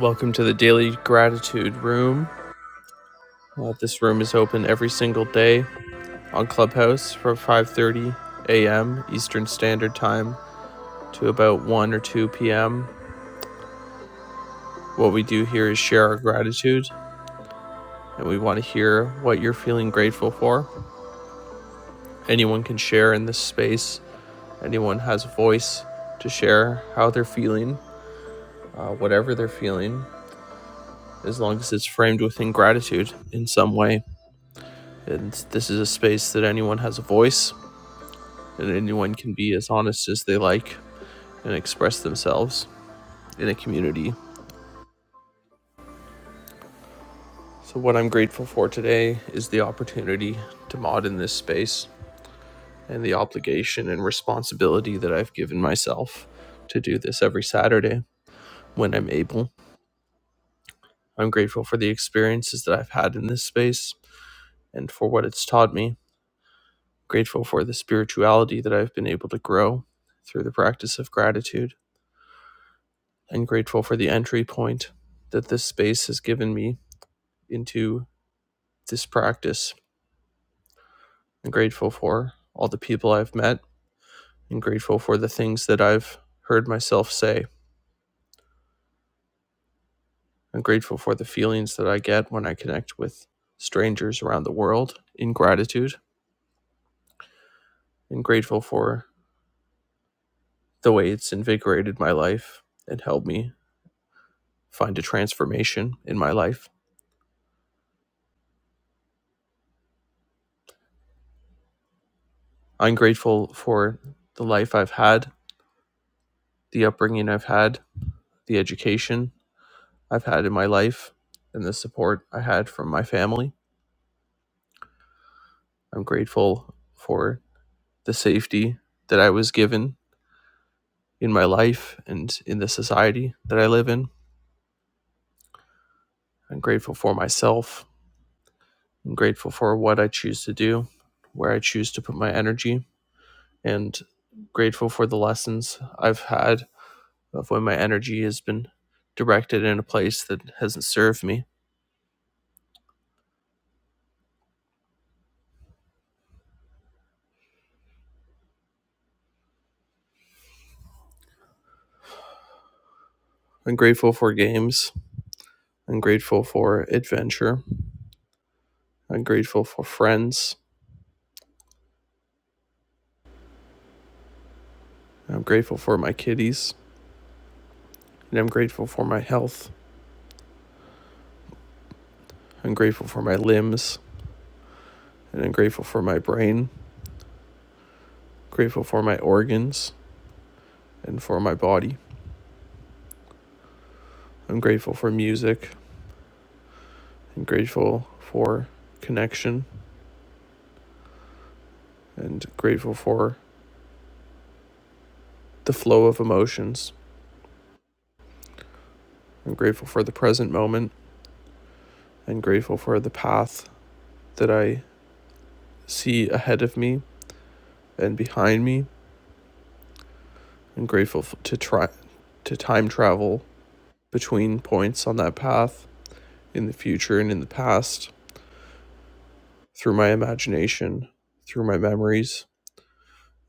Welcome to the Daily Gratitude Room. Uh, this room is open every single day on Clubhouse from 5:30 a.m. Eastern Standard Time to about 1 or 2 p.m. What we do here is share our gratitude, and we want to hear what you're feeling grateful for. Anyone can share in this space. Anyone has a voice to share how they're feeling, uh, whatever they're feeling, as long as it's framed within gratitude in some way. And this is a space that anyone has a voice and anyone can be as honest as they like and express themselves in a community. So, what I'm grateful for today is the opportunity to mod in this space and the obligation and responsibility that I've given myself to do this every Saturday when I'm able. I'm grateful for the experiences that I've had in this space and for what it's taught me. Grateful for the spirituality that I've been able to grow through the practice of gratitude and grateful for the entry point that this space has given me into this practice. I'm grateful for all the people I've met and grateful for the things that I've heard myself say. I'm grateful for the feelings that I get when I connect with strangers around the world in gratitude and grateful for the way it's invigorated my life and helped me find a transformation in my life. I'm grateful for the life I've had, the upbringing I've had, the education I've had in my life, and the support I had from my family. I'm grateful for the safety that I was given in my life and in the society that I live in. I'm grateful for myself. I'm grateful for what I choose to do, where I choose to put my energy, and grateful for the lessons I've had of when my energy has been directed in a place that hasn't served me. I'm grateful for games. I'm grateful for adventure. I'm grateful for friends. I'm grateful for my kitties. And I'm grateful for my health. I'm grateful for my limbs, and I'm grateful for my brain, grateful for my organs, and for my body. I'm grateful for music, and grateful for connection, and grateful for the flow of emotions. I'm grateful for the present moment, and grateful for the path that I see ahead of me and behind me. I'm grateful to try to time travel between points on that path in the future and in the past through my imagination, through my memories,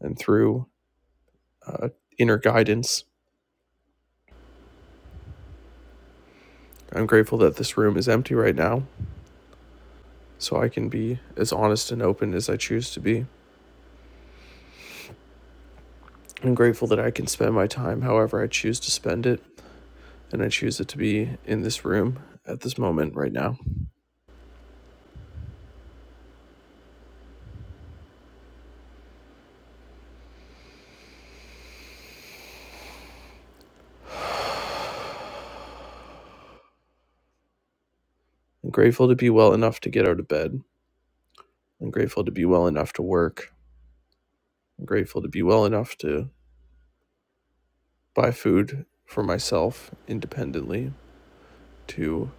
and through uh, inner guidance. I'm grateful that this room is empty right now so I can be as honest and open as I choose to be. I'm grateful that I can spend my time however I choose to spend it, and I choose it to be in this room at this moment right now. I'm grateful to be well enough to get out of bed. I'm grateful to be well enough to work. I'm grateful to be well enough to buy food for myself independently, to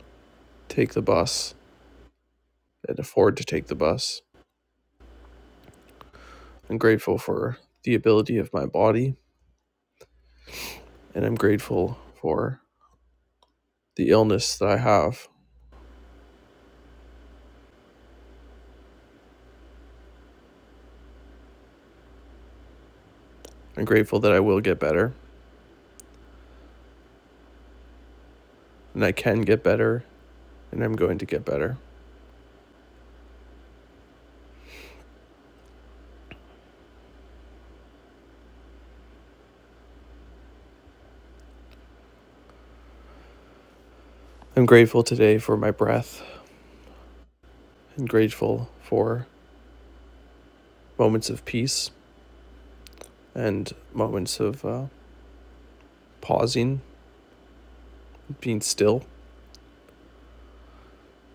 take the bus and afford to take the bus. I'm grateful for the ability of my body and I'm grateful for the illness that I have. I'm grateful that I will get better, and I can get better, and I'm going to get better. I'm grateful today for my breath, and grateful for moments of peace and moments of uh, pausing, being still.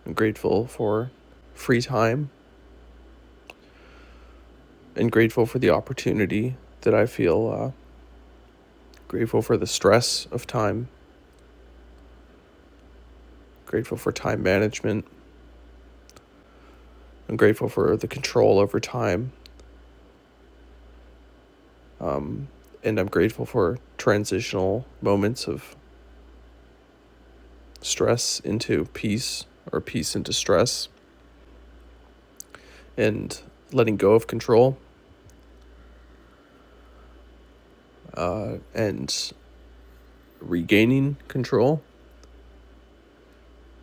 I'm grateful for free time, and grateful for the opportunity that I feel. Uh, grateful for the stress of time, grateful for time management. I'm grateful for the control over time Um, and I'm grateful for transitional moments of stress into peace or peace into stress and letting go of control uh, and regaining control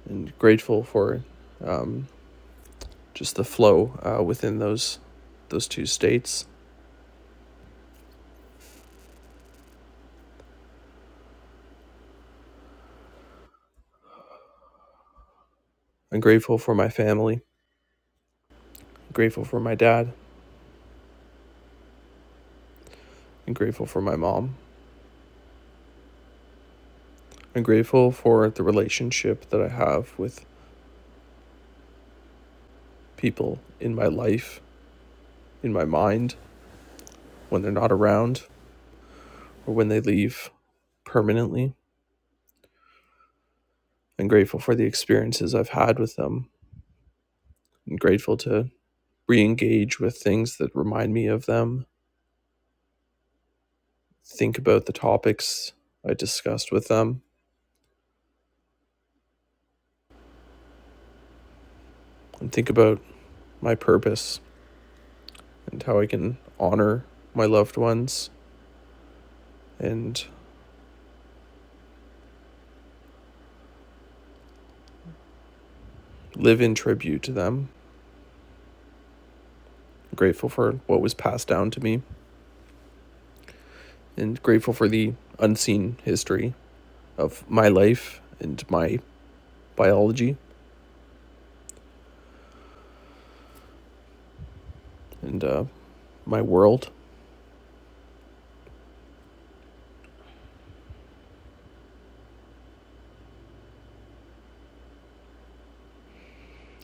and grateful for just the flow uh, within those those two states. I'm grateful for my family, I'm grateful for my dad, I'm grateful for my mom. I'm grateful for the relationship that I have with people in my life, in my mind, when they're not around, or when they leave permanently. I'm grateful for the experiences I've had with them. I'm grateful to re engage with things that remind me of them, think about the topics I discussed with them, and think about my purpose and how I can honor my loved ones and live in tribute to them. I'm grateful for what was passed down to me and grateful for the unseen history of my life and my biology and uh, my world.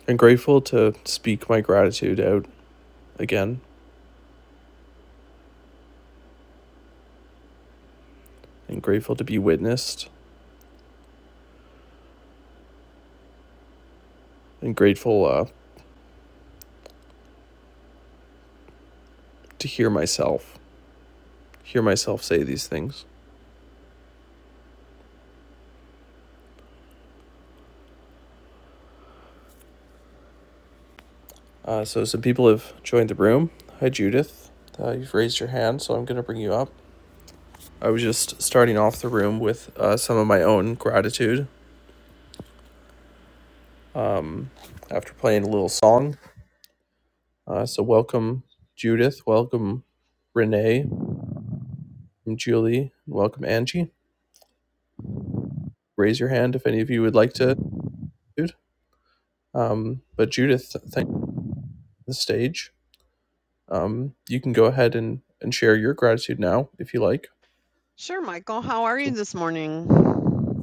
and grateful to speak my gratitude out again and grateful to be witnessed and grateful uh, to hear myself hear myself say these things uh, so some people have joined the room hi judith uh, you've raised your hand so i'm going to bring you up i was just starting off the room with uh, some of my own gratitude um, after playing a little song uh, so welcome judith welcome renee welcome julie and welcome angie raise your hand if any of you would like to Um, but Judith, thank you for the stage. Um, you can go ahead and, and share your gratitude now if you like. Sure, Michael. How are you So this morning?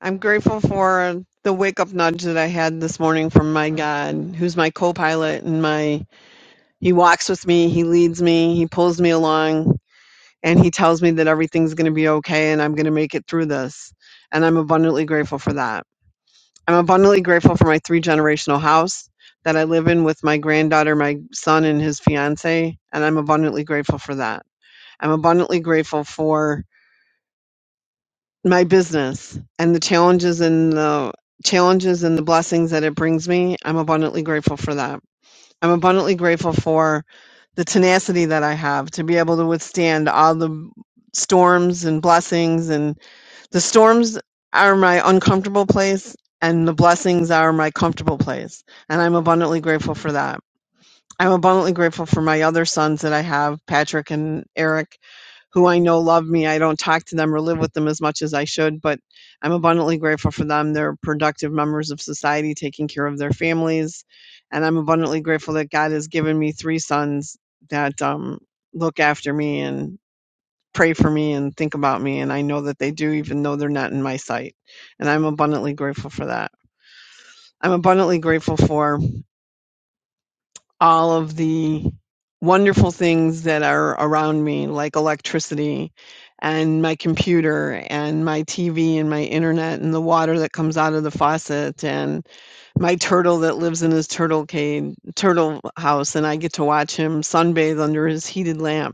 I'm grateful for the wake up nudge that I had this morning from my God, who's my co pilot and my he walks with me, he leads me, he pulls me along, and he tells me that everything's gonna be okay and I'm gonna make it through this. And I'm abundantly grateful for that. I'm abundantly grateful for my three generational house that I live in with my granddaughter, my son and his fiance, and I'm abundantly grateful for that. I'm abundantly grateful for my business and the challenges and the challenges and the blessings that it brings me, I'm abundantly grateful for that. I'm abundantly grateful for the tenacity that I have to be able to withstand all the storms and blessings and the storms are my uncomfortable place and the blessings are my comfortable place and I'm abundantly grateful for that. I'm abundantly grateful for my other sons that I have, Patrick and Eric, who I know love me. I don't talk to them or live with them as much as I should, but I'm abundantly grateful for them. They're productive members of society taking care of their families. And I'm abundantly grateful that God has given me three sons that um, look after me and pray for me and think about me. And I know that they do, even though they're not in my sight. And I'm abundantly grateful for that. I'm abundantly grateful for all of the wonderful things that are around me, like electricity and my computer and my TV and my internet and the water that comes out of the faucet and my turtle that lives in his turtle cage, turtle house, and I get to watch him sunbathe under his heated lamp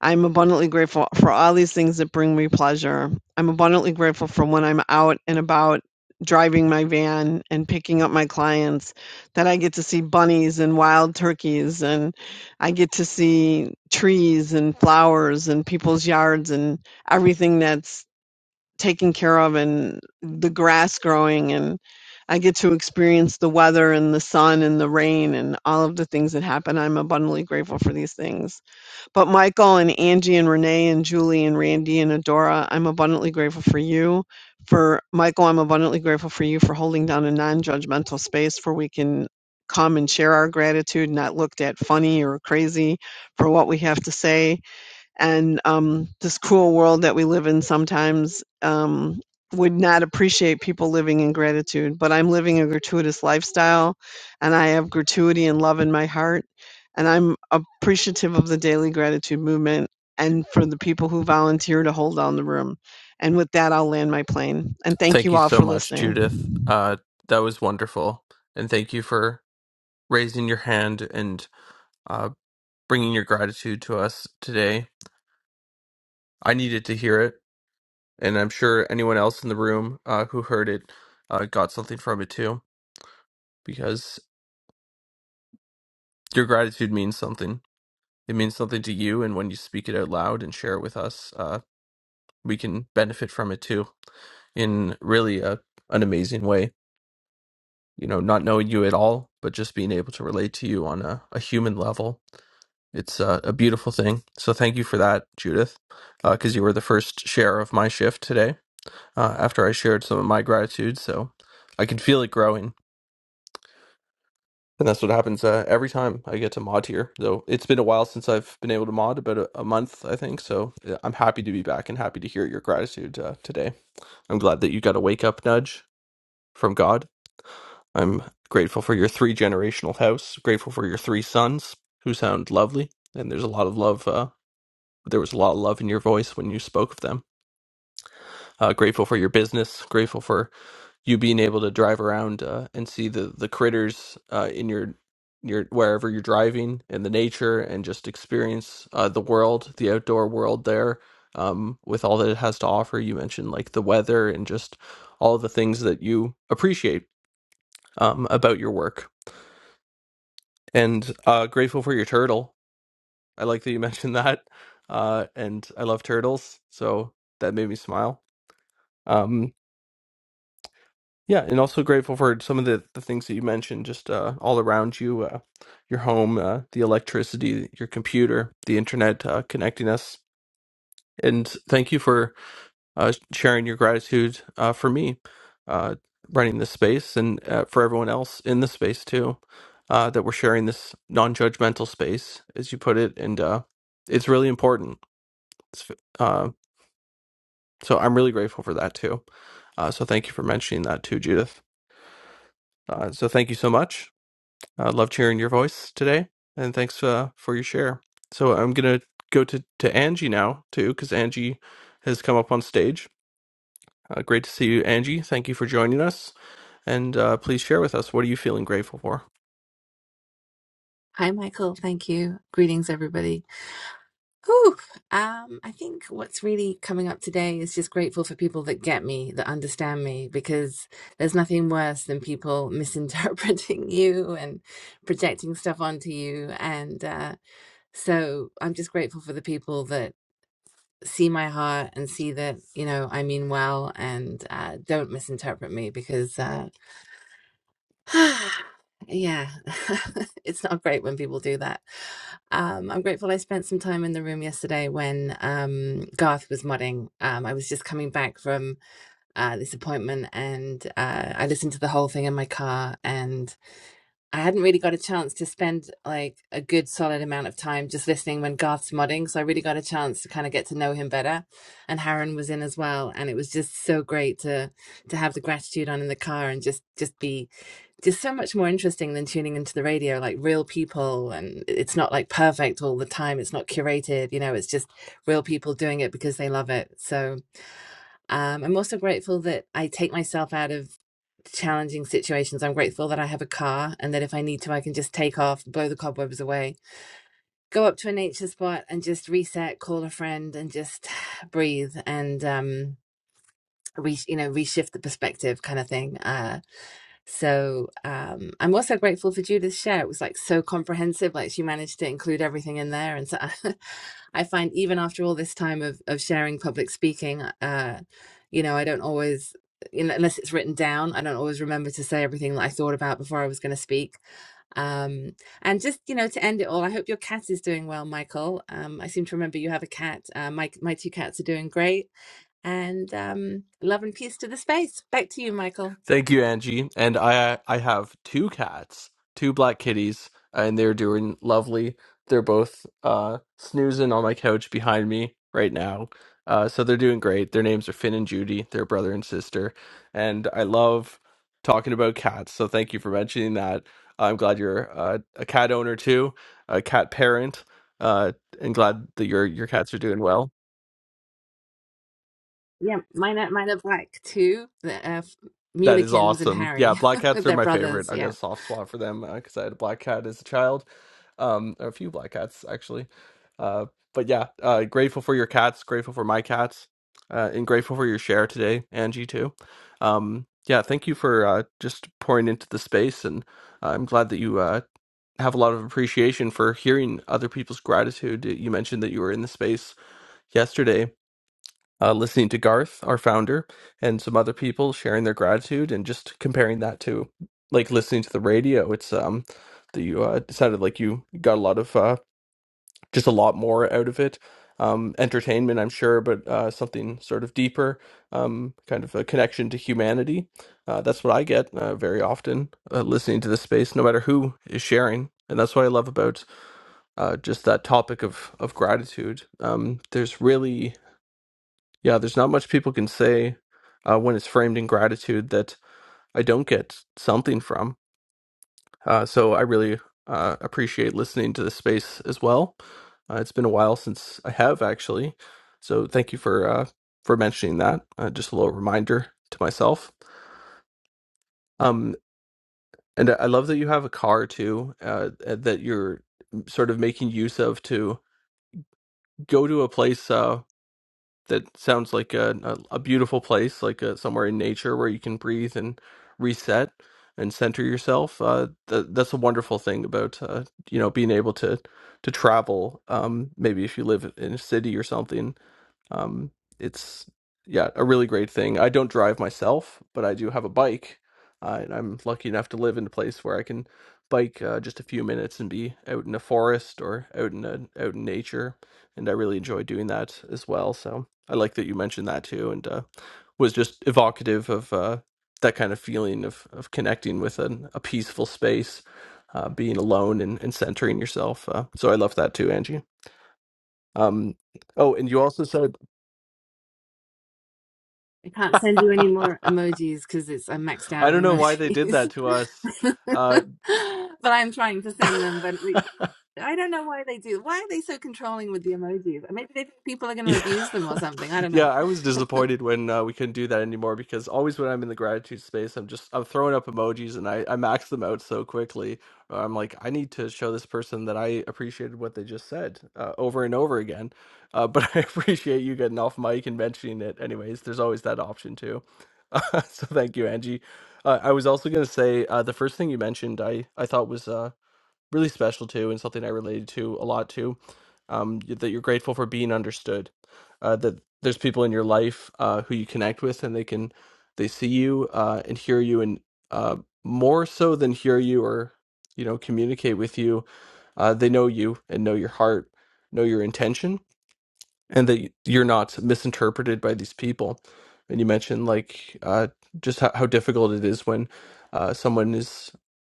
I am abundantly grateful for all these things that bring me pleasure. I'm abundantly grateful for when I'm out and about driving my van and picking up my clients that I get to see bunnies and wild turkeys and I get to see trees and flowers and people's yards and everything that's taken care of and the grass growing and I get to experience the weather and the sun and the rain and all of the things that happen. I'm abundantly grateful for these things. But Michael and Angie and Renee and Julie and Randy and Adora, I'm abundantly grateful for you. For Michael, I'm abundantly grateful for you for holding down a non judgmental space where we can come and share our gratitude, not looked at funny or crazy for what we have to say and um, this cruel world that we live in sometimes um, would not appreciate people living in gratitude. But I'm living a gratuitous lifestyle, and I have gratuity and love in my heart, and I'm appreciative of the daily gratitude movement and for the people who volunteer to hold down the room. And with that, I'll land my plane. And thank Thank you you all so for much, Judith. listening. Uh, that was wonderful. And thank you for raising your hand and uh, bringing your gratitude to us today. I needed to hear it. And I'm sure anyone else in the room uh, who heard it uh, got something from it too, because your gratitude means something. It means something to you. And when you speak it out loud and share it with us, uh, we can benefit from it too. in really a an amazing way. You know, not knowing you at all, but just being able to relate to you on a, a human level. It's a, a beautiful thing. So thank you for that, Judith, because uh, you were the first share of my shift today uh, after I shared some of my gratitude. So I can feel it growing. And that's what happens uh, every time I get to mod here. Though it's been a while since I've been able to mod, about a, a month, I think. So uh, I'm happy to be back and happy to hear your gratitude uh, today. I'm glad that you got a wake up nudge from God I'm grateful for your three generational house, grateful for your three sons who sound lovely. And there's a lot of love. Uh, there was a lot of love in your voice when you spoke of them. Uh, grateful for your business, grateful for you being able to drive around uh, and see the, the critters uh, in your your wherever you're driving and the nature and just experience uh, the world, the outdoor world there um, with all that it has to offer. You mentioned like the weather and just all the things that you appreciate um, about your work And uh, grateful for your turtle. I like that you mentioned that. Uh, and I love turtles, so that made me smile. Um, yeah, and also grateful for some of the, the things that you mentioned, just uh, all around you, uh, your home, uh, the electricity, your computer, the internet uh, connecting us. And thank you for uh, sharing your gratitude uh, for me uh, running this space and uh, for everyone else in the space too uh, that we're sharing this non-judgmental space as you put it and uh, it's really important it's, uh, so i'm really grateful for that too uh, so thank you for mentioning that too judith uh, so thank you so much i love hearing your voice today and thanks uh, for your share so i'm going to go to, to angie now too because angie has come up on stage uh, great to see you angie thank you for joining us and uh, please share with us what are you feeling grateful for. Hi, Michael. Thank you. Greetings, everybody. Whew. Um, I think what's really coming up today is just grateful for people that get me, that understand me, because there's nothing worse than people misinterpreting you and projecting stuff onto you. And uh, so I'm just grateful for the people that see my heart and see that, you know, I mean well and uh, don't misinterpret me because. Uh, yeah, it's not great when people do that. Um, I'm grateful I spent some time in the room yesterday when um, Garth was modding. Um, I was just coming back from uh, this appointment and uh, I listened to the whole thing in my car, and I hadn't really got a chance to spend like a good solid amount of time just listening when Garth's modding. So I really got a chance to kind of get to know him better. And Harren was in as well, and it was just so great to to have the gratitude on in the car and just just be it's so much more interesting than tuning into the radio, like real people, and it's not like perfect all the time. It's not curated, you know, it's just real people doing it because they love it. So um, I'm also grateful that I take myself out of challenging situations. I'm grateful that I have a car and that if I need to, I can just take off, blow the cobwebs away, go up to a nature spot and just reset, call a friend and just breathe and, um, re- you know, reshift the perspective kind of thing. Uh, so um, I'm also grateful for Judith's share. It was like so comprehensive. Like she managed to include everything in there. And so I, I find even after all this time of of sharing public speaking, uh, you know, I don't always, you know, unless it's written down, I don't always remember to say everything that I thought about before I was going to speak. Um, and just you know, to end it all, I hope your cat is doing well, Michael. Um, I seem to remember you have a cat. Uh, my my two cats are doing great. And um, love and peace to the space. Back to you, Michael. Thank you, Angie. And I I have two cats, two black kitties, and they're doing lovely. They're both uh, snoozing on my couch behind me right now. Uh, so they're doing great. Their names are Finn and Judy. They're brother and sister, and I love talking about cats. So thank you for mentioning that. I'm glad you're uh, a cat owner too, a cat parent, uh, and glad that your your cats are doing well. Yeah, mine are, mine are black too. The uh, f- That is Mulekins and awesome. Yeah, Harry, black cats are they're my favorite. brothers. i got a Yeah, soft spot for them because I had a black cat as a child. Um, a few black cats actually. Uh, but yeah, uh, grateful for your cats. Grateful for my cats, uh, and grateful for your share today, Angie too. Um, yeah, thank you for uh, just pouring into the space, and I'm glad that you uh, have a lot of appreciation for hearing other people's gratitude. You mentioned that you were in the space yesterday, uh, listening to Garth, our founder, and some other people sharing their gratitude and just comparing that to like listening to the radio. It's um that you uh, it sounded like you got a lot of uh, just a lot more out of it. Um, entertainment, I'm sure, but uh, something sort of deeper, um, kind of a connection to humanity. Uh, that's what I get uh, very often uh, listening to this space, no matter who is sharing. And that's what I love about uh, just that topic of of gratitude. Um, there's really yeah, there's not much people can say uh, when it's framed in gratitude that I don't get something from. Uh, so I really uh, appreciate listening to this space as well. Uh, it's been a while since I have actually, so thank you for uh, for mentioning that. Uh, just a little reminder to myself. Um, and I love that you have a car too uh, that you're sort of making use of to go to a place. Uh, that sounds like a, a, a beautiful place, like uh somewhere in nature where you can breathe and reset and center yourself. Uh, th- that's a wonderful thing about uh, you know being able to to travel. Um, maybe if you live in a city or something, um, it's yeah, a really great thing. I don't drive myself, but I do have a bike, uh, and I'm lucky enough to live in a place where I can bike uh, just a few minutes and be out in a forest or out in a, out in nature, and I really enjoy doing that as well. So I like that you mentioned that too, and uh, was just evocative of uh, that kind of feeling of of connecting with an, a peaceful space. Uh, being alone and, and centering yourself. Uh, so I love that too, Angie. Um, oh, and you also said. I can't send you any more emojis because it's I'm maxed out I of don't know why they did emojis. that to us. Uh, but I'm trying to send them. But we- I don't know why they do. Why are they so controlling with the emojis? Maybe they think people are going to yeah, abuse them or something. I don't yeah. know. I was disappointed when uh, we couldn't do that anymore because always when I'm in the gratitude space, I'm just I'm throwing up emojis and I I max them out so quickly. uh, I'm like, I need to show this person that I appreciated what they just said uh, over and over again. Uh, but I appreciate you getting off mic and mentioning it. Anyways, there's always that option too. Uh, so thank you, Angie. Uh, I was also going to say uh, the first thing you mentioned, I I thought was. uh, really special to and something I related to a lot to. Um, y- that you're grateful for being understood. Uh, that there's people in your life uh, who you connect with and they can they see you uh, and hear you and uh, more so than hear you or you know communicate with you. Uh, they know you and know your heart, know your intention and that you're not misinterpreted by these people. And you mentioned like uh, just how, how difficult it is when uh, someone is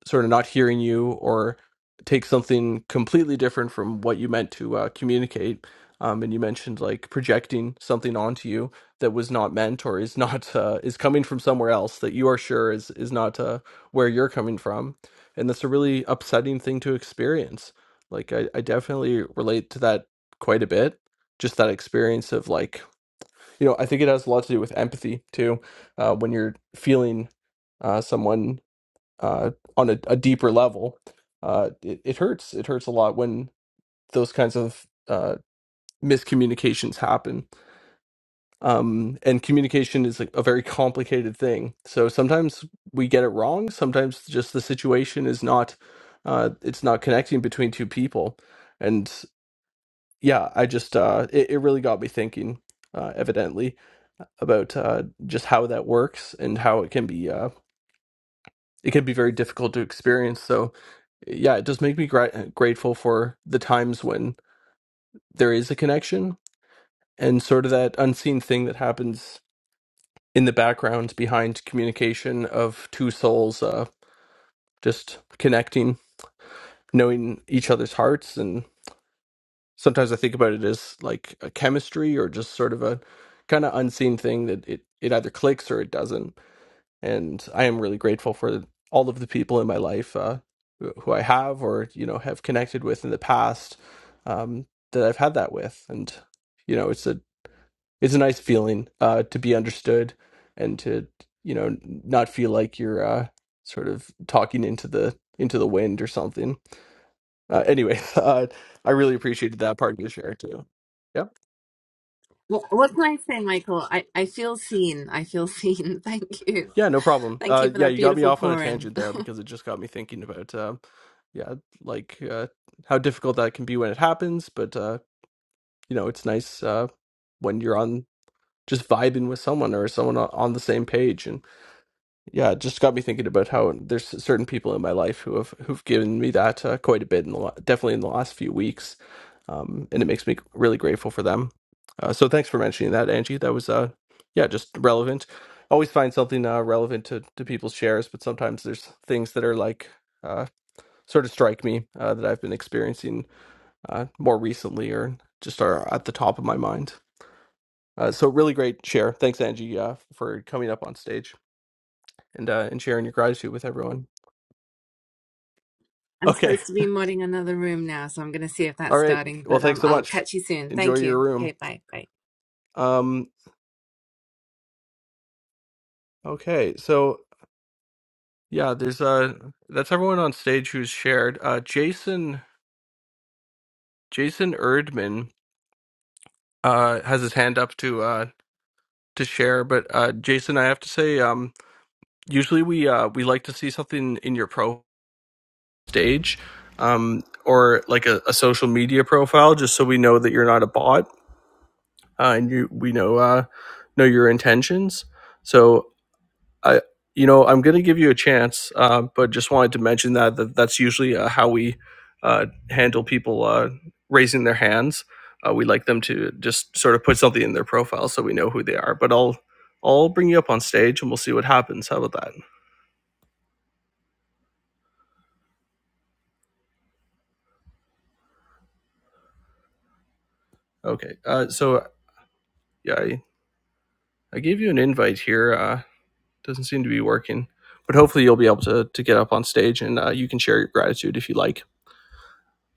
sort of not hearing you or takes something completely different from what you meant to uh, communicate. Um, and you mentioned like projecting something onto you that was not meant or is not uh, is coming from somewhere else that you are sure is is not uh, where you're coming from, and that's a really upsetting thing to experience. Like I, I definitely relate to that quite a bit just that experience of like you know i think it has a lot to do with empathy too uh, when you're feeling uh, someone uh, on a, a deeper level uh, it, it hurts it hurts a lot when those kinds of uh, miscommunications happen um, and communication is like a very complicated thing so sometimes we get it wrong sometimes just the situation is not uh, it's not connecting between two people and. yeah, I just uh, it, it really got me thinking, uh, evidently, about uh, just how that works and how it can be uh, it can be very difficult to experience. So yeah, it does make me gra- grateful for the times when there is a connection and sort of that unseen thing that happens in the background behind communication of two souls uh, just connecting, knowing each other's hearts and. sometimes I think about it as like a chemistry or just sort of a kind of unseen thing that it it either clicks or it doesn't. And I am really grateful for all of the people in my life uh, who who I have or you know have connected with in the past um, that I've had that with. And you know, it's a it's a nice feeling uh, to be understood and to you know not feel like you're uh, sort of talking into the into the wind or something. Uh, anyway, uh, I really appreciated that part of your share too. Yeah, Wh- what can I say, Michael? I I feel seen. I feel seen. Thank you. yeah, no problem. Thank Uh, you for yeah, that you got me beautiful off on a pour in. tangent there because it just got me thinking about um, yeah, like uh, how difficult that can be when it happens. But uh, you know, it's nice uh, when you're on just vibing with someone or someone on on the same page, Yeah, it just got me thinking about how there's certain people in my life who have who've given me that uh, quite a bit in the la- definitely in the last few weeks, um, and it makes me really grateful for them. Uh, so thanks for mentioning that, Angie. That was uh, yeah, just relevant. Always find something uh, relevant to to people's shares, but sometimes there's things that are like uh, sort of strike me uh, that I've been experiencing uh, more recently, or just are at the top of my mind. Uh, so really great share. Thanks, Angie, uh, for coming up on stage and uh, and sharing your gratitude with everyone. I'm Okay. supposed to be modding another room now, so I'm going to see if All that's right. starting. Well, But thanks um, so I'll much. catch you soon. Enjoy Thank you. your room. Okay, bye. Bye. Um okay. So, yeah, there's uh that's everyone on stage who's shared. Uh Jason Jason Erdman uh has his hand up to uh to share, but uh Jason, I have to say um usually we uh we like to see something in your pro stage um or like a, a social media profile just so we know that you're not a bot uh, and you we know uh know your intentions. So. I, you know, I'm going to give you a chance, uh, but just wanted to mention that, that that's usually uh, how we uh, handle people uh, raising their hands. Uh, we like them to just sort of put something in their profile so we know who they are. But I'll I'll bring you up on stage and we'll see what happens. How about that? Okay. Uh, so yeah, I, I gave you an invite here. Uh. doesn't seem to be working. But hopefully, you'll be able to to get up on stage and uh, you can share your gratitude if you like.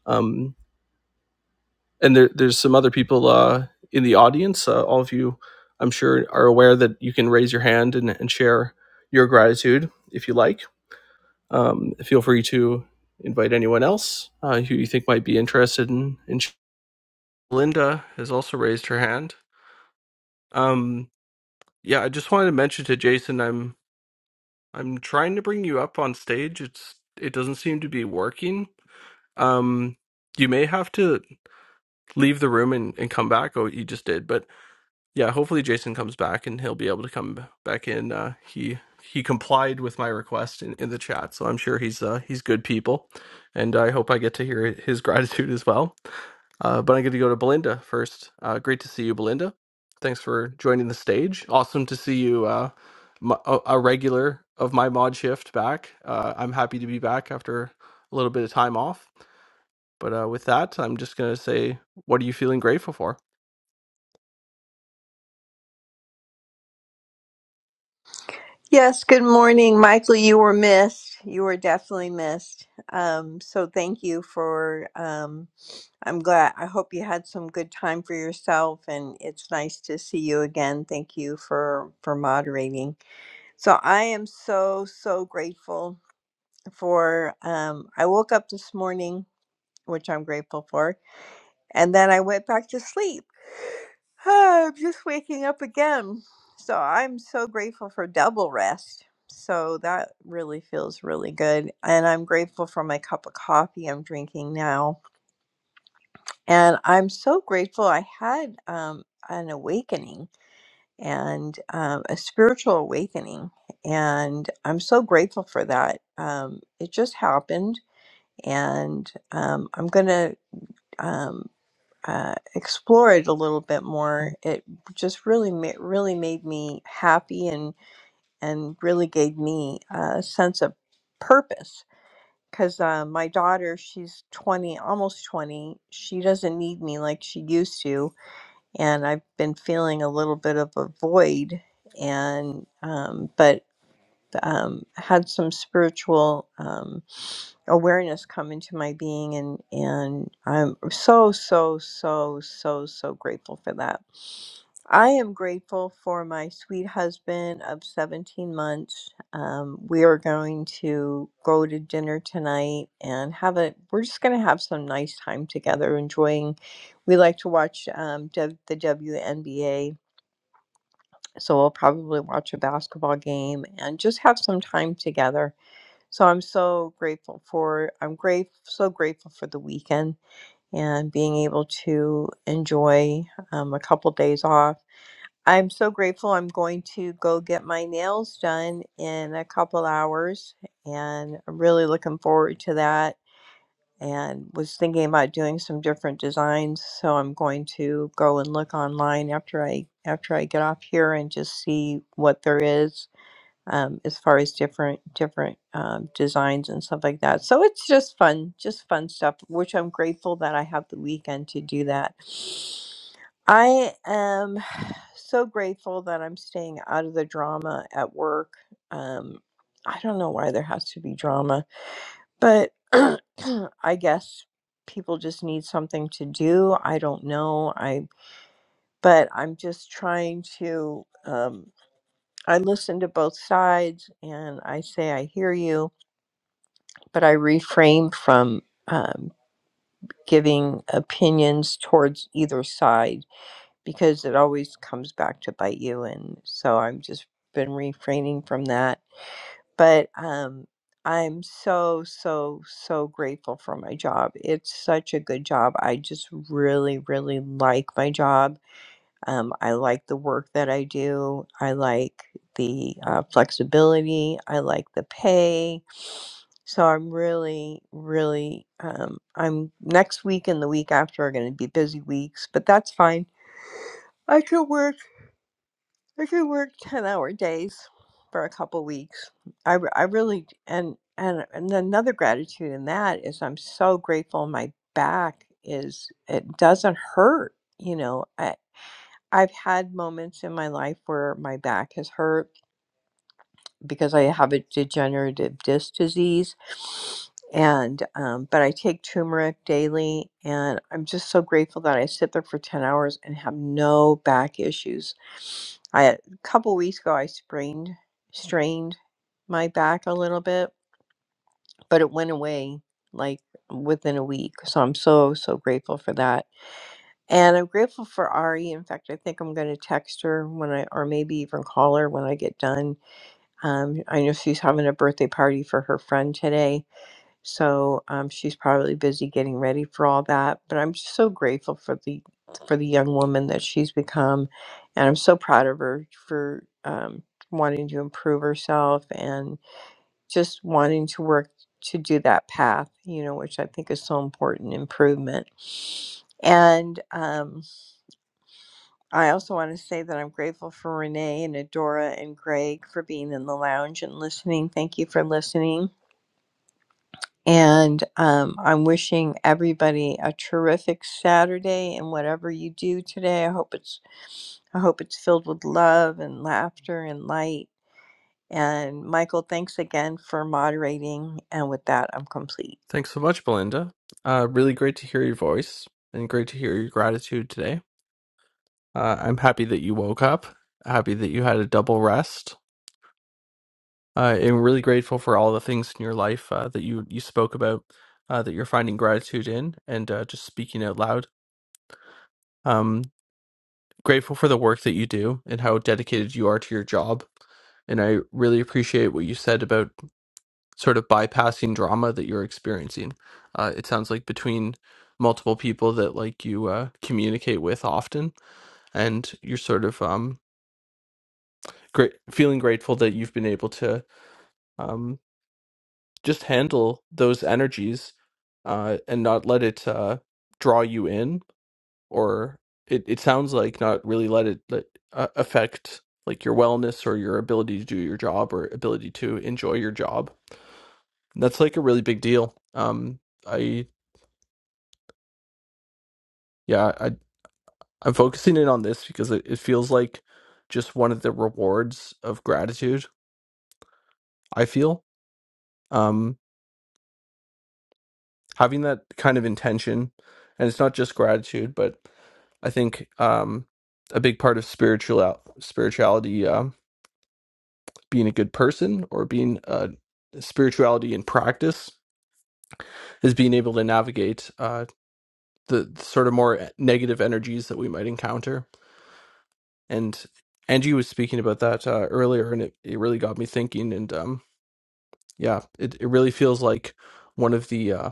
Um, and there, there's some other people uh, in the audience. Uh, all of you, I'm sure, are aware that you can raise your hand and, and share your gratitude if you like. Um, feel free to invite anyone else uh, who you think might be interested in. in sh- Linda has also raised her hand. Um, yeah, I just wanted to mention to Jason, I'm I'm trying to bring you up on stage. It's it doesn't seem to be working. Um, you may have to leave the room and, and come back. Oh, you just did, but yeah, hopefully Jason comes back and he'll be able to come back in. Uh, he he complied with my request in, in the chat, so I'm sure he's uh, he's good people, and I hope I get to hear his gratitude as well. Uh, but I'm going to go to Belinda first. Uh, great to see you, Belinda. Thanks for joining the stage. Awesome to see you, uh, m- a a regular of my mod shift back. Uh, I'm happy to be back after a little bit of time off. But uh, with that, I'm just gonna say, what are you feeling grateful for? Yes, good morning, Michael. You were missed. You were definitely missed. Um, so thank you for. Um, I'm glad. I hope you had some good time for yourself, and it's nice to see you again. Thank you for for moderating. So I am so so grateful for. Um, I woke up this morning, which I'm grateful for, and then I went back to sleep. I'm just waking up again. So I'm so grateful for double rest. So that really feels really good. And I'm grateful for my cup of coffee I'm drinking now. And I'm so grateful I had um, an awakening and um, a spiritual awakening. And I'm so grateful for that. Um, it just happened. And um, I'm going to. Um, uh, explore it a little bit more, it just really ma- really made me happy and and really gave me a sense of purpose. Because uh, my daughter, she's twenty, almost twenty. She doesn't need me like she used to, and I've been feeling a little bit of a void. And um, but um, had some spiritual. Um, awareness come into my being and and I'm so so so so so grateful for that. I am grateful for my sweet husband of 17 months. Um, we are going to go to dinner tonight and have a. We're just going to have some nice time together, enjoying. We like to watch um, w, the WNBA, so we'll probably watch a basketball game and just have some time together so I'm so grateful for I'm grateful so grateful for the weekend and being able to enjoy um, a couple days off. I'm so grateful. I'm going to go get my nails done in a couple hours, and I'm really looking forward to that. And was thinking about doing some different designs, so I'm going to go and look online after I after I get off here and just see what there is um, as far as different different um, designs and stuff like that. So it's just fun, just fun stuff. Which I'm grateful that I have the weekend to do that. I am so grateful that I'm staying out of the drama at work. Um, I don't know why there has to be drama, but I guess people just need something to do. I don't know. I but I'm just trying to. Um, I listen to both sides and I say I hear you, but I refrain from um, giving opinions towards either side because it always comes back to bite you. And so i have just been refraining from that. But um, I'm so, so, so grateful for my job. It's such a good job. I just really, really like my job Um, I like the work that I do. I like the uh, flexibility. I like the pay. So I'm really, really, um, I'm next week and the week after are going to be busy weeks, but that's fine. I could work, I could work 10 hour days for a couple weeks. I, re- I really, and, and, and another gratitude in that is I'm so grateful my back is, it doesn't hurt. You know, I've had moments in my life where my back has hurt because I have a degenerative disc disease. And, um, but I take turmeric daily, and I'm just so grateful that I sit there for 10 hours and have no back issues. I, a couple weeks ago, I sprained, strained my back a little bit, but it went away like within a week. So I'm so, so grateful for that and I'm grateful for Ari. In fact, I think I'm going to text her when I, or maybe even call her when I get done. Um, I know she's having a birthday party for her friend today. So um, she's probably busy getting ready for all that. But I'm just so grateful for the, for the young woman that she's become. And I'm so proud of her for um, wanting to improve herself and just wanting to work to do that path, you know, which I think is so important improvement. And, um, I also want to say that I'm grateful for Renee and Adora and Greg for being in the lounge and listening. Thank you for listening. And um, I'm wishing everybody a terrific Saturday and whatever you do today. I hope it's I hope it's filled with love and laughter and light. And Michael, thanks again for moderating. And with that, I'm complete. Thanks so much, Belinda. Uh, really great to hear your voice and great to hear your gratitude today. Uh, I'm happy that you woke up, happy that you had a double rest. Uh, I'm really grateful for all the things in your life uh, that you, you spoke about, uh, that you're finding gratitude in, and uh, just speaking out loud. Um, grateful for the work that you do and how dedicated you are to your job. And I really appreciate what you said about sort of bypassing drama that you're experiencing. Uh, it sounds like between multiple people that like you uh, communicate with often, and you're sort of um, great, feeling grateful that you've been able to um, just handle those energies uh, and not let it uh, draw you in or it, it sounds like not really let it let, uh, affect like your wellness or your ability to do your job or ability to enjoy your job. And that's like a really big deal. Um, I yeah, I I'm focusing in on this because it, it feels like just one of the rewards of gratitude. I feel um having that kind of intention, and it's not just gratitude, but I think um a big part of spiritual spirituality Um, being a good person or being uh, spirituality in practice is being able to navigate uh, the, the sort of more eh, negative energies that we might encounter. And Angie was speaking about that uh, earlier, and it, it really got me thinking. And um, yeah, it, it really feels like one of the uh,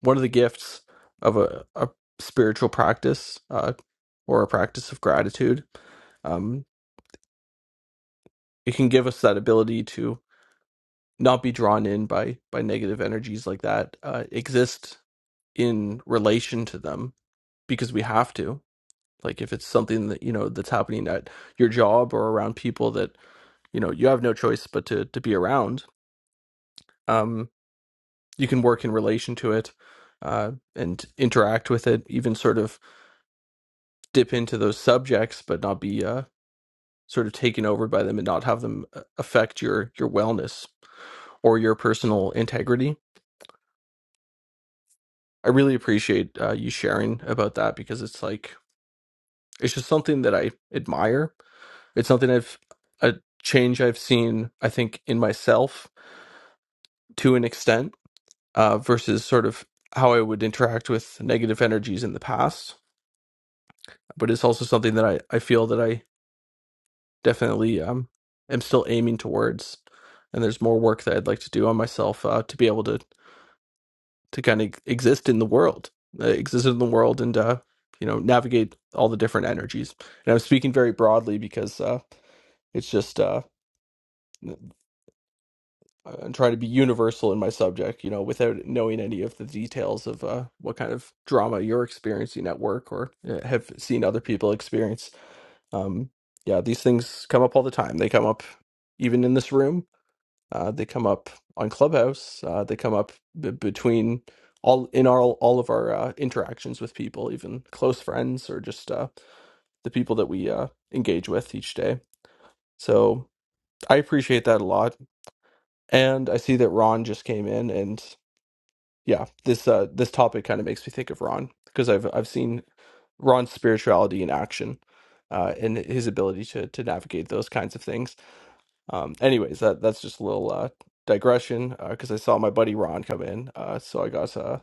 one of the gifts of a, a spiritual practice uh, or a practice of gratitude. Um, it can give us that ability to not be drawn in by by negative energies like that. Uh, exist in relation to them because we have to like if it's something that you know that's happening at your job or around people that you know you have no choice but to to be around um you can work in relation to it uh and interact with it even sort of dip into those subjects but not be uh sort of taken over by them and not have them uh, affect your your wellness or your personal integrity i really appreciate uh, you sharing about that because it's like it's just something that i admire It's something I've a change I've seen, I think, in myself to an extent, uh, versus sort of how I would interact with negative energies in the past. But it's also something that I, I feel that I definitely um, am still aiming towards. And there's more work that I'd like to do on myself uh, to be able to to kind of exist in the world, uh, exist in the world, and uh, you know navigate all the different energies. And I'm speaking very broadly because uh, it's just uh, uh, and try to be universal in my subject, you know, without knowing any of the details of uh, what kind of drama you're experiencing at work or uh, have seen other people experience. Um, yeah, these things come up all the time. They come up even in this room. Uh, they come up on Clubhouse. Uh, they come up b- between all in our all of our uh, interactions with people, even close friends or just uh, the people that we uh, engage with each day. So I appreciate that a lot. And I see that Ron just came in, and yeah, this uh this topic kind of makes me think of Ron because I've I've seen Ron's spirituality in action, uh, and his ability to to navigate those kinds of things. Um, anyways, that that's just a little uh digression uh, because I saw my buddy Ron come in, uh, so I got uh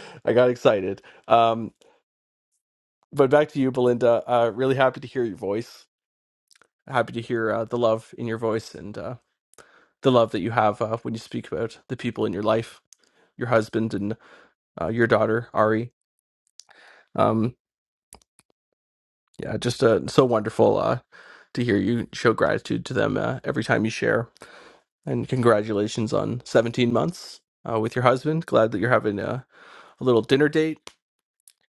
I got excited. Um, but back to you, Belinda. Uh, really happy to hear your voice. Happy to hear uh, the love in your voice and uh, the love that you have uh, when you speak about the people in your life, your husband and uh, your daughter Ari. Um, Yeah, just uh, so wonderful uh, to hear you show gratitude to them uh, every time you share. And congratulations on 17 months uh, with your husband. Glad that you're having a, a little dinner date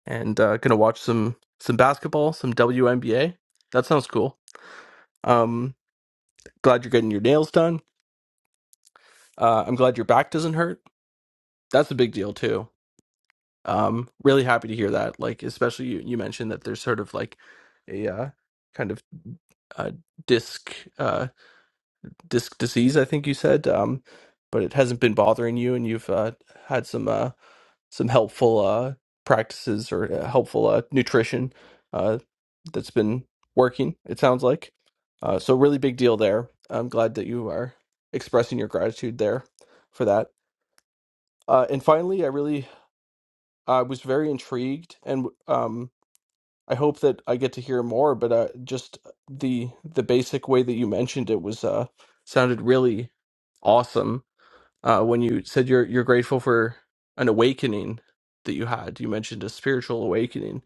and uh, gonna watch some some basketball, some WNBA. That sounds cool. Um, glad you're getting your nails done. Uh, I'm glad your back doesn't hurt. That's a big deal too. Um, really happy to hear that. Like, especially you, you mentioned that there's sort of like a uh, kind of uh, disc. uh, disc disease, I think you said, um, but it hasn't been bothering you, and you've uh, had some uh, some helpful uh, practices or uh, helpful uh, nutrition uh, that's been working. It sounds like uh, so really big deal there. I'm glad that you are expressing your gratitude there for that. Uh, and finally, I really I was very intrigued, and um, I hope that I get to hear more. But uh, just the the basic way that you mentioned it was uh, sounded really awesome uh, when you said you're you're grateful for an awakening that you had. You mentioned a spiritual awakening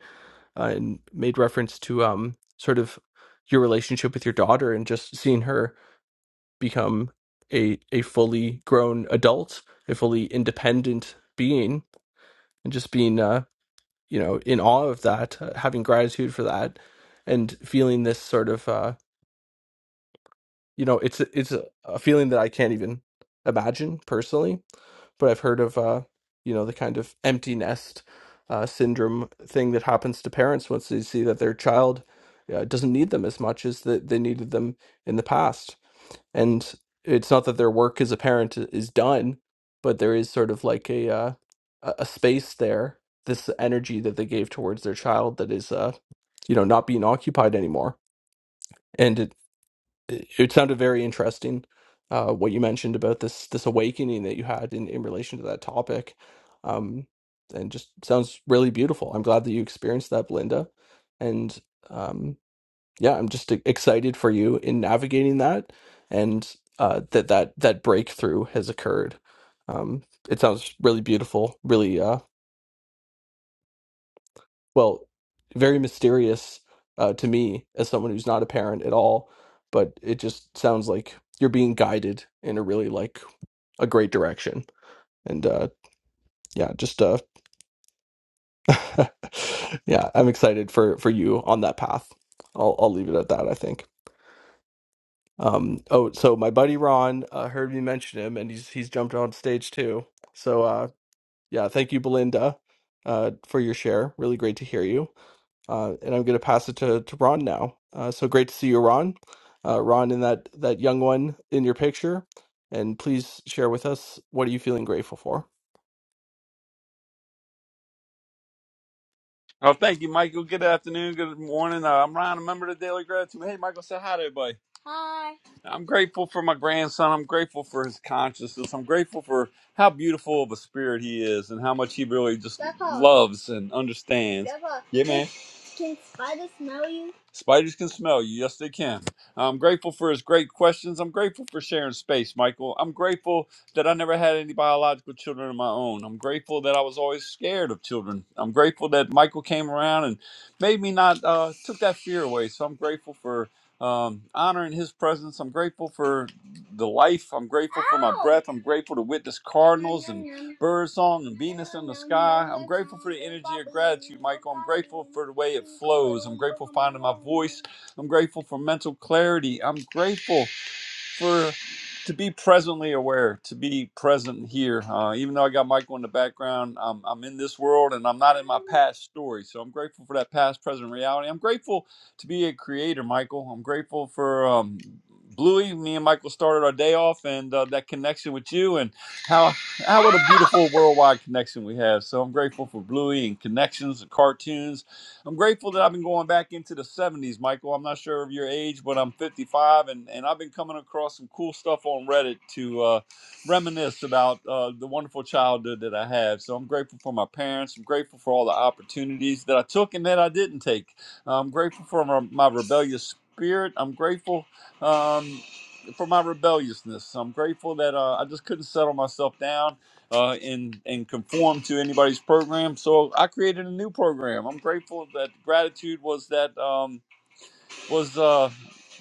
uh, and made reference to um sort of your relationship with your daughter and just seeing her become a a fully grown adult, a fully independent being, and just being uh you know in awe of that, uh, having gratitude for that, and feeling this sort of uh you know it's a- it's a, a feeling that I can't even imagine personally but I've heard of uh, you know the kind of empty nest uh, syndrome thing that happens to parents once they see that their child uh, doesn't need them as much as that they needed them in the past, and it's not that their work as a parent i- is done, but there is sort of like a uh, a a space there, this energy that they gave towards their child that is uh, you know not being occupied anymore. and. it it it sounded very interesting uh what you mentioned about this this awakening that you had in in relation to that topic um and just sounds really beautiful i'm glad that you experienced that belinda and um yeah i'm just e- excited for you in navigating that and uh that that that breakthrough has occurred um it sounds really beautiful really Uh, well, very mysterious uh, to me as someone who's not a parent at all. But it just sounds like you're being guided in a really like a great direction. And uh, yeah, just uh, yeah, I'm excited for for you on that path. I'll I'll leave it at that. I think. Um, oh, so my buddy Ron uh, heard me mention him, and he's he's jumped on stage too. So uh, yeah, thank you, Belinda, uh, for your share. Really great to hear you. Uh, and I'm going to pass it to, to Ron now. Uh, so great to see you, Ron. Uh, Ron, and that, that young one in your picture. And please share with us what are you feeling grateful for? Oh, thank you, Michael. Good afternoon. Good morning. Uh, I'm Ryan, a member of the Daily Gratitude. Hey, Michael, say hi to everybody. Hi. I'm grateful for my grandson. I'm grateful for his consciousness. I'm grateful for how beautiful of a spirit he is and how much he really just Grandpa. loves and understands. Grandpa, yeah, man. Can, can spiders smell you? Spiders can smell you. Yes, they can. I'm grateful for his great questions. I'm grateful for sharing space, Michael. I'm grateful that I never had any biological children of my own. I'm grateful that I was always scared of children. I'm grateful that Michael came around and made me not uh, took that fear away. So I'm grateful for um, honoring his presence. I'm grateful for the life. I'm grateful for my breath. I'm grateful to witness cardinals and birdsong and Venus in the sky. I'm grateful for the energy of gratitude, Michael. I'm grateful for the way it flows. I'm grateful for finding my voice. I'm grateful for mental clarity. I'm grateful for to be presently aware, to be present here. Uh, even though I got Michael in the background, I'm, I'm in this world and I'm not in my past story. So I'm grateful for that past, present reality. I'm grateful to be a creator, Michael. I'm grateful for um, Bluey. Me and Michael started our day off and uh, that connection with you and how how what a beautiful worldwide connection we have. So I'm grateful for Bluey and connections and cartoons I'm grateful that I've been going back into the 70s, Michael. I'm not sure of your age, but I'm 55, and, and I've been coming across some cool stuff on Reddit to uh, reminisce about uh, the wonderful childhood that I had. So I'm grateful for my parents. I'm grateful for all the opportunities that I took and that I didn't take. Uh, I'm grateful for my, my rebellious spirit. I'm grateful um, for my rebelliousness. I'm grateful that uh, I just couldn't settle myself down uh, and and conform to anybody's program. So I created a new program. I'm grateful that gratitude was that. Um, was uh,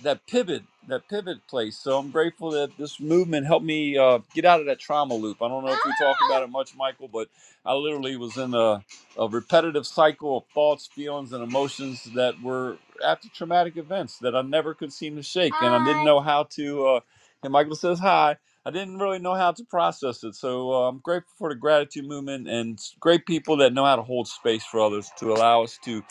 that pivot, that pivot place. So I'm grateful that this movement helped me uh, get out of that trauma loop. I don't know if we talked about it much, Michael, but I literally was in a, a repetitive cycle of thoughts, feelings, and emotions that were after traumatic events that I never could seem to shake, and I didn't know how to. Uh, and Michael says hi. I didn't really know how to process it, so uh, I'm grateful for the gratitude movement and s- great people that know how to hold space for others to allow us to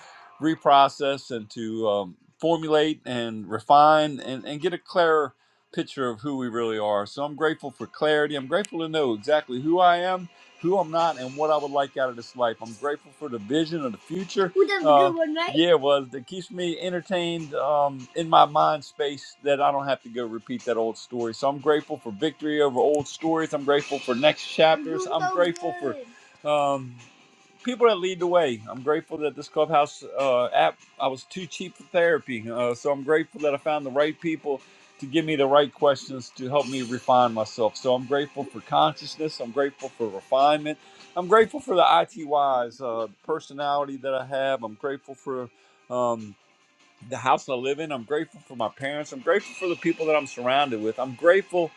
reprocess and to um, formulate and refine and, and get a clearer picture of who we really are. So I'm grateful for clarity. I'm grateful to know exactly who I am, who I'm not, and what I would like out of this life. I'm grateful for the vision of the future. Well, that was a good Uh, one, right? Yeah, it was. That keeps me entertained um, in my mind space that I don't have to go repeat that old story. So I'm grateful for victory over old stories. I'm grateful for next chapters. I'm So grateful good. for um, people that lead the way. I'm grateful that this Clubhouse uh, app, I was too cheap for therapy. Uh, so I'm grateful that I found the right people to give me the right questions to help me refine myself. So I'm grateful for consciousness. I'm grateful for refinement. I'm grateful for the ITYs, uh, personality that I have. I'm grateful for. Um, the house I live in. I'm grateful for my parents. I'm grateful for the people that I'm surrounded with. I'm grateful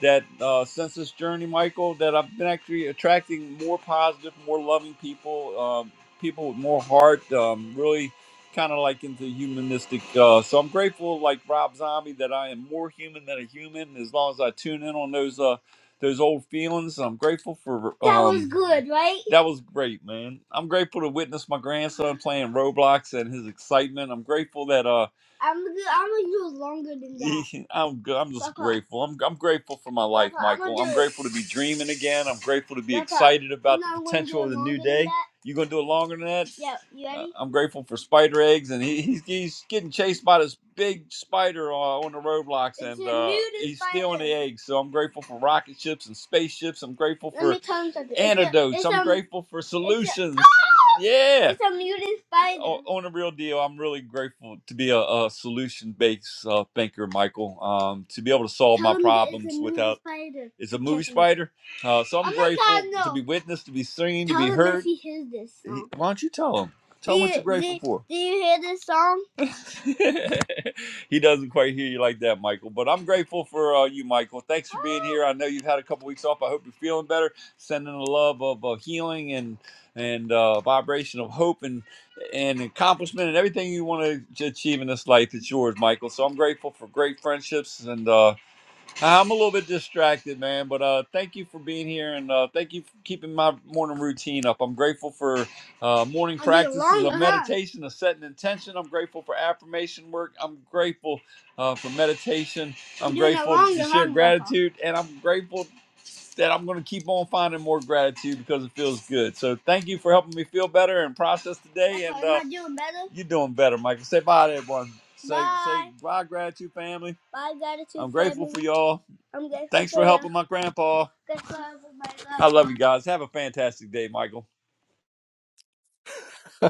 that uh, since this journey, Michael, that I've been actually attracting more positive, more loving people, um, people with more heart, um, really kind of like into humanistic. Uh, so I'm grateful, like Rob Zombie, that I am more human than a human as long as I tune in on those. Uh, those old feelings. I'm grateful for. Um, That was um, good, right? That was great, man. I'm grateful to witness my grandson playing Roblox and his excitement. I'm grateful that uh. I'm gonna, I'm gonna do it longer than that. I'm good. I'm just Papa. grateful. I'm I'm grateful for my life, Papa, I'm Michael. gonna I'm do it- grateful to be dreaming again. I'm grateful to be Papa, excited about you know the I'm gonna potential it of the new longer than day. that? You gonna do it longer than that? Yeah, you Uh, ready? Uh, I'm grateful for spider eggs, and he, he's he's getting chased by this big spider uh, on the roadblocks, It's and uh, nudist he's spider. stealing the eggs. So I'm grateful for rocket ships and spaceships. I'm grateful Let for antidotes. it's I'm a grateful for solutions. it's a solutions. Yeah it's a mutant on, spider. O- on a real deal, I'm really grateful to be a, a solution-based uh, thinker, Michael. Um, to be able to solve Tell my him that it's a problems mutant without spider, it's a movie Tiffany. spider. Uh, so I'm, I'm grateful tell him to no. be witnessed, to be seen, to Tell to be him heard. if he hears this song. Why don't you tell him? Do Tell do him what you, you're grateful do, for. do you hear this song? he doesn't quite hear you like that, Michael. But I'm grateful for uh, you, Michael. Thanks for being here. I know you've had a couple weeks off. I hope you're feeling better. Sending the love of uh, healing and and uh, vibration of hope and and accomplishment and everything you want to achieve in this life. It's yours, Michael. So I'm grateful for great friendships and. Uh, I'm a little bit distracted, man, but uh, thank you for being here and uh, thank you for keeping my morning routine up. I'm grateful for uh, morning I need a practices of line, uh-huh. meditation, of setting intention. I'm grateful for affirmation work. I'm grateful uh, for meditation. I'm You're doing it grateful wrong, to you're share wrong, Grandpa. gratitude, and I'm grateful that I'm going to keep on finding more gratitude because it feels good. So thank you for helping me feel better and process today. Grandpa, and am uh, I uh, doing better? You're doing better, Michael. Say bye to everyone. Say, bye. say bye, gratitude family. My gratitude I'm grateful for y'all. I'm grateful Thanks for helping my grandpa. I love you guys. Have a fantastic day, Michael.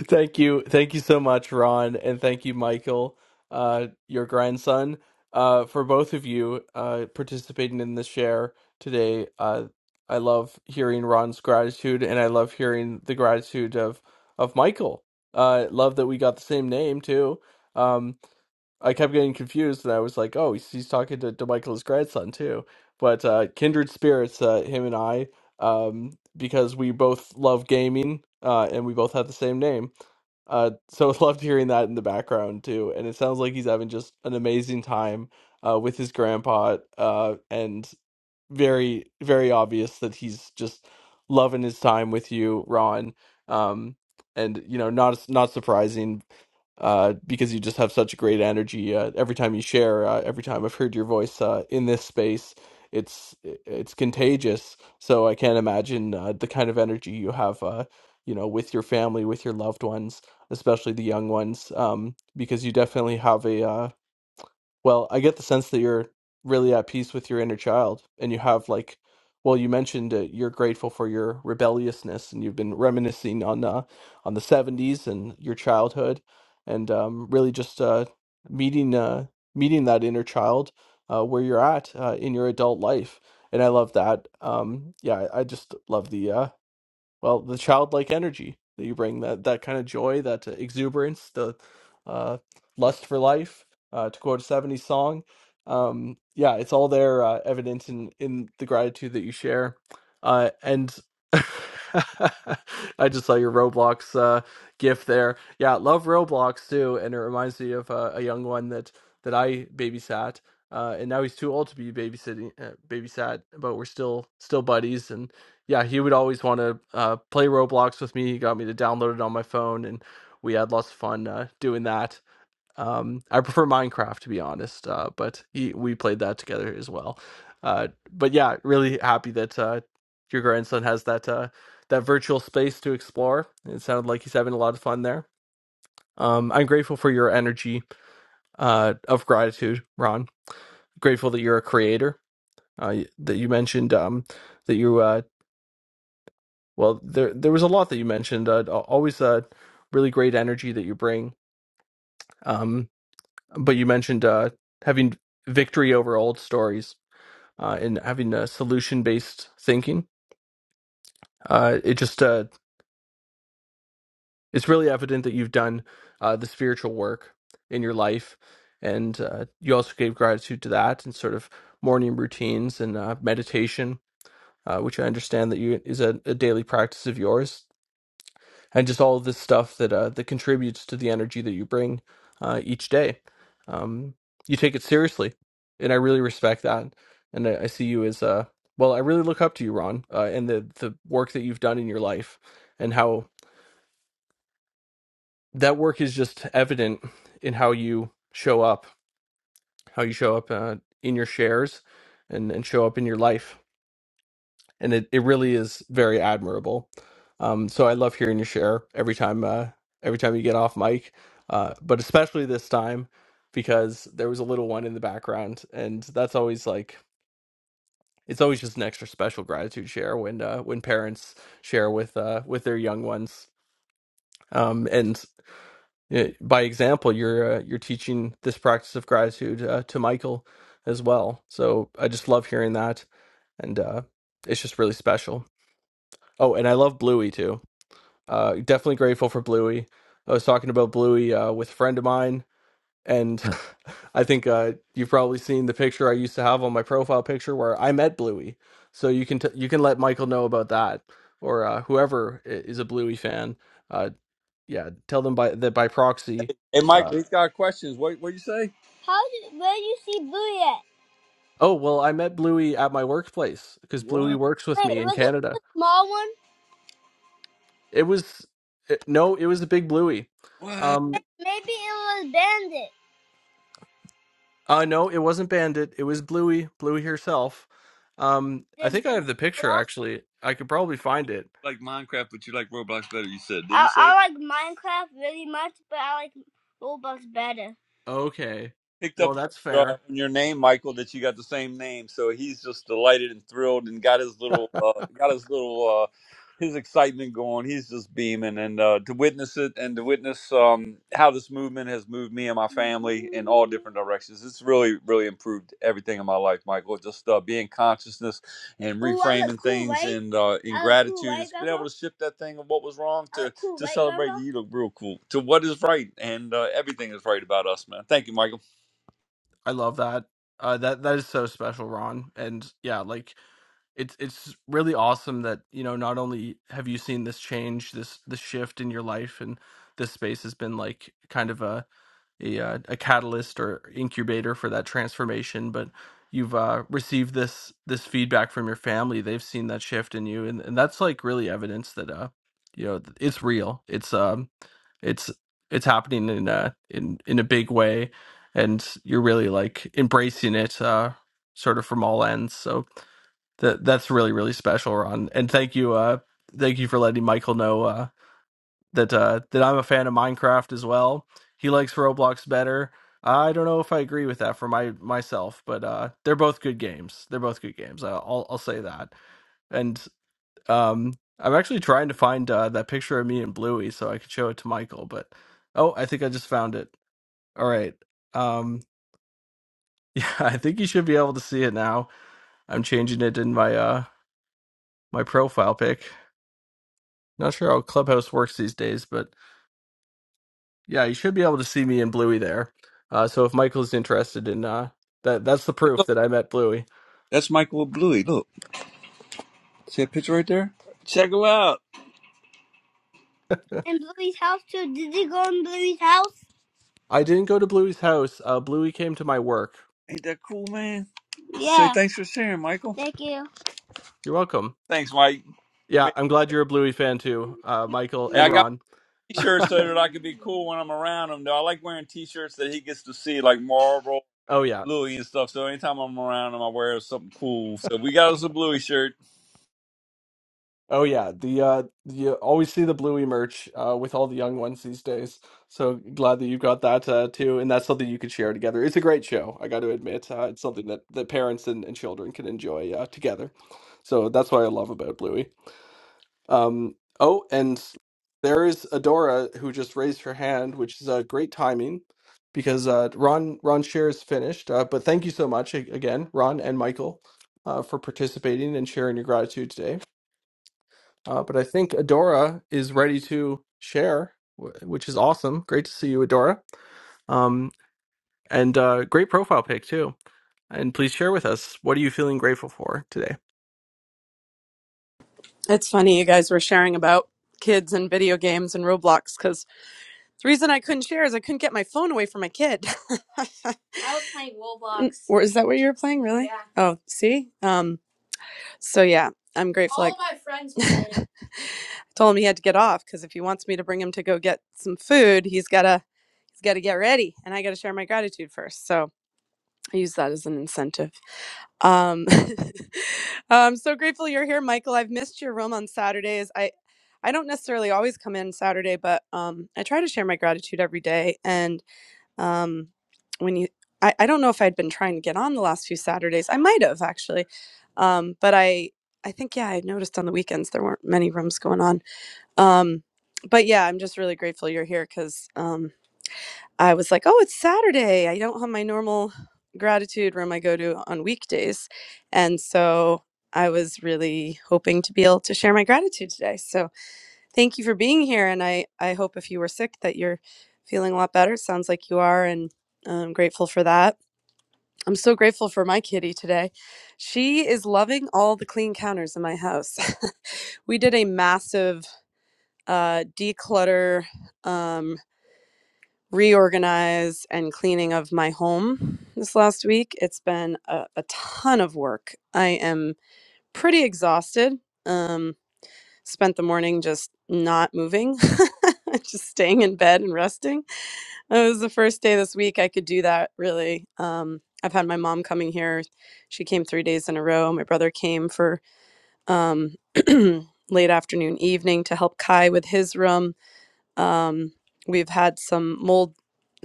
thank you. Thank you so much, Ron. And thank you, Michael, uh, your grandson, uh, for both of you uh, participating in the share today. Uh, I love hearing Ron's gratitude, and I love hearing the gratitude of, of Michael. Uh, love that we got the same name, too. Um, I kept getting confused, and I was like, "Oh, he's, he's talking to, to Michael's grandson too." But uh, kindred spirits, uh, him and I, um, because we both love gaming, uh, and we both have the same name. Uh, so I loved hearing that in the background too, and it sounds like he's having just an amazing time uh, with his grandpa, uh, and very, very obvious that he's just loving his time with you, Ron. Um, and you know, not not surprising, uh, because you just have such great energy uh, every time you share. Uh, every time I've heard your voice uh, in this space, it's it's contagious. So I can't imagine uh, the kind of energy you have, uh, you know, with your family, with your loved ones, especially the young ones, um, because you definitely have a uh, well, I get the sense that you're really at peace with your inner child, and you have like, well, you mentioned uh, you're grateful for your rebelliousness, and you've been reminiscing on uh, on the '70s and your childhood, and um, really just uh, meeting uh, meeting that inner child uh, where you're at uh, in your adult life. And I love that. Um, yeah, I I just love the uh, well the childlike energy that you bring that that kind of joy that uh, exuberance the uh lust for life uh to quote a 70s song um yeah it's all there uh, evident in in the gratitude that you share uh and I just saw your Roblox uh gif there. Yeah, love Roblox too and it reminds me of uh, a young one that that I babysat uh and now he's too old to be babysitting uh, babysat but we're still still buddies and. Yeah, he would always want to uh, play Roblox with me. He got me to download it on my phone, and we had lots of fun uh, doing that. Um, I prefer Minecraft to be honest, uh, but he, we played that together as well. Uh, but yeah, really happy that uh, your grandson has that uh, that virtual space to explore. It sounded like he's having a lot of fun there. Um, I'm grateful for your energy uh, of gratitude, Ron. Grateful that you're a creator. Uh, that you mentioned um, that you uh, Well, there there was a lot that you mentioned. Uh, always uh, really great energy that you bring. Um, but you mentioned uh, having victory over old stories uh, and having uh, solution based thinking. Uh, it just uh, it's really evident that you've done uh, the spiritual work in your life, and uh, you also gave gratitude to that and sort of morning routines and uh, meditation, uh, which I understand that you is a, a daily practice of yours. and just all of this stuff that uh, that contributes to the energy that you bring uh, each day. Um, you take it seriously, and I really respect that. And I, I see you as uh, well. I really look up to you, Ron, uh, and the the work that you've done in your life, and how that work is just evident in how you show up, how you show up uh, in your shares, and and show up in your life and it, it really is very admirable. Um, so I love hearing you share every time uh, every time you get off mic, uh, but especially this time because there was a little one in the background, and that's always like it's always just an extra special gratitude share when uh, when parents share with uh, with their young ones. Um, and uh, by example, you're uh, you're teaching this practice of gratitude uh, to Michael as well. So I just love hearing that, and uh, it's just really special. Oh, and I love Bluey too Uh, definitely grateful for Bluey. I was talking about Bluey uh, with a friend of mine, and I think uh, you've probably seen the picture I used to have on my profile picture where I met Bluey. So you can t- you can let Michael know about that, or uh, whoever i- is a Bluey fan. Uh, yeah, tell them by that by proxy. Hey, Uh, Michael, he's got questions. What what you say? How did where you see Boo at? oh well, I met Bluey at my workplace because Bluey What? works with Wait, me in was it Canada. the small one? It was it, no, it was a big Bluey. What? Um, Maybe it was Bandit. Uh, no, it wasn't Bandit. It was Bluey, Bluey herself. Um, I Did Boo think I have the picture belong? actually. I could probably find it. Like Minecraft, but you like Roblox better. You said. Did I, you say? I like Minecraft really much, but I like Roblox better. Okay. picked Well, up that's uh, on fair. your name, Michael, that you got the same name. So he's just delighted and thrilled, and got his little, uh, got his little, uh, his excitement going. He's just beaming, and uh, to witness it, and to witness um, how this movement has moved me and my family in all different directions. It's really, really improved everything in my life, Michael. Just uh, being consciousness and reframing cool, things, right? and uh, in cool, gratitude, right, and being able to shift that thing of what was wrong to cool, to right, celebrate. You look real cool to what is right, and uh, everything is right about us, man. Thank you, Michael. I love that. Uh, that that is so special, Ron. And yeah, like it's it's really awesome that you know not only have you seen this change, this this shift in your life, and this space has been like kind of a a, uh, a catalyst or incubator for that transformation but you've uh, received this this feedback from your family they've seen that shift in you and, and that's like really evidence that uh you know th- it's real it's um it's it's happening in a in in a big way and you're really like embracing it uh sort of from all ends so that that's really really special ron and thank you uh thank you for letting michael know uh, that uh, that I'm a fan of Minecraft as well. He likes Roblox better. I don't know if I agree with that for my myself, but uh, they're both good games. They're both good games. I- will I'll say that. And um, I'm actually trying to find uh, that picture of me and Bluey so I could show it to Michael. But oh, I think I just found it. All right. Um, yeah, I think you should be able to see it now. I'm changing it in my uh my profile pic. Not sure how Clubhouse works these days, but Yeah, you should be able to see me and Bluey there. Uh, so if Michael's interested in uh, that, that's the Hey, proof look, that I met Bluey. that's Michael Bluey. Look, see a picture right there? Check him out. And Bluey's house too. Did you go in Bluey's house? I didn't go to Bluey's house. Uh, Bluey came to my work. Ain't that cool, man? Say Yeah. Say thanks for sharing, Michael. Thank you. You're welcome. Thanks, Mike. You Yeah, made. I'm glad you're a Bluey fan too, uh, Michael Yeah, I and got Ron. my t-shirts so that I can be cool when I'm around him. Though I like wearing t-shirts that he gets to see, like Marlboro oh yeah, Bluey and stuff. So anytime I'm around him, I wear something cool. So we got us a Bluey shirt. oh yeah. The uh, you always see the Bluey merch uh, with all the young ones these days. So glad that you've got that uh, too, and that's something you could share together. It's a great show. I got to admit, uh, it's something that that parents and, and children can enjoy uh, together. So that's what I love about Bluey. Um, oh, and there is Adora who just raised her hand, which is uh, great timing because uh, Ron Ron share is finished. Uh, but thank you so much a- again, Ron and Michael, uh, for participating and sharing your gratitude today. Uh, but I think Adora is ready to share, wh- which is awesome. Great to see you, Adora. Um, and uh, great profile pic too. And please share with us what are you feeling grateful for today. It's funny you guys were sharing about kids and video games and Roblox because the reason I couldn't share is I couldn't get my phone away from my kid. I was playing Roblox. Or is that what you were playing? Really? Yeah. Oh, see. Um. So yeah, I'm grateful. All I- my friends were playing. I told him he had to get off because if he wants me to bring him to go get some food, he's gotta he's gotta get ready, and I gotta share my gratitude first. So I use that as an incentive. Um, I'm so grateful you're here, Michael. I've missed your room on Saturdays. I, I don't necessarily always come in Saturday, but um, I try to share my gratitude every day. And um, when you, I, I don't know if I'd been trying to get on the last few Saturdays. I might have actually, um, but I, I think yeah, I noticed on the weekends there weren't many rooms going on. Um, but yeah, I'm just really grateful you're here because I was like, oh, it's Saturday. I don't have my normal gratitude room I go to on weekdays. And so I was really hoping to be able to share my gratitude today. So thank you for being here. And I, I hope if you were sick that you're feeling a lot better. Sounds like you are. And I'm grateful for that. I'm so grateful for my kitty today. She is loving all the clean counters in my house. we did a massive uh, declutter. Um, reorganize and cleaning of my home this last week. It's been a, a ton of work. I am pretty exhausted. Um, spent the morning just not moving, just staying in bed and resting. It was the first day this week I could do that, really. Um, I've had my mom coming here. She came three days in a row. My brother came for um, late afternoon, evening to help Kai with his room um, we've had some mold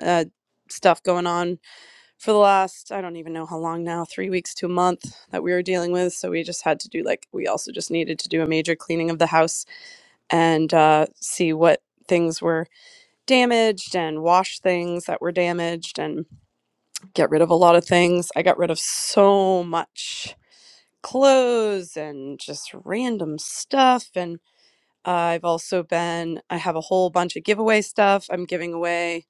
uh, stuff going on for the last, I don't even know how long now, three weeks to a month that we were dealing with. So we just had to do like, we also just needed to do a major cleaning of the house and uh, see what things were damaged and wash things that were damaged and get rid of a lot of things. I got rid of so much clothes and just random stuff and I've also been, I have a whole bunch of giveaway stuff I'm giving away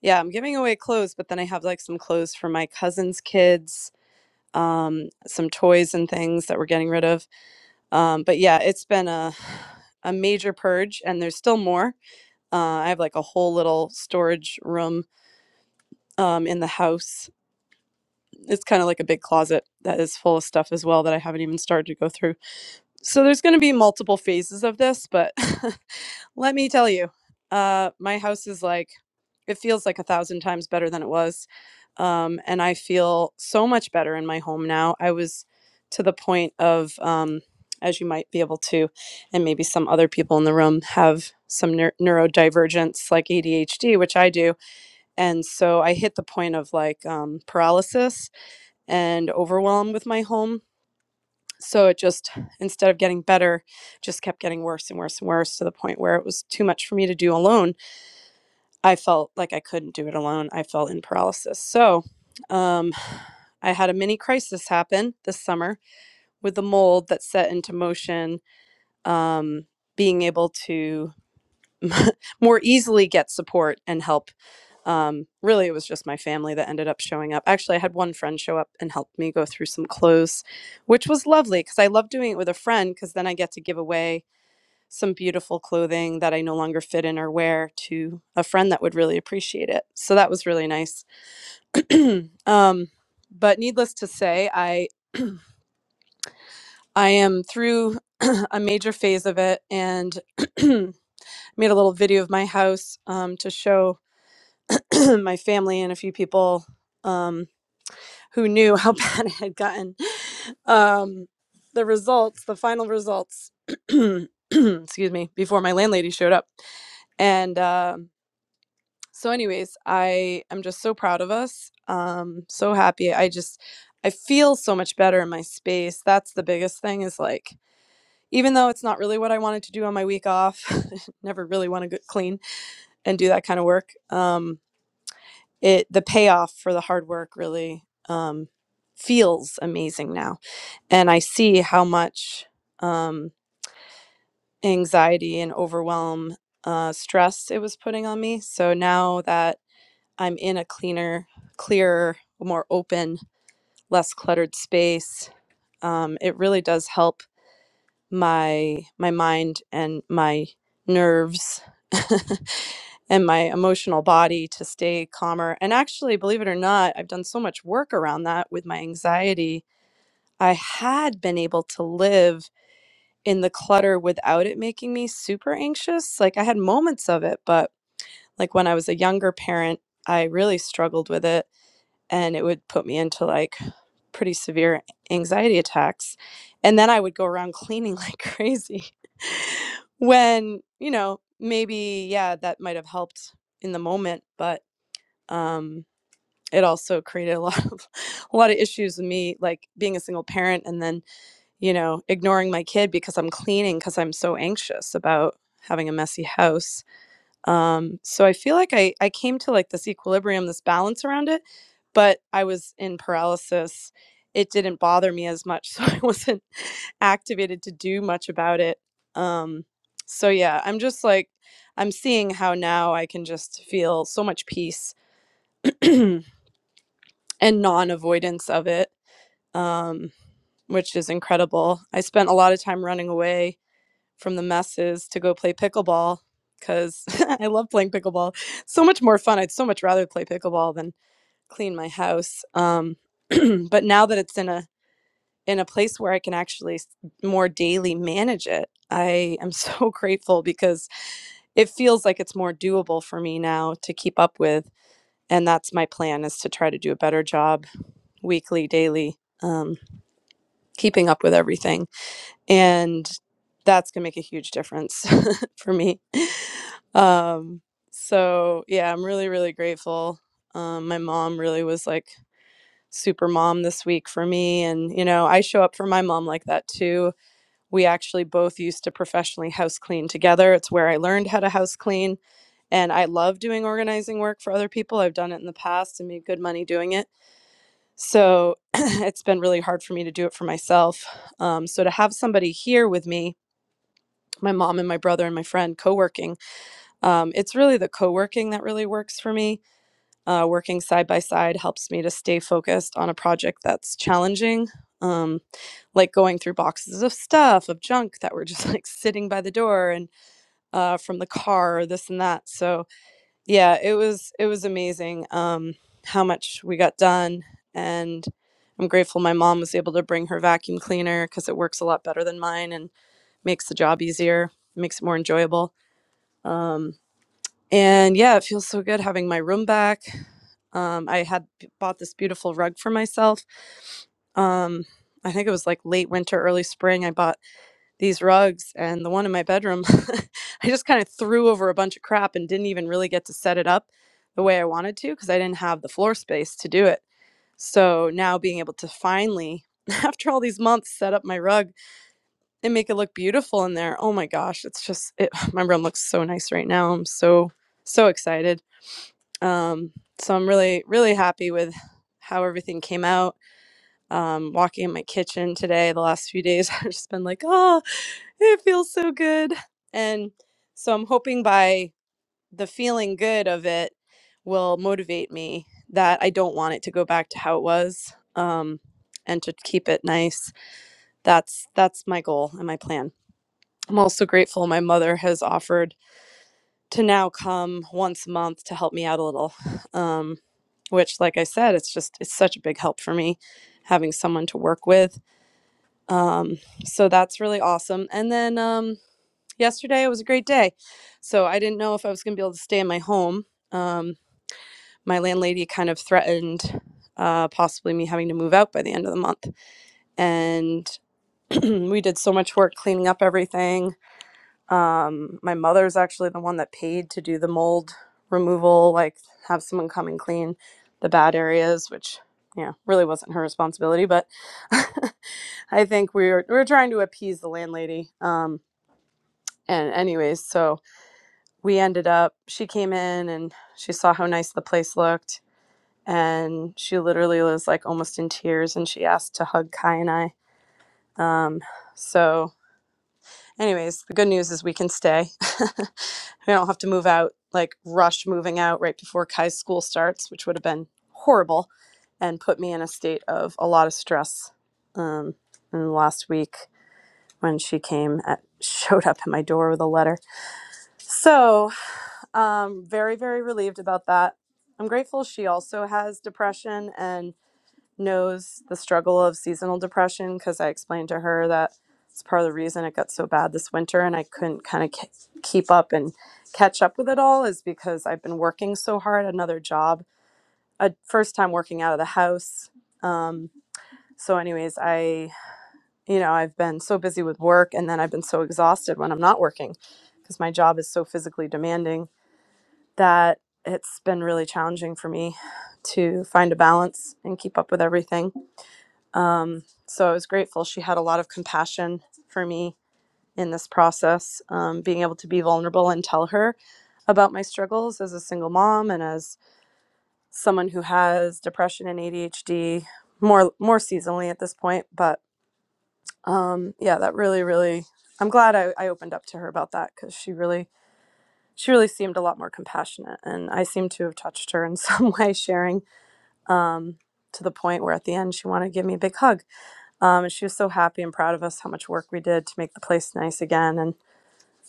yeah, I'm giving away clothes, but then I have like some clothes for my cousin's kids, um, some toys and things that we're getting rid of. Um, but yeah, it's been a a major purge, and there's still more. Uh, I have like a whole little storage room um, in the house. It's kind of like a big closet that is full of stuff as well that I haven't even started to go through. So there's going to be multiple phases of this, but let me tell you, uh, my house is like, it feels like a thousand times better than it was. Um, and I feel so much better in my home now. I was to the point of, um, as you might be able to, and maybe some other people in the room have some neur- neurodivergence like ADHD, which I do. And so I hit the point of like um, paralysis and overwhelm with my home so it just instead of getting better just kept getting worse and worse and worse to the point where it was too much for me to do alone i felt like i couldn't do it alone i felt in paralysis so um i had a mini crisis happen this summer with the mold that set into motion um being able to more easily get support and help um, really it was just my family that ended up showing up actually i had one friend show up and helped me go through some clothes which was lovely because I love doing it with a friend because then I get to give away some beautiful clothing that I no longer fit in or wear to a friend that would really appreciate it. So that was really nice. um, but needless to say, I I am through a major phase of it and made a little video of my house um, to show my family and a few people um, who knew how bad it had gotten. Um, the results, the final results, excuse me, before my landlady showed up. And, um So, anyways, I am just so proud of us. Um, so happy. I just, I feel so much better in my space. That's the biggest thing is like, even though it's not really what I wanted to do on my week off, never really want to get clean and do that kind of work. Um, it, the payoff for the hard work really, um, feels amazing now. And I see how much, um, anxiety and overwhelm, uh, stress it was putting on me. So now that I'm in a cleaner, clearer, more open, less cluttered space. Um, it really does help my my mind and my nerves and my emotional body to stay calmer. And actually, believe it or not, I've done so much work around that with my anxiety. I had been able to live in the clutter without it making me super anxious. Like I had moments of it, but like when I was a younger parent, I really struggled with it and it would put me into like pretty severe anxiety attacks and then i would go around cleaning like crazy when you know maybe yeah that might have helped in the moment but um it also created a lot of a lot of issues with me like being a single parent and then you know ignoring my kid because i'm cleaning because i'm so anxious about having a messy house um, so I feel like I I came to like this equilibrium, this balance around it, but I was in paralysis. It didn't bother me as much, so I wasn't activated to do much about it. Um, so yeah, I'm just like I'm seeing how now I can just feel so much peace and non-avoidance of it, um, which is incredible. I spent a lot of time running away from the messes to go play pickleball because I love playing pickleball. So much more fun. I'd so much rather play pickleball than clean my house. Um, but now that it's in a in a place where I can actually s- more daily manage it, I am so grateful because it feels like it's more doable for me now to keep up with. And that's my plan is to try to do a better job weekly, daily, um, keeping up with everything and that's gonna make a huge difference for me. Um, so yeah, I'm really really grateful. Um, my mom really was like super mom this week for me, and you know I show up for my mom like that too. We actually both used to professionally house clean together. It's where I learned how to house clean, and I love doing organizing work for other people. I've done it in the past and made good money doing it. So it's been really hard for me to do it for myself. Um, so to have somebody here with me my mom and my brother and my friend co-working um, it's really the co-working that really works for me uh, working side by side helps me to stay focused on a project that's challenging um, like going through boxes of stuff of junk that were just like sitting by the door and uh, from the car or this and that so yeah it was it was amazing um, how much we got done and i'm grateful my mom was able to bring her vacuum cleaner because it works a lot better than mine and makes the job easier makes it more enjoyable um, and yeah, it feels so good having my room back. Um, I had b- bought this beautiful rug for myself. Um, I think it was like late winter, early spring. I bought these rugs, and the one in my bedroom, I just kind of threw over a bunch of crap and didn't even really get to set it up the way I wanted to because I didn't have the floor space to do it. So now being able to finally, after all these months, set up my rug and make it look beautiful in there. Oh my gosh, it's just it, my room looks so nice right now. I'm so so excited. Um, so I'm really really happy with how everything came out. Um, walking in my kitchen today, the last few days I've just been like, oh, it feels so good. And so I'm hoping by the feeling good of it will motivate me that I don't want it to go back to how it was. Um, and to keep it nice. That's that's my goal and my plan. I'm also grateful my mother has offered to now come once a month to help me out a little. Um, which, like I said, it's just it's such a big help for me having someone to work with. Um, so that's really awesome. And then um, yesterday it was a great day. So I didn't know if I was going to be able to stay in my home. Um, my landlady kind of threatened uh, possibly me having to move out by the end of the month, and we did so much work cleaning up everything Um, my mother's actually the one that paid to do the mold removal, like have someone come and clean the bad areas, which yeah, really wasn't her responsibility, but I think we were we were trying to appease the landlady. Um, and anyways, so we ended up. She came in and she saw how nice the place looked, and she literally was like almost in tears, and she asked to hug Kai and I. Um, so anyways, the good news is we can stay. we don't have to move out, like rush moving out right before Kai's school starts, which would have been horrible and put me in a state of a lot of stress. Um, and last week when she came at showed up at my door with a letter. So um very, very relieved about that. I'm grateful she also has depression and knows the struggle of seasonal depression because I explained to her that it's part of the reason it got so bad this winter and I couldn't kind of ke- keep up and catch up with it all is because I've been working so hard, another job, a first time working out of the house. Um, so, anyways, I, you know, I've been so busy with work and then I've been so exhausted when I'm not working because my job is so physically demanding that it's been really challenging for me to find a balance and keep up with everything so I was grateful. She had a lot of compassion for me in this process, um, being able to be vulnerable and tell her about my struggles as a single mom and as someone who has depression and ADHD more more seasonally at this point. But um, yeah, that really, really, I'm glad I, I opened up to her about that because she really she really seemed a lot more compassionate, and I seem to have touched her in some way, sharing um, to the point where at the end she wanted to give me a big hug Um, and she was so happy and proud of us how much work we did to make the place nice again. And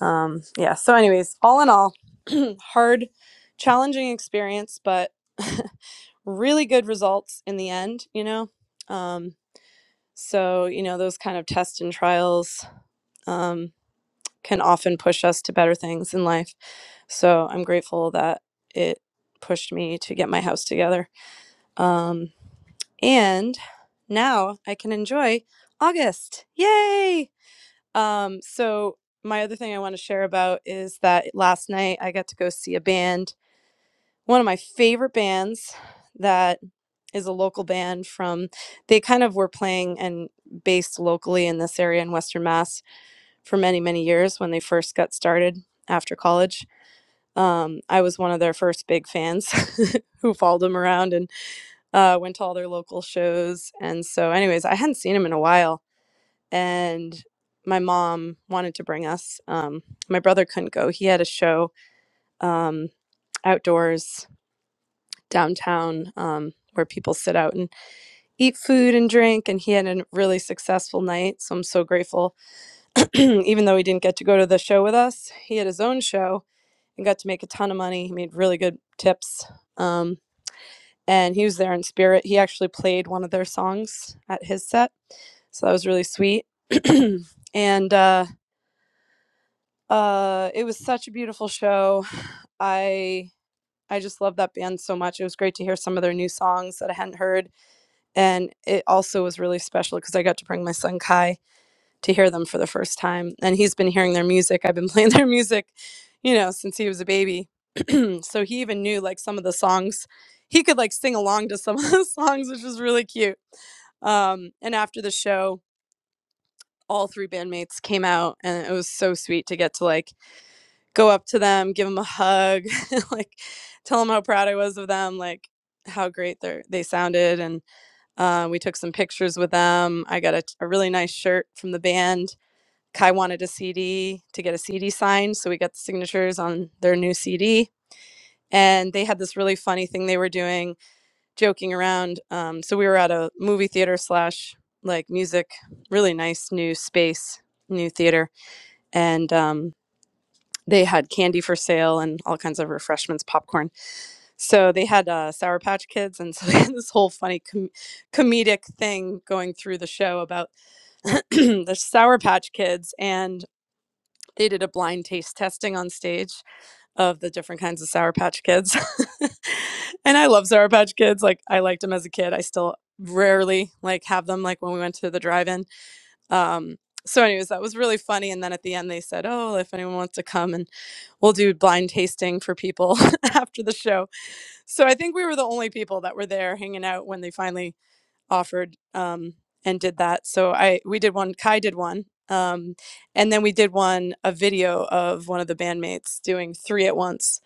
um, yeah, so, anyways, all in all, hard, challenging experience, but really good results in the end, you know? Um, so, you know, those kind of tests and trials um, can often push us to better things in life. So I'm grateful that it pushed me to get my house together. Um, and now I can enjoy August. Yay! Um, so my other thing I want to share about is that last night I got to go see a band, one of my favorite bands that is a local band from they kind of were playing and based locally in this area in Western Mass for many, many years when they first got started after college. Um, I was one of their first big fans who followed them around and uh, went to all their local shows. And so, anyways, I hadn't seen them in a while and my mom wanted to bring us. Um, my brother couldn't go. He had a show um, outdoors downtown um, where people sit out and eat food and drink, and he had a really successful night. So I'm so grateful. Even though he didn't get to go to the show with us, he had his own show and got to make a ton of money. He made really good tips. Um, and he was there in spirit. He actually played one of their songs at his set. So that was really sweet. and uh, Uh, it was such a beautiful show. I I just love that band so much. It was great to hear some of their new songs that I hadn't heard, and it also was really special because I got to bring my son Kai to hear them for the first time, and he's been hearing their music. I've been playing their music, you know, since he was a baby. so he even knew like some of the songs. He could like sing along to some of the songs, which was really cute. Um, and after the show, all three bandmates came out, and it was so sweet to get to like go up to them, give them a hug, like tell them how proud I was of them, like how great they they sounded, and uh, we took some pictures with them. I got a, a really nice shirt from the band. Kai wanted a CD to get a CD signed, so we got the signatures on their new CD. And they had this really funny thing they were doing, joking around. Um, so we were at a movie theater slash like music, really nice new space, new theater, and um, they had candy for sale and all kinds of refreshments, popcorn. So they had uh, Sour Patch Kids, and so they had this whole funny com- comedic thing going through the show about the Sour Patch Kids, and they did a blind taste testing on stage of the different kinds of Sour Patch Kids. and I love Sour Patch Kids. Like I liked them as a kid. I still rarely like have them. Like when we went to the drive-in. Um, so, anyways, that was really funny. And then at the end, they said, "Oh, if anyone wants to come, and we'll do blind tasting for people after the show." So I think we were the only people that were there hanging out when they finally offered um, and did that. So I we did one. Kai did one. Um, and then we did one a video of one of the bandmates doing three at once.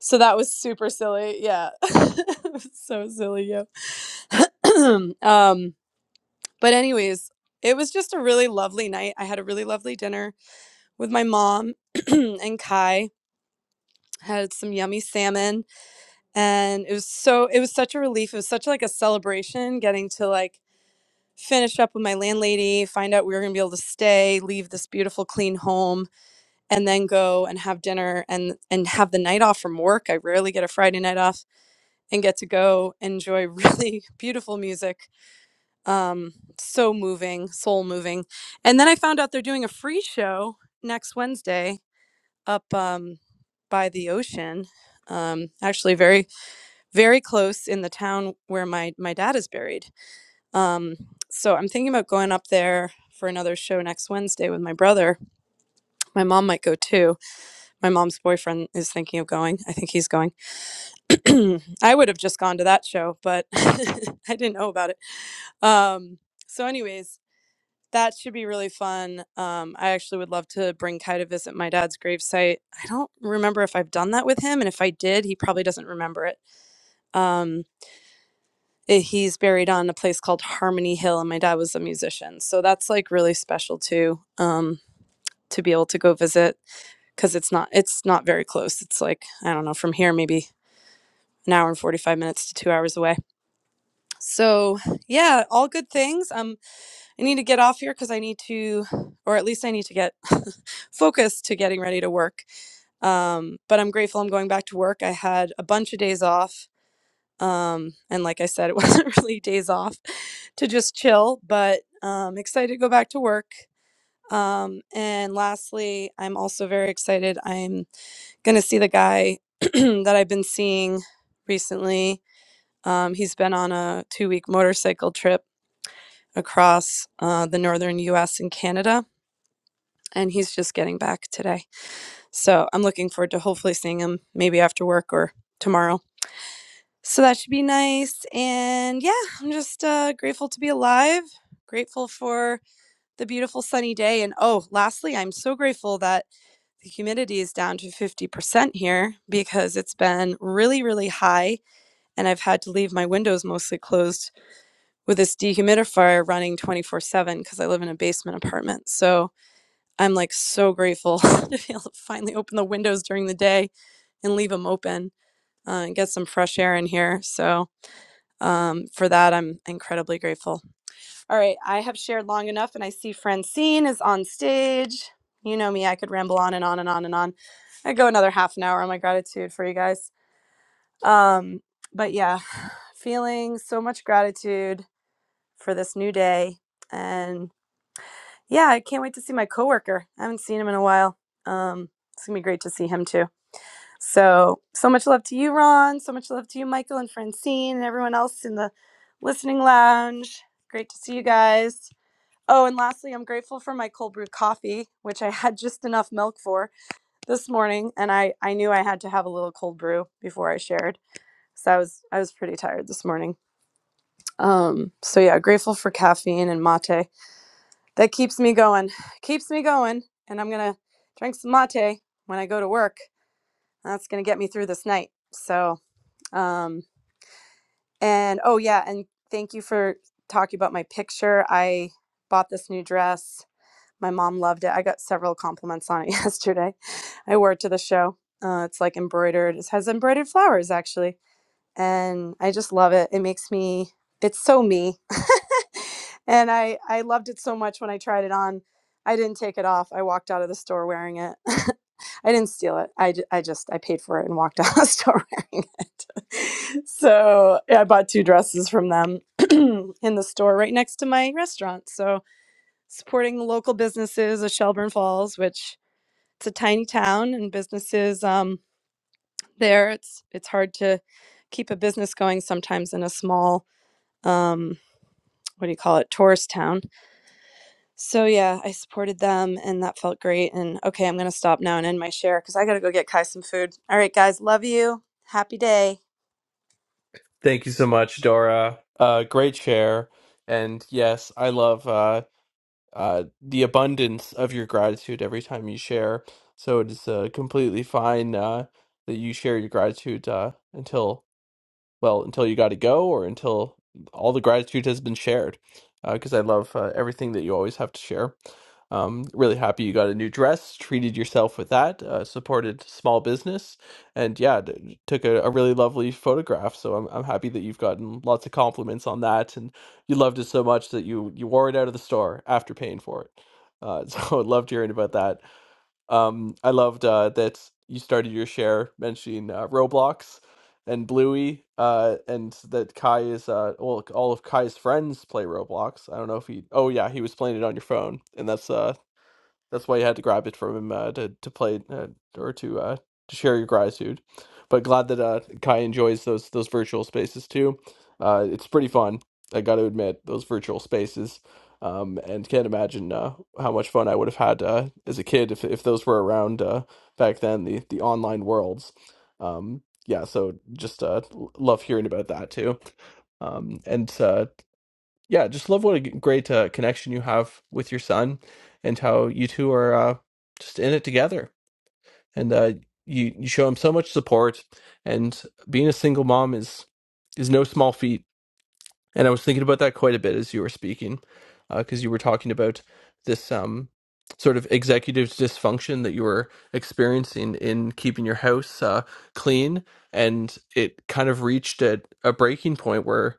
So that was super silly. Yeah, It was so silly. Yeah. um, but, anyways, it was just a really lovely night. I had a really lovely dinner with my mom and Kai. Had some yummy salmon, and it was so it was such a relief. It was such like a celebration getting to like finish up with my landlady, find out we were gonna be able to stay, leave this beautiful clean home, and then go and have dinner and and have the night off from work. I rarely get a Friday night off and get to go enjoy really beautiful music um so moving soul moving and then i found out they're doing a free show next wednesday up um by the ocean um actually very very close in the town where my my dad is buried um so i'm thinking about going up there for another show next wednesday with my brother my mom might go too my mom's boyfriend is thinking of going i think he's going i would have just gone to that show but i didn't know about it um so anyways That should be really fun. Um, I actually would love to bring Kai to visit my dad's gravesite. I don't remember if I've done that with him, and if I did, he probably doesn't remember it. Um, eh, he's buried on a place called Harmony Hill, and my dad was a musician, so that's like really special too. Um, to be able to go visit because it's not it's not very close. It's like I don't know from here maybe an hour and forty five minutes to two hours away. So yeah, all good things. Um. I need to get off here because I need to, or at least I need to get focused to getting ready to work. Um, but I'm grateful I'm going back to work. I had a bunch of days off. Um, and like I said, it wasn't really days off to just chill, but um, excited to go back to work. Um, and lastly, I'm also very excited. I'm going to see the guy that I've been seeing recently. Um, he's been on a two week motorcycle trip across uh, the northern US and Canada and he's just getting back today. So I'm looking forward to hopefully seeing him maybe after work or tomorrow. So that should be nice. And yeah, I'm just uh, grateful to be alive, grateful for the beautiful sunny day. And oh, lastly, I'm so grateful that the humidity is down to 50% here because it's been really, really high. And I've had to leave my windows mostly closed with this dehumidifier running 24 7 because I live in a basement apartment. So I'm like so grateful to be able to finally open the windows during the day and leave them open uh, and get some fresh air in here. So, um, for that, I'm incredibly grateful. All right, I have shared long enough, and I see Francine is on stage. You know me, I could ramble on and on and on and on. I go another half an hour on my gratitude for you guys. Um, but yeah, feeling so much gratitude for this new day. and. Yeah, I can't wait to see my coworker. I haven't seen him in a while. Um, it's gonna be great to see him too. So, so much love to you, Ron. So much love to you, Michael and Francine, and everyone else in the listening lounge. Great to see you guys. Oh, and lastly, I'm grateful for my cold brew coffee, which I had just enough milk for this morning, and I I knew I had to have a little cold brew before I shared. So I was I was pretty tired this morning. Um, so yeah, grateful for caffeine and mate that keeps me going keeps me going and i'm gonna drink some mate when i go to work that's gonna get me through this night so um and oh yeah and thank you for talking about my picture i bought this new dress my mom loved it i got several compliments on it yesterday i wore it to the show uh, it's like embroidered it has embroidered flowers actually and I just love it. It makes me it's so me. and I I loved it so much when I tried it on. I didn't take it off. I walked out of the store wearing it. I didn't steal it. I, ju- I just I paid for it and walked out of the store wearing it. so yeah, I bought two dresses from them in the store right next to my restaurant. So supporting local businesses of Shelburne Falls, which it's a tiny town and businesses. um, there it's it's hard to keep a business going sometimes in a small um what do you call it tourist town so yeah i supported them and that felt great and okay i'm gonna stop now and end my share because i gotta go get kai some food all right guys love you happy day Thank you so much, Dora. Uh, great share. And yes, I love uh, uh, the abundance of your gratitude every time you share. So it is uh, completely fine uh, that you share your gratitude uh, until well, until you got to go or until all the gratitude has been shared. Because I love uh, everything that you always have to share. Um, really happy you got a new dress, treated yourself with that, uh, supported small business, and yeah, d- took a, a really lovely photograph. So I'm I'm happy that you've gotten lots of compliments on that, and you loved it so much that you you wore it out of the store after paying for it. Uh, so I loved hearing about that. Um, I loved uh, that you started your share mentioning uh, Roblox and Bluey, uh, and that Kai is uh, well, all of Kai's friends play Roblox. I don't know if he. Oh yeah, he was playing it on your phone, and that's uh, that's why you had to grab it from him uh, to to play uh, or to uh, to share your gratitude. But glad that uh, Kai enjoys those those virtual spaces too. Uh, it's pretty fun. I got to admit those virtual spaces, um, and can't imagine uh, how much fun I would have had uh, as a kid if if those were around uh, back then. The the online worlds. Um, yeah, so just uh, l- love hearing about that too. Um, and uh, yeah, just love what a g- great uh, connection you have with your son, and how you two are uh, just in it together. And uh, you you show him so much support. And being a single mom is is no small feat and I was thinking about that quite a bit as you were speaking, because you were talking about this um, sort of executive dysfunction that you were experiencing in keeping your house uh, clean. And it kind of reached at a breaking point where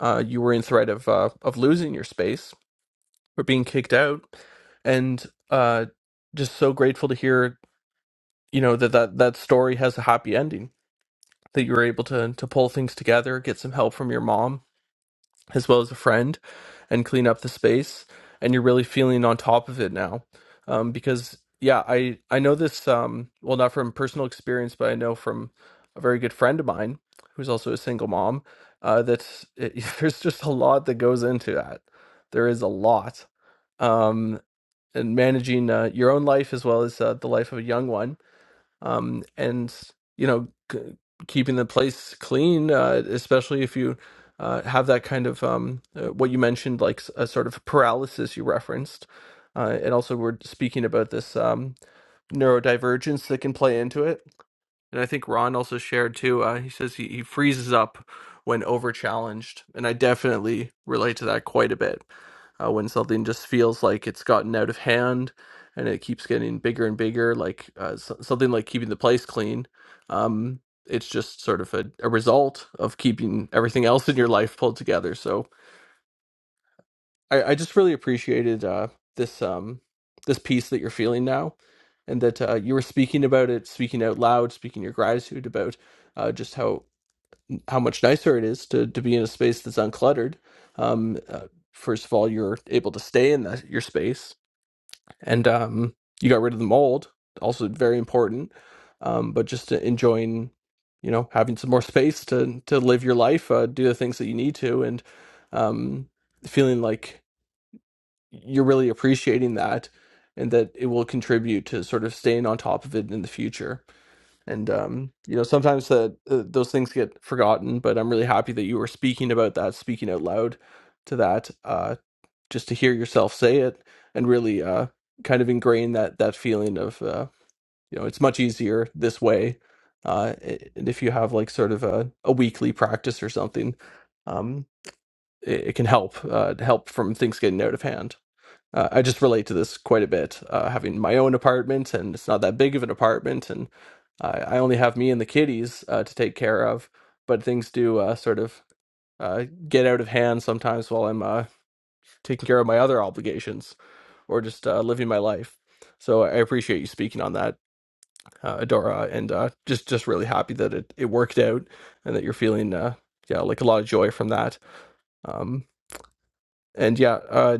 uh, you were in threat of, uh, of losing your space or being kicked out. And uh, just so grateful to hear, you know, that, that that story has a happy ending, that you were able to, to pull things together, get some help from your mom as well as a friend and clean up the space and you're really feeling on top of it now um, because yeah i i know this um, well not from personal experience but i know from a very good friend of mine who's also a single mom uh, that it, there's just a lot that goes into that there is a lot um, and managing uh, your own life as well as uh, the life of a young one um, and you know c- keeping the place clean, uh, especially if you uh, have that kind of um, uh, what you mentioned, like s- a sort of paralysis you referenced, uh, and also we're speaking about this um, neurodivergence that can play into it and I think Ron also shared too. Uh, he says he, he freezes up when over challenged, and I definitely relate to that quite a bit. Uh, when something just feels like it's gotten out of hand, and it keeps getting bigger and bigger, like uh, so- something like keeping the place clean. Um, it's just sort of a, a result of keeping everything else in your life pulled together. So I, I just really appreciated uh, this um, this piece that you're feeling now, and that uh, you were speaking about it, speaking out loud, speaking your gratitude about uh, just how how much nicer it is to to be in a space that's uncluttered. Um, uh, first of all, you're able to stay in that, your space, and um, you got rid of the mold, also very important. Um, but just to enjoying, you know, having some more space to to live your life, uh, do the things that you need to, and um, feeling like you're really appreciating that and that it will contribute to sort of staying on top of it in the future and um, you know sometimes that uh, those things get forgotten but i'm really happy that you were speaking about that speaking out loud to that uh, just to hear yourself say it and really uh, kind of ingrain that that feeling of uh, you know it's much easier this way uh, a- and if you have like sort of a, a weekly practice or something um, it, it can help uh, help from things getting out of hand uh, I just relate to this quite a bit, uh, having my own apartment, and it's not that big of an apartment, and I, I only have me and the kitties uh, to take care of. But things do uh, sort of uh, get out of hand sometimes while I'm uh, taking care of my other obligations or just uh, living my life. So I appreciate you speaking on that, uh, Adora, and uh, just just really happy that it, it worked out and that you're feeling uh, yeah like a lot of joy from that. Um, and yeah, uh,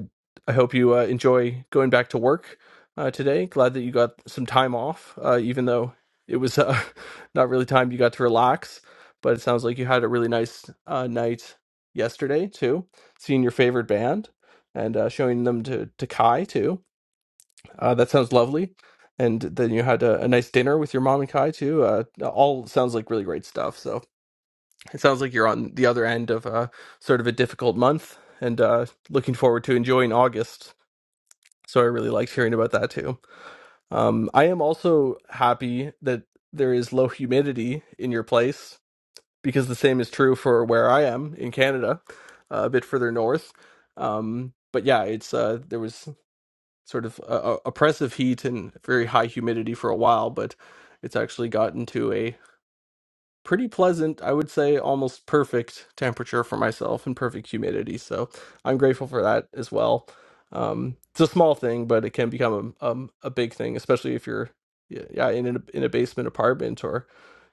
I hope you uh, enjoy going back to work uh, today. Glad that you got some time off, uh, even though it was uh, not really time you got to relax. But it sounds like you had a really nice uh, night yesterday too, seeing your favorite band and uh, showing them to to Kai too. Uh, that sounds lovely. And then you had a, a nice dinner with your mom and Kai too. Uh, all sounds like really great stuff. So it sounds like you're on the other end of uh, sort of a difficult month and uh, looking forward to enjoying August. So I really liked hearing about that too. Um, I am also happy that there is low humidity in your place because the same is true for where I am in Canada, uh, a bit further north. Um, but yeah, it's uh, there was sort of uh, uh, oppressive heat and very high humidity for a while, but it's actually gotten to a pretty pleasant, I would say almost perfect temperature for myself and perfect humidity. So I'm grateful for that as well. Um, it's a small thing, but it can become a, um, a big thing, especially if you're yeah yeah, in a, in a basement apartment or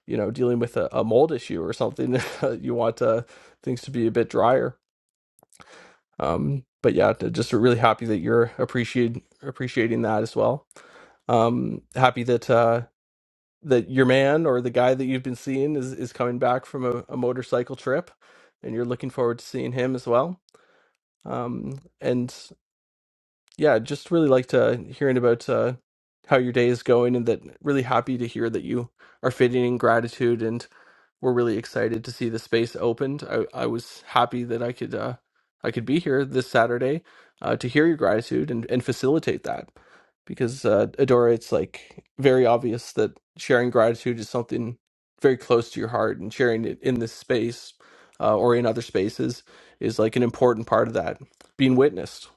you know dealing with a, a mold issue or something. you want uh, things to be a bit drier. Um, but yeah, d- just really happy that you're appreciating appreciating that as well. Um, happy that. uh, that your man or the guy that you've been seeing is, is coming back from a, a motorcycle trip and you're looking forward to seeing him as well. Um, and yeah, just really like to hearing about uh, how your day is going and that really happy to hear that you are fitting in gratitude we're really excited to see the space opened. I, I was happy that I could uh, I could be here this Saturday uh, to hear your gratitude and, and facilitate that because uh, Adora, it's like very obvious that sharing gratitude is something very close to your heart, and sharing it in this space uh, or in other spaces is like an important part of that being witnessed.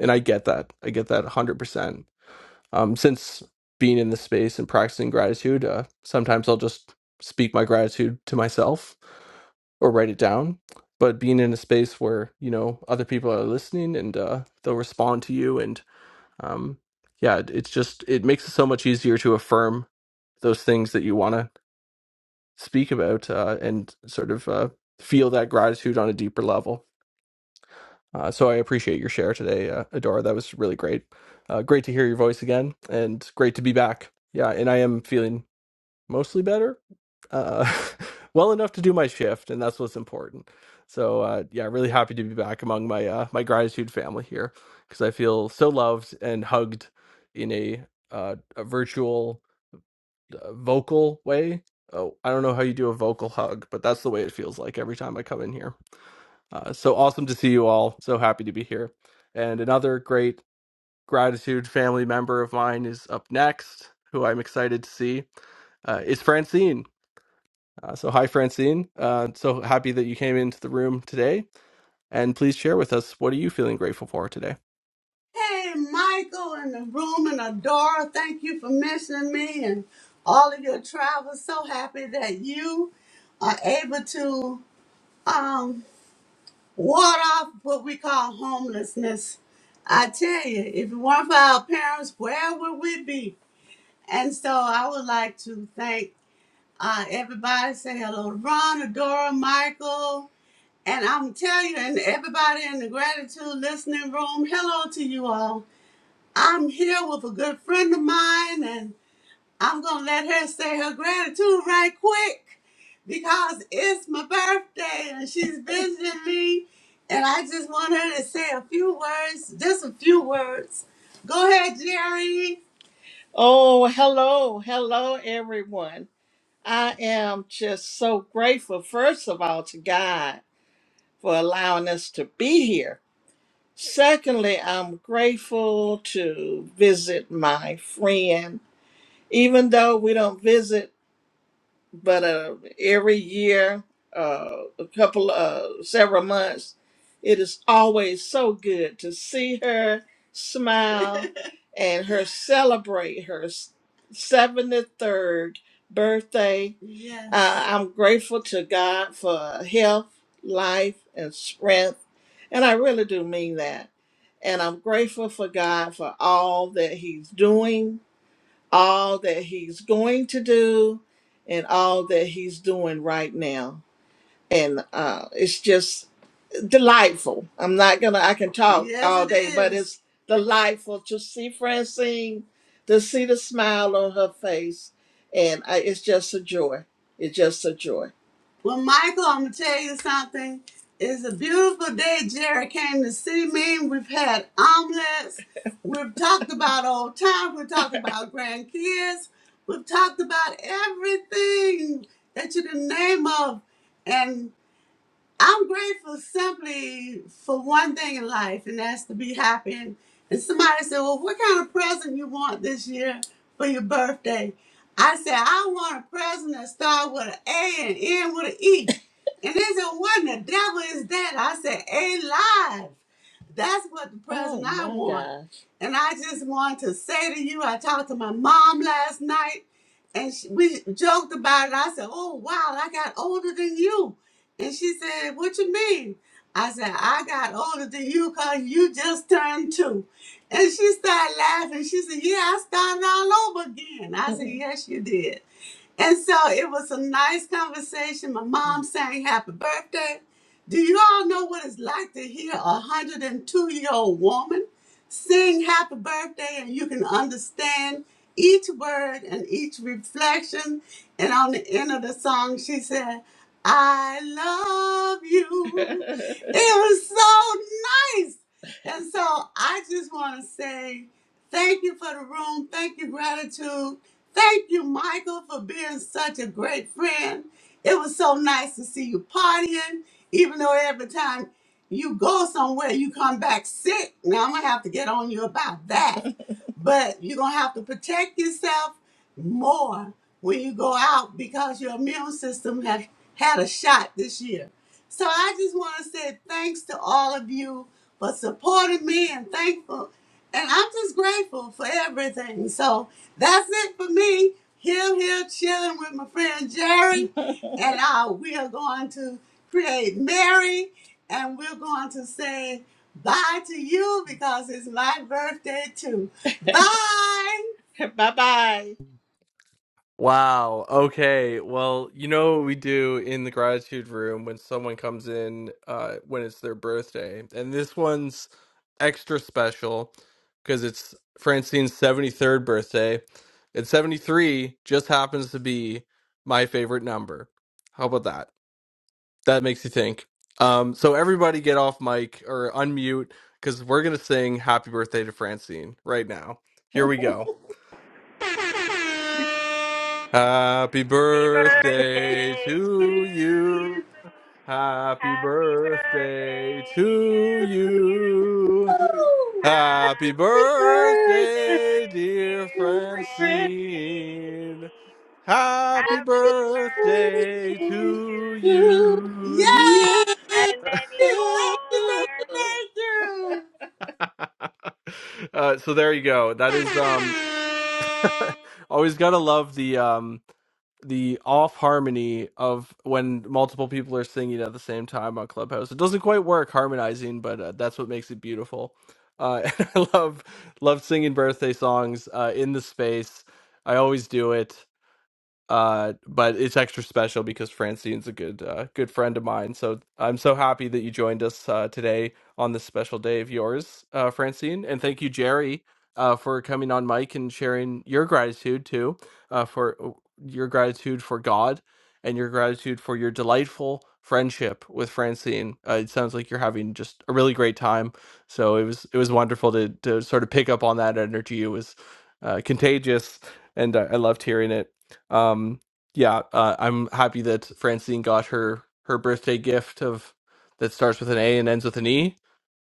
And I get that. I get that 100% um, since being in this space and practicing gratitude, uh, sometimes I'll just speak my gratitude to myself or write it down. But being in a space where you know other people are listening and uh, they'll respond to you, and um, yeah, it- it's just it makes it so much easier to affirm those things that you want to speak about uh, and sort of uh, feel that gratitude on a deeper level. Uh, so I appreciate your share today, uh, Adora. That was really great. Uh, great to hear your voice again, and great to be back. Yeah, and I am feeling mostly better, uh, well enough to do my shift, and that's what's important. So uh, yeah, really happy to be back among my uh, my gratitude family here because I feel so loved and hugged in a uh, a virtual uh, vocal way. Oh, I don't know how you do a vocal hug, but that's the way it feels like every time I come in here. Uh, so awesome to see you all. So happy to be here. And another great gratitude family member of mine is up next, who I'm excited to see, uh, is Francine. Uh, so, hi, Francine. Uh, so happy that you came into the room today. And please share with us what are you feeling grateful for today? Hey, Michael in the room and Adora, thank you for mentioning me and all of your travels. So happy that you are able to um, ward off what we call homelessness. I tell you, if it weren't for our parents, where would we be? And so I would like to thank uh, everybody. Say hello to Ron, Adora, Michael. And I'm telling you, and everybody in the gratitude listening room, hello to you all. I'm here with a good friend of mine, and I'm gonna let her say her gratitude right quick because it's my birthday and she's visiting me, and I just want her to say a few words, just a few words. Go ahead, Jerry. Oh, hello, hello, everyone. I am just so grateful, first of all, to God for allowing us to be here. Secondly, I'm grateful to visit my friend. Even though we don't visit but uh, every year, uh, a couple, uh, several months, it is always so good to see her smile and her celebrate her seventy third birthday. Yes. Uh, I'm grateful to God for health, life, and strength, and I really do mean that. And I'm grateful for God for all that He's doing all that he's going to do and all that he's doing right now. And uh, it's just delightful. I'm not gonna. I can talk Yes, all it day, but is. it's delightful to see Francine, to see the smile on her face, and I, it's just a joy. It's just a joy. Well, Michael, I'm gonna tell you something. It's a beautiful day. Jerry came to see me. We've had omelets. We've talked about old times. We've talked about grandkids. We've talked about everything that you can name of. I'm grateful simply for one thing in life, and that's to be happy. And, and somebody said, Well, what kind of present you want this year for your birthday? I said, I want a present that start with an A and end with an E. And they said, What in the devil is that? I said, A live. That's what the present Oh I my want. gosh. And I just want to say to you, I talked to my mom last night and she, we joked about it. I said, Oh, wow, I got older than you and she said, What you mean? I said, I got older than you because you just turned two." And she started laughing. She said, Yeah, I started all over again. I said, Yes, you did. And so it was a nice conversation. My mom sang happy birthday. Do you all know what it's like to hear a 102 year old woman sing happy birthday and you can understand each word and each reflection? And on the end of the song, she said, I love you. it was so nice. And so I just want to say thank you for the room. Thank you, gratitude. Thank you, Michael, for being such a great friend. It was so nice to see you partying, even though every time you go somewhere, you come back sick. Now I'm gonna have to get on you about that. but you're gonna have to protect yourself more when you go out because your immune system has had a shot this year. So I just want to say thanks to all of you for supporting me and thankful. And I'm just grateful for everything. So that's it for me. Here, here, chilling with my friend Jerry. and uh, we are going to create Mary. And we're going to say bye to you because it's my birthday too. Bye. bye bye. Wow. Okay. Well, you know what we do in the gratitude room when someone comes in uh when it's their birthday. And this one's extra special because it's Francine's 73rd birthday. And 73 just happens to be my favorite number. How about that? That makes you think. Um so everybody get off mic or unmute cuz we're going to sing happy birthday to Francine right now. Here we go. Happy Happy birthday birthday to to you. you. Happy Happy birthday birthday to to you. you. Woo! Happy Happy Happy birthday birthday, birthday, dear dear to a friend. Francine. Francine. Happy Happy Yay! birthday birthday to you. to you. And many more. uh, so there you go. That is um always gotta love the um the off harmony of when multiple people are singing at the same time on Clubhouse. It doesn't quite work harmonizing, but uh, that's what makes it beautiful. Uh, and I love love singing birthday songs uh, in the space. I always do it. Uh, but it's extra special because Francine's a good uh, good friend of mine. So I'm so happy that you joined us uh, today on this special day of yours, uh, Francine. And thank you, Jerry, uh, for coming on mic and sharing your gratitude too, uh, for uh, your gratitude for God and your gratitude for your delightful friendship with Francine. Uh, it sounds like you're having just a really great time. So it was it was wonderful to to sort of pick up on that energy. It was uh, contagious, and I, I loved hearing it. Um, yeah, uh, I'm happy that Francine got her her birthday gift of that starts with an A and ends with an E.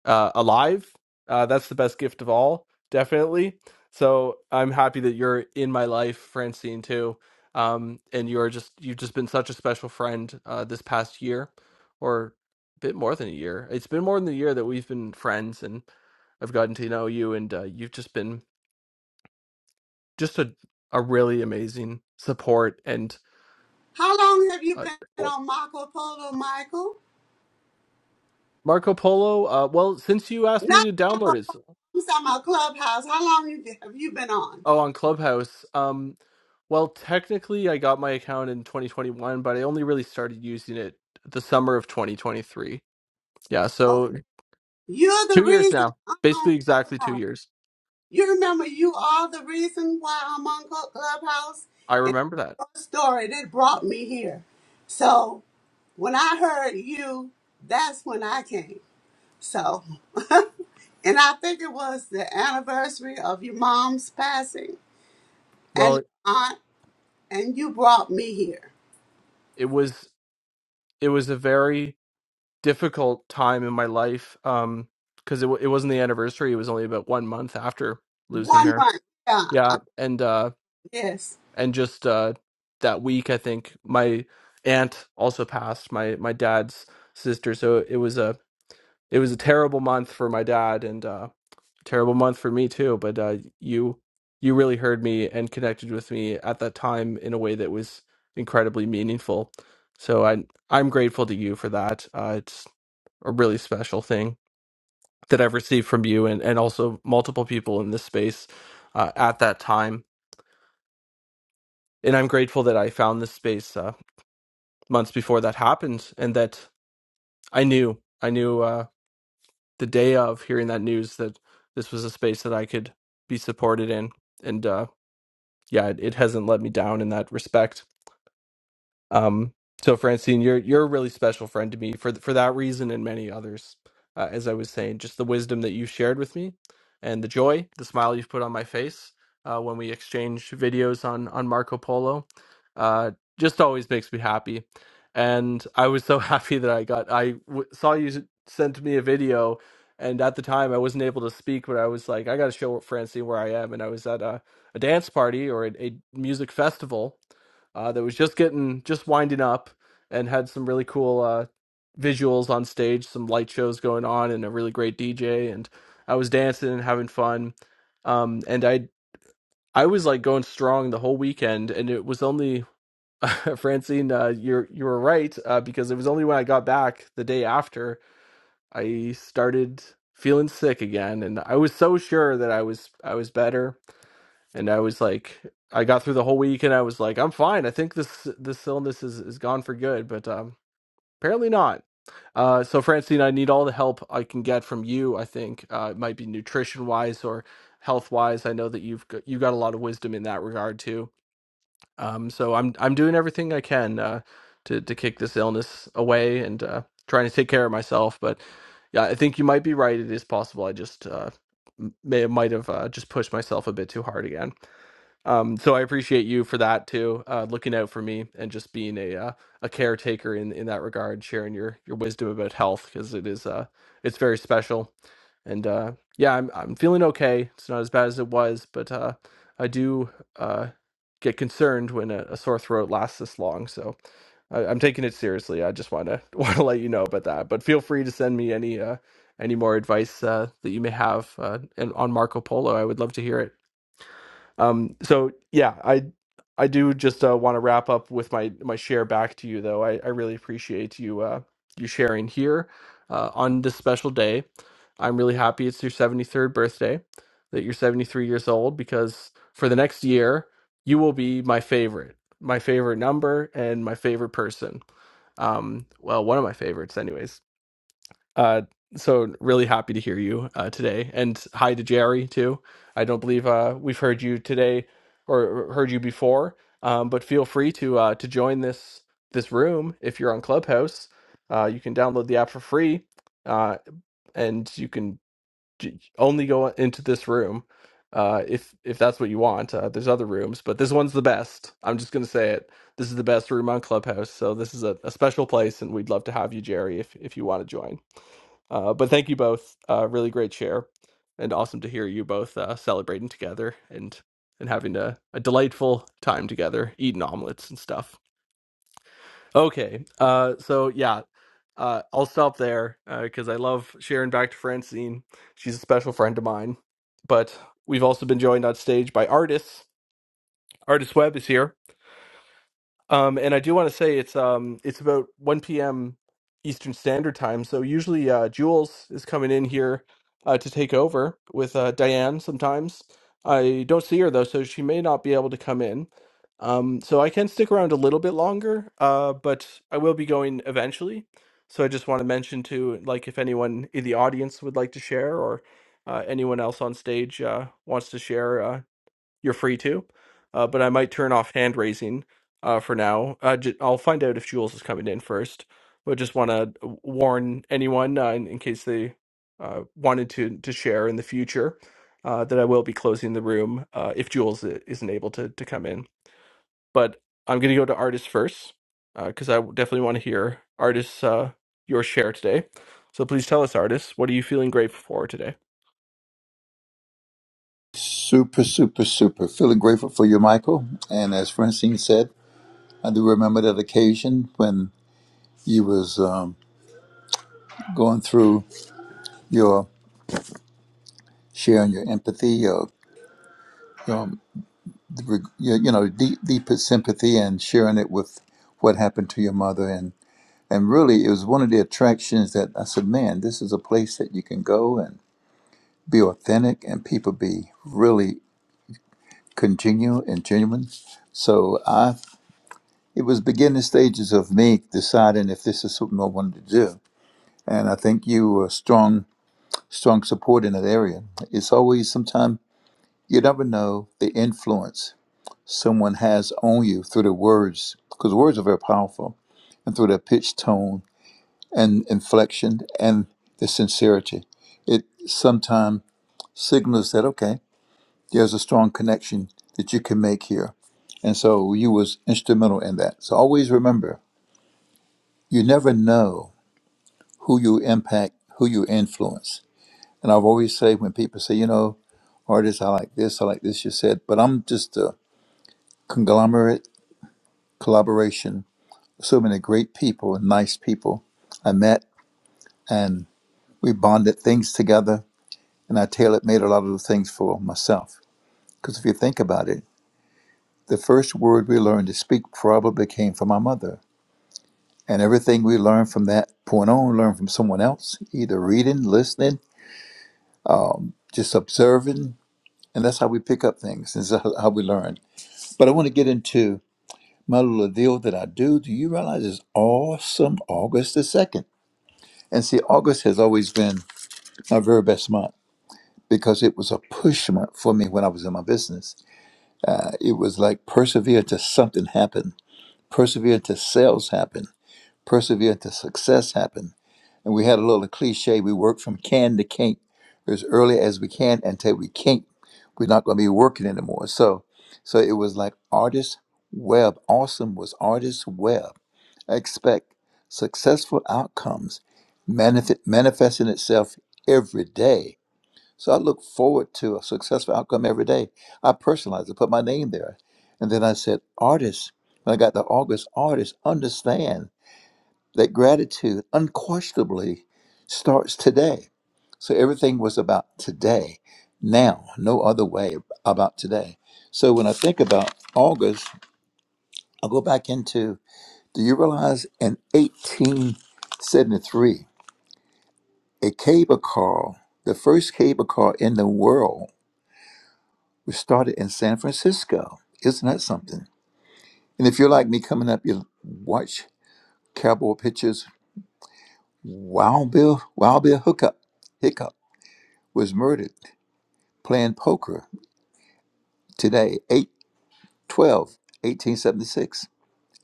Uh, alive. Uh, that's the best gift of all, definitely. So I'm happy that you're in my life, Francine, too. Um, and you're just you've just been such a special friend uh, this past year, or a bit more than a year. It's been more than a year that we've been friends, and I've gotten to know you, and uh, you've just been just a a really amazing support and How long have you uh, been on Marco Polo, Michael? Marco Polo. Uh, well, since you asked me Not to download it, I'm talking about Clubhouse. How long you- have you been on? oh, on Clubhouse. Um, well, technically, I got my account in 2021, but I only really started using it the summer of 2023. Yeah, Okay. so You're the two years reason now, I'm on basically exactly two Clubhouse. years. You remember you are the reason why I'm on Cl- Clubhouse? I And remember that. your story that brought me here. So when I heard you, that's when I came. So. And I think it was the anniversary of your mom's passing and Well, aunt, and you brought me here. it was it was a very difficult time in my life um because it, wa- it wasn't the anniversary it was only about one month after losing One her month. Yeah. yeah and uh Yes. and just uh that week i think my aunt also passed my my dad's sister so it was a it was a terrible month for my dad and uh terrible month for me too but uh you you really heard me and connected with me at that time in a way that was incredibly meaningful so i i'm grateful to you for that uh it's a really special thing that i've received from you and and also multiple people in this space uh, at that time and i'm grateful that i found this space Uh, months before that happened and that i knew i knew uh the day of hearing that news that this was a space that i could be supported in and uh yeah it, it hasn't let me down in that respect um, so Francine, you're you're a really special friend to me for th- for that reason and many others. Uh, as I was saying, just the wisdom that you shared with me, and the joy, the smile you've put on my face uh, when we exchange videos on on Marco Polo, uh, just always makes me happy. And I was so happy that I got I w- saw you s- sent me a video, and at the time I wasn't able to speak, but I was like, I got to show Francine where I am, and I was at a, a dance party or a, a music festival uh, that was just getting just winding up and had some really cool uh, visuals on stage, some light shows going on, and a really great DJ. And I was dancing and having fun. Um, and I I was like going strong the whole weekend, and it was only Francine, uh, you're you were right uh, because it was only when I got back the day after I started feeling sick again, and I was so sure that I was I was better and I was like, I got through the whole week, and I was like, I'm fine. I think this this illness is is gone for good, but um, apparently not. Uh, so Francine, I need all the help I can get from you. I think uh, it might be nutrition wise or health wise. I know that you've got, you got a lot of wisdom in that regard too. Um, so I'm I'm doing everything I can uh, to to kick this illness away and uh, trying to take care of myself. But yeah, I think you might be right. It is possible. I just uh, m- may might have uh, just pushed myself a bit too hard again. Um, so I appreciate you for that too, uh, looking out for me and just being a uh, a caretaker in in that regard, sharing your your wisdom about health because it is uh it's very special. And uh, yeah, I'm I'm feeling okay. It's not as bad as it was, but uh, I do uh, get concerned when a, a sore throat lasts this long. So I, I'm taking it seriously. I just want to want to let you know about that. But feel free to send me any uh, any more advice uh, that you may have uh, and on Marco Polo. I would love to hear it. Um, so yeah, I I do just uh, want to wrap up with my my share back to you though. I, I really appreciate you uh, you sharing here uh, on this special day. I'm really happy it's your 73rd birthday that you're 73 years old because for the next year you will be my favorite, my favorite number and my favorite person. Um, well, one of my favorites, anyways. Uh, so really happy to hear you uh, today, and hi to Jerry too. I don't believe uh, we've heard you today or heard you before, um, but feel free to uh, to join this this room if you're on Clubhouse. Uh, you can download the app for free, uh, and you can j- only go into this room uh, if if that's what you want. Uh, there's other rooms, but this one's the best. I'm just gonna say it. This is the best room on Clubhouse, so this is a, a special place, and we'd love to have you, Jerry, if if you want to join. Uh, but thank you both. Uh, really great share, and awesome to hear you both uh, celebrating together and and having a, a delightful time together, eating omelets and stuff. Okay, uh, so yeah, uh, I'll stop there because I love sharing back to Francine. She's a special friend of mine. But we've also been joined on stage by artists. Artist Webb is here Um, and I do want to say it's um it's about 1 p.m. Eastern Standard Time. So usually uh, Jules is coming in here uh, to take over with uh, Diane sometimes. I don't see her though, so she may not be able to come in. Um, so I can stick around a little bit longer, uh, but I will be going eventually. So I just want to mention to like if anyone in the audience would like to share or uh, anyone else on stage uh, wants to share. Uh, you're free to. Uh, but I might turn off hand raising uh, for now. Uh, j- I'll find out if Jules is coming in first. But just want to warn anyone uh, in, in case they uh, wanted to to share in the future uh, that I will be closing the room uh, if Jules i- isn't able to to come in. But I'm going to go to artists first because I definitely want to hear artists uh, your share today. So please tell us, artists, what are you feeling grateful for today? Super, super, super. Feeling grateful for you, Michael. And as Francine said, I do remember that occasion when you was um, going through your sharing your empathy, your, your, your you know deep, deepest sympathy, and sharing it with what happened to your mother. And and really, it was one of the attractions that I said, man, this is a place that you can go and be authentic, and people be really congenial and genuine. So I it was beginning stages of me deciding if this is something I wanted to do. And I think you were a strong, strong support in that area. It's always sometimes you never know the influence someone has on you through their words, because words are very powerful, and through their pitch, tone, and inflection, and the sincerity. It sometimes signals that okay, there's a strong connection that you can make here, and so you was instrumental in that. So always remember, you never know who you impact, who you influence. And I've always say when people say, you know, artists, I like this, I like this, you said, but I'm just a conglomerate collaboration, so many great people and nice people I met and we bonded things together and I tailor made a lot of the things for myself. Because if you think about it, the first word we learned to speak probably came from my mother. And everything we learned from that point on, learned from someone else, either reading, listening, just observing, And that's how we pick up things. This is how how we learn. But I want to get into my little deal that I do. Do you realize it's awesome August the 2nd? And see, August has always been my very best month because it was a push month for me when I was in my business. Uh, It was like persevere till something happened, persevere till sales happen, persevere till success happen And we had a little cliche we work from can to can't, as early as we can until we can't. We're not going to be working anymore. So, so it was like artist web. Awesome was artist web. Expect successful outcomes manifest, manifesting itself every day. So I look forward to a successful outcome every day. I personalized it, put my name there. And then I said, artist, when I got to August, artist, understand that gratitude unquestionably starts today. So everything was about today, now, no other way about today. So when I think about August, I'll go back into do you realize in 1873, a cable car, the first cable car in the world, was started in San Francisco? Isn't that something? And if you're like me coming up, you watch cowboy pictures, Wild Bill, Wild Bill Hookup, Hiccup. was murdered playing poker today, 8 1876.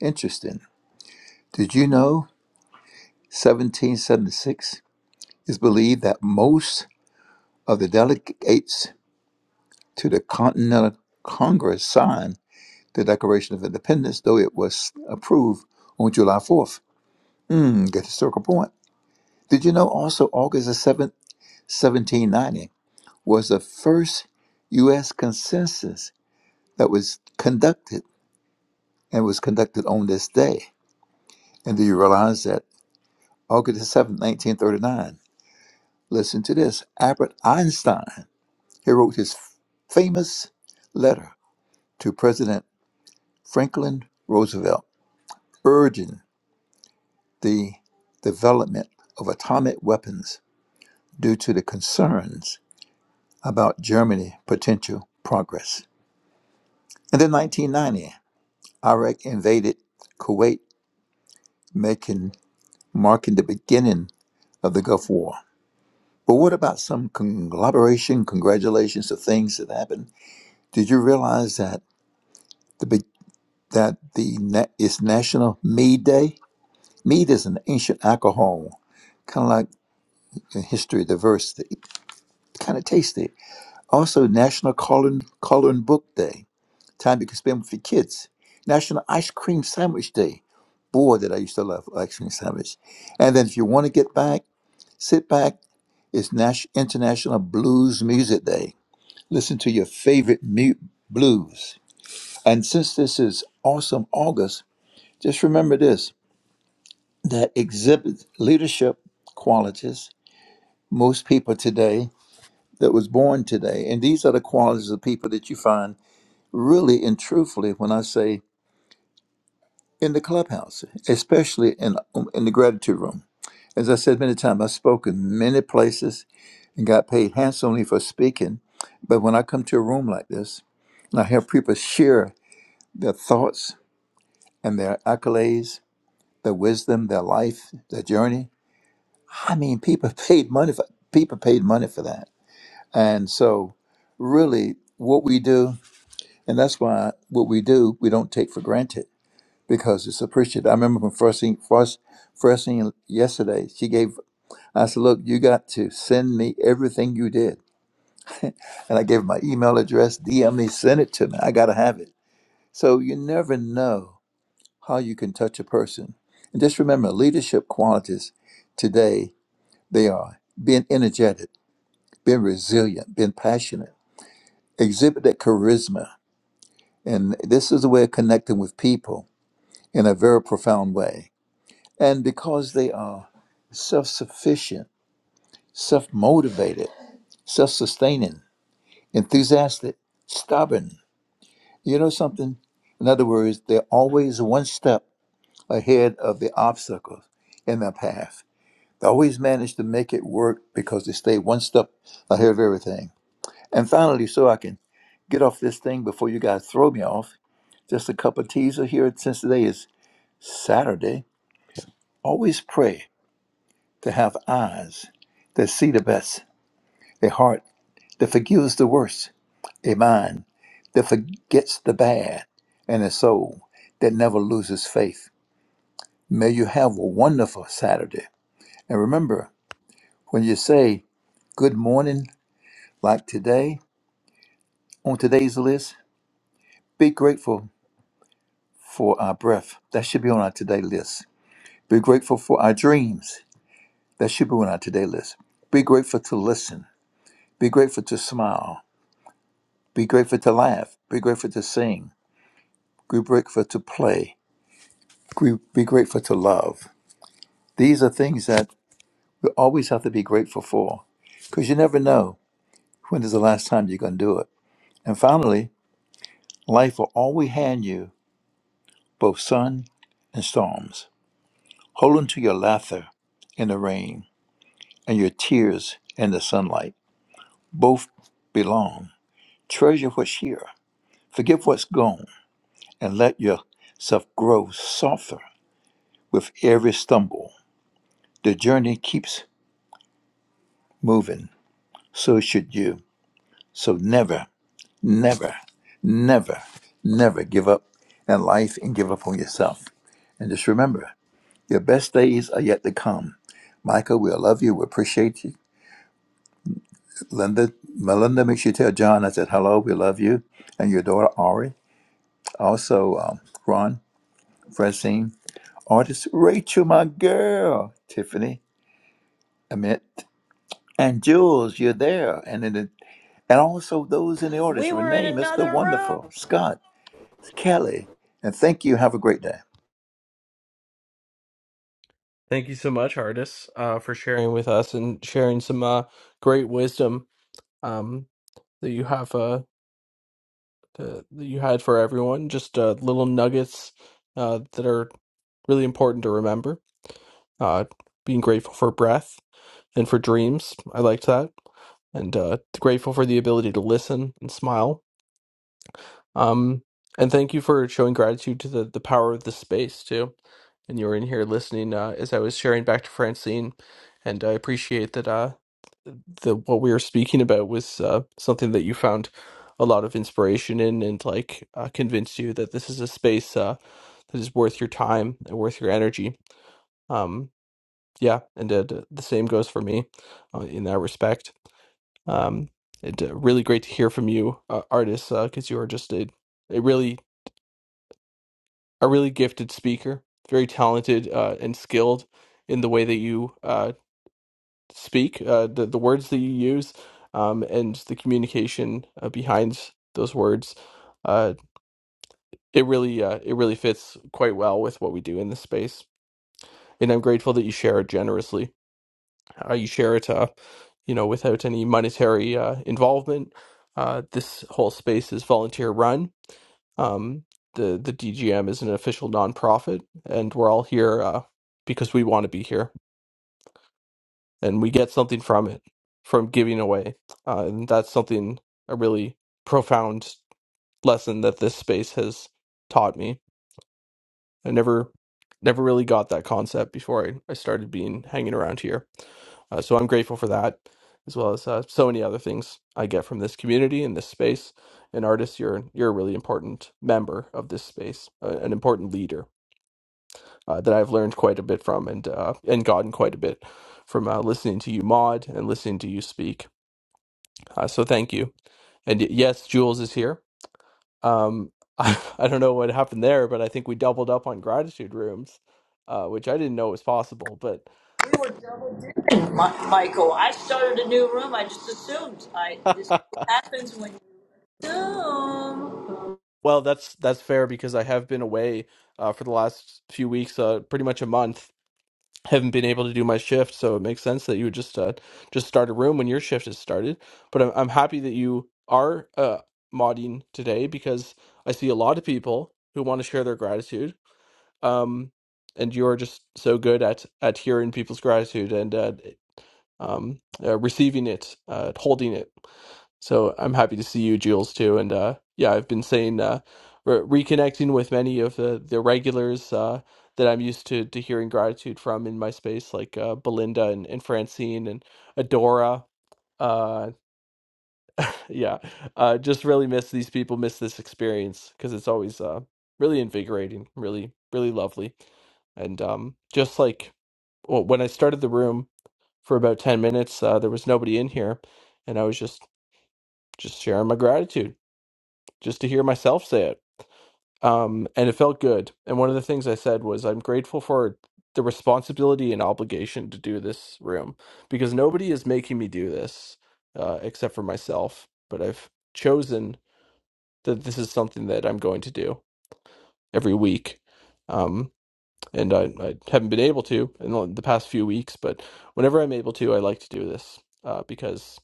Interesting. Did you know 1776 is believed that most of the delegates to the Continental Congress signed the Declaration of Independence, though it was approved on July 4th? Mm, get the circle point. Did you know also August the 7th, 1790 was the first U.S. census that was conducted and was conducted on this day? And do you realize that August the 7th, 1939, listen to this Albert Einstein, he wrote his famous letter to President Franklin Roosevelt urging the development of atomic weapons due to the concerns about Germany potential progress. And then 1990, Iraq invaded Kuwait, making marking the beginning of the Gulf War. But what about some conglomeration, congratulations to things that happened? Did you realize that the big- that the na- it's National Mead Day? Mead is an ancient alcohol, kind of like in history, diverse, kind of tasty. Also, National Coloring Coloring Book Day, time you can spend with your kids. National Ice Cream Sandwich Day. Boy, that I used to love ice cream sandwich. And then, if you want to get back, sit back. It's Nash International Blues Music Day. listen to your favorite mute blues. And since this is awesome August, just remember this that exhibits leadership qualities. Most people today that was born today, and these are the qualities of people that you find really and truthfully when I say in the clubhouse, especially in um, in the gratitude room. As I said many times, I've spoken many places and got paid handsomely for speaking. But when I come to a room like this, and I have people share their thoughts and their accolades, their wisdom, their life, their journey. I mean, people paid money for people paid money for that. And so really what we do, and that's why what we do, we don't take for granted because it's appreciated. I remember when first thing first first thing yesterday, she gave I said, Look, you got to send me everything you did. And I gave her my email address, DM me, send it to me. I gotta have it. So you never know how you can touch a person. And just remember leadership qualities today they are being energetic, being resilient, being passionate, exhibit that charisma. And this is a way of connecting with people in a very profound way. And because they are self sufficient, self motivated, self sustaining, enthusiastic, stubborn. You know something? In other words, they're always one step ahead of the obstacles in their path They always manage to make it work because they stay one step ahead of everything. And finally, so I can get off this thing before you guys throw me off, just a cup of teaser here since today is Saturday. Always pray to have eyes that see the best, a heart that forgives the worst, a mind that forgets the bad, and a soul that never loses faith. May you have a wonderful Saturday. And remember, when you say good morning Like today, on today's list, be grateful for our breath. That should be on our today list. Be grateful for our dreams. That should be on our today list. Be grateful to listen. Be grateful to smile. Be grateful to laugh. Be grateful to sing. Be grateful to play. Gr- Be grateful to love. These are things that we always have to be grateful for because you never know when is the last time you're going to do it. And finally, life will always hand you both sun and storms. Hold on to your laughter in the rain and your tears in the sunlight. Both belong. Treasure what's here. Forget what's gone and let yourself grow softer with every stumble. The journey keeps moving. So should you. So never, never, never, never give up in life and give up on yourself. And just remember, your best days are yet to come. Michael, we love you. We appreciate you. Linda, Melinda, make sure you tell John I said hello. We love you and your daughter Ari. Also, um, Ron, Francine, artist Rachel, my girl, Tiffany, Amit, and Jules. You're there, and in the, and also those in the audience: We were in Renee, Mr. another Wonderful, room. Scott, Kelly, and thank you. Have a great day. Thank you so much, Hardis, uh, for sharing with us and sharing some uh, great wisdom um, that you have uh, uh, that you had for everyone. Just uh, little nuggets uh, that are really important to remember. Uh, being grateful for breath and for dreams. I liked that, and uh, grateful for the ability to listen and smile. Um, and thank you for showing gratitude to the the power of the space too. and you were in here listening uh, as I was sharing back to Francine, and I appreciate that. Uh, the what we were speaking about was uh, something that you found a lot of inspiration in and like uh, convinced you that this is a space uh, that is worth your time and worth your energy. Um, yeah, and uh, the the same goes for me uh, in that respect. Um, and uh, really great to hear from you, uh, artist, because you are just a, a really a really gifted speaker, very talented uh, and skilled in the way that you uh, speak, uh, the the words that you use, um, and the communication uh, behind those words. Uh, it really uh, it really fits quite well with what we do in this space, and I'm grateful that you share it generously. Uh, you share it, uh, you know, without any monetary uh, involvement. Uh, this whole space is volunteer run. Um, the the DGM is an official nonprofit, and we're all here uh, because we want to be here and we get something from it from giving away uh, and that's something a really profound lesson that this space has taught me i never never really got that concept before i, I started being hanging around here uh, so i'm grateful for that as well as uh, so many other things i get from this community and this space and artist you're you're a really important member of this space uh, an important leader uh, that i've learned quite a bit from and uh, and gotten quite a bit from uh, listening to you mod and listening to you speak Uh, so thank you. And y- yes, Jules is here. Um, I, I don't know what happened there, but I think we doubled up on gratitude rooms, uh, which I didn't know was possible. But We were just, Mi- Michael. I started a new room. I just assumed. I this happens when you assume. well, that's that's fair because I have been away uh, for the last few weeks, uh, pretty much a month. Haven't been able to do my shift, so it makes sense that you would just uh, just start a room when your shift has started. But I'm I'm happy that you are uh, modding today because I see a lot of people who want to share their gratitude um and you're just so good at at hearing people's gratitude and uh um uh, receiving it uh holding it so i'm happy to see you jules too and uh yeah i've been saying uh re- reconnecting with many of the the regulars uh that i'm used to to hearing gratitude from in my space like uh belinda and, and francine and adora uh yeah uh just really miss these people miss this experience because it's always uh really invigorating really really lovely and um, just like well, when I started the room for about 10 minutes, uh, there was nobody in here. And I was just, just sharing my gratitude just to hear myself say it. Um, and it felt good. And one of the things I said was, I'm grateful for the responsibility and obligation to do this room because nobody is making me do this uh, except for myself. But I've chosen that this is something that I'm going to do every week. Um, and I, I haven't been able to in the the past few weeks. But whenever I'm able to, I like to do this uh, because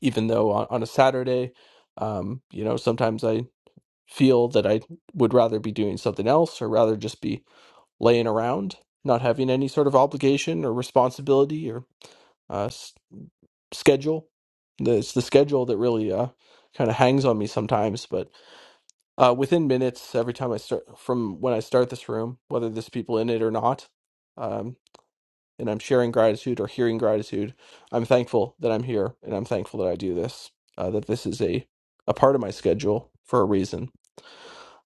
even though on, on a Saturday, um, you know, sometimes I feel that I would rather be doing something else or rather just be laying around, not having any sort of obligation or responsibility or uh, s- schedule. The- It's the schedule that really uh, kind of hangs on me sometimes, but uh, within minutes, every time I start from when I start this room, whether there's people in it or not, um, and I'm sharing gratitude or hearing gratitude. I'm thankful that I'm here and I'm thankful that I do this, uh, that this is a, a part of my schedule for a reason.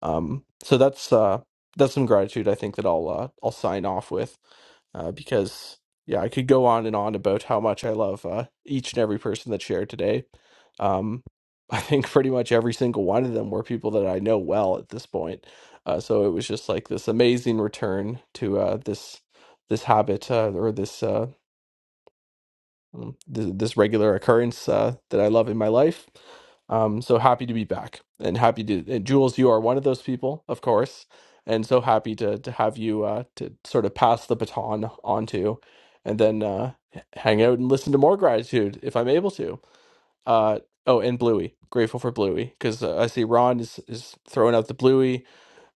Um, so that's, uh, that's some gratitude I think that I'll, uh, I'll sign off with, uh, because yeah, I could go on and on about how much I love, uh, each and every person that shared today. Um, I think pretty much every single one of them were people that I know well at this point. Uh, so it was just like this amazing return to, uh, this, this habit uh, or this uh, um, th- this regular occurrence uh, that I love in my life. Um, so happy to be back and happy to, and Jules, you are one of those people, of course. And so happy to, to have you uh, to sort of pass the baton on to and then uh, h- hang out and listen to more gratitude if I'm able to. Uh, oh, and Bluey, grateful for Bluey because uh, I see Ron is, is throwing out the Bluey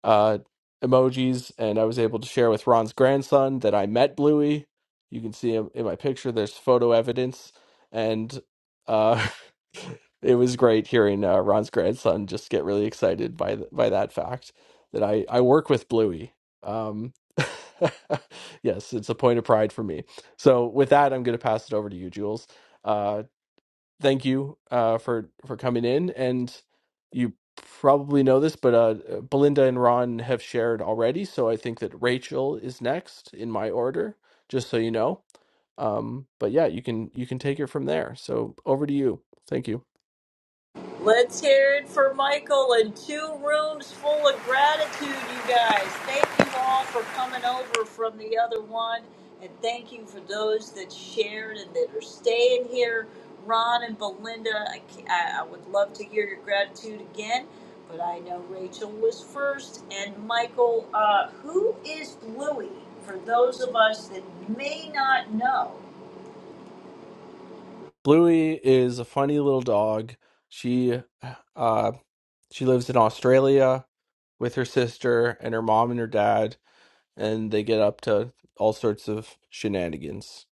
uh, emojis, and I was able to share with Ron's grandson that I met Bluey. You can see him in my picture. There's photo evidence, and uh, it was great hearing uh, Ron's grandson just get really excited by th- by that fact that I I work with Bluey. Um, yes, it's a point of pride for me. So with that, I'm going to pass it over to you, Jules. Uh, thank you uh, for for coming in. And you probably know this, but uh, Belinda and Ron have shared already, so I think that Rachel is next in my order. Just so you know. Um, but yeah, you can you can take it from there. So over to you. Thank you. Let's hear it for Michael and two rooms full of gratitude, you guys. Thank you all for coming over from the other one. And thank you for those that shared and that are staying here. Ron and Belinda, I, ca- I, I would love to hear your gratitude again, but I know Rachel was first. And Michael, uh, who is Bluey for those of us that may not know? Bluey is a funny little dog. She uh, she lives in Australia with her sister and her mom and her dad, and they get up to all sorts of shenanigans.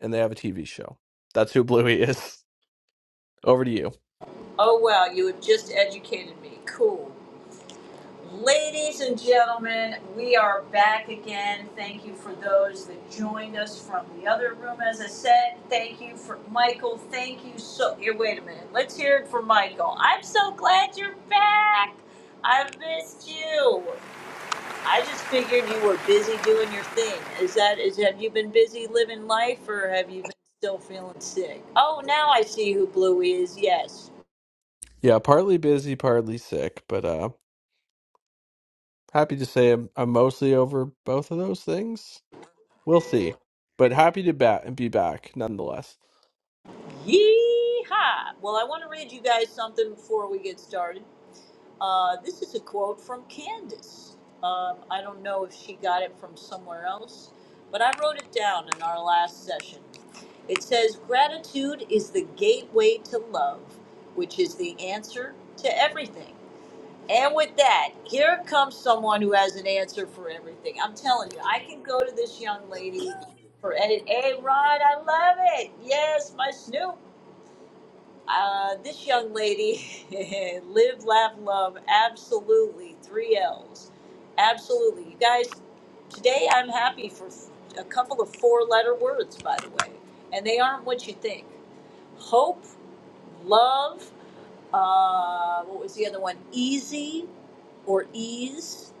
and they have a TV show. That's who Bluey is. Over to you. Oh, wow, you have just educated me. Cool. Ladies and gentlemen, we are back again. Thank you for those that joined us from the other room. As I said, thank you for Michael. Thank you so. Here, wait a minute. Let's hear it for Michael. I'm so glad you're back. I missed you. I just figured you were busy doing your thing. Is that is have you been busy living life or have you been still feeling sick? Oh, now I see who Blue is. Yes. Yeah, partly busy, partly sick, but uh happy to say I'm, I'm mostly over both of those things. We'll see. But happy to bat and be back nonetheless. Yeehaw! Well, I want to read you guys something before we get started. Uh, this is a quote from Candace. Um, I don't know if she got it from somewhere else, but I wrote it down in our last session. It says, Gratitude is the gateway to love, which is the answer to everything. And with that, here comes someone who has an answer for everything. I'm telling you, I can go to this young lady for edit. Hey, Rod, I love it. Yes, my Snoop. Uh, this young lady, live, laugh, love, absolutely, three L's. Absolutely. You guys, today I'm happy for f- a couple of four letter words, by the way, and they aren't what you think hope, love, uh, what was the other one? Easy or ease,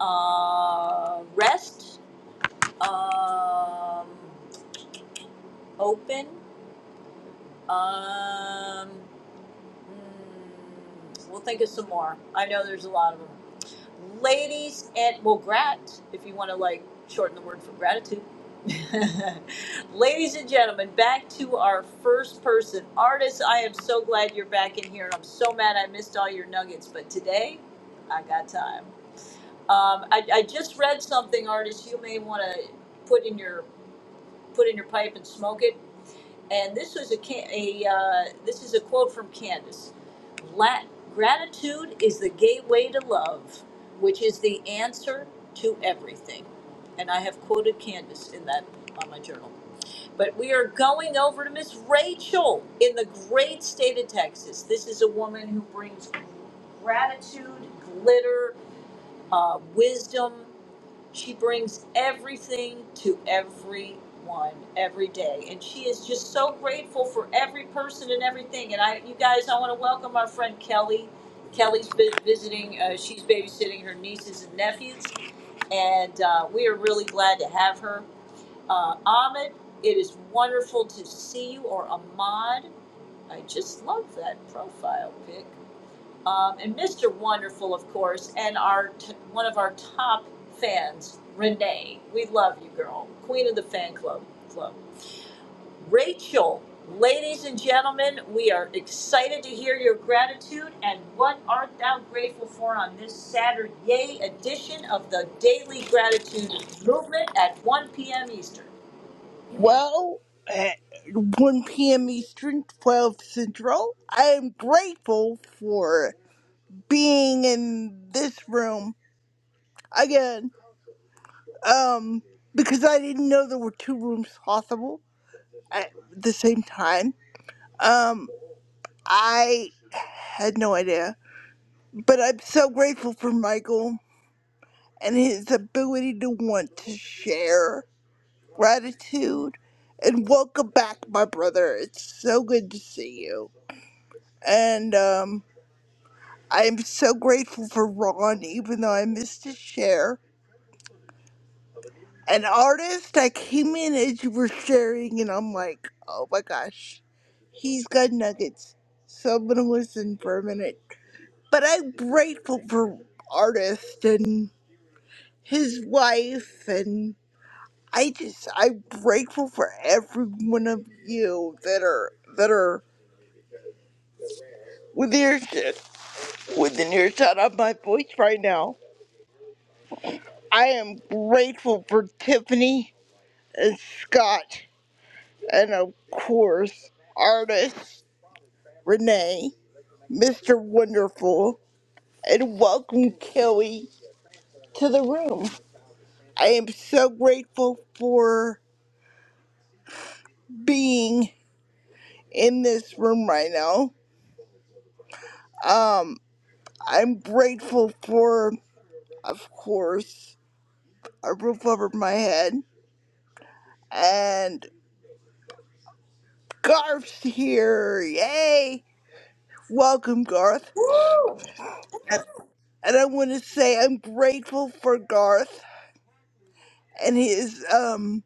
uh, rest, um, open, um, mm, we'll think of some more. I know there's a lot of them. ladies and well grat if you want to like shorten the word for gratitude ladies and gentlemen back to our first person artist i am so glad you're back in here and i'm so mad i missed all your nuggets but today i got time um, I, I just read something artist you may want to put in your put in your pipe and smoke it and this was a, a uh, this is a quote from Candace. La- gratitude is the gateway to love, which is the answer to everything. And I have quoted Candace in that on my journal. But we are going over to Miss Rachel in the great state of Texas. This is a woman who brings gratitude, glitter, uh, wisdom. She brings everything to everyone every day, and she is just so grateful for every person and everything. And I, you guys, I want to welcome our friend Kelly. Kelly's vi- visiting; uh, she's babysitting her nieces and nephews, and uh, we are really glad to have her. Uh, Ahmed, it is wonderful to see you, or Ahmad. I just love that profile pic um, and Mr. Wonderful, of course, and our t- one of our top fans, Renee. We love you, girl, queen of the fan club. Club. Rachel, ladies and gentlemen, we are excited to hear your gratitude and what art thou grateful for on this Saturday edition of the Daily Gratitude Movement at 1 p.m. Eastern. Well, at 1 p.m. Eastern, 12 Central, I am grateful for being in this room again, um, because I didn't know there were two rooms possible at the same time. Um, I had no idea, but I'm so grateful for Michael and his ability to want to share gratitude. And welcome back, my brother. It's so good to see you. And um, I'm so grateful for Ron, even though I missed his share. An artist, I came in as you were sharing, and I'm like, oh my gosh, he's got nuggets. So I'm going to listen for a minute. But I'm grateful for artist and his wife, and I just, I'm grateful for every one of you that are, that are within earshot, within earshot of my voice right now I am grateful for Tiffany and Scott, and of course, artist Renee, Mr. Wonderful, and welcome Kelly to the room. I am so grateful for being in this room right now. Um, I'm grateful for, of course, a roof over my head, and Garth's here. Yay! Welcome, Garth. Woo! and I want to say I'm grateful for Garth and his um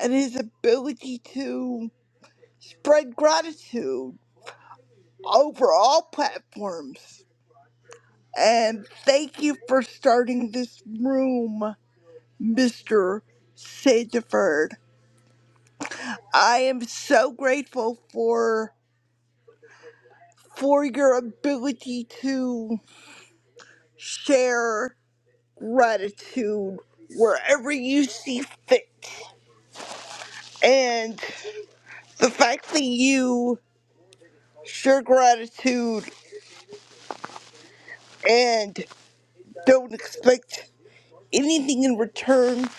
and his ability to spread gratitude over all platforms. And thank you for starting this room, Mr. Sandiford. I am so grateful for for your ability to share gratitude wherever you see fit. And the fact that you Share gratitude and don't expect anything in return.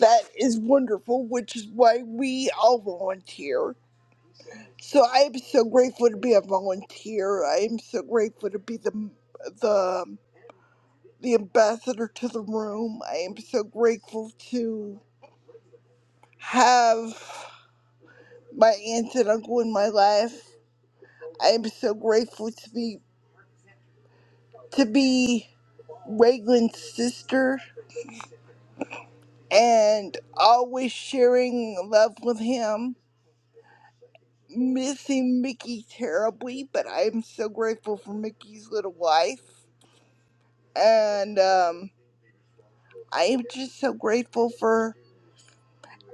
That is wonderful, which is why we all volunteer. So I am so grateful to be a volunteer. I am so grateful to be the the the ambassador to the room. I am so grateful to have my aunt and uncle in my life. I am so grateful to be to be Raglan's sister. and always sharing love with him. Missing Mickey terribly, but I'm so grateful for Mickey's little wife. And um, I am just so grateful for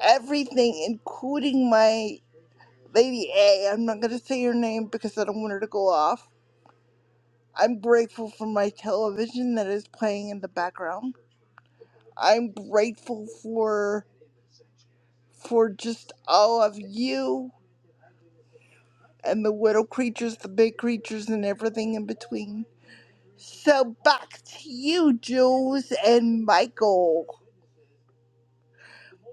everything, including my Lady A. I'm not going to say her name because I don't want her to go off. I'm grateful for my television that is playing in the background. I'm grateful for for just all of you and the little creatures, the big creatures, and everything in between. So back to you, Jules and Michael.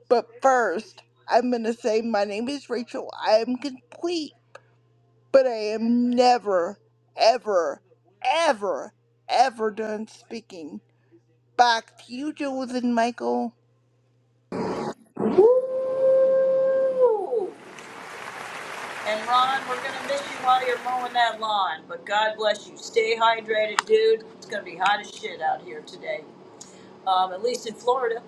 But first, I'm going to say my name is Rachel. I am complete, but I am never, ever, ever, ever done speaking. Back to you, Jules and Michael. Woo! And Ron, we're gonna miss you while you're mowing that lawn, but God bless you. Stay hydrated, dude. It's gonna be hot as shit out here today. Um, at least in Florida.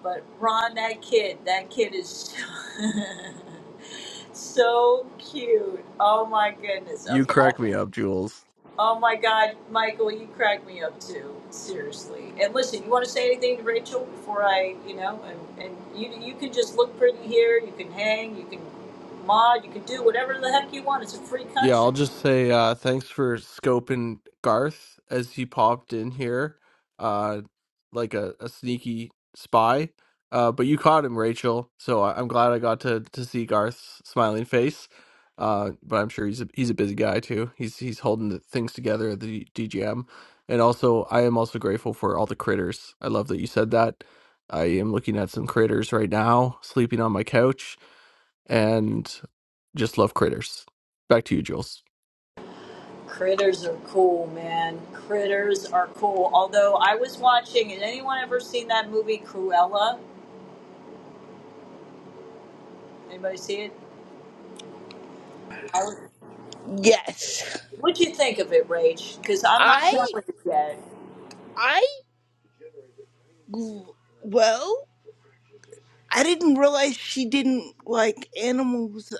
But Ron, that kid, that kid is so cute. Oh my goodness. You Okay. crack me up, Jules. Oh my God, Michael, you crack me up too. Seriously. And listen, you want to say anything to Rachel before I, you know, and, and you you can just look pretty here. You can hang. You can mod. You can do whatever the heck you want. It's a free Yeah, country. I'll just say uh, thanks for scoping Garth as he popped in here, uh, like a, a sneaky spy. Uh, but you caught him, Rachel. So I, I'm glad I got to to see Garth's smiling face. Uh, but I'm sure he's a, he's a busy guy too. He's he's holding the things together at the DGM, and also I am also grateful for all the critters. I love that you said that. I am looking at some critters right now, sleeping on my couch, and just love critters. Back to you, Jules. Critters are cool, man. Critters are cool. Although I was watching, has anyone ever seen that movie Cruella? Anybody see it? I was, Yes. what'd you think of it, Rach? Because I'm not I done with it yet. I well, I didn't realize she didn't like animals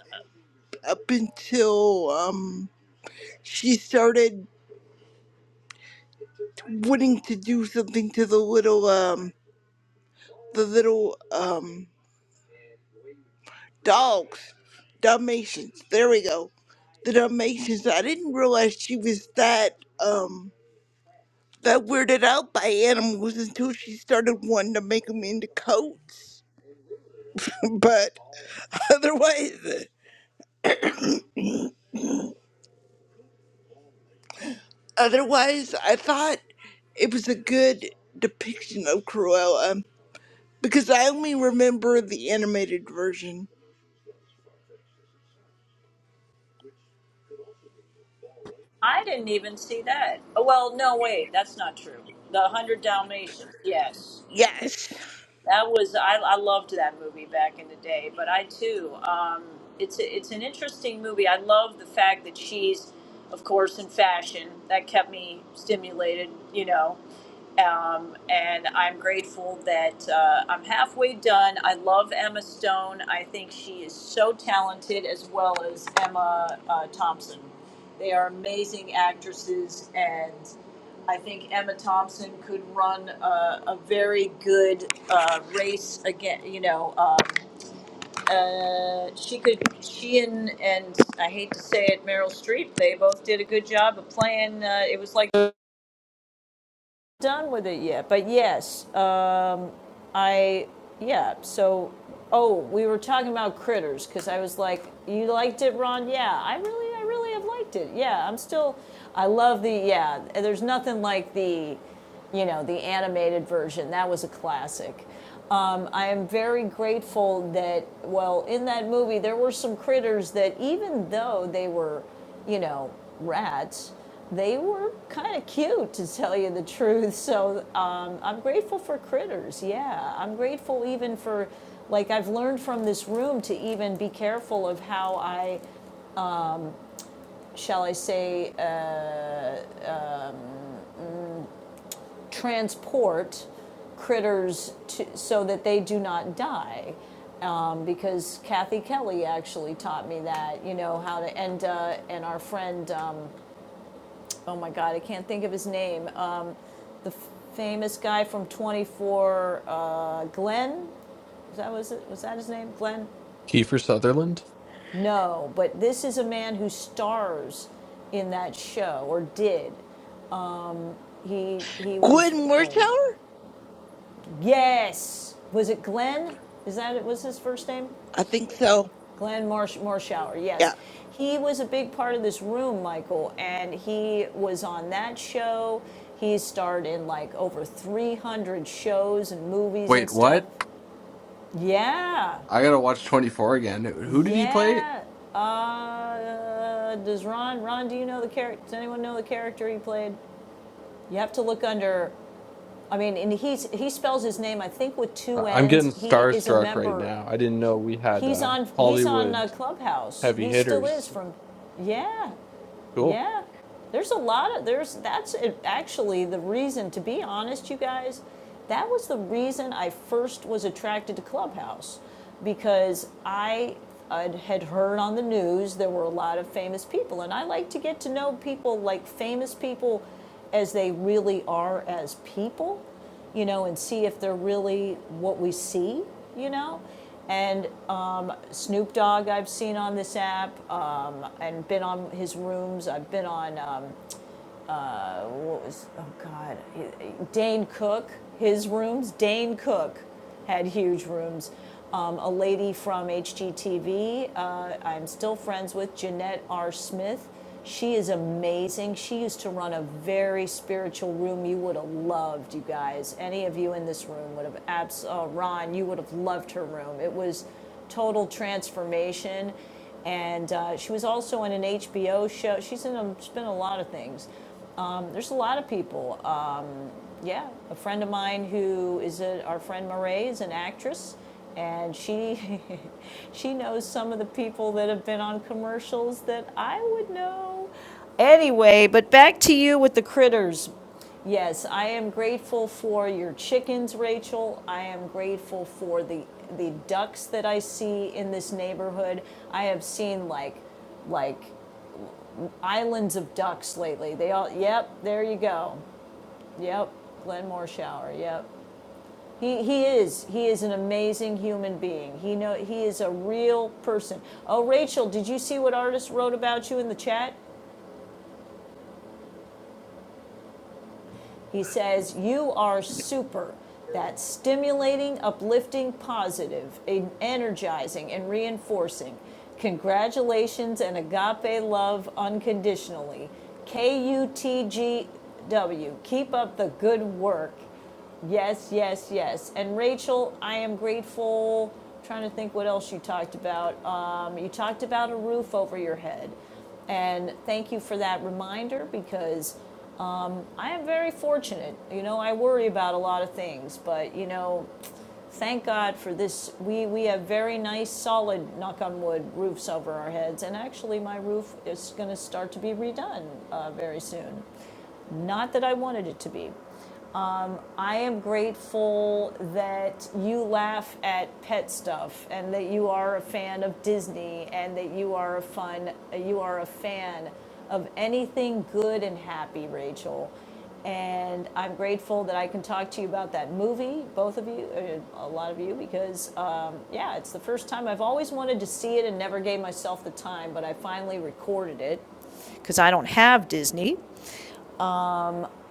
up until um she started wanting to do something to the little um the little um dogs dalmatians there we go the dalmatians i didn't realize she was that um that weirded out by animals until she started wanting to make them into coats but otherwise otherwise i thought it was a good depiction of cruella um, because i only remember the animated version I didn't even see that. Oh, well, no, wait, that's not true. The Hundred Dalmatians, yes, Yes. that was. I, I loved that movie back in the day. But I too, um, it's a, it's an interesting movie. I love the fact that she's, of course, in fashion. That kept me stimulated, you know um, and I'm grateful that uh, I'm halfway done. I love Emma Stone. I think she is so talented, as well as Emma uh, Thompson. They are amazing actresses, and I think Emma Thompson could run a, a very good uh, race again. You know, um, uh, she could. She and and I hate to say it, Meryl Streep. They both did a good job of playing. Uh, it was like done with it yet, but yes, um, I, yeah, so, oh, we were talking about critters, because I was like, you liked it, Ron? Yeah, I really, I really have liked it. Yeah, I'm still, I love the, yeah, there's nothing like the, you know, the animated version. That was a classic. Um, I am very grateful that, well, in that movie, there were some critters that, even though they were you know, rats, they were kind of cute to tell you the truth. So um, I'm grateful for critters. Yeah, I'm grateful even for, like, I've learned from this room to even be careful of how I, shall I say, uh, transport critters to, so that they do not die. Um, because Kathy Kelly actually taught me that, you know, how to, and, uh, and our friend, um, oh my God, I can't think of his name um, famous guy from 24 uh, Glenn. Is that was it? Was that his name? Glenn? Kiefer Sutherland. No, but this is a man who stars in that show or did. He he was Gwen Wertower? yes. Was it Glenn? Is that it? Was his first name? I think so. Glenn Marsh Marshauer. Yeah. Yes, he was a big part of this room, Michael, and he was on that show. He starred in like over 300 shows and movies and Wait, stuff. what? Yeah, I gotta watch 24 again. Who did he play? Yeah. Uh, does Ron? Ron, do you know the character? Does anyone know the character he played? You have to look under. I mean, and he's he spells his name I think with two I- I'm N's. getting He is a starstruck right member. now. I didn't know we had He's uh, on. He's on uh, Hollywood Clubhouse. heavy He still is hitters. from. Yeah. Cool. Yeah, there's a lot of there's that's actually the reason. To be honest, you guys, that was the reason I first was attracted to Clubhouse because I I'd, had heard on the news there were a lot of famous people, and I like to get to know people like famous people as they really are as people you know, and see if they're really what we see, you know. And um, Snoop Dogg, I've seen on this app, um, and been on his rooms. I've been on um, was oh god, Dane Cook. His rooms, Dane Cook, had huge rooms. Um, a lady from HGTV, uh, I'm still friends with Jeanette R. Smith. She is amazing. She used to run a very spiritual room you would have loved, you guys. Any of you in this room would have, abs- uh, Ron, you would have loved her room. It was total transformation. And uh, she was also in an HBO show. She's in a, she's been in a lot of things. Um, there's a lot of people. Uh, yeah, a friend of mine who is a, our friend Marae is an actress, and she she knows some of the people that have been on commercials that I would know. Anyway, but back to you with the critters. Yes, I am grateful for your chickens, Rachel. I am grateful for the the ducks that I see in this neighborhood. I have seen like like islands of ducks lately. They all yep, there you go. Yep, Glenmore Shower. Yep. He, he is he is an amazing human being. He know he is a real person. Oh, Rachel, did you see what artist wrote about you in the chat? He says you are super. That's stimulating, uplifting, positive, energizing, and reinforcing. Congratulations and agape love unconditionally. K U T G W. Keep up the good work. Yes, yes, yes. And Rachel, I am grateful. I'm Trying to think what else you talked about. Um, you talked about a roof over your head. And thank you for that reminder because I am very fortunate. You know, I worry about a lot of things, but you know, thank God for this. We, we have very nice, solid, knock on wood, roofs over our heads. And actually, my roof is going to start to be redone uh, very soon. Not that I wanted it to be, I am grateful that you laugh at pet stuff and that you are a fan of Disney and that you are a fun you are a fan of anything good and happy, Rachel. And I'm grateful that I can talk to you about that movie, both of you, uh, a lot of you, because um, yeah, it's the first time I've always wanted to see it and never gave myself the time, but I finally recorded it because I don't have Disney.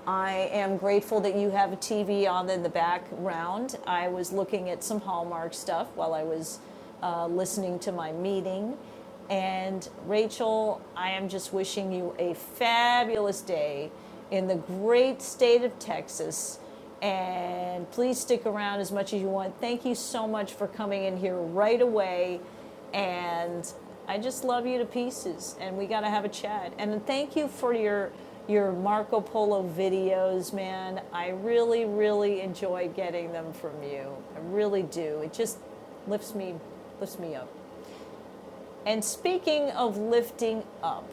I am grateful that you have a TV on in the background. I was looking at some Hallmark stuff while I was uh, listening to my meeting. And Rachel, I am just wishing you a fabulous day in the great state of Texas. And please stick around as much as you want. Thank you so much for coming in here right away. And I just love you to pieces. And we got to have a chat. And thank you for your your Marco Polo videos, man. I really, really enjoy getting them from you. I really do. It just lifts me lifts me up. And speaking of lifting up,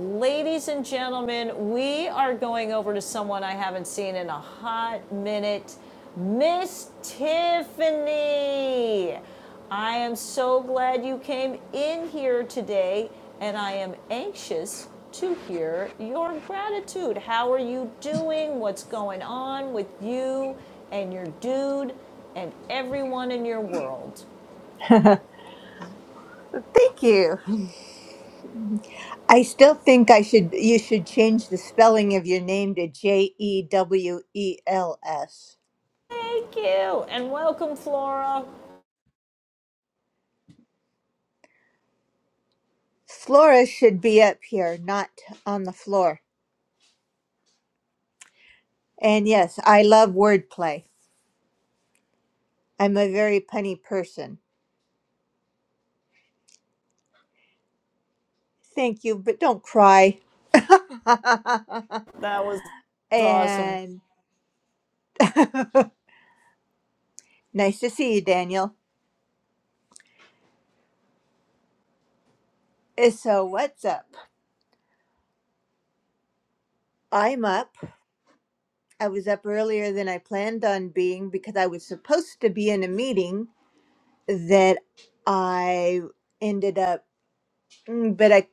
ladies and gentlemen, we are going over to someone I haven't seen in a hot minute, Miss Tiffany. I am so glad you came in here today, and I am anxious to hear your gratitude. How are you doing? What's going on with you and your dude and everyone in your world? Thank you. I still think I should you should change the spelling of your name to J E W E L S. Thank you, and welcome, Flora. Flora should be up here, not on the floor. And yes, I love wordplay. I'm a very punny person. Thank you, but don't cry. That was awesome. and nice to see you, Daniel. Uh, So, what's up? I'm up. I was up earlier than I planned on being because I was supposed to be in a meeting that I ended up, mm, but I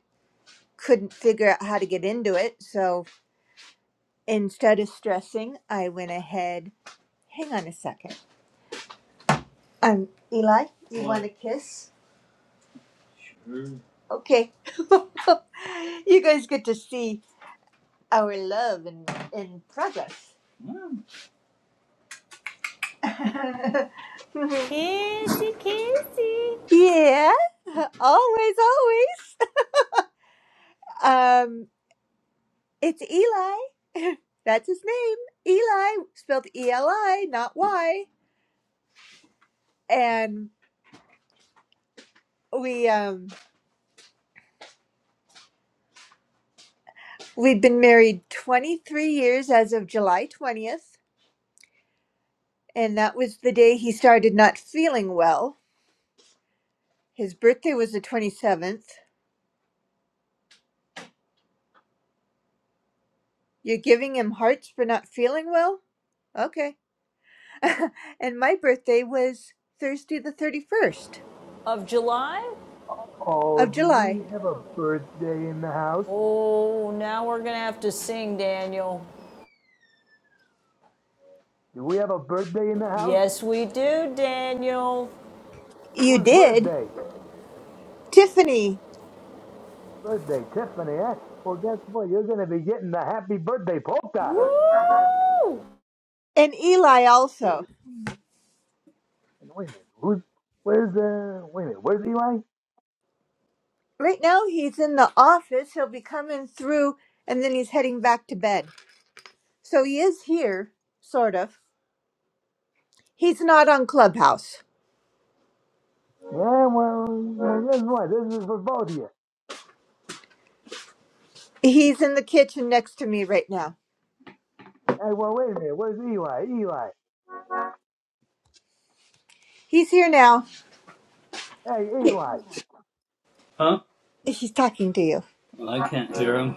couldn't figure out how to get into it. So instead of stressing, I went ahead. Hang on a second. Um, Eli, you want a kiss? Sure. Okay. you guys get to see our love in, in progress. Mm. Kissy, kissy yeah, always, always. Um, It's Eli. That's his name. Eli, spelled E L I, not Y. And we um we've been married 23 years as of July 20th, and that was the day he started not feeling well. His birthday was the 27th. You're giving him hearts for not feeling well? Okay. and my birthday was Thursday the 31st of July. Oh, of do July. we have a birthday in the house? Oh, now we're gonna have to sing, Daniel. Do we have a birthday in the house? Yes, we do, Daniel. You Whose did. birthday? Tiffany Birthday, Tiffany, eh? Well, guess what? You're gonna be getting the happy birthday polka. Woo! and Eli also. Wait a minute, who's? Where's the? Wait a minute, where's Eli? Right now, he's in the office. He'll be coming through and then he's heading back to bed. So he is here, sort of. He's not on Clubhouse. Yeah, well, well, guess what? This is for both of you. He's in the kitchen next to me right now. Hey, well, wait a minute, where's Eli? Eli, He's here now. hey, He, Eli, Huh? he's talking to you. I can't hear him.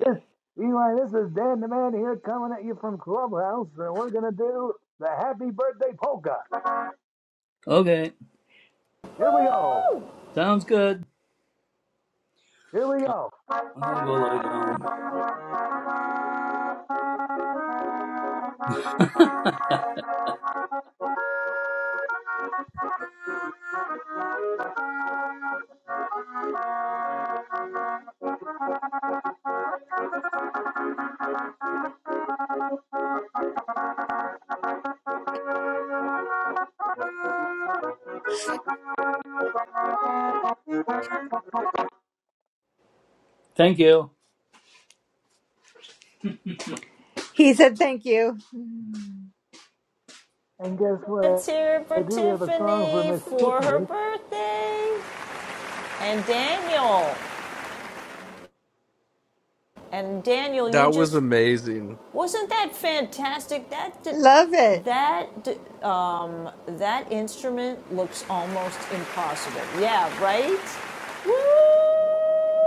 this Eli, this is Dan the Man here coming at you from Clubhouse, and we're gonna do the happy birthday polka. Okay, Here we go. sounds good. Here we Well, go. I'm gonna go lie down. Thank you. He said, Thank you. And guess what? Let's hear it I for do have a song for Tiffany Miss for her Tiffany. birthday. And Daniel. And Daniel, you That was just amazing. Wasn't that fantastic? That Love it. that um, that instrument looks almost impossible. Yeah, right.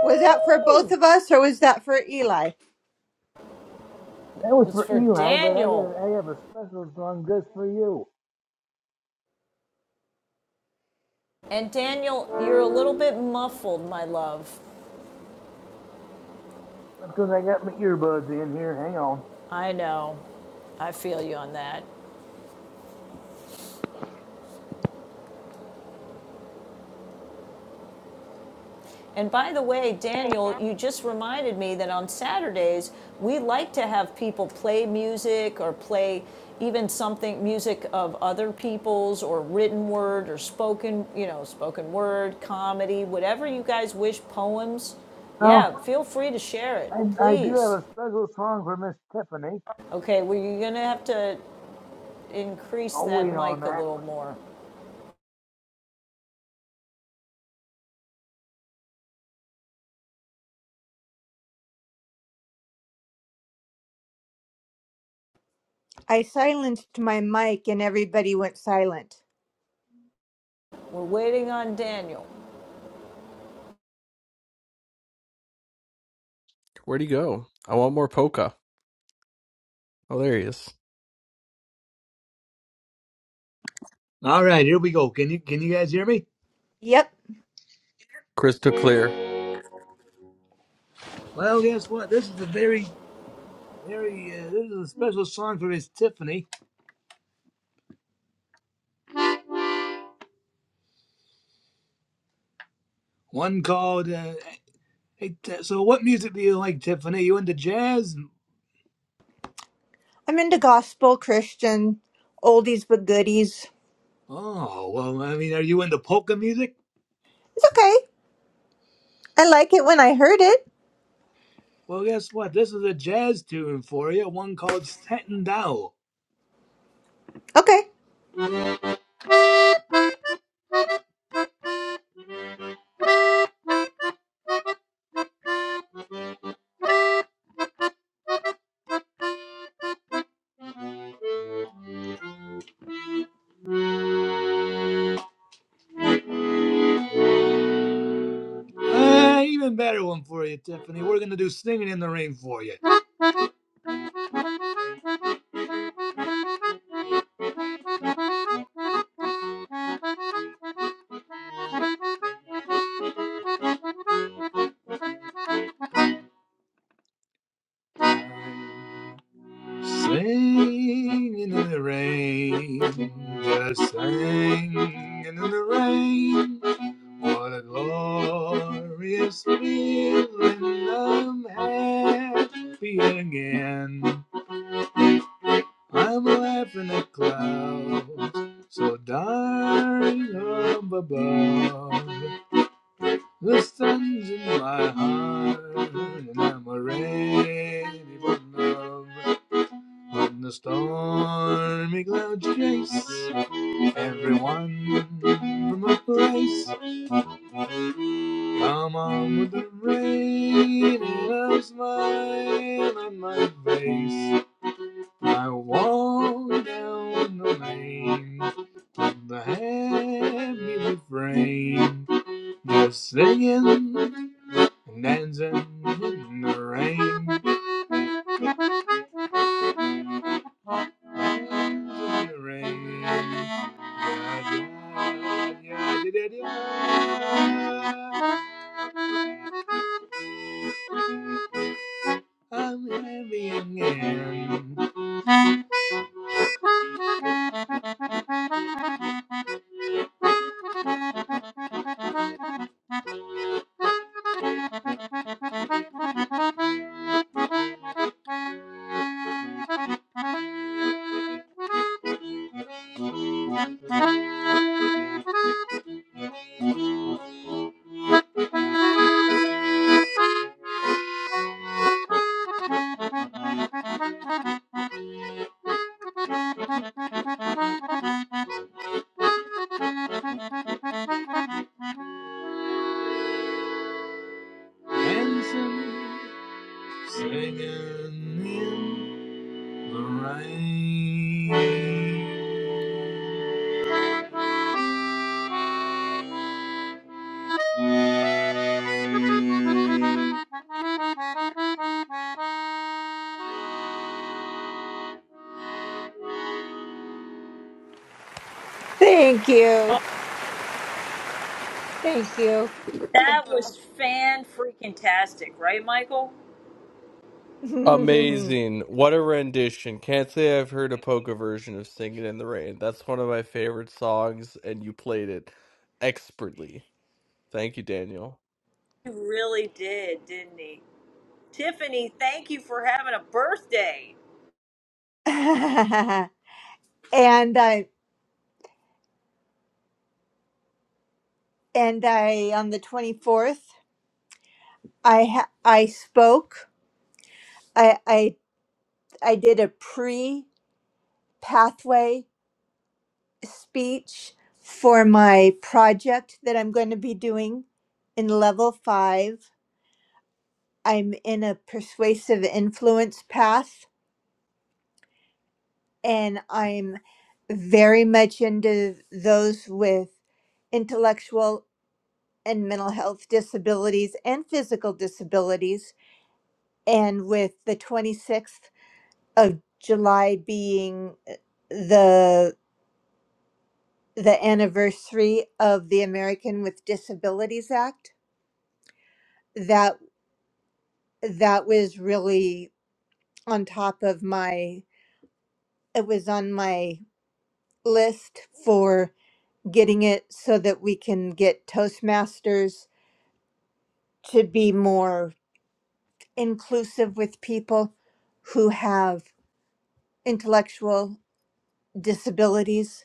Was that for both of us or was that for Eli? That was It's for for Eli, but I Daniel. got I have a special song just for you. And Daniel, you're a little bit muffled, my love. Because I got my earbuds in here. Hang on. I know. I feel you on that. And by the way, Daniel, you just reminded me that on Saturdays, we like to have people play music or play even something music of other people's or written word or spoken, you know, spoken word, comedy, whatever you guys wish, poems. Oh, Yeah, feel free to share it, I, I do have please. a special song for Miss Tiffany. Okay, well, you're going to have to increase I'll that wait on mic a that. little more. I silenced my mic and everybody went silent. We're waiting on Daniel. Where'd he go? I want more polka. Oh, there he is. All right, here we go. Can you can you guys hear me? Yep. Crystal clear. Well, guess what? This is a very very uh, this is a special song for Miss Tiffany. One called. Uh, hey, Ti- so what music do you like, Tiffany? You into jazz? I'm into gospel, Christian, oldies but goodies. Oh well, I mean, are you into polka music? It's okay. I like it when I heard it. Well, guess what? This is a jazz tune for you, one called Stanton Dow. Okay. Uh, even better one for you, Tiffany. We're gonna do singing in the rain for you. Singing in the rain, just singing in the rain. What a glorious feeling I'm happy again. I'm laughing at clouds so dark up above. The sun's in my heart and I'm ready for love. When the stormy clouds chase everyone from a place. Come on with the rain and a smile on my face. I walk down the lane with the happy refrain, just singing and dancing in the rain. Thank you. I'm happy again. Handsome singing in the rain. Thank you. Thank you. Thank you. That was fan freaking tastic, right, Michael? and Amazing. What a rendition. Can't say I've heard a polka version of Singing in the Rain. That's one of my favorite songs, and you played it expertly. Thank you, Daniel. He really did, didn't he? Tiffany, thank you for having a birthday. I and I on the 24th, I ha- I spoke. I I I did a pre pathway speech for my project that I'm going to be doing in level five. I'm in a persuasive influence path, and I'm very much into those with intellectual and mental health disabilities and physical disabilities. And with the 26th of July being uh, the the anniversary of the American with Disabilities Act, that. that was really on top of my it was on my list for getting it so that we can get toastmasters to be more inclusive with people who have intellectual disabilities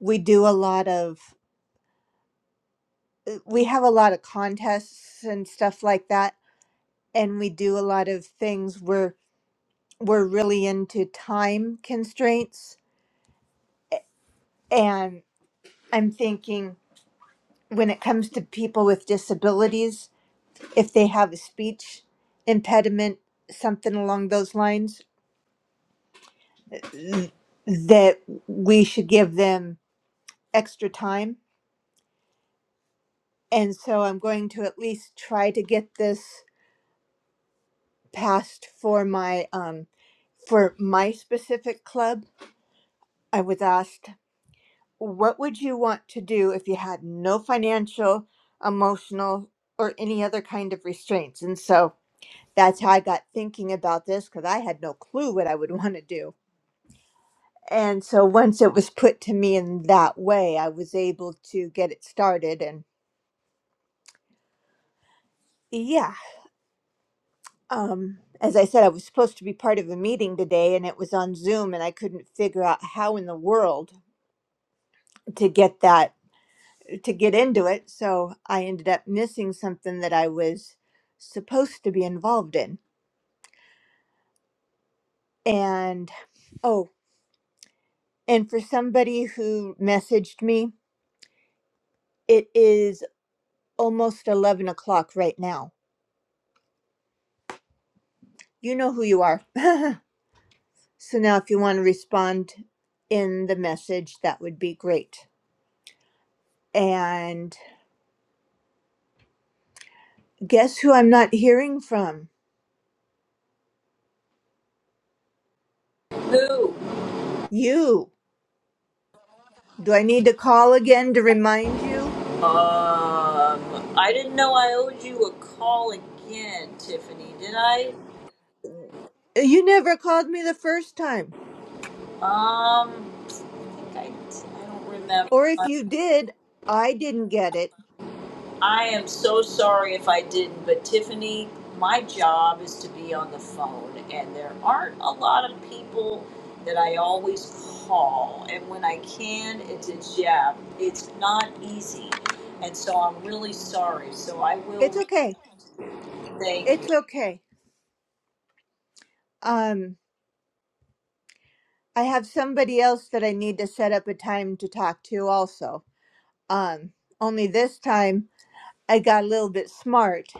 we do a lot of uh, we have a lot of contests and stuff like that and we do a lot of things where we're really into time constraints and i'm thinking when it comes to people with disabilities if they have a speech impediment something along those lines th- that we should give them extra time and so i'm going to at least try to get this passed for my um for my specific club i was asked what would you want to do if you had no financial emotional or any other kind of restraints and so that's how I got thinking about this because I had no clue what I would want to do. And so once it was put to me in that way, I was able to get it started. And yeah, um, as I said, I was supposed to be part of a meeting today and it was on Zoom and I couldn't figure out how in the world to get that, to get into it. So I ended up missing something that I was supposed to be involved in. And oh, and for somebody who messaged me, it is almost 11 o'clock right now. You know who you are. so now, if you want to respond in the message, that would be great. And guess who I'm not hearing from? Who? You. Do I need to call again to remind you? Um, I didn't know I owed you a call again, Tiffany. Did I? You never called me the first time. Um, I think I. I don't remember. Or if you did, I didn't get it. I am so sorry if I didn't, but Tiffany, my job is to be on the phone, and there aren't a lot of people that I always call. And when I can, it's it's yeah, it's not easy, and so I'm really sorry. So I will It's reach okay. out. to you. Thank you. It's okay. Um, I have somebody else that I need to set up a time to talk to also. Um, only this time I got a little bit smart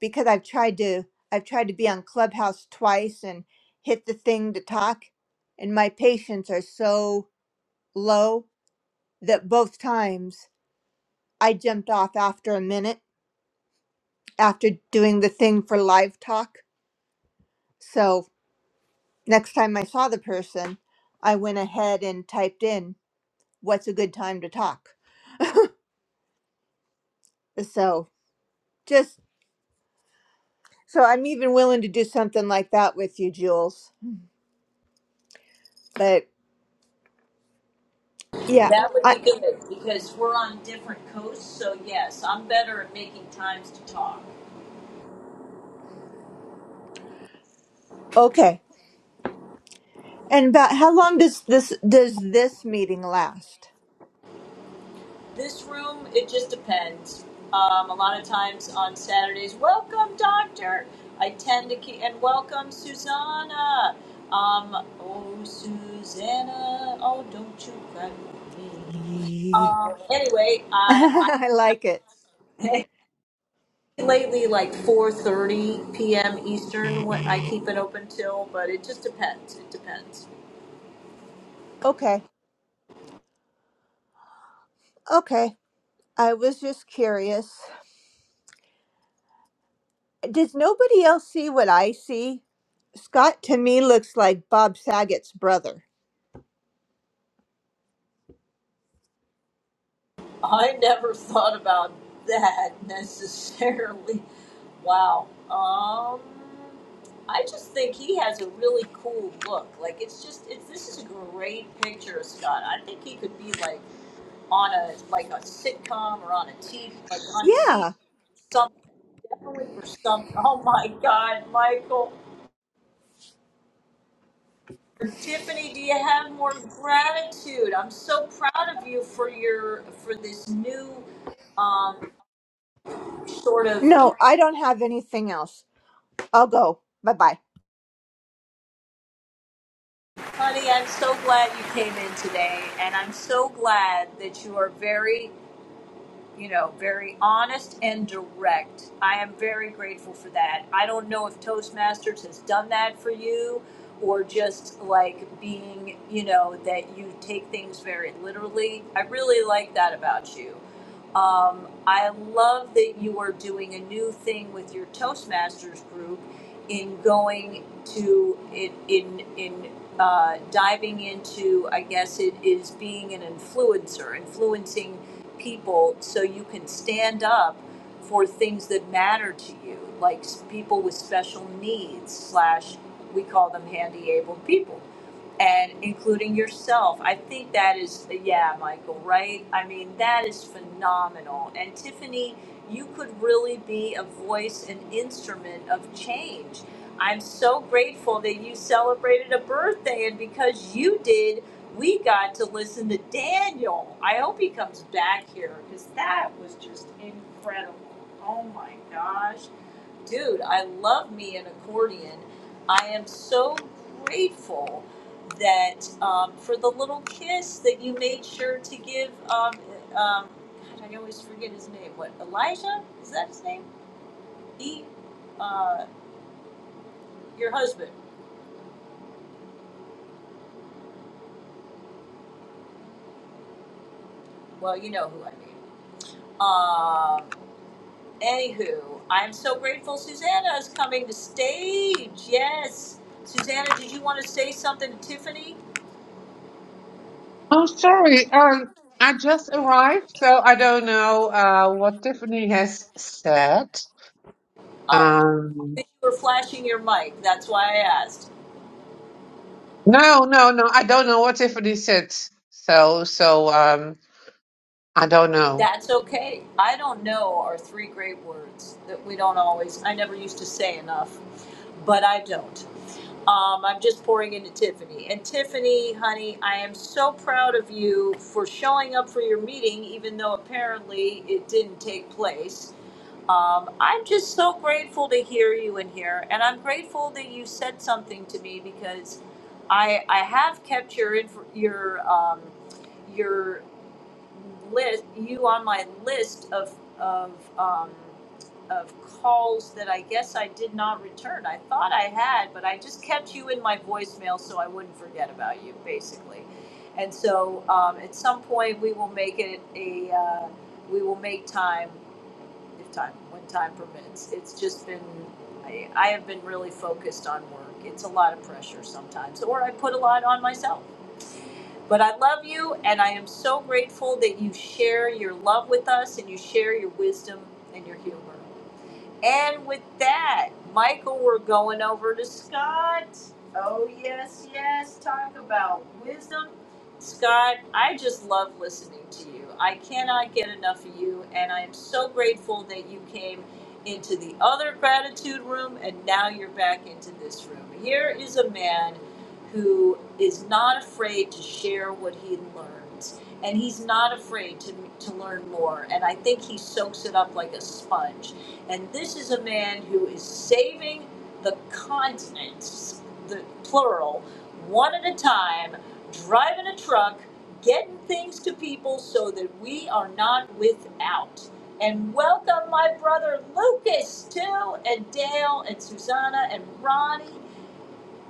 because I've tried to I've tried to be on Clubhouse twice and hit the thing to talk and my patience are so low that both times I jumped off after a minute after doing the thing for live talk. So next time I saw the person, I went ahead and typed in what's a good time to talk. So just so I'm even willing to do something like that with you, Jules. But yeah, That would I be good because we're on different coasts. So yes, I'm better at making times to talk. okay. And about how long does this does this meeting last? This room, it just depends. Um, a lot of times on Saturdays, welcome, doctor. I tend to keep, and welcome, Susanna. Um, oh, Susanna, oh, don't you cry for me. Me. Um, anyway, uh, I I like it. lately like 4.30 p.m. Eastern, what I keep it open till, but it just depends. It depends. Okay. Okay. I was just curious. Does nobody else see what I see? Scott to me looks like Bob Saget's brother. I never thought about that necessarily. Wow. Um, I just think he has a really cool look. Like it's just it's this is a great picture, of Scott. I think he could be like on a like a sitcom or on a TV like on TV Yeah. something definitely for something. Oh my God, Michael. Tiffany, do you have more gratitude? I'm so proud of you for your for this new Um. sort of, No, I don't have anything else. I'll go. Bye bye. honey, I'm so glad you came in today, and I'm so glad that you are very you know, very honest and direct. I am very grateful for that. I don't know if Toastmasters has done that for you or just like being, you know, that you take things very literally. I really like that about you. Um, I love that you are doing a new thing with your Toastmasters group in going to in in, in uh, diving into. I guess it is being an influencer, influencing people so you can stand up for things that matter to you, like people with special needs, slash, we call them handy abled people, and including yourself. I think that is, yeah, Michael, right? I mean, that is phenomenal. And Tiffany, you could really be a voice and instrument of change. I'm so grateful that you celebrated a birthday, and because you did, we got to listen to Daniel. I hope he comes back here because that was just incredible. Oh my gosh. Dude, I love me an accordion. I am so grateful that um, for the little kiss that you made sure to give. Um, uh, um, God, I always forget his name. What, Elijah? Is that his name? He, uh, your husband. Well, you know who I mean. Um, anywho, I'm so grateful Susanna is coming to stage. Yes. Susanna, did you want to say something to Tiffany? I'm sorry. Um, I just arrived, so I don't know uh, what Tiffany has said. Oh, Um, you were flashing your mic. That's why I asked. no, no, no. I don't know what Tiffany said. So, so um, I don't know. That's okay. I don't know are three great words that we don't always, I never used to say enough, but I don't. Um, I'm just pouring into Tiffany. And Tiffany, honey, I am so proud of you for showing up for your meeting, even though apparently it didn't take place. Um, I'm just so grateful to hear you in here, and I'm grateful that you said something to me because I I have kept your inf- your um, your list you on my list of of um, of calls that I guess I did not return. I thought I had, but I just kept you in my voicemail so I wouldn't forget about you, basically. And so um, at some point we will make it a uh, we will make time if time when time permits. It's just been I, I have been really focused on work. It's a lot of pressure sometimes, or I put a lot on myself but I love you, and I am so grateful that you share your love with us and you share your wisdom and your humor. And with that, Michael, we're going over to Scott. Oh, yes, yes. Talk about wisdom. Scott, I just love listening to you. I cannot get enough of you, and I am so grateful that you came into the other gratitude room and now you're back into this room. Here is a man who is not afraid to share what he learns, and he's not afraid to, to learn more. And I think he soaks it up like a sponge and this is a man who is saving the continents, the plural, one at a time, driving a truck, getting things to people so that we are not without. And welcome my brother Lucas too, and Dale and Susanna and Ronnie.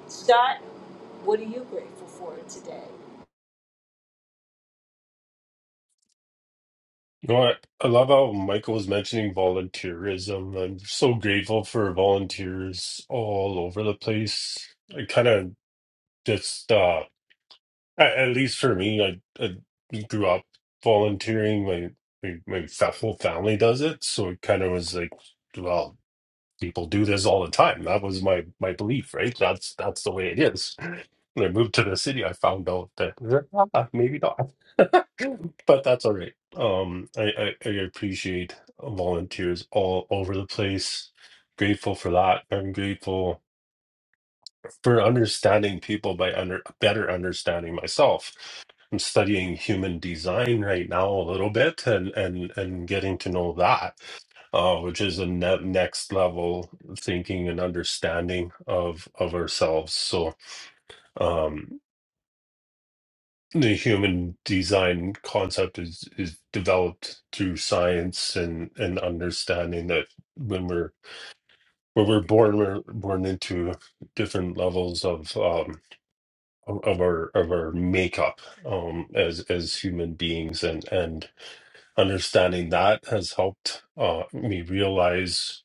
Scott, what are you grateful for today? You know what? I love how Michael was mentioning volunteerism. I'm so grateful for volunteers all over the place. I kind of just, uh, at, at least for me, I, I grew up volunteering. My, my my fa- whole family does it, so it kind of was like, well, people do this all the time. That was my my belief, right? That's that's the way it is. When I moved to the city, I found out that "Ah, maybe not, but that's all right. Um, I, I I appreciate volunteers all over the place. Grateful for that. I'm grateful for understanding people by under better understanding myself. I'm studying human design right now a little bit and and and getting to know that, uh, which is a ne- next level thinking and understanding of of ourselves. So. um the human design concept is is developed through science and and understanding that when we're when we're born we're born into different levels of um of of our of our makeup um as as human beings and and understanding that has helped uh me realize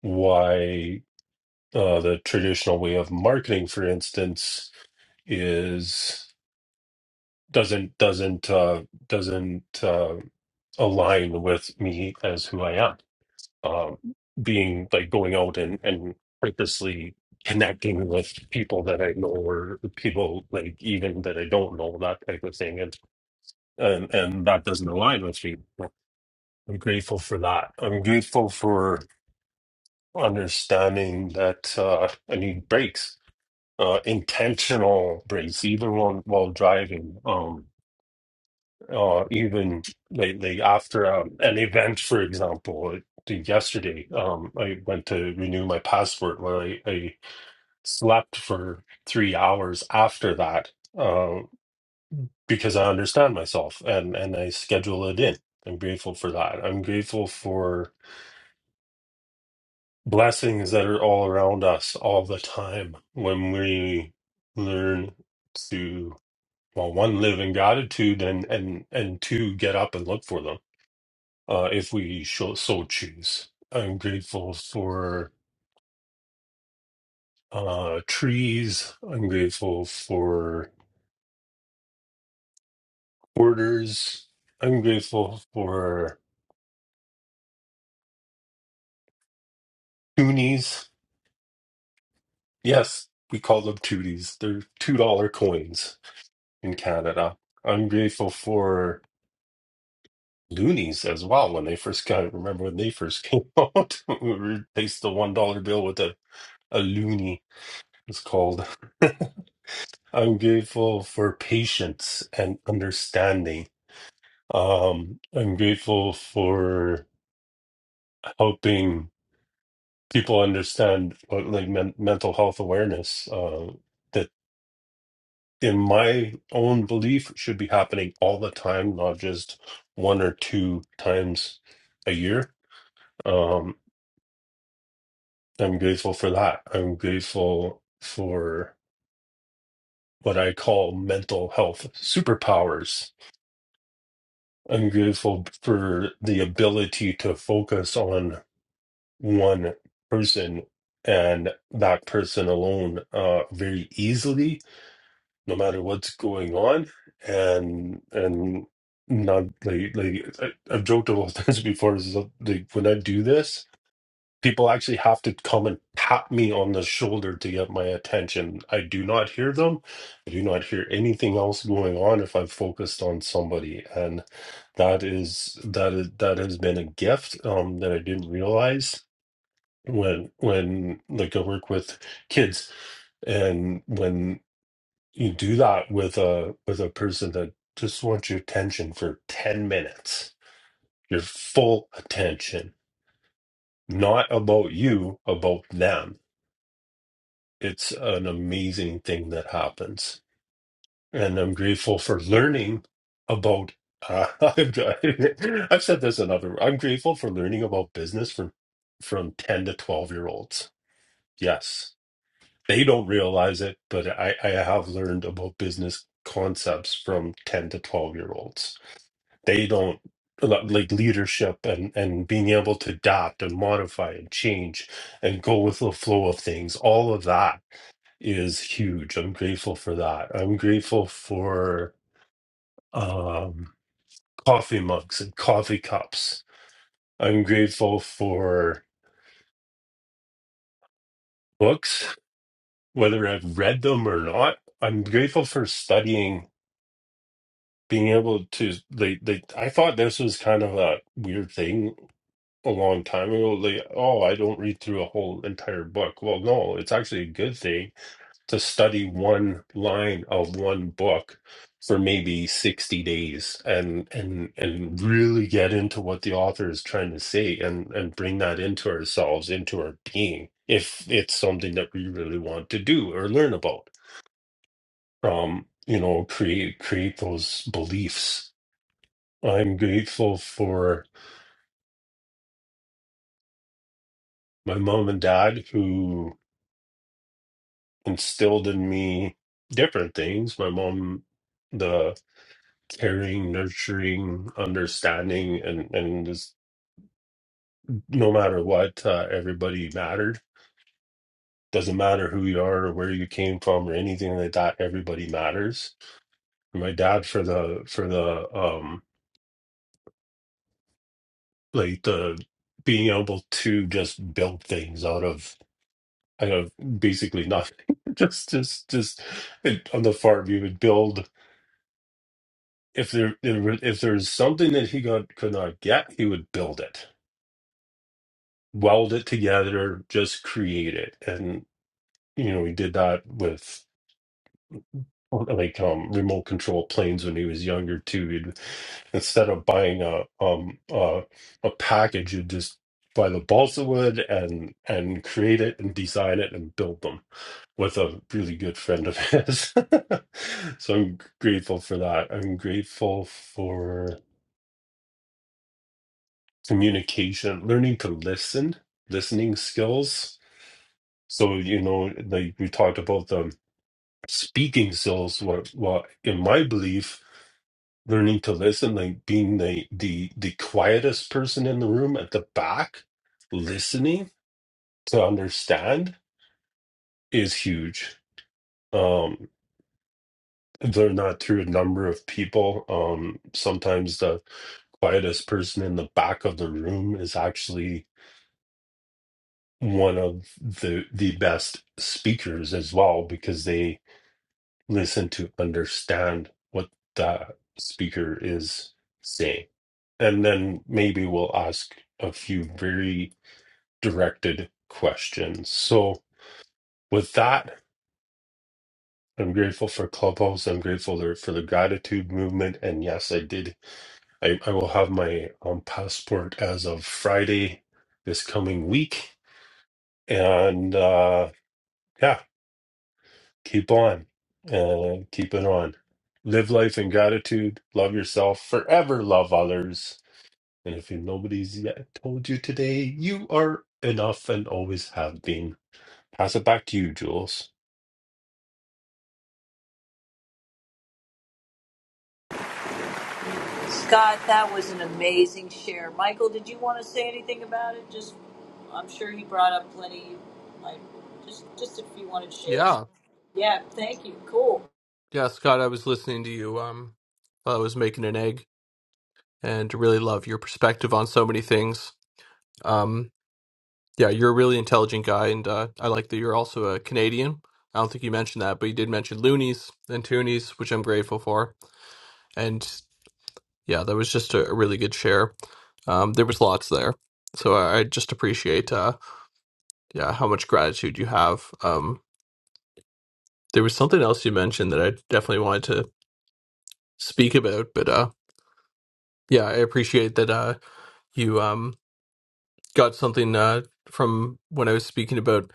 why uh the traditional way of marketing for instance is. doesn't doesn't uh, doesn't uh, align with me as who I am. Um, being like going out and and purposely connecting with people that I know or people like even that I don't know that type of thing, and and and that doesn't align with me. I'm grateful for that. I'm grateful for understanding that uh, I need breaks, uh, intentional breaks, even while while driving. Um, or even lately after um, an event, for example, like yesterday, um, I went to renew my passport. Well, I, I slept for three hours after that um, because I understand myself and, and I schedule it in. I'm grateful for that. I'm grateful for blessings that are all around us all the time when we learn to, well, one, live in gratitude and, and, and two, get up and look for them uh, if we sho- so choose. I'm grateful for uh, trees. I'm grateful for quarters. I'm grateful for toonies. Yes, we call them tooties. They're $2 coins in Canada. I'm grateful for loonies as well when they first got remember when they first came out we replaced the one dollar bill with a, a loonie it's called i'm grateful for patience and understanding Um, I'm grateful for helping people understand what, like men mental health awareness uh, that, in my own belief, should be happening all the time, not just one or two times a year. Um, I'm grateful for that. I'm grateful for what I call mental health superpowers. I'm grateful for the ability to focus on one person and that person alone uh, very easily, no matter what's going on, and and not like like I, I've joked a lot of times before. Is that, like when I do this, people actually have to come and tap me on the shoulder to get my attention. I do not hear them. I do not hear anything else going on if I'm focused on somebody, and that is that is that has been a gift um, that I didn't realize when when like I work with kids and when you do that with a with a person that just wants your attention for 10 minutes your full attention not about you about them it's an amazing thing that happens and i'm grateful for learning about uh, I've, I've said this another i'm grateful for learning about business from from 10 to 12 year olds yes They don't realize it, but I, I have learned about business concepts from 10 to 12 year olds. They don't like leadership and, and being able to adapt and modify and change and go with the flow of things. All of that is huge. I'm grateful for that. I'm grateful for um, coffee mugs and coffee cups. I'm grateful for books, whether I've read them or not. I'm grateful for studying being able to they they I thought this was kind of a weird thing a long time ago. Like, oh, I don't read through a whole entire book. Well, no, it's actually a good thing to study one line of one book for maybe 60 days and and and really get into what the author is trying to say and and bring that into ourselves, into our being, if it's something that we really want to do or learn about. Um, you know, create create those beliefs I'm grateful for my mom and dad who instilled in me different things. My mom, the caring, nurturing, understanding, and, and just no matter what, uh, everybody mattered. Doesn't matter who you are or where you came from or anything like that. Everybody matters. And my dad for the for the um like the being able to just build things out of I have basically nothing. just, just, just it, on the farm, you would build if there if there's something that he got could not get, he would build it, weld it together, just create it. And you know, he did that with like um remote control planes when he was younger too. He'd instead of buying a um uh, a package, you'd just buy the balsa wood and and create it and design it and build them with a really good friend of his. so I'm grateful for that. I'm grateful for communication, learning to listen, listening skills. So, you know, like we talked about the speaking skills, what, what in my belief, learning to listen, like being the, the, the quietest person in the room at the back, listening to understand is huge. Um, they're not through a number of people. Um, sometimes the quietest person in the back of the room is actually one of the the best speakers as well because they listen to understand what the speaker is saying and then maybe we'll ask a few very directed questions so with that i'm grateful for clubhouse i'm grateful there- for the gratitude movement and yes i did i, I will have my um, passport as of friday this coming week and uh, yeah, keep on and keep it on. Live life in gratitude. Love yourself. Forever love others. And if nobody's yet told you today, you are enough and always have been. Pass it back to you, Jules. Scott, that was an amazing share. Michael, did you want to say anything about it? Just, I'm sure he brought up plenty. Like, just, just if you wanted shades. Yeah. Yeah, thank you. Cool. Yeah, Scott, I was listening to you um while I was making an egg and really love your perspective on so many things. Um yeah, you're a really intelligent guy and uh I like that you're also a Canadian. I don't think you mentioned that, but you did mention loonies and toonies, which I'm grateful for. And yeah, that was just a, a really good share. Um there was lots there. So I, I just appreciate uh yeah, how much gratitude you have. Um there was something else you mentioned that I definitely wanted to speak about, but uh yeah, I appreciate that uh you um got something uh, from when I was speaking about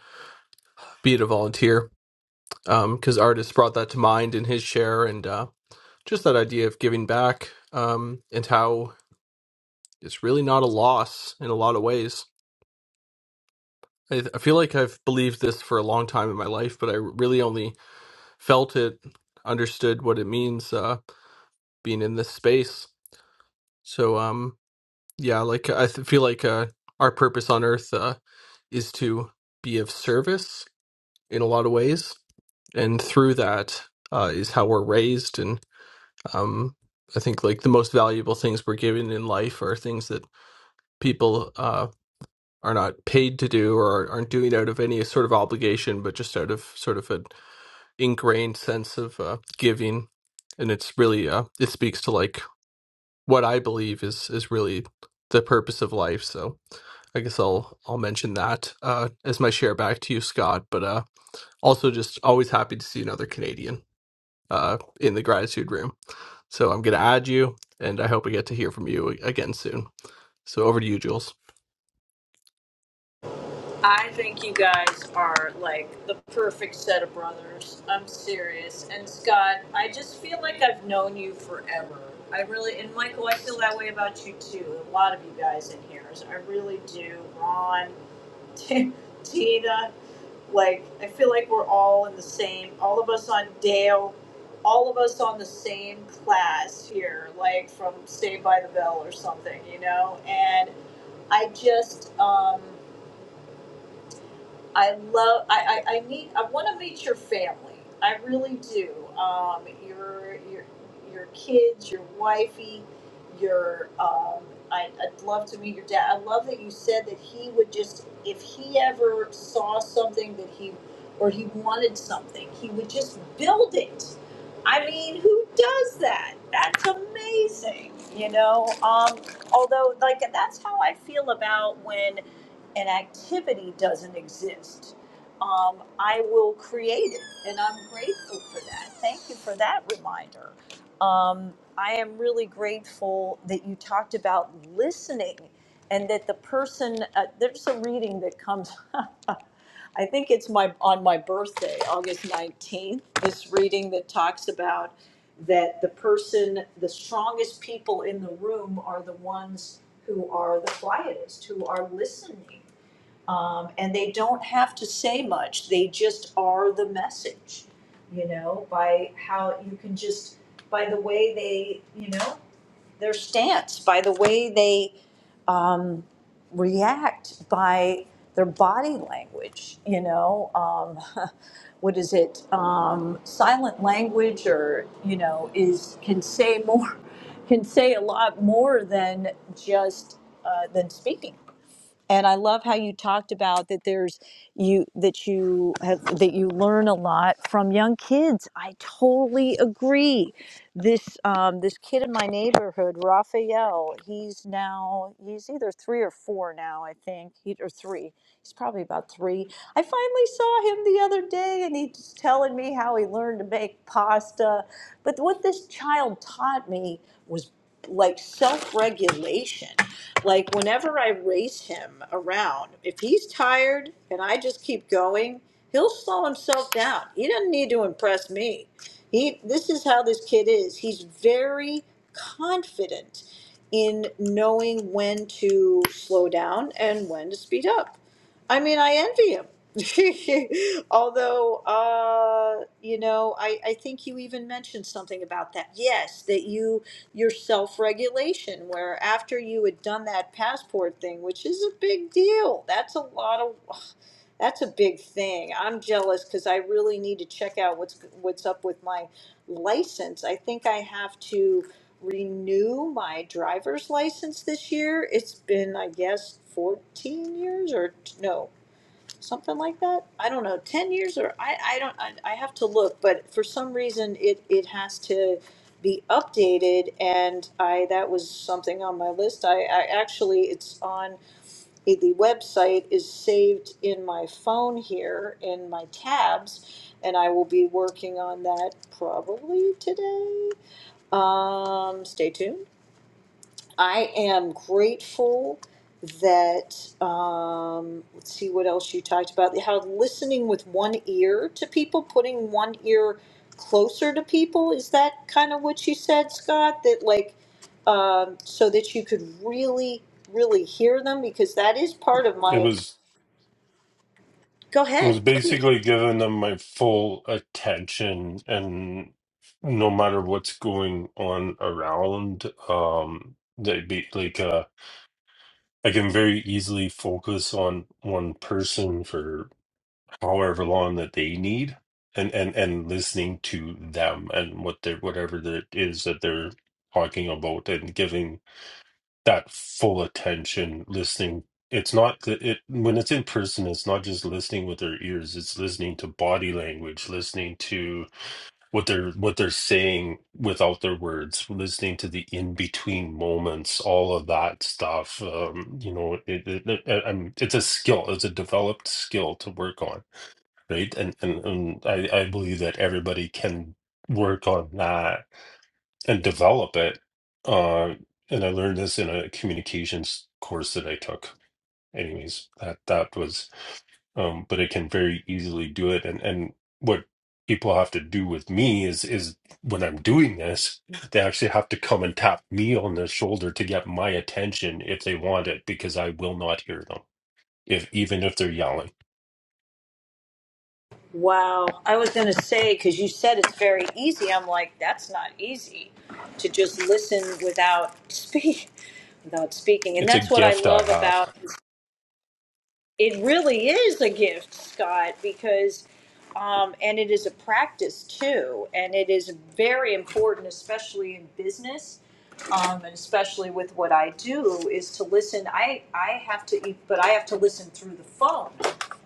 being a volunteer, because artists brought that to mind in his share, and uh, just that idea of giving back um, and how it's really not a loss in a lot of ways. I, I feel like I've believed this for a long time in my life, but I really only felt it, understood what it means uh, being in this space. So, um, yeah, like I th- feel like uh, our purpose on Earth uh, is to be of service in a lot of ways and through that uh, is how we're raised and um, i think like the most valuable things we're given in life are things that people uh, are not paid to do or aren't doing out of any sort of obligation but just out of sort of an ingrained sense of uh, giving and it's really uh, it speaks to like what i believe is is really the purpose of life so i guess i'll i'll mention that uh, as my share back to you scott but uh, also just always happy to see another canadian uh, in the gratitude room. So I'm going to add you, and I hope we get to hear from you again soon. So over to you, Jules. I think you guys are like the perfect set of brothers. I'm serious. And Scott, I just feel like I've known you forever. I really, and Michael, I feel that way about you too. A lot of you guys in here. so I really do. Ron, Tina. Like, I feel like we're all in the same, all of us on Dale, all of us on the same class here, like from Saved by the Bell or something, you know? And I just, um, I love. I I, I meet. I want to meet your family. I really do. Um, your your your kids, your wifey, your. Um, I, I'd love to meet your dad. I love that you said that he would just, if he ever saw something that he, or he wanted something, he would just build it. I mean, who does that? That's amazing, you know. Um, although, like, that's how I feel about when an activity doesn't exist, um, I will create it. And I'm grateful for that. Thank you for that reminder. Um, I am really grateful that you talked about listening and that the person, uh, there's a reading that comes. I think it's my on my birthday, August 19th, this reading that talks about that the person, the strongest people in the room are the ones who are the quietest, who are listening. Um, and they don't have to say much, they just are the message, you know, by how you can just, by the way they, you know, their stance, by the way they react by their body language. You know, um, what is it? Um, silent language, or you know, is can say more, can say a lot more than just uh, than speaking and I love how you talked about that there's you that you have that you learn a lot from young kids. I totally agree. This um, this kid in my neighborhood, Raphael, he's now he's either three or four now, I think, he, or three. He's probably about three. I finally saw him the other day, and he's telling me how he learned to make pasta. But what this child taught me was like self regulation like whenever I race him around, if he's tired and I just keep going, he'll slow himself down. He doesn't need to impress me. He this is how this kid is. He's very confident in knowing when to slow down and when to speed up. I mean, I envy him. Although, uh, you know, I, I think you even mentioned something about that. Yes, that you your self-regulation where after you had done that passport thing which is a big deal that's a lot of that's a big thing i'm jealous because i really need to check out what's what's up with my license i think i have to renew my driver's license this year it's been i guess 14 years or no something like that. I don't know, ten years or I, I don't I, I have to look, but for some reason it it has to be updated and I that was something on my list. I, I actually it's on the website is saved in my phone here in my tabs and I will be working on that probably today. Um stay tuned. I am grateful that um, let's see what else you talked about. How listening with one ear to people, putting one ear closer to people, is that kind of what you said, Scott? That like um, so that you could really, really hear them because that is part of It my. was Go it ahead. was basically giving them my full attention and no matter what's going on around, um, they be like uh I can very easily focus on one person for however long that they need and and and listening to them and what they're whatever that is that they're talking about and giving that full attention listening it's not that it when it's in person it's not just listening with their ears it's listening to body language listening to what they're what they're saying without their words listening to the in between moments all of that stuff um you know it, it, it, um, it's a skill it's a developed skill to work on right? And and, and I, I believe that everybody can work on that and develop it. Uh, and I learned this in a communications course that I took. Anyways, that that was, um, but I can very easily do it. And and what people have to do with me is is when I'm doing this, they actually have to come and tap me on the shoulder to get my attention if they want it, because I will not hear them if even if they're yelling. Wow. I was going to say, because you said it's very easy. I'm like, that's not easy to just listen without speak, without speaking. And It's a that's what I gift love I about it really is a gift, Scott, because um, and it is a practice too, and it is very important, especially in business, um, and especially with what I do, is to listen. I I have to, e, but I have to listen through the phone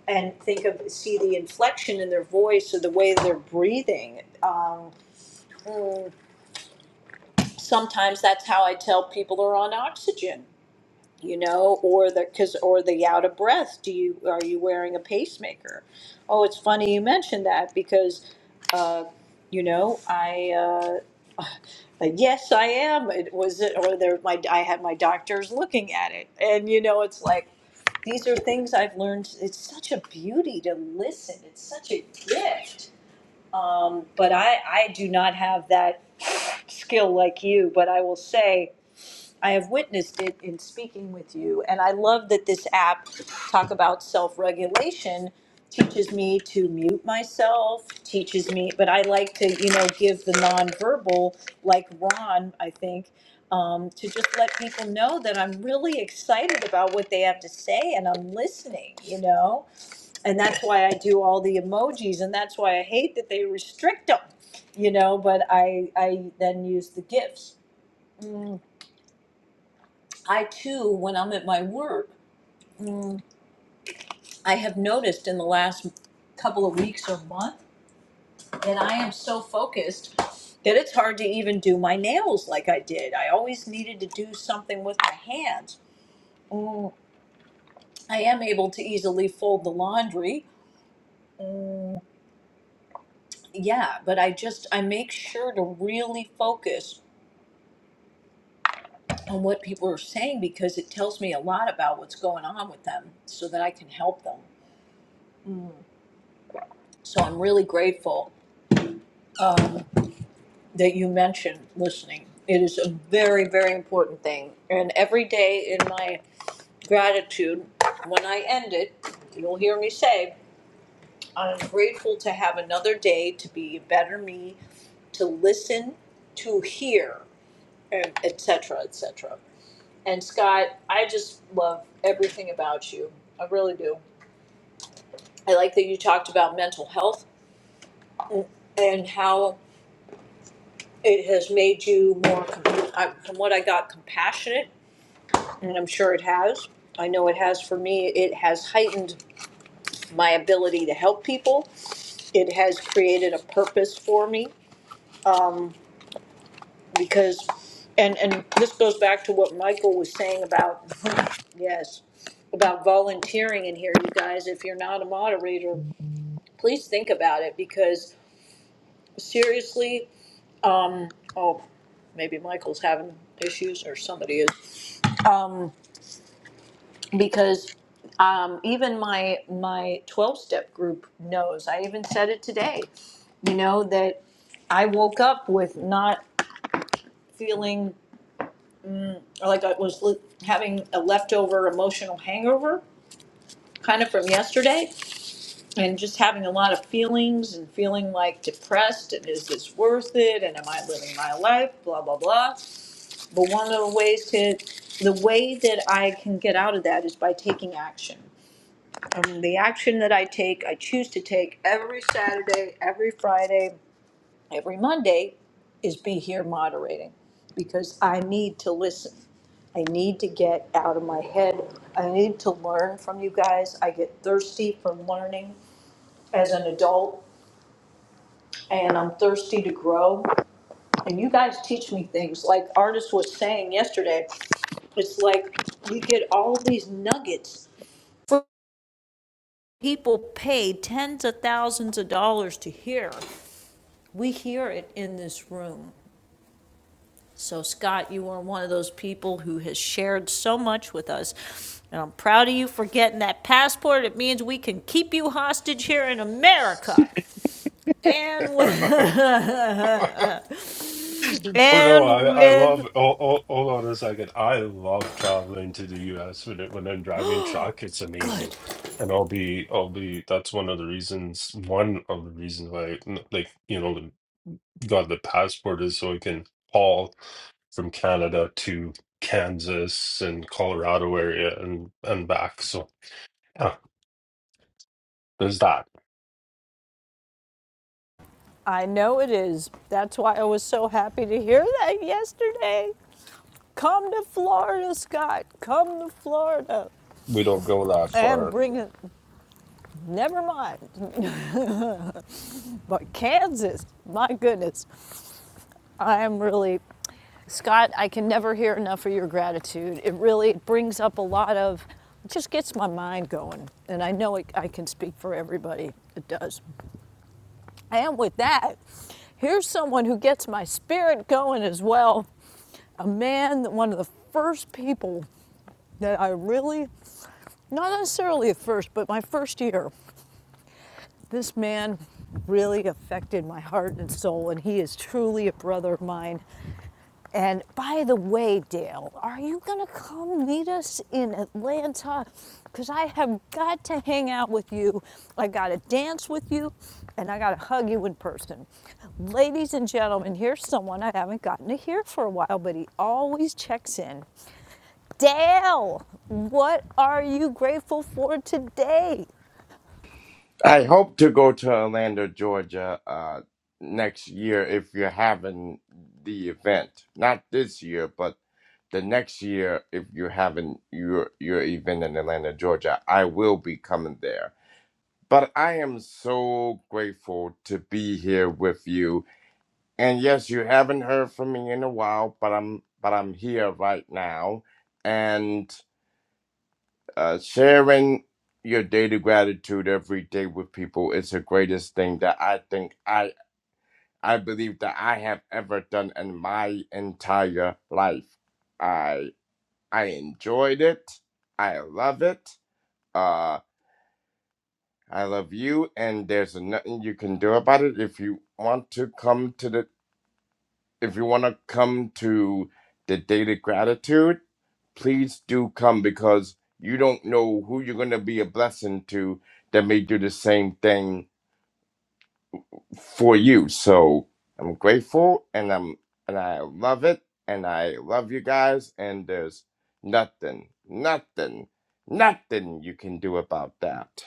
and think of see the inflection in their voice or the way they're breathing. Um, mm, sometimes that's how I tell people are on oxygen you know or the because or the out of breath do you are you wearing a pacemaker oh it's funny you mentioned that because uh, you know i uh, yes i am it was it or there my i had my doctors looking at it and you know it's like these are things i've learned it's such a beauty to listen it's such a gift um, but i i do not have that skill like you but i will say I have witnessed it in speaking with you, and I love that this app talk about self-regulation teaches me to mute myself, teaches me, but I like to, you know, give the nonverbal, like Ron, I think, um, to just let people know that I'm really excited about what they have to say and I'm listening, you know, and that's why I do all the emojis, and that's why I hate that they restrict them, you know, but I I then use the gifs. Mm. I too, when I'm at my work, mm, I have noticed in the last couple of weeks or month that I am so focused that it's hard to even do my nails like I did. I always needed to do something with my hands. Mm, I am able to easily fold the laundry. Mm, yeah, but I just I make sure to really focus on what people are saying because it tells me a lot about what's going on with them so that I can help them. Mm. So I'm really grateful Um, that you mentioned listening. It is a very, very important thing. And every day in my gratitude, when I end it, you'll hear me say, I'm grateful to have another day to be a better me, to listen, to hear, and et cetera, et cetera. And Scott, I just love everything about you. I really do. I like that you talked about mental health and how it has made you more, com- I- from what I got, compassionate and I'm sure it has. I know it has for me. It has heightened my ability to help people. It has created a purpose for me um, because, and and this goes back to what Michael was saying about yes, about volunteering in here, you guys. If you're not a moderator, please think about it because seriously, um, oh, maybe Michael's having issues or somebody is. um, because um, even my my 12 step group knows i even said it today you know that i woke up with not feeling like i was li- having a leftover emotional hangover kind of from yesterday and just having a lot of feelings and feeling like depressed and is this worth it and am i living my life blah blah blah but one of the ways to the way that i can get out of that is by taking action um, the action that I take, I choose to take every Saturday, every Friday, every Monday, is be here moderating because I need to listen. I need to get out of my head. I need to learn from you guys. I get thirsty for learning as an adult and I'm thirsty to grow. And you guys teach me things. Like Artis was saying yesterday, it's like we get all of these nuggets. People pay tens of thousands of dollars to hear. we hear it in this room. So Scott, you are one of those people who has shared so much with us. And I'm proud of you for getting that passport. It means we can keep you hostage here in America. And with, have. Oh no, and I I love. with Oh, oh, hold on a second. I love traveling to the U.S. when it, when I'm driving truck. It's amazing, good. and I'll be I'll be. That's one of the reasons. One of the reasons why, like you know, got the passport is so I can haul from Canada to Kansas and Colorado area and and back. So yeah, there's that. I know it is. That's why I was so happy to hear that yesterday. Come to Florida, Scott. Come to Florida. We don't go that And far bring it. Never mind. But Kansas, my goodness. I am really, Scott, I can never hear enough of your gratitude. It really brings up a lot of, it just gets my mind going. And I know it, I can speak for everybody. It does. And with that, here's someone who gets my spirit going as well. A man, one of the first people that I really, not necessarily at first, but my first year, this man really affected my heart and soul, and he is truly a brother of mine. And by the way, Dale, are you going to come meet us in Atlanta? Because I have got to hang out with you. I got to dance with you, and I got to hug you in person. Ladies and gentlemen, here's someone I haven't gotten to hear for a while, but he always checks in. Dale, what are you grateful for today? I hope to go to Atlanta, Georgia, uh, next year if you're having the event. Not this year, but the next year if you're having your your event in Atlanta, Georgia, I will be coming there. But I am so grateful to be here with you. And yes, you haven't heard from me in a while, but I'm but I'm here right now. And uh, sharing your daily gratitude every day with people is the greatest thing that I think I I believe that I have ever done in my entire life. I I enjoyed it. I love it. Uh, I love you, and there's nothing you can do about it. If you want to come to the if you want to come to the Date of Gratitude, please do come because you don't know who you're going to be a blessing to that may do the same thing for you. So I'm grateful and I'm and I love it and I love you guys and there's nothing, nothing, nothing you can do about that.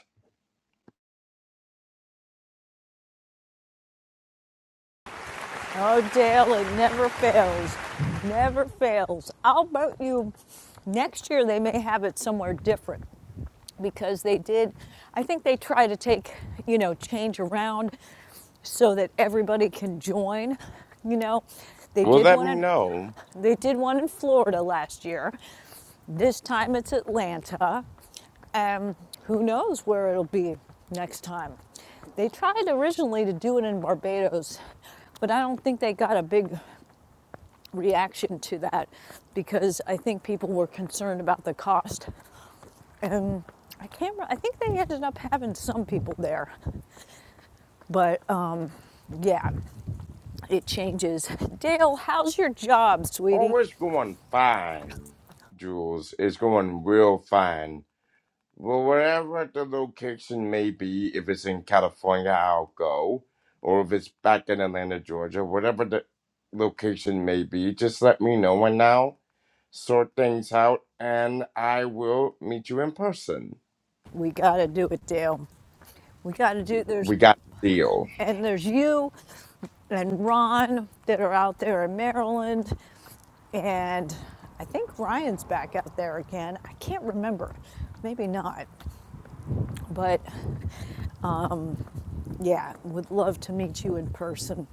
Oh, Dale, it never fails. Never fails. I'll bet you next year they may have it somewhere different because they did, I think they try to take, you know, change around so that everybody can join, you know. They Well, did let one me in, know. they did one in Florida last year. This time it's Atlanta. And who knows where it'll be next time. They tried originally to do it in Barbados, but I don't think they got a big reaction to that because I think people were concerned about the cost and I can't. I think they ended up having some people there, but um, yeah, it changes. Dale, how's your job, sweetie? Oh, it's going fine, Jules. It's going real fine Well, wherever the location may be, if it's in California, I'll go, or if it's back in Atlanta, Georgia, whatever the location may be, just let me know and I'll sort things out and I will meet you in person. We gotta do it, Dale. We gotta do. There's We got a deal. and there's you and Ron that are out there in Maryland, and I think Ryan's back out there again. I can't remember, maybe not, but um, Yeah, would love to meet you in person.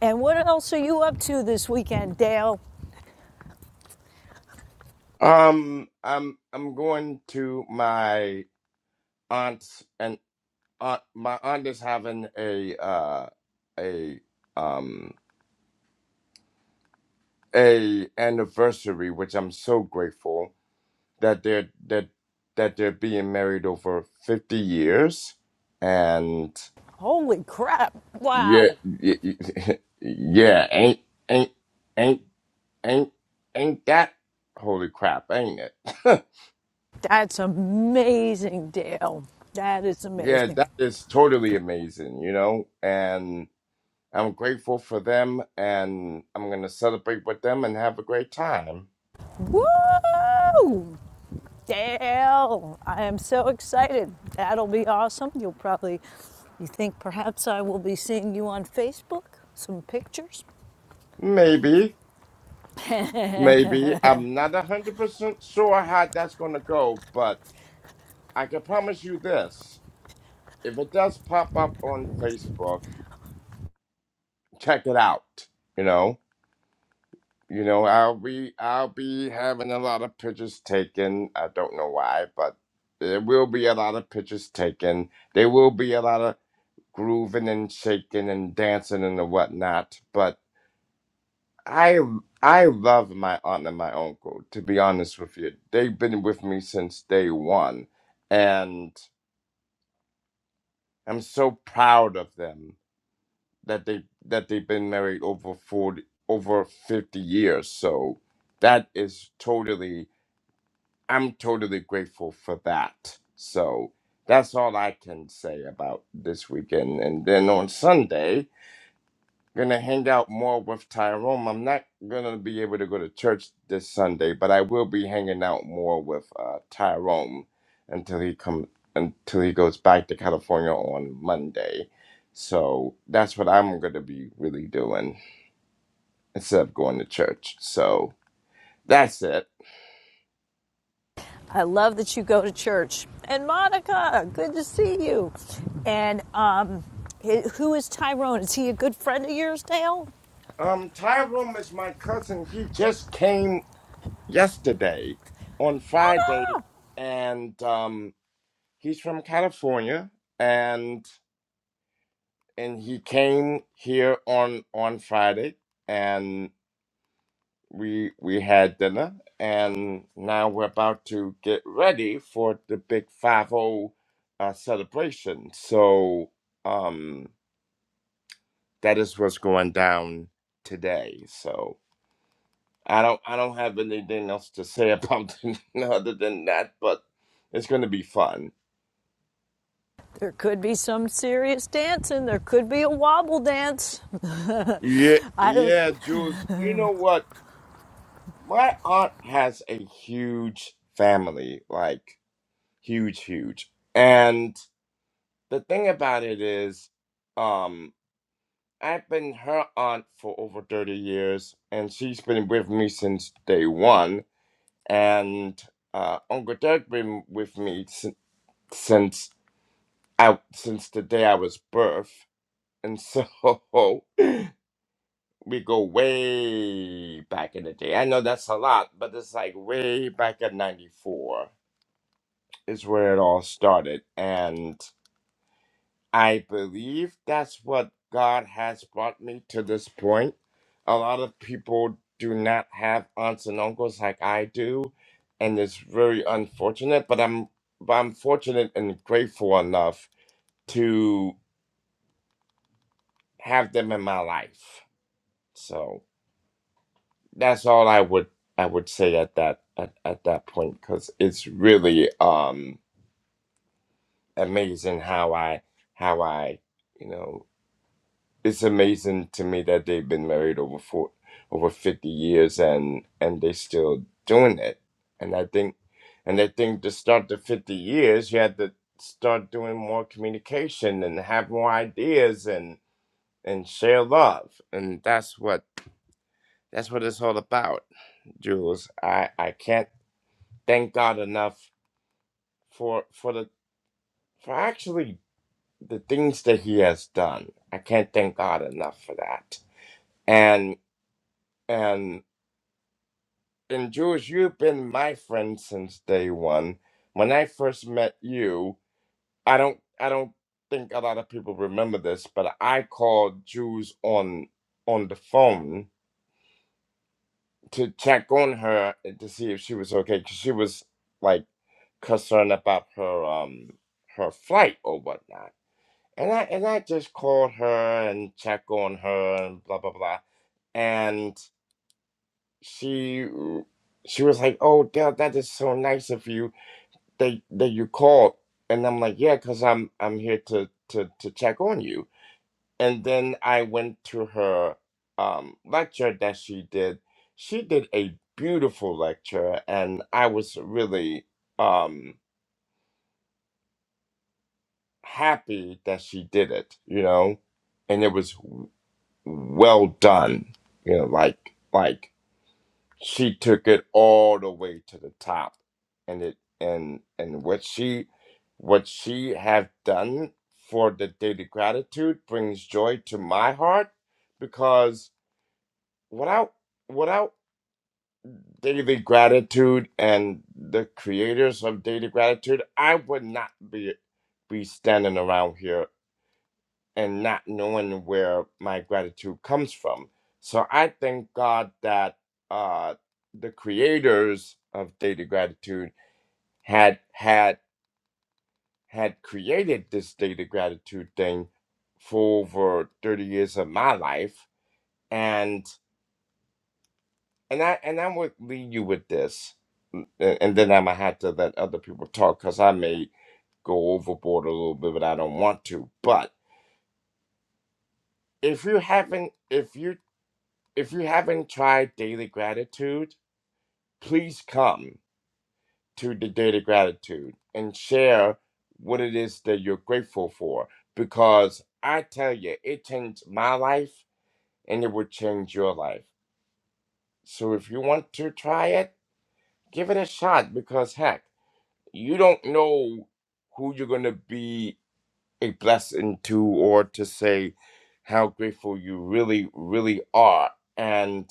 And what else are you up to this weekend, Dale? Um, I'm I'm going to my aunt's and aunt. My aunt is having a uh a um a anniversary, which I'm so grateful that they're that that they're being married over fifty years, and Holy crap. yeah, Wow. y- y- yeah, ain't ain't ain't ain't ain't that holy crap, ain't it? That's amazing, Dale. That is yeah, amazing. that is totally amazing, you know, and. I'm grateful for them and I'm going to celebrate with them and have a great time. Woo! Dale, I am so excited. That'll be awesome. You'll probably, you think perhaps I will be seeing you on Facebook? Some pictures? Maybe, maybe. I'm not 100% sure how that's going to go, but I can promise you this. If it does pop up on Facebook, check it out. You know, you know, I'll be I'll be having a lot of pictures taken. I don't know why, but there will be a lot of pictures taken. There will be a lot of grooving and shaking and dancing and the whatnot. But I I love my aunt and my uncle, to be honest with you. They've been with me since day one, and I'm so proud of them that they that they've been married over 40 over 50 years. So that is totally I'm totally grateful for that. So that's all I can say about this weekend. And then on Sunday, gonna hang out more with Tyrone. I'm not gonna be able to go to church this Sunday, but I will be hanging out more with uh, Tyrone until he come until he goes back to California on Monday. So that's what I'm gonna be really doing instead of going to church. So that's it. I love that you go to church. And Monica, good to see you. And um, who is Tyrone? Is he a good friend of yours, Dale? Um, Tyrone is my cousin. He just came yesterday on Friday, and um, he's from California, and and he came here on on Friday, and we we had dinner, and now we're about to get ready for the big five zero uh, celebration. So um, that is what's going down today. So I don't I don't have anything else to say about it other than that, but it's going to be fun. There could be some serious dancing. There could be a wobble dance. I Yeah, have a yeah, Jules. You know what? My aunt has a huge family, like. huge huge and the thing about it is um i've been her aunt for over 30 years and she's been with me since day one and uh uncle doug been with me since since i since the day i was birth and so we go way back in the day i know that's a lot but it's like way back at 94 is where it all started and. I believe that's what God has brought me to this point. A lot of people do not have aunts and uncles like I do, and it's very unfortunate. But I'm but I'm fortunate and grateful enough to have them in my life. So that's all I would I would say at that at, at that point because it's really um amazing how I how I you know it's amazing to me that they've been married over four, over 50 years and and they still doing it and i think and i think to start the 50 years you had to start doing more communication and have more ideas and and share love and that's what that's what it's all about jules i i can't thank god enough for for the for actually the things that he has done i can't thank god enough for that and and and Jules, you've been my friend since day one. When I first met you, I don't I don't think a lot of people remember this, but I called Jules on on the phone to check on her and to see if she was okay because she was like concerned about her um her flight or whatnot. And I and I just called her and check on her and blah blah blah. And she she was like, "Oh, Dale, that is so nice of you." that that you called and i'm like yeah because i'm i'm here to to to check on you and then i went to her um lecture that she did she did a beautiful lecture and i was really um happy that she did it you know and it was well done you know like like she took it all the way to the top and it and and what she what she have done for the daily gratitude brings joy to my heart because without without daily gratitude and the creators of daily gratitude i would not be be standing around here and not knowing where my gratitude comes from. So I thank God that uh, the creators of Daily Gratitude had had had created this Daily Gratitude thing for over thirty years of my life, and and I and I would leave you with this, and, and then I'm gonna have to let other people talk because I may go overboard a little bit, but I don't want to. But if you haven't, if you if you haven't tried daily gratitude, please come to the daily gratitude and share what it is that you're grateful for because I tell you, it changed my life and it will change your life. So if you want to try it, give it a shot because heck, you don't know who you're going to be a blessing to or to say how grateful you really, really are. And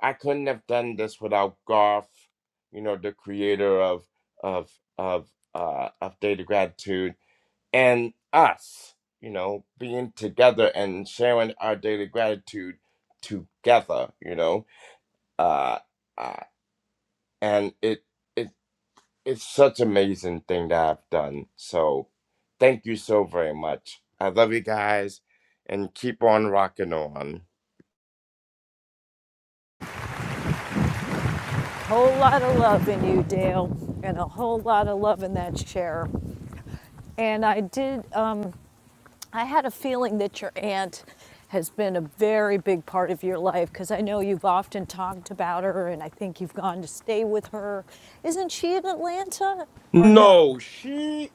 I couldn't have done this without Garth, you know, the creator of of of uh of Data Gratitude and us, you know, being together and sharing our daily gratitude together, you know. Uh, uh and it it it's such amazing thing that I've done. So thank you so very much. I love you guys and keep on rocking on. whole lot of love in you, Dale, and a whole lot of love in that chair. And I did. Um, I had a feeling that your aunt has been a very big part of your life because I know you've often talked about her and I think you've gone to stay with her. Isn't she in Atlanta or no? No, she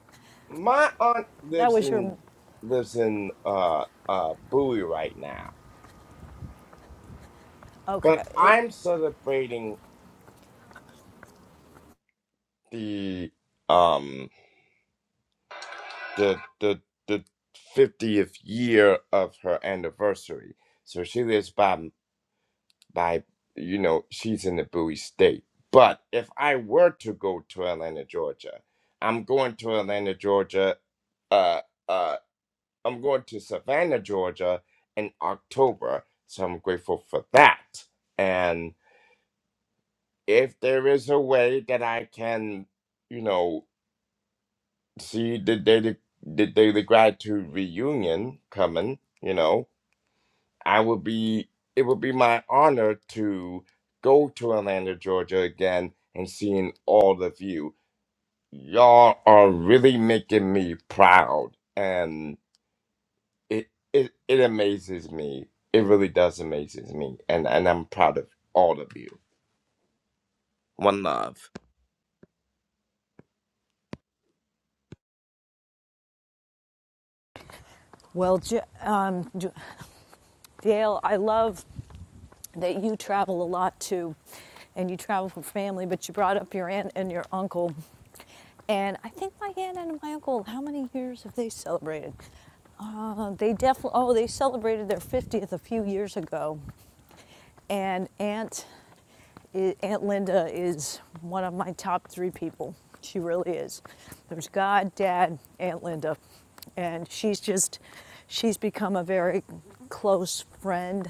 my aunt That lives was your. in lives in uh uh Bowie right now. Okay. But It, I'm celebrating the um the the the 50th year of her anniversary. So she lives by by you know she's in a Bowie state. But if I were to go to Atlanta, Georgia, I'm going to Atlanta, Georgia. Uh, uh, I'm going to Savannah, Georgia in October, so I'm grateful for that. And if there is a way that I can, you know, see the daily the daily gratitude reunion coming, you know. I would be it would be my honor to go to Atlanta, Georgia again and seeing all of you. Y'all are really making me proud and it it, it amazes me. It really does amazes me and, and I'm proud of all of you. One love. well, Ja, um, Ja, Dale, I love that you travel a lot too, and you travel for family, but you brought up your aunt and your uncle. And I think my aunt and my uncle, how many years have they celebrated? Uh, they definitely, oh, they celebrated their 50th a few years ago. And aunt i Aunt Linda is one of my top three people. She really is. There's God, Dad, Aunt Linda. And she's just, she's become a very close friend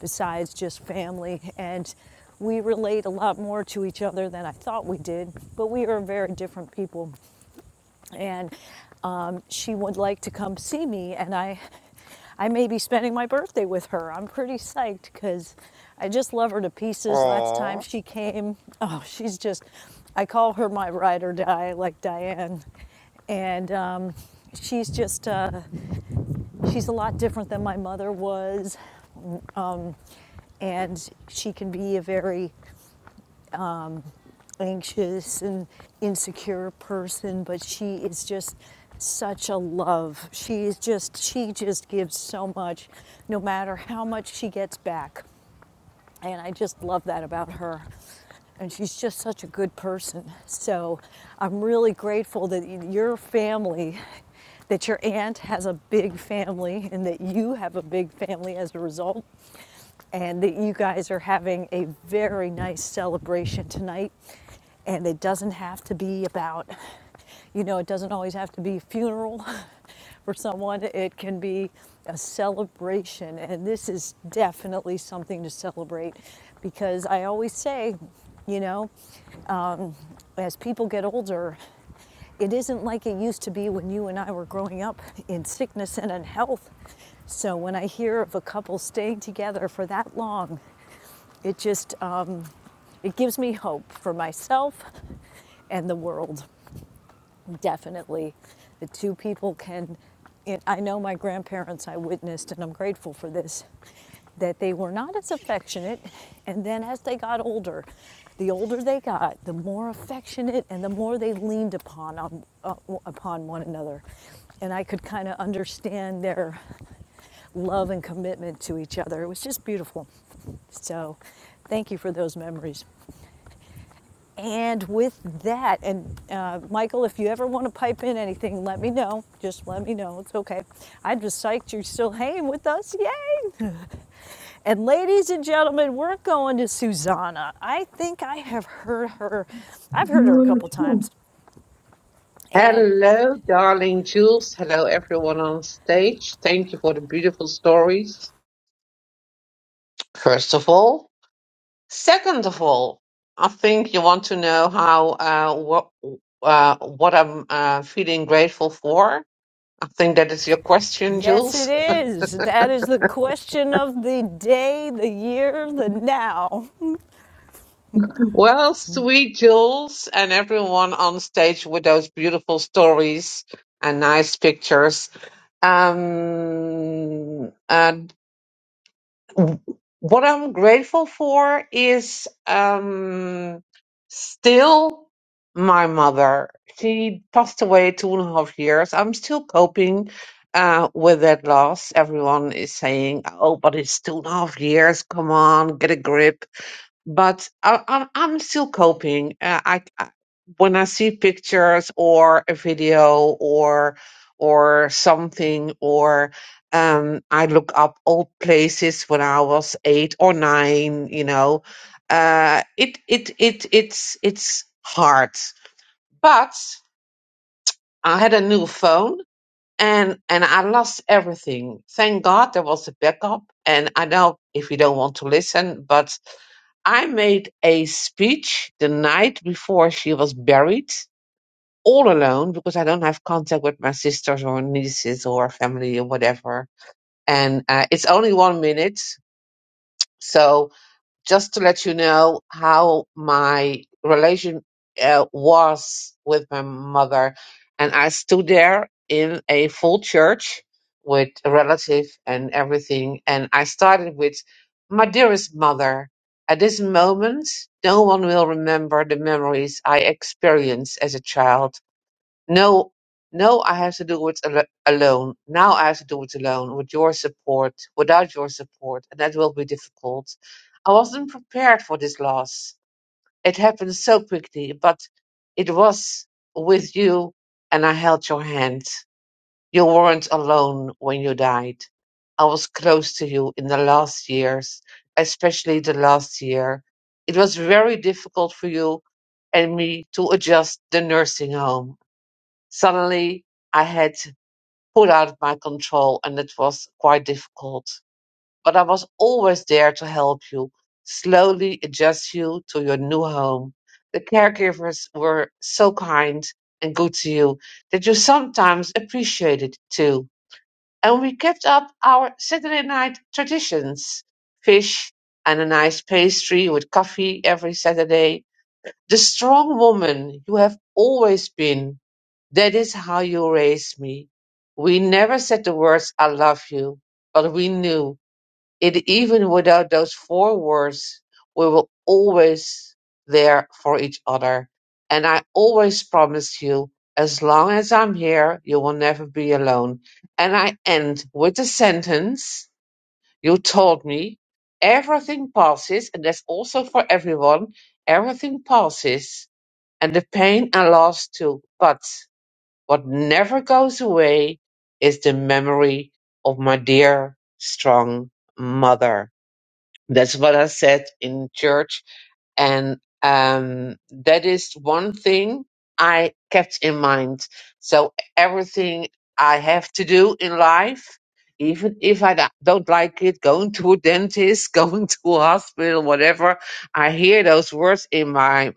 besides just family. And we relate a lot more to each other than I thought we did, but we are very different people and um, she would like to come see me and i i may be spending my birthday with her i'm pretty psyched because i just love her to pieces last time Aw. she came oh she's just i call her my ride or die like diane and um, she's just uh, she's a lot different than my mother was and she can be a very anxious and insecure person, but she is just such a love. She is just, she just gives so much, no matter how much she gets back. And I just love that about her. And she's just such a good person. So I'm really grateful that your family, that your aunt has a big family, and that you have a big family as a result and that you guys are having a very nice celebration tonight. And it doesn't have to be about, you know, it doesn't always have to be a funeral for someone, it can be a celebration. And this is definitely something to celebrate because I always say, you know, as people get older, it isn't like it used to be when you and I were growing up in sickness and in health. So when I hear of a couple staying together for that long it just uh, it gives me hope for myself and the world. Definitely, the two people can. It, I know my grandparents. I witnessed, and I'm grateful for this. That they were not as affectionate, and then as they got older, the older they got, the more affectionate and the more they leaned upon um, uh, upon one another, and I could kind of understand their love and commitment to each other. It was just beautiful. So, thank you for those memories. And with that, and uh, Michael, if you ever want to pipe in anything, let me know. Just let me know. It's okay. I'm just psyched you're still hanging with us. Yay! and ladies and gentlemen, we're going to Susanna. I think I have heard her. I've heard her You a couple Hmm. times. And Hello, darling Jules. Hello, everyone on stage. Thank you for the beautiful stories. First of all, second of all, I think you want to know how uh, what uh, what I'm uh, feeling grateful for. I think that is your question, yes, it Jules. is. That is the question of the day, the year, the now. Well, sweet Jules, and everyone on stage with those beautiful stories and nice pictures. Um, and w- what I'm grateful for is um, still my mother. She passed away two and a half years. I'm still coping. Uh, with that loss, everyone is saying, "Oh, but it's two and a half years. Come on, get a grip." but I, I'm I'm still coping. Uh, I, I when I see pictures or a video or or something or um, I look up old places when I was eight or nine. You know, uh, it it it it's it's hard. But I had a new phone and and I lost everything. Thank God there was a backup. And I know if you don't want to listen, but I made a speech the night before she was buried, all alone because I don't have contact with my sisters or nieces or family or whatever. And uh, it's only one minute, so just to let you know how my relation uh, was with my mother. And I stood there in a full church with a relative and everything. And I started with, My dearest mother, at this moment, no one will remember the memories I experienced as a child. No, no, I have to do it al alone. Now I have to do it alone, with your support, without your support, and that will be difficult. I wasn't prepared for this loss. It happened so quickly, but it was with you, and I held your hand. You weren't alone when you died. I was close to you in the last years, especially the last year. It was very difficult for you and me to adjust the nursing home Suddenly, I had put out of my control, and it was quite difficult. But I was always there to help you, slowly adjust you to your new home. The caregivers were so kind and good to you that you sometimes appreciated too. And we kept up our Saturday night traditions fish and a nice pastry with coffee every Saturday. The strong woman you have always been that is how you raised me. We never said the words I love you, but we knew it even without those four words, we were always there for each other. And I always promised you, as long as I'm here, you will never be alone. And I end with the sentence you told me, everything passes, and that's also for everyone, everything passes, and the pain and loss too. But what never goes away is the memory of my dear, strong mother. That's what I said in church. And um, that is one thing I kept in mind. So everything I have to do in life, even if I da- don't like it, going to a dentist, going to a hospital, whatever, I hear those words in my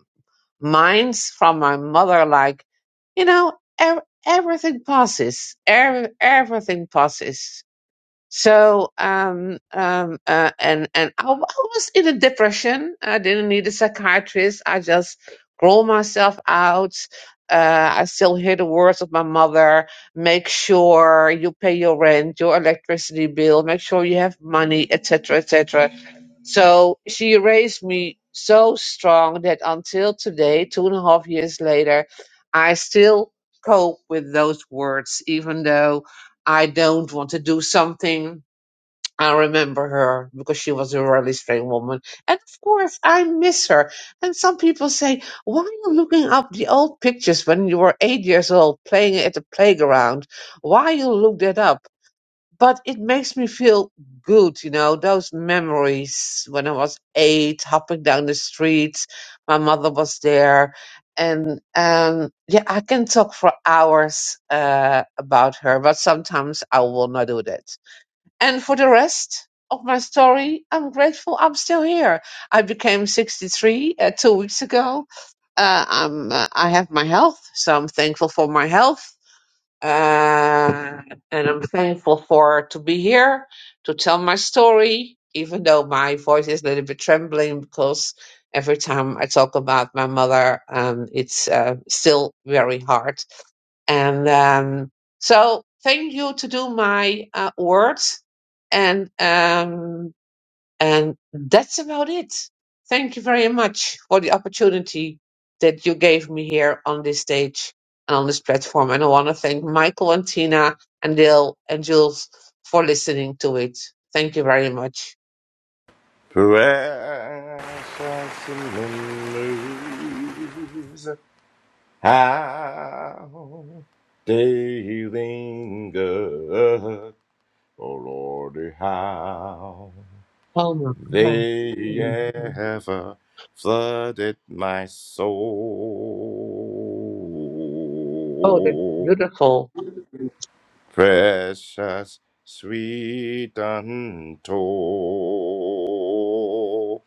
Mine's from my mother, like, you know, ev- everything passes. Ev- everything passes. So, um, um, uh, and and I, w- I was in a depression. I didn't need a psychiatrist. I just grow myself out. Uh, I still hear the words of my mother. Make sure you pay your rent, your electricity bill. Make sure you have money, etc., etc. So she raised me so strong that until today, two and a half years later, I still cope with those words, even though. I don't want to do something. I remember her because she was a really strange woman. And of course, I miss her. And some people say, why are you looking up the old pictures when you were eight years old playing at the playground? Why you look that up? but it makes me feel good, you know, those memories when I was eight, hopping down the streets, my mother was there. And um, yeah, I can talk for hours uh, about her, but sometimes I will not do that. And for the rest of my story, I'm grateful I'm still here. I became 63 uh, two weeks ago. Uh, I'm, uh, I have my health, so I'm thankful for my health uh, and I'm thankful for to be here to tell my story, even though my voice is a little bit trembling because every time I talk about my mother, um, it's uh, still very hard. And um, so, thank you to do my uh, words, and um, and that's about it. Thank you very much for the opportunity that you gave me here on this stage and on this platform. And I want to thank Michael and Tina and Dale and Jules for listening to it. Thank you very much. Precious memories how they linger Oh Lordy, how Oh, my God. they ever flooded my oh that's soul. beautiful. Precious, sweet, untold.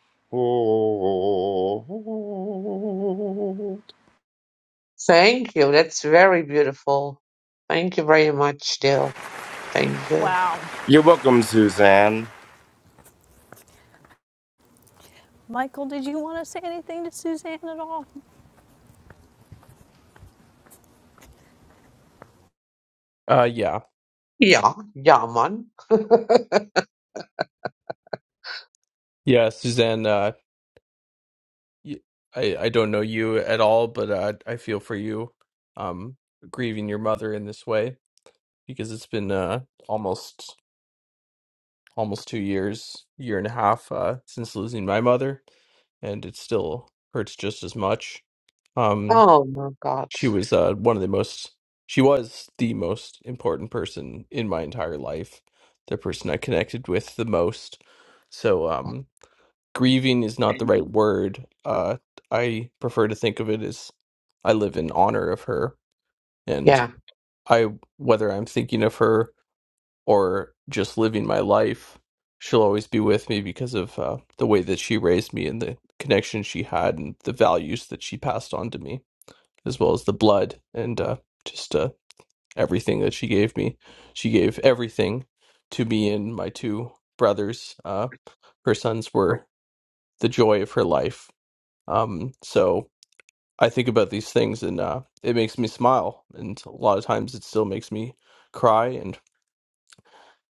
Thank you. That's very beautiful. Thank you very much, Dale. Thank you. Wow. You're welcome, Suzanne. Michael, did you want to say anything to Suzanne at all? Uh, yeah, Yeah, yeah, man. yeah, Suzanne. Uh, y- I I don't know you at all, but uh, I feel for you, um, grieving your mother in this way because it's been uh almost almost two years, year and a half, uh, since losing my mother, and it still hurts just as much. Um, oh my God. she was uh, one of the most she was the most important person in my entire life the person i connected with the most so um grieving is not the right word uh i prefer to think of it as i live in honor of her and Yeah. i whether i'm thinking of her or just living my life she'll always be with me because of uh, the way that she raised me and the connection she had and the values that she passed on to me as well as the blood and uh, just uh, everything that she gave me. She gave everything to me and my two brothers. Uh, her sons were the joy of her life. Um, so I think about these things and uh, it makes me smile. And a lot of times it still makes me cry. And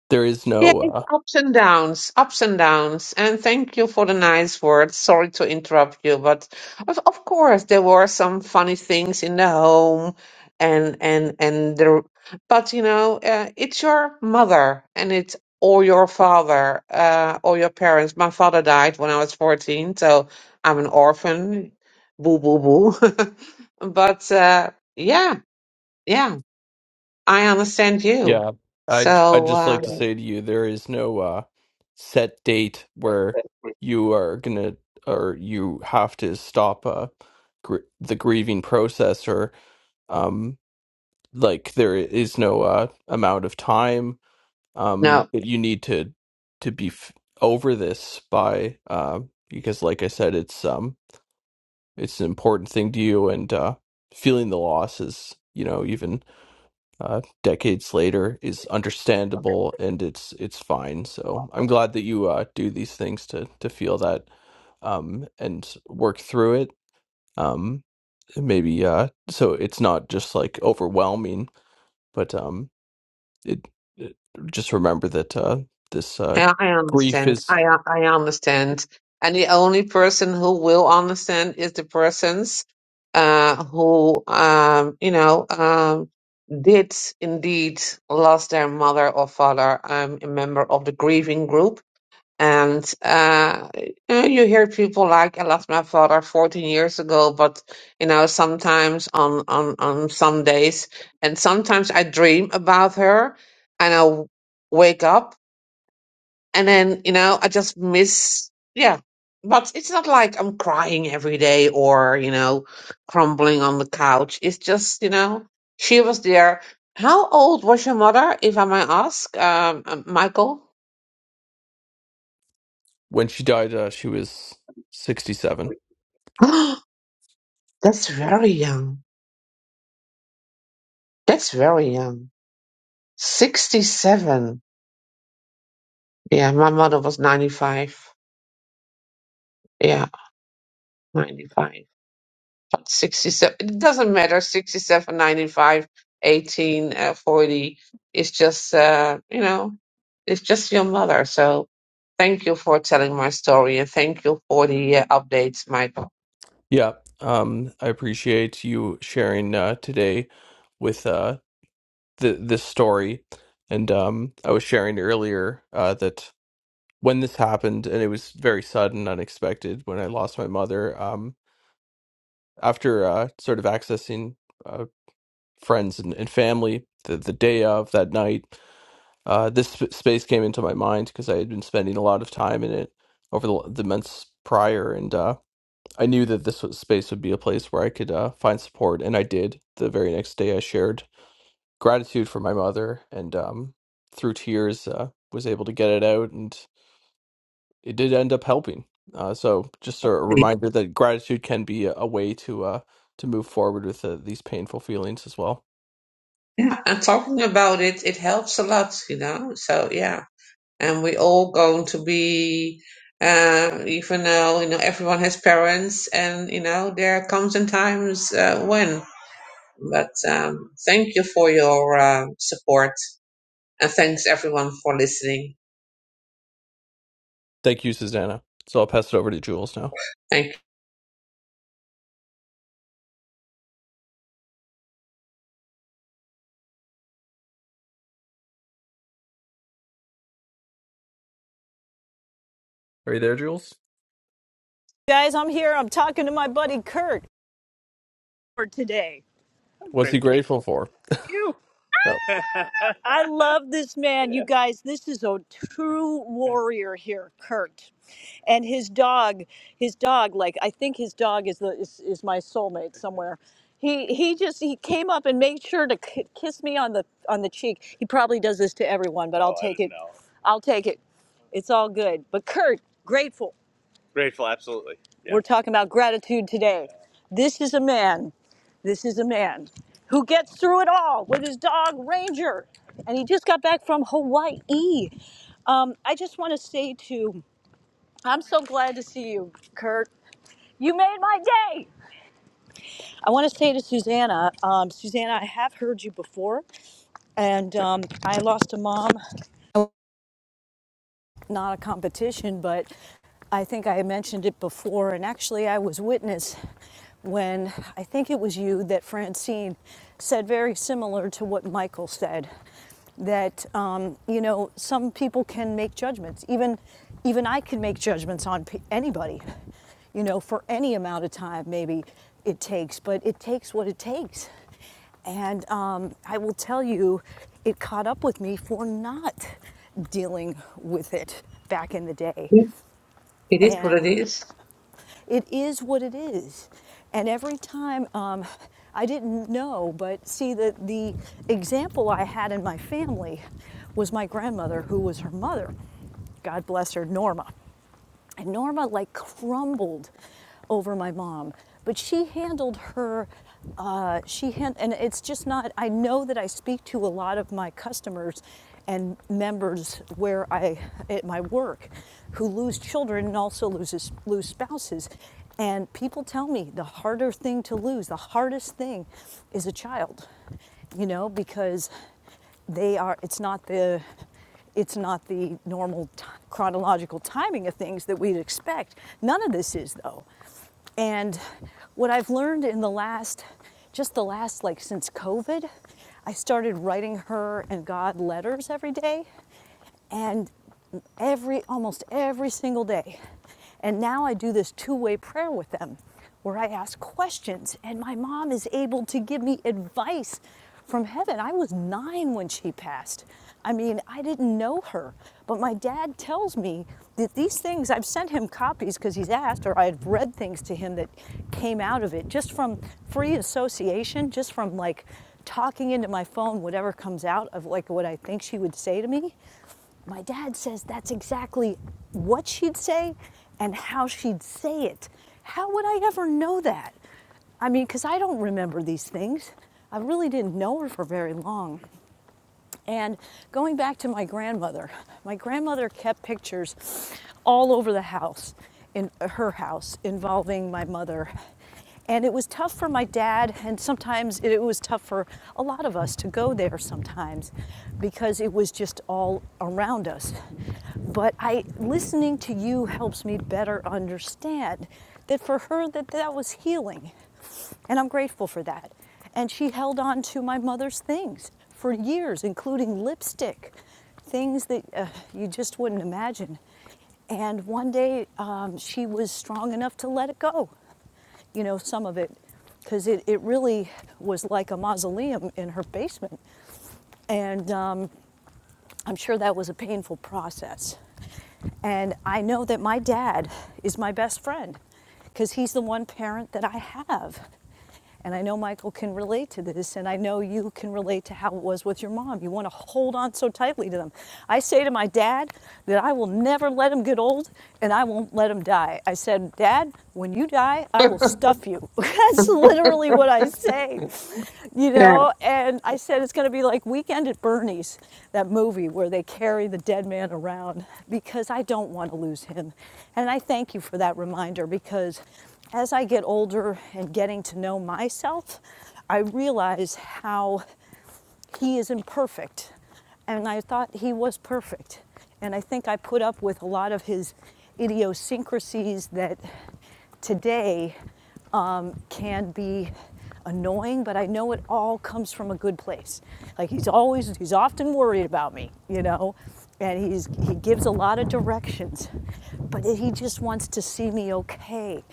there is Yeah, no. it's uh, ups and downs, ups and downs. And thank you for the nice words. Sorry to interrupt you, but of, of course there were some funny things in the home, and and and the. But you know, uh, it's your mother, and it's or your father, uh, or your parents. My father died when I was fourteen, so I'm an orphan. Boo boo boo. But uh, yeah, yeah, I understand you. Yeah, I I'd So just uh, like to say to you, there is no uh, set date where you are gonna or you have to stop uh, gr the grieving process, or um, like there is no uh, amount of time um, no. that you need to to be f over this by uh, because, like I said, it's um it's an important thing to you, and uh, feeling the loss is you know even uh, decades later is understandable and it's it's fine. So I'm glad that you uh, do these things to to feel that um, and work through it. Um, maybe uh, so it's not just like overwhelming, but um, it, it just remember that uh, this uh, I, I grief understand. is I I understand. And the only person who will understand is the persons uh, who, um, you know, um, did indeed lost their mother or father. I'm a member of the grieving group, and uh, you know, you hear people like, "I lost my father 14 years ago," but you know, sometimes on on on some days, and sometimes I dream about her, and I wake up and then you know i just miss yeah but it's not like i'm crying every day or you know crumbling on the couch it's just you know she was there how old was your mother if i may ask um, um, michael when she died uh, she was 67 that's very young that's very young 67 yeah my mother was 95 yeah 95 But 67, it doesn't matter, 67, 95, 18, uh, 40. It's just, uh, you know, it's just your mother. So thank you for telling my story and thank you for the uh, updates, Michael. yeah um i appreciate you sharing uh, today with uh. th- this story, and um, I was sharing earlier uh, that when this happened, and it was very sudden, unexpected, when I lost my mother, um, after uh, sort of accessing uh, friends and, and family the, the day of that night, uh, this sp- space came into my mind because I had been spending a lot of time in it over the, the months prior, and uh, I knew that this was, space would be a place where I could uh, find support, and I did. The very next day, I shared gratitude for my mother and um through tears uh, was able to get it out and it did end up helping uh so just a reminder that gratitude can be a, a way to uh to move forward with uh, these painful feelings as well Yeah, and talking about it, it helps a lot, you know. So yeah, and we all going to be, uh, even though you know everyone has parents, and you know there comes and times uh, when. But um, thank you for your uh, support. And thanks everyone for listening. thank you susanna so i'll pass it over to jules now Thank are you there jules Guys, I'm here. I'm talking to my buddy Kurt. for today. what's he Grateful to grateful for you. oh I love this man, you guys. This is a true warrior here, Kurt, and his dog. His dog, like I think his dog is the is, is my soulmate somewhere. He he just he came up and made sure to k- kiss me on the on the cheek. He probably does this to everyone, but I'll Oh, I take don't it. know. I'll take it. It's all good. But Kurt, grateful. Grateful, absolutely. Yeah. We're talking about gratitude today. This is a man. This is a man who gets through it all with his dog Ranger, and he just got back from Hawaii. Um, I just want to say to, I'm so glad to see you, Kurt. You made my day. I want to say to Susanna, um, Susanna, I have heard you before, and um, I lost a mom not a competition, but I think I mentioned it before, and actually I was witness when I think it was you that Francine said very similar to what Michael said that um, you know some people can make judgments even even I can make judgments on pe- anybody you know for any amount of time maybe it takes but it takes what it takes and um, I will tell you, it caught up with me for not dealing with it back in the day. you. It is what it And is. it is what it is. And every time, um, I didn't know, but see, the, the example I had in my family was my grandmother, who was her mother. God bless her, Norma. And Norma like crumbled over my mom, but she handled her. Uh, she hand, and it's just not. I know that I speak to a lot of my customers and members where I at my work who lose children and also loses lose spouses. And people tell me the harder thing to lose, the hardest thing is a child, you know, because they are it's not the it's not the normal t- chronological timing of things that we'd expect none of this is though and what i've learned in the last just the last like since covid i started writing her and god letters every day and every almost every single day and now i do this two-way prayer with them where i ask questions and my mom is able to give me advice from heaven i was nine when she passed i mean i didn't know her but my dad tells me that these things i've sent him copies because he's asked or i've read things to him that came out of it just from free association just from like talking into my phone whatever comes out of like what i think she would say to me my dad says that's exactly what she'd say and how she'd say it. How would I ever know that? I mean, because I don't remember these things. I really didn't know her for very long. And going back to my grandmother, my grandmother kept pictures all over the house, in her house, involving my mother. And it was tough for my dad, and sometimes it was tough for a lot of us to go there sometimes because it was just all around us. But I listening to you helps me better understand that for her that that was healing and I'm grateful for that. And she held on to my mother's things for years, including lipstick, things that uh, you just wouldn't imagine. And one day um, she was strong enough to let it go, you know, some of it, because it, it really was like a mausoleum in her basement. And um, I'm sure that was a painful process. And I know that my dad is my best friend because he's the one parent that I have. And I know Michael can relate to this, and I know you can relate to how it was with your mom. You want to hold on so tightly to them. I say to my dad that I will never let him get old and I won't let him die. I said, Dad, when you die, I will stuff you. That's literally what I say, you Yeah. know? And I said, it's going to be like Weekend at Bernie's, that movie where they carry the dead man around because I don't want to lose him. And I thank you for that reminder because as I get older and getting to know myself, I realize how he is imperfect. And I thought he was perfect. And I think I put up with a lot of his idiosyncrasies that today um, can be annoying, but I know it all comes from a good place. Like he's always, he's often worried about me, you know, and he's, he gives a lot of directions, but he just wants to see me okay.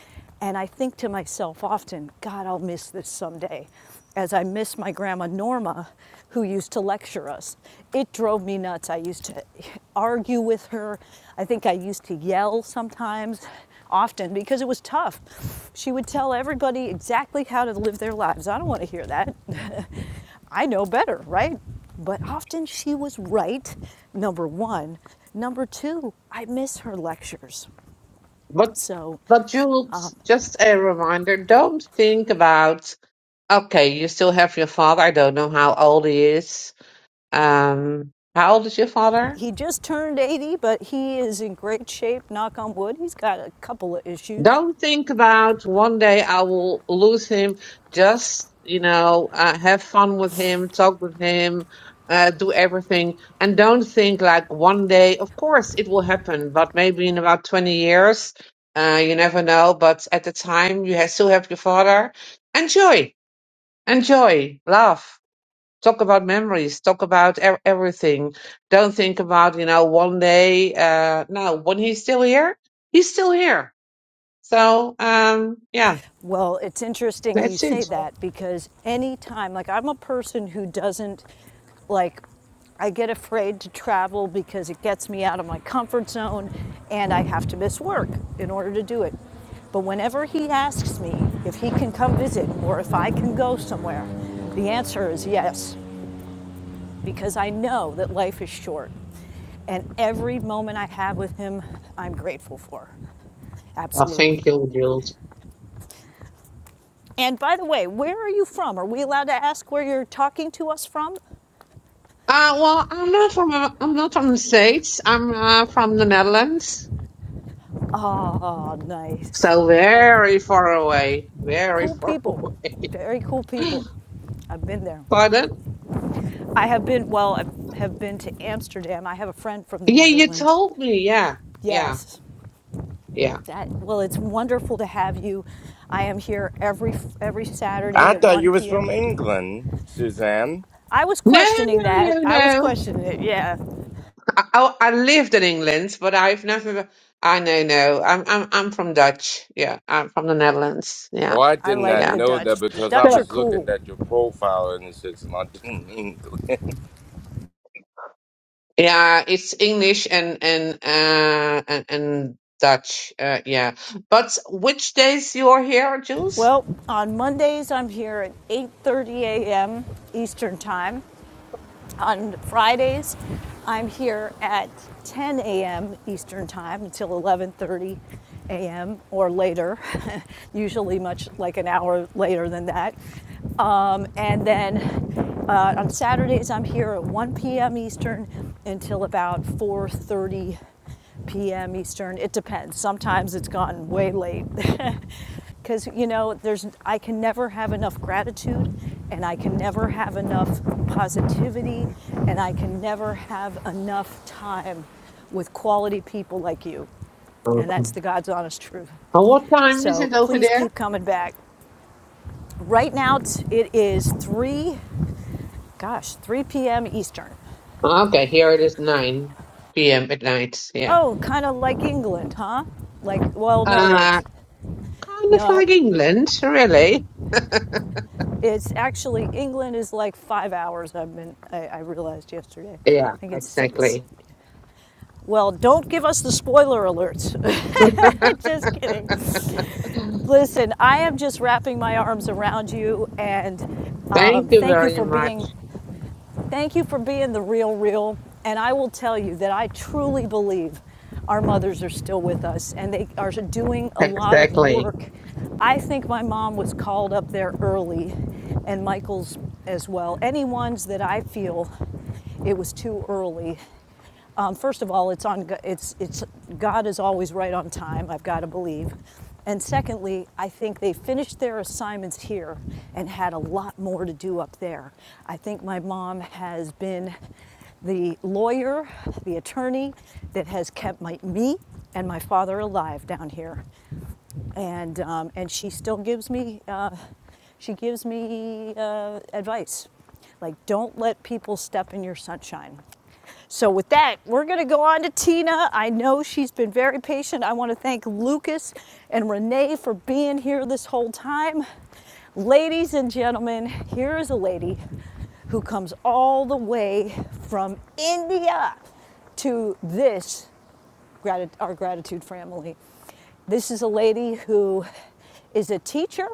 And I think to myself often, God, I'll miss this someday, as I miss my grandma Norma, who used to lecture us. It drove me nuts. I used to argue with her. I think I used to yell sometimes, often, because it was tough. She would tell everybody exactly how to live their lives. I don't want to hear that. I know better, right? But often she was right, number one. Number two, I miss her lectures. But So but Jules, just a reminder, don't think about okay, you still have your father. I don't know how old he is. Um how old is your father? He just turned 80, but he is in great shape, knock on wood. He's got a couple of issues. Don't think about one day I will lose him. Just, you know, uh, have fun with him, talk with him, uh, do everything. And don't think like one day, of course it will happen, but maybe in about 20 years, uh, you never know. But at the time, you ha still have your father. Enjoy, enjoy, laugh. Talk about memories, talk about e everything. Don't think about, you know, one day, uh, no, when he's still here, he's still here so, um, yeah, Well, it's interesting you that's say it. that because any time, like, I'm a person who doesn't, like, I get afraid to travel because it gets me out of my comfort zone and I have to miss work in order to do it. But whenever he asks me if he can come visit or if I can go somewhere, the answer is yes. because I know that life is short. And every moment I have with him, I'm grateful for. I Absolutely. think you'll use. And by the way, where are you from? Are we allowed to ask where you're talking to us from? Uh, well, I'm not from I'm not from the States. I'm uh, from the Netherlands, Oh, nice. so I- have very far away, very Cool far people. away. Very cool people. I've been there. Pardon? I have been, well, I have been to Amsterdam. I have a friend from the Yeah, you Netherlands. told me. Yeah, yeah, Yes, yeah. that, well, it's wonderful to have you. I am here every, every I Saturday at thought 1 you was from p.m. England, Suzanne. I was No, questioning no, that. no, I was no. questioning it. Yeah. I, I, I lived in England, but I've never. I know, no. I'm I'm I'm from Dutch. Yeah, I'm from the Netherlands. Yeah, Well, I I did not like yeah. the know Dutch. that The because I Dutch are was looking cool. at your profile and it says London English. Yeah, it's English and and uh and, and Dutch. Uh, yeah, but which days you are here, Jules? Well, on Mondays I'm here at 8:30 a.m. Eastern Time. On Fridays, I'm here at 10 a.m. Eastern Time until 11:30 a.m. or later. Usually much like an hour later than that. Um, and then uh, on Saturdays, I'm here at 1 p.m. Eastern until about 4:30 p.m. Eastern. It depends. Sometimes it's gotten way late. Because, you know, there's, I can never have enough gratitude and I can never have enough positivity and I can never have enough time with quality people like you. And Okay. that's the God's honest truth. And what time is So it over please there? keep coming back. Right now it's- 3, gosh, 3 p.m. Eastern. Okay, here it is nine p.m. at night. Yeah. Oh, kind of like England, huh? Like, well, no, Uh that's, kind of no. like England, really. It's actually England is like five hours. I've been I, I realized yesterday. Yeah, I think it's six. exactly. Well, don't give us the spoiler alerts. just kidding. Listen, I am just wrapping my arms around you, and um, Thank you thank you very for being much. Thank you for being the real, real. And I will tell you that I truly believe our mothers are still with us and they are doing a lot of Exactly. work. I think my mom was called up there early and Michael's as well. Any ones that I feel it was too early um, first of all, it's on. It's it's God is always right on time. I've got to believe. And secondly, I think they finished their assignments here and had a lot more to do up there. I think my mom has been the lawyer, the attorney that has kept my, me and my father alive down here and um, and she still gives me uh, she gives me uh, advice like don't let people step in your sunshine so with that we're going to go on to tina i know she's been very patient i want to thank lucas and renee for being here this whole time ladies and gentlemen here is a lady who comes all the way from india to this grati- our gratitude family. This is a lady who is a teacher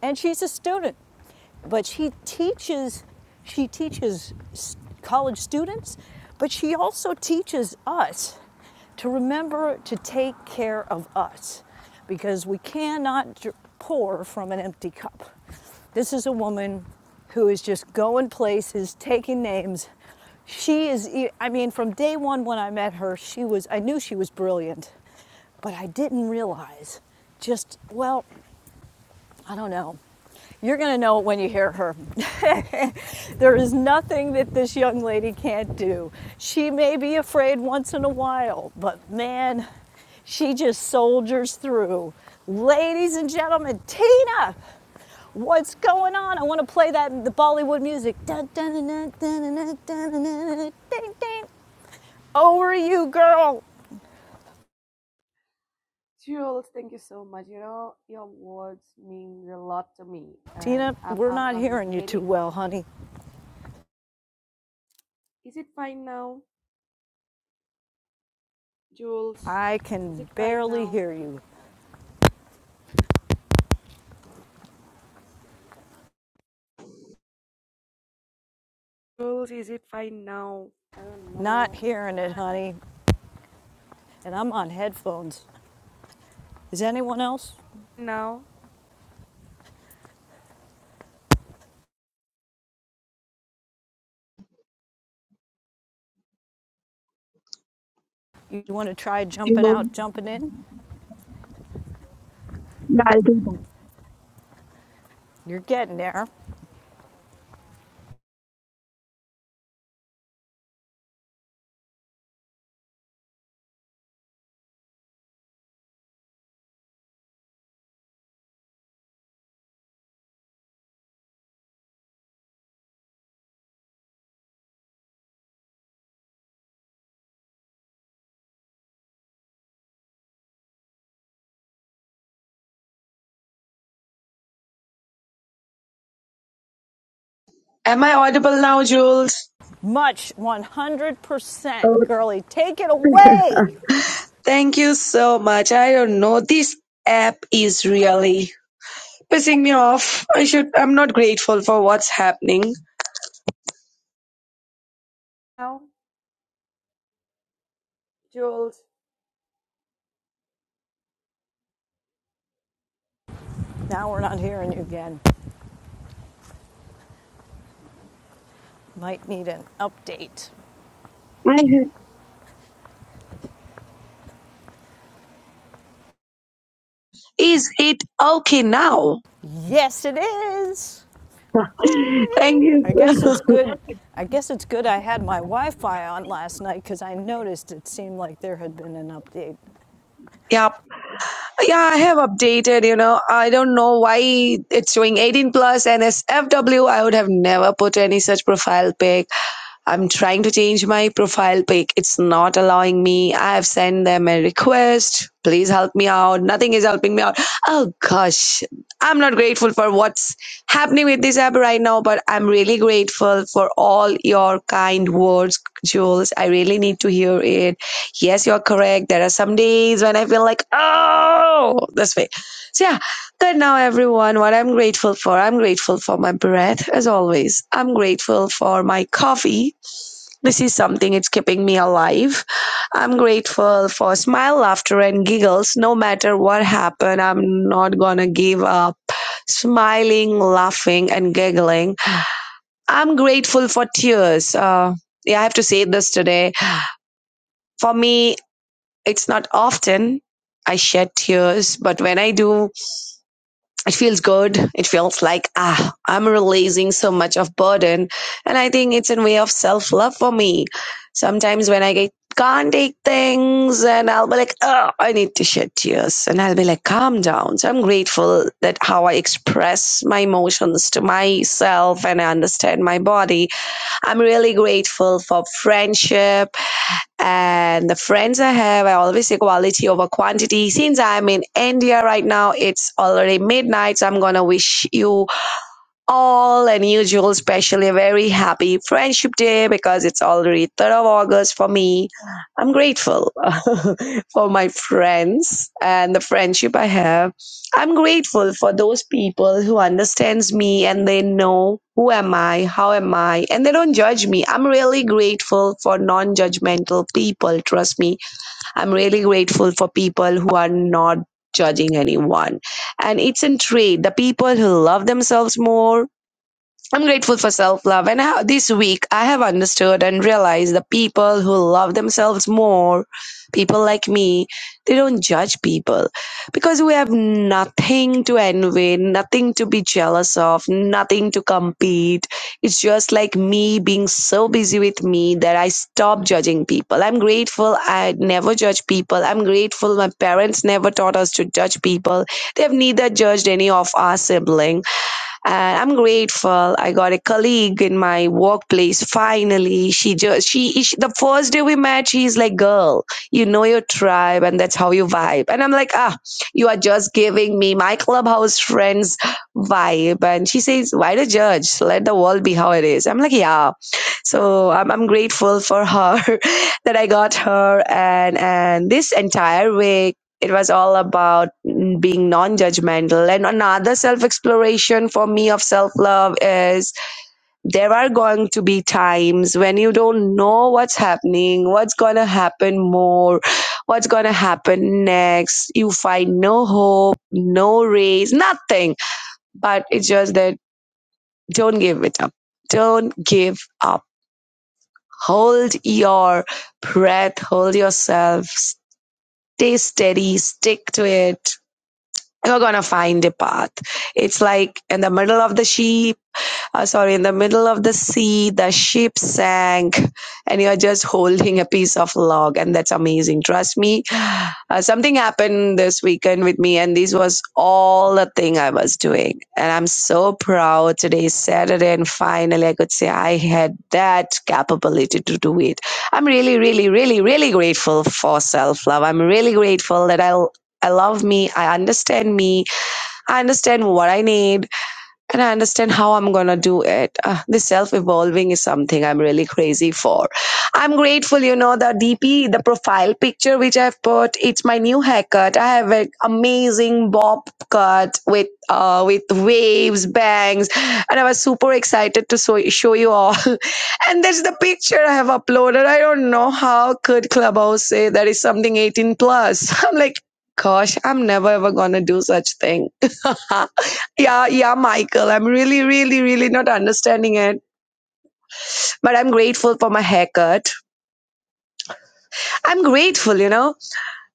and she's a student, but she teaches she teaches college students, but she also teaches us to remember to take care of us because we cannot pour from an empty cup. This is a woman who is just going places, taking names, she is, e, I mean, from day one when I met her, she was, I knew she was brilliant, but I didn't realize just, well, I don't know. You're going to know it when you hear her. there is nothing that this young lady can't do. She may be afraid once in a while, but man, she just soldiers through. Ladies and gentlemen, Tina, what's going on? I want to play that the Bollywood music. Over you, girl. Jules, thank you so much. You know, your words mean a lot to me, and Tina, I'm, we're I'm, not I'm hearing you too really. well, honey. Is it fine now, Jules? I Is can it fine barely now, hear you. Jules? Is it fine now? I don't Not know. hearing Not it, honey. And I'm on headphones. Is anyone else? Now, You want to try jumping you. out, jumping in? Yeah, I think that. You're getting there. Am I audible now, Jules? Much Oh, 100%, girly. Take it away. Thank you so much. I don't know. This app is really pissing me off. I should I'm not grateful for what's happening. now, Jules. Now we're not hearing you again. Might need an update. Is it okay now? Yes, it is. Yay! Thank you. I guess sir. it's good. I guess it's good I had my Wi-Fi on last night because I noticed it seemed like there had been an update. Yeah, yeah, I have updated. You know, I don't know why it's showing 18 plus and as FW. I would have never put any such profile pic. I'm trying to change my profile pic. It's not allowing me. I have sent them a request. Please help me out. Nothing is helping me out. Oh gosh, I'm not grateful for what's happening with this app right now, but I'm really grateful for all your kind words, Jules. I really need to hear it Yes, you're correct. There are some days when I feel like, oh, this way. So, yeah, good now, everyone. What I'm grateful for, I'm grateful for my breath, as always. I'm grateful for my coffee. This is something, it's keeping me alive. I'm grateful for smile, laughter, and giggles. No matter what happened, I'm not gonna give up. Smiling, laughing, and giggling. I'm grateful for tears. Uh, yeah, I have to say this today. For me, it's not often I shed tears, but when I do, it feels good. It feels like, ah, I'm releasing so much of burden. And I think it's a way of self love for me. Sometimes when I get, can't take things and I'll be like, oh, I need to shed tears. And I'll be like, calm down. So I'm grateful that how I express my emotions to myself and I understand my body. I'm really grateful for friendship and the friends I have, I always say quality over quantity. Since I'm in India right now, it's already midnight. So I'm gonna wish you all unusual, especially a very happy Friendship Day because it's already 3rd of August for me. I'm grateful for my friends and the friendship I have. I'm grateful for those people who understands me and they know who am I, how am I, and they don't judge me. I'm really grateful for non-judgmental people. Trust me, I'm really grateful for people who are not judging anyone and it's in trade the people who love themselves more I'm grateful for self love, and how this week I have understood and realized the people who love themselves more, people like me, they don't judge people because we have nothing to envy, nothing to be jealous of, nothing to compete. It's just like me being so busy with me that I stopped judging people. I'm grateful I never judge people. I'm grateful my parents never taught us to judge people. They have neither judged any of our siblings and i'm grateful i got a colleague in my workplace finally she just she, she the first day we met she's like girl you know your tribe and that's how you vibe and i'm like ah you are just giving me my clubhouse friends vibe and she says why the judge let the world be how it is i'm like yeah so I'm, I'm grateful for her that i got her and and this entire week it was all about mm, being non-judgmental and another self-exploration for me of self-love is there are going to be times when you don't know what's happening what's going to happen more what's going to happen next you find no hope no raise nothing but it's just that don't give it up don't give up hold your breath, hold yourself, stay steady, stick to it. You're gonna find a path. It's like in the middle of the sheep, uh, sorry, in the middle of the sea, the ship sank, and you're just holding a piece of log, and that's amazing. Trust me, uh, something happened this weekend with me, and this was all the thing I was doing. And I'm so proud today, is Saturday, and finally I could say I had that capability to do it. I'm really, really, really, really grateful for self love. I'm really grateful that I I love me. I understand me. I understand what I need and I understand how I'm gonna do it. Uh, this self-evolving is something I'm really crazy for. I'm grateful, you know, the DP, the profile picture which I've put. It's my new haircut. I have an amazing bob cut with uh with waves, bangs, and I was super excited to so- show you all. and there's the picture I have uploaded. I don't know how could Clubhouse say that is something 18 plus. I'm like, gosh, I'm never ever gonna do such thing yeah, yeah, Michael. I'm really, really, really not understanding it, but I'm grateful for my haircut. I'm grateful, you know,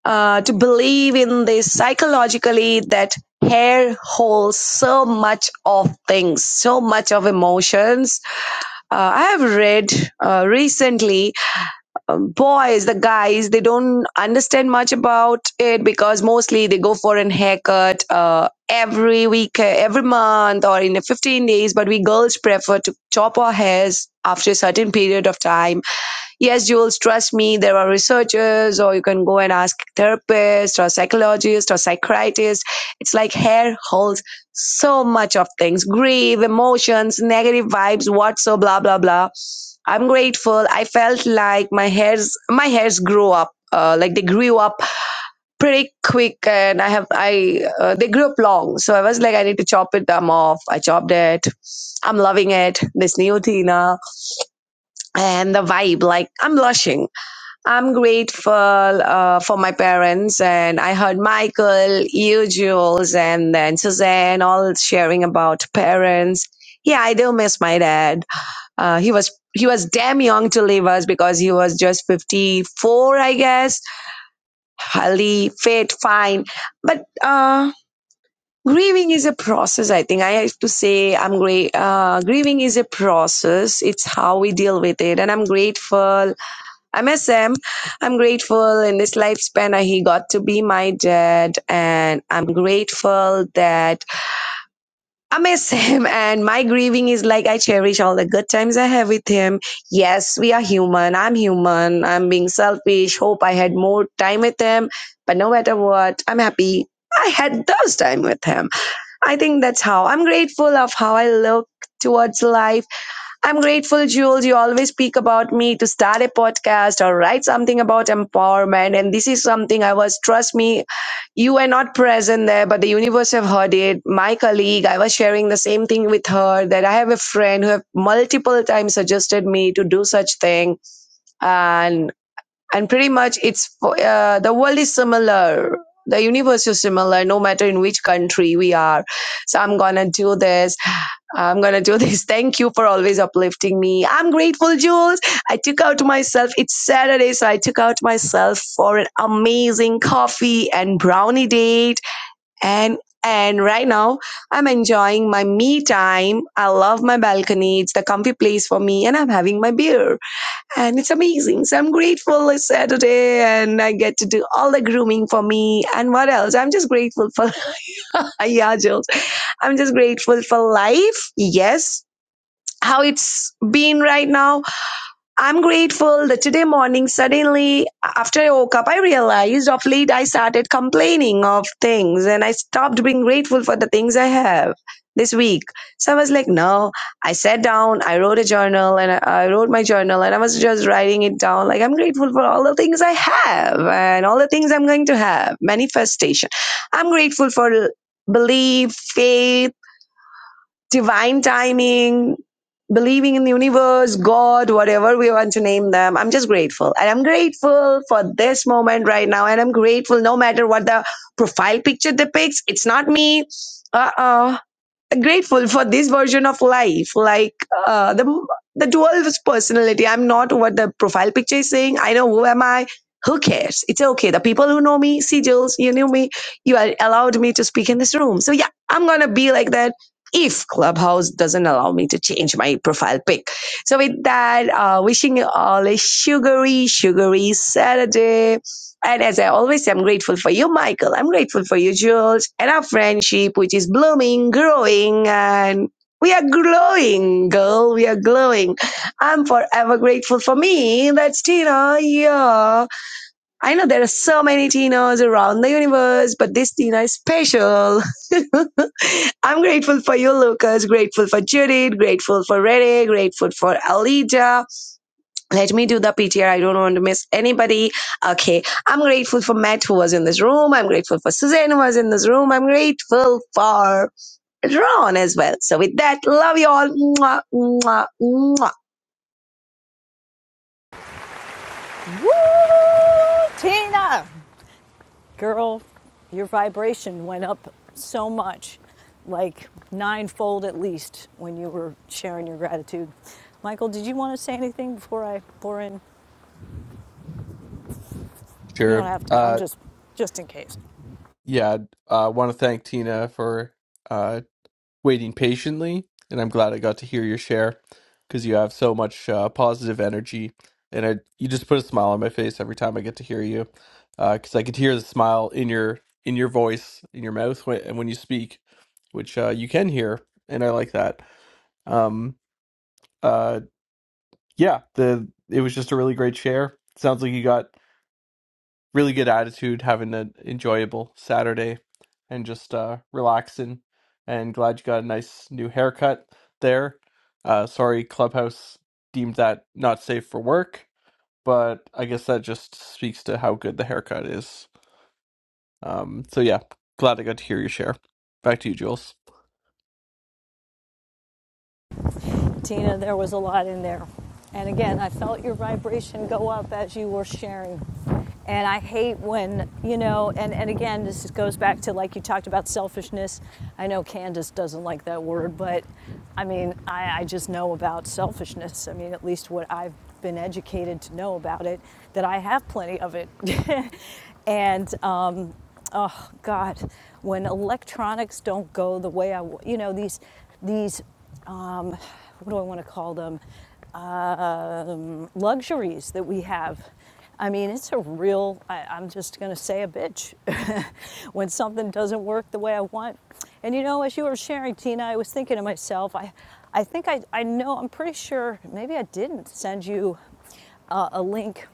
uh, to believe in this psychologically that hair holds so much of things, so much of emotions. Uh, I have read uh, recently um, boys, the guys, they don't understand much about it because mostly they go for an haircut uh, every week, uh, every month, or in a 15 days. But we girls prefer to chop our hairs after a certain period of time Yes, Jules, trust me, there are researchers, or you can go and ask therapist or psychologist or psychiatrist. It's like hair holds so much of things grief, emotions, negative vibes, what so, blah, blah, blah. I'm grateful. I felt like my hairs, my hairs grew up, uh, like they grew up pretty quick and i have i uh, they grew up long so i was like i need to chop it I'm off i chopped it i'm loving it this new tina and the vibe like i'm blushing I'm grateful uh, for my parents, and I heard Michael, you, Jules, and then Suzanne all sharing about parents. Yeah, I do miss my dad. Uh, he was he was damn young to leave us because he was just 54, I guess. Healthy, fit, fine, but uh, grieving is a process. I think I have to say I'm great. Uh, grieving is a process. It's how we deal with it, and I'm grateful I miss him. I'm grateful in this lifespan I- he got to be my dad, and I'm grateful that I miss him. And my grieving is like I cherish all the good times I have with him. Yes, we are human. I'm human. I'm being selfish. Hope I had more time with him, but no matter what, I'm happy. I had those time with him. I think that's how I'm grateful of how I look towards life I'm grateful, Jules. You always speak about me to start a podcast or write something about empowerment. And this is something I was, trust me, you were not present there, but the universe have heard it. My colleague, I was sharing the same thing with her that I have a friend who have multiple times suggested me to do such thing. And, and pretty much it's, for- uh, the world is similar. The universe is similar, no matter in which country we are. So I'm gonna do this I'm going to do this. Thank you for always uplifting me. I'm grateful, Jules. I took out myself. It's Saturday, so I took out myself for an amazing coffee and brownie date. And and right now, I'm enjoying my me time. I love my balcony. It's the comfy place for me, and I'm having my beer. And it's amazing. So I'm grateful it's Saturday, and I get to do all the grooming for me. And what else? I'm just grateful for, yeah, Jules. I'm just grateful for life. Yes, how it's been right now. I'm grateful that today morning, suddenly after I woke up, I realized of late I started complaining of things and I stopped being grateful for the things I have this week. So I was like, no, I sat down, I wrote a journal and I I wrote my journal and I was just writing it down. Like, I'm grateful for all the things I have and all the things I'm going to have. Manifestation. I'm grateful for belief, faith, divine timing, believing in the universe, God, whatever we want to name them. I'm just grateful. And I'm grateful for this moment right now. And I'm grateful no matter what the profile picture depicts. It's not me. Uh oh grateful for this version of life like uh, the the dual personality i'm not what the profile picture is saying i know who am i who cares it's okay the people who know me see jules you knew me you are allowed me to speak in this room so yeah i'm gonna be like that if clubhouse doesn't allow me to change my profile pic so with that uh, wishing you all a sugary sugary saturday and as I always say, I'm grateful for you, Michael. I'm grateful for you, Jules, and our friendship, which is blooming, growing, and we are glowing, girl. We are glowing. I'm forever grateful for me. That's Tina. Yeah. I know there are so many Tinas around the universe, but this Tina is special. I'm grateful for you, Lucas. Grateful for Judith. Grateful for Rene. Grateful for Alita let me do the PTR. I don't want to miss anybody. Okay. I'm grateful for Matt who was in this room. I'm grateful for Suzanne who was in this room. I'm grateful for Ron as well. So with that, love you all. Mwah, mwah, mwah. Woo, Tina! Girl, your vibration went up so much, like ninefold at least, when you were sharing your gratitude. Michael, did you want to say anything before I pour in? You don't sure have to. I'm uh just, just in case. yeah i uh, want to thank tina for uh, waiting patiently, and I'm glad I got to hear your share because you have so much uh, positive energy, and I, you just put a smile on my face every time I get to hear you because I could hear the smile in your in your voice, in your mouth, when, and when you speak, which uh, you can hear, and I like that. Um, uh, yeah, the it was just a really great share. Sounds like you got really good attitude, having an enjoyable Saturday and just uh, relaxing. And glad you got a nice new haircut there. Uh, sorry, Clubhouse deemed that not safe for work, but I guess that just speaks to how good the haircut is. Um, so yeah, glad I got to hear your share. Back to you, Jules. Tina, there was a lot in there. And again, I felt your vibration go up as you were sharing. And I hate when, you know, and, and again, this goes back to like you talked about selfishness. I know Candace doesn't like that word, but I mean, I, I just know about selfishness. I mean, at least what I've been educated to know about it, that I have plenty of it. and um, oh god when electronics don't go the way I you know these these um, what do i want to call them luxuries that we have i mean it's a real I, i'm just going to say a bitch when something doesn't work the way i want and you know as you were sharing tina i was thinking to myself i i think i, I know i'm pretty sure maybe i didn't send you uh, a link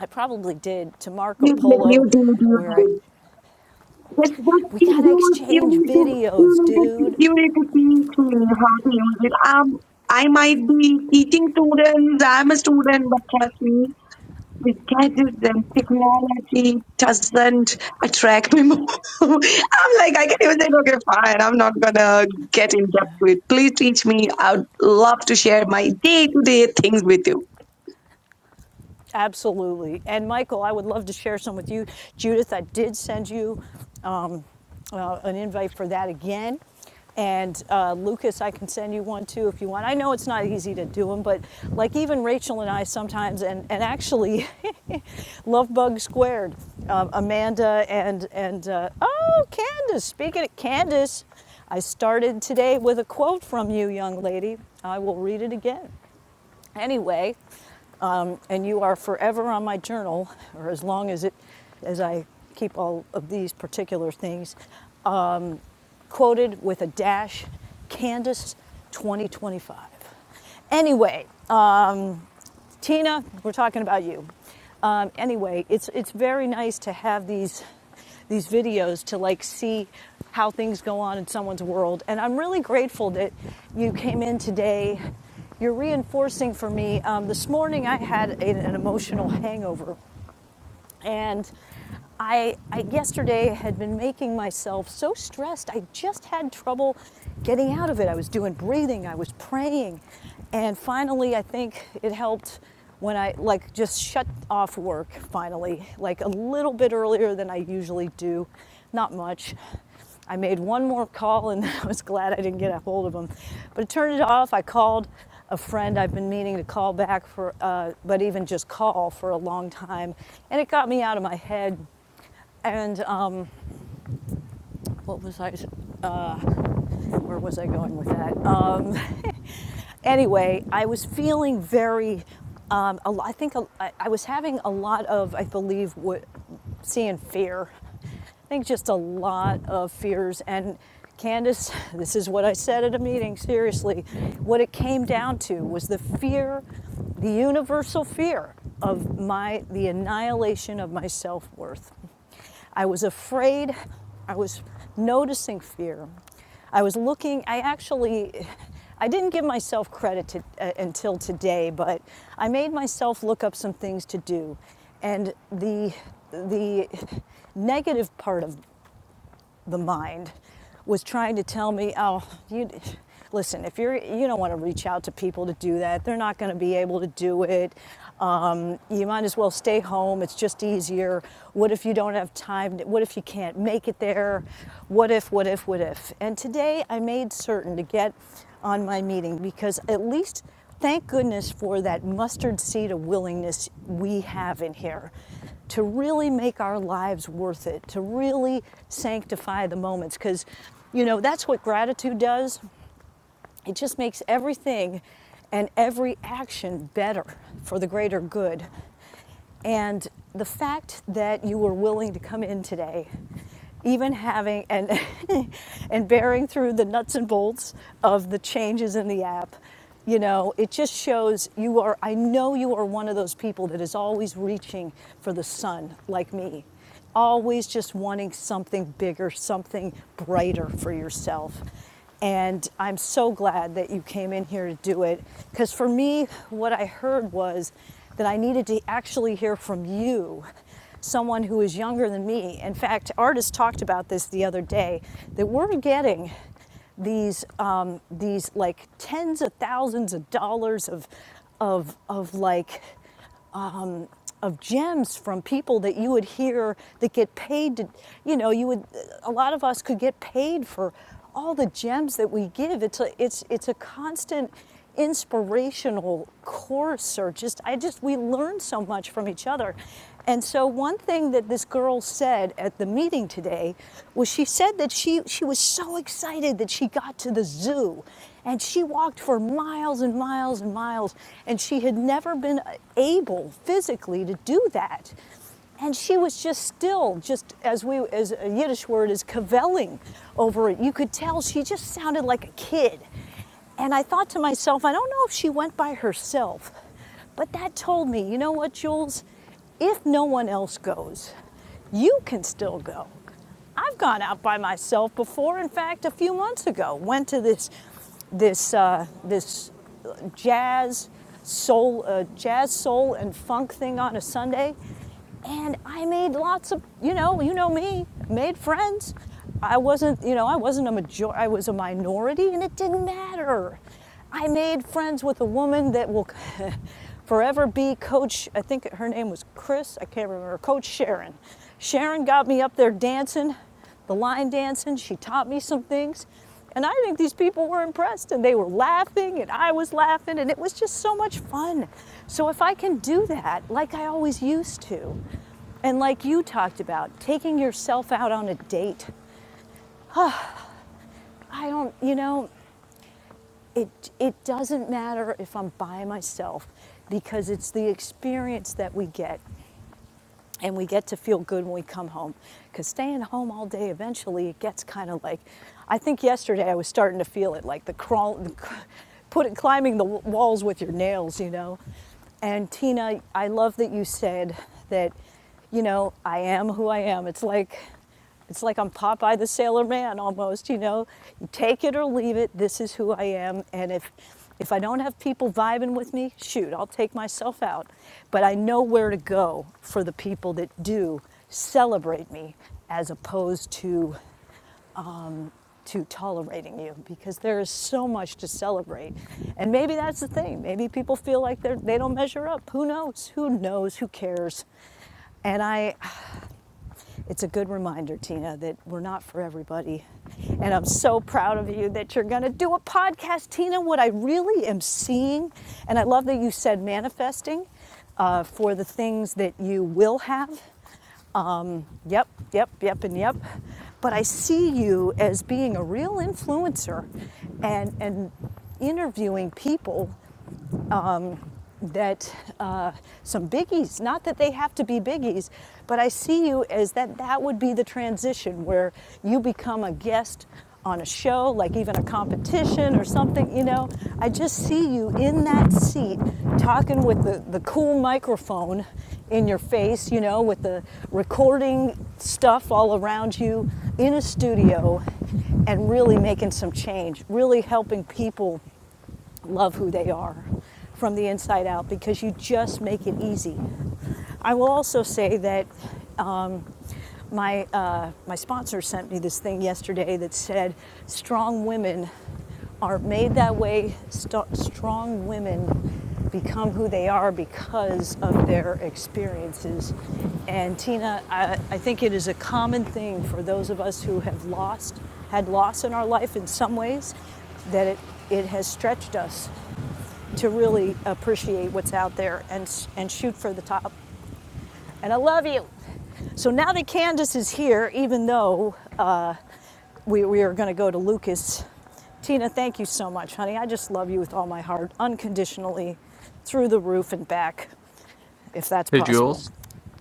I probably did to Marco You did, Polo, you did, you where did. That's what We you gotta do. You exchange need to, you videos, need to, dude. you need to teach me how to use it. Um, I might be teaching students. I'm a student, but trust me. with gadgets and technology doesn't attract me more. I'm like, I can even say, okay, fine, I'm not gonna get in depth with. Please teach me. I'd love to share my day to day things with you. Absolutely. And Michael, I would love to share some with you. Judith, I did send you uh, an invite for that again. And uh, Lucas, I can send you one too if you want. I know it's not easy to do them, but like even Rachel and I sometimes, and, and actually, Love Bug Squared, um, Amanda and, and uh, oh, Candace, speaking of Candace, I started today with a quote from you, young lady. I will read it again. Anyway, um, and you are forever on my journal, or as long as it, as I keep all of these particular things quoted with a dash, Candace 2025. Anyway, um, Tina, we're talking about you. Um, anyway, it's it's very nice to have these these videos to like see how things go on in someone's world, and I'm really grateful that you came in today. You're reinforcing for me. Um, this morning I had a- an emotional hangover, and I, I yesterday had been making myself so stressed. I just had trouble getting out of it. I was doing breathing, I was praying. And finally, I think it helped when I like just shut off work finally, like a little bit earlier than I usually do. Not much. I made one more call and I was glad I didn't get a hold of him. But I turned it off. I called a friend I've been meaning to call back for, uh, but even just call for a long time. And it got me out of my head. And um, what was I, where was I going with that? Um, anyway, I was feeling very. Um, a I think a, I I was having a lot of, I believe, what seeing fear. I think just a lot of fears. And Candace, this is what I said at a meeting. Seriously, what it came down to was the fear, the universal fear of my the annihilation of my self worth I was afraid. I was noticing fear. I was looking, I actually, I didn't give myself credit to, uh, until today, but I made myself look up some things to do. And the, the negative part of the mind was trying to tell me, oh, you listen, if you're you don't want to reach out to people to do that, they're not going to be able to do it. Um, you might as well stay home. It's just easier. What if you don't have time? What if you can't make it there? What if? What if? What if? And today I made certain to get on my meeting because at least Thank goodness for that mustard seed of willingness we have in here to really make our lives worth it, to really sanctify the moments. Because, you know, that's what gratitude does. It just makes everything and every action better for the greater good. And the fact that you were willing to come in today, even having and and bearing through the nuts and bolts of the changes in the app, you know, it just shows you are I know you are one of those people that is always reaching for the sun like me always just wanting something bigger, something brighter for yourself. And I'm so glad that you came in here to do it. Because for me, what I heard was that I needed to actually hear from you, someone who is younger than me. In fact, artists talked about this the other day that we're getting these um, these like tens of thousands of dollars of of of like um, of gems from people that you would hear that get paid to, you know, you would, a lot of us could get paid for all the gems that we give. It's a, it's, it's a constant inspirational course or just, I just, we learn so much from each other. And so one thing that this girl said at the meeting today was she said that she she was so excited that she got to the zoo and she walked for miles and miles and miles and she had never been able physically to do that. And she was just still, just as we, as a Yiddish word is cavelling over it. You could tell she just sounded like a kid. And I thought to myself, I don't know if she went by herself, but that told me, you know what, Jules? If no one else goes, you can still go. I've gone out by myself before. In fact, a few months ago, went to this this uh, this jazz soul uh, jazz soul and funk thing on a Sunday, and I made lots of you know you know me made friends. I wasn't you know I wasn't a major I was a minority, and it didn't matter. I made friends with a woman that will forever be Coach. I think her name was Chris. I can't remember. Coach Sharon. Sharon got me up there dancing, the line dancing. She taught me some things. And I think these people were impressed and they were laughing and I was laughing and it was just so much fun. So if I can do that like I always used to, and like you talked about, taking yourself out on a date. I don't, you know, it it doesn't matter if I'm by myself because it's the experience that we get and we get to feel good when we come home cuz staying home all day eventually it gets kind of like I think yesterday I was starting to feel it like the crawl the, put it climbing the walls with your nails you know and Tina I love that you said that you know I am who I am it's like it's like I'm Popeye the Sailor Man almost, you know. You take it or leave it. This is who I am. And if if I don't have people vibing with me, shoot, I'll take myself out. But I know where to go for the people that do celebrate me as opposed to to tolerating you because there is so much to celebrate. And maybe that's the thing. Maybe people feel like they're they don't measure up. Who knows? Who knows? Who cares? And I it's a good reminder, Tina, that we're not for everybody. And I'm so proud of you that you're going to do a podcast, Tina. What I really am seeing, and I love that you said manifesting uh, for the things that you will have. Um, yep, yep, yep, and yep. But I see you as being a real influencer and, and interviewing people that uh, some biggies, not that they have to be biggies, but I see you as that that would be the transition where you become a guest on a show, like even a competition or something, you know. I just see you in that seat talking with the, the cool microphone in your face, you know, with the recording stuff all around you in a studio and really making some change, really helping people love who they are from the inside out because you just make it easy. I will also say that um, my uh, my sponsor sent me this thing yesterday that said strong women are made that way. St- strong women become who they are because of their experiences. And Tina, I, I think it is a common thing for those of us who have lost, had loss in our life in some ways, that it, it has stretched us to really appreciate what's out there and, and shoot for the top. And I love you. So now that Candace is here, even though uh, we, we are going to go to Lucas, Tina, thank you so much, honey. I just love you with all my heart, unconditionally, through the roof and back, if that's Hey, possible. Jules.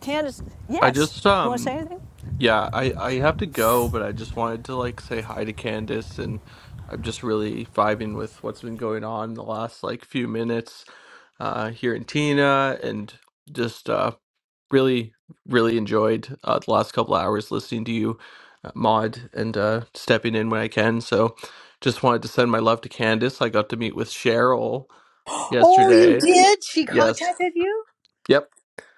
Candace, I yes. just You want to say um anything? Yeah, I I have to go, but I just wanted to like say hi to Candace and I'm just really vibing with what's been going on the last like few minutes uh here in Tina and just uh really really enjoyed uh, the last couple hours listening to you uh, Maud and uh stepping in when I can. So just wanted to send my love to Candace. I got to meet with Cheryl Oh, you yesterday. did? She Yes. contacted you? Yep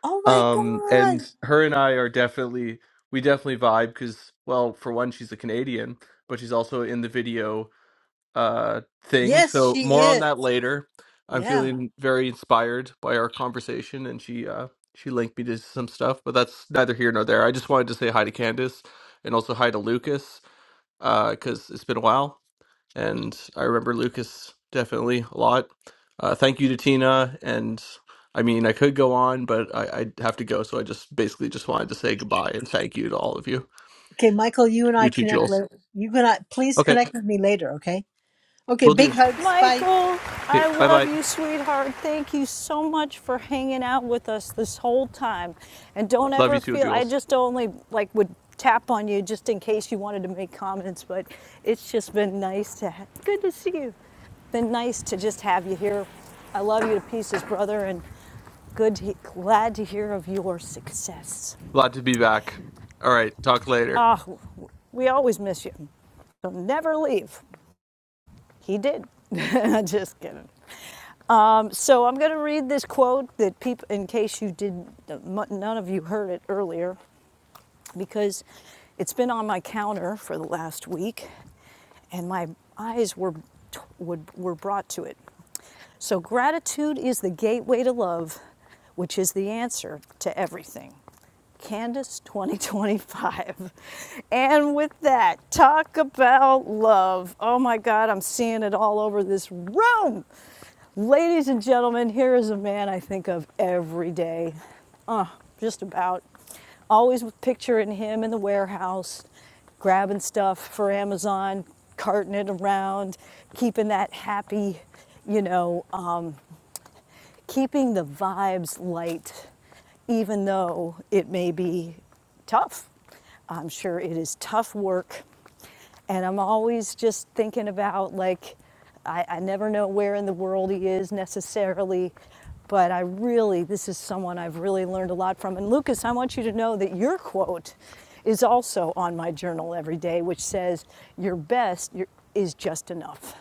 Oh my um God. and her and i are definitely we definitely vibe because well for one she's a canadian but she's also in the video uh thing Yes, so she more on is. that later i'm Yeah. feeling very inspired by our conversation and she uh she linked me to some stuff but that's neither here nor there i just wanted to say hi to candace and also hi to lucas uh because it's been a while and I remember Lucas definitely a lot. Uh, thank you to Tina, and I mean I could go on, but I, I have to go, so I just basically just wanted to say goodbye and thank you to all of you. Okay, Michael, you and I You too, connect Jules. later. You can I, please Okay, connect with me later, okay? Okay, we'll big do. hugs. Bye. Michael, Okay, I bye love bye. you, sweetheart. Thank you so much for hanging out with us this whole time. And don't Love ever you too, feel I Jules. just only like would tap on you just in case you wanted to make comments, but it's just been nice to ha- good to see you. Been nice to just have you here. I love you to pieces, brother, and good to, glad to hear of your success. Glad to be back. All right, talk later. Ah, we always miss you. So never leave. He did. Just kidding. Um, so I'm going to read this quote that people, in case you did, not none of you heard it earlier, because it's been on my counter for the last week and my eyes were would, were brought to it. So gratitude is the gateway to love, which is the answer to everything. Candace 2025. And with that, talk about love. Oh my god, I'm seeing it all over this room. Ladies and gentlemen, here is a man I think of every day. Uh, just about. Always picturing him in the warehouse, grabbing stuff for Amazon, carting it around, keeping that happy, you know, keeping the vibes light, even though it may be tough. I'm sure it is tough work. And I'm always just thinking about, like, I, I never know where in the world he is necessarily, but I really, this is someone I've really learned a lot from. And Lucas, I want you to know that your quote is also on my journal every day, which says, Your best your- is just enough.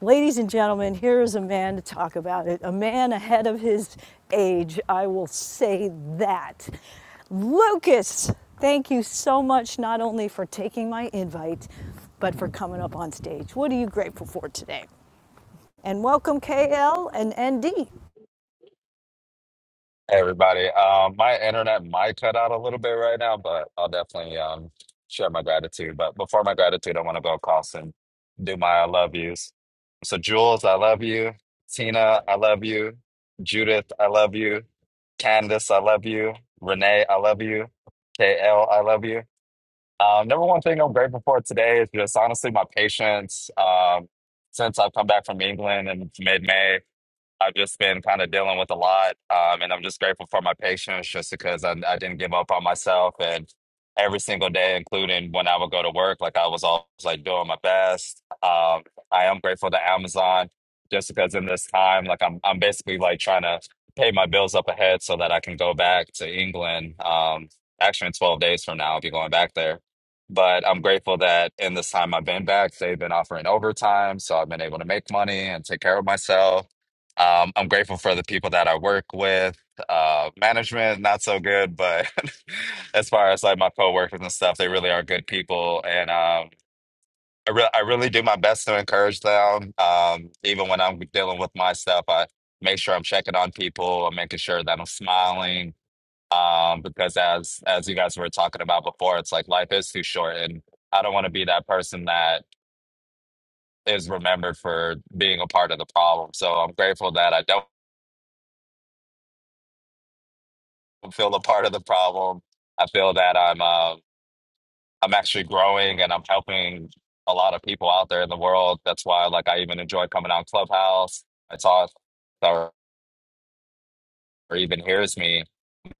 Ladies and gentlemen, here is a man to talk about it. A man ahead of his age, I will say that. Lucas, thank you so much, not only for taking my invite, but for coming up on stage. What are you grateful for today? And welcome, KL Hey and ND. everybody. Um, my internet might cut out a little bit right now, but I'll definitely um share my gratitude. But before my gratitude, I want to go across and do my I love yous. So Jules, I love you. Tina, I love you. Judith, I love you. Candace, I love you. Renee, I love you. KL, I love you. Um, number one thing I'm grateful for today is just honestly my patience. Um, since I've come back from England in mid-May, I've just been kind of dealing with a lot, um, and I'm just grateful for my patience, just because I, I didn't give up on myself. And every single day, including when I would go to work, like I was always like doing my best. Um, I am grateful to Amazon, just because in this time, like I'm, I'm basically like trying to pay my bills up ahead so that I can go back to England. Um, actually, in 12 days from now, I'll be going back there. But I'm grateful that in this time I've been back, they've been offering overtime, so I've been able to make money and take care of myself um, I'm grateful for the people that I work with. Uh, management, not so good, but as far as like my coworkers and stuff, they really are good people, and um, I re I really do my best to encourage them. Um, even when I'm dealing with my stuff, I make sure I'm checking on people. I'm making sure that I'm smiling, um, because as as you guys were talking about before, it's like life is too short, and I don't want to be that person that is remembered for being a part of the problem. So I'm grateful that I don't. feel a part of the problem. I feel that I'm uh, I'm actually growing and I'm helping a lot of people out there in the world. That's why like I even enjoy coming on Clubhouse. I talk or, or even hears me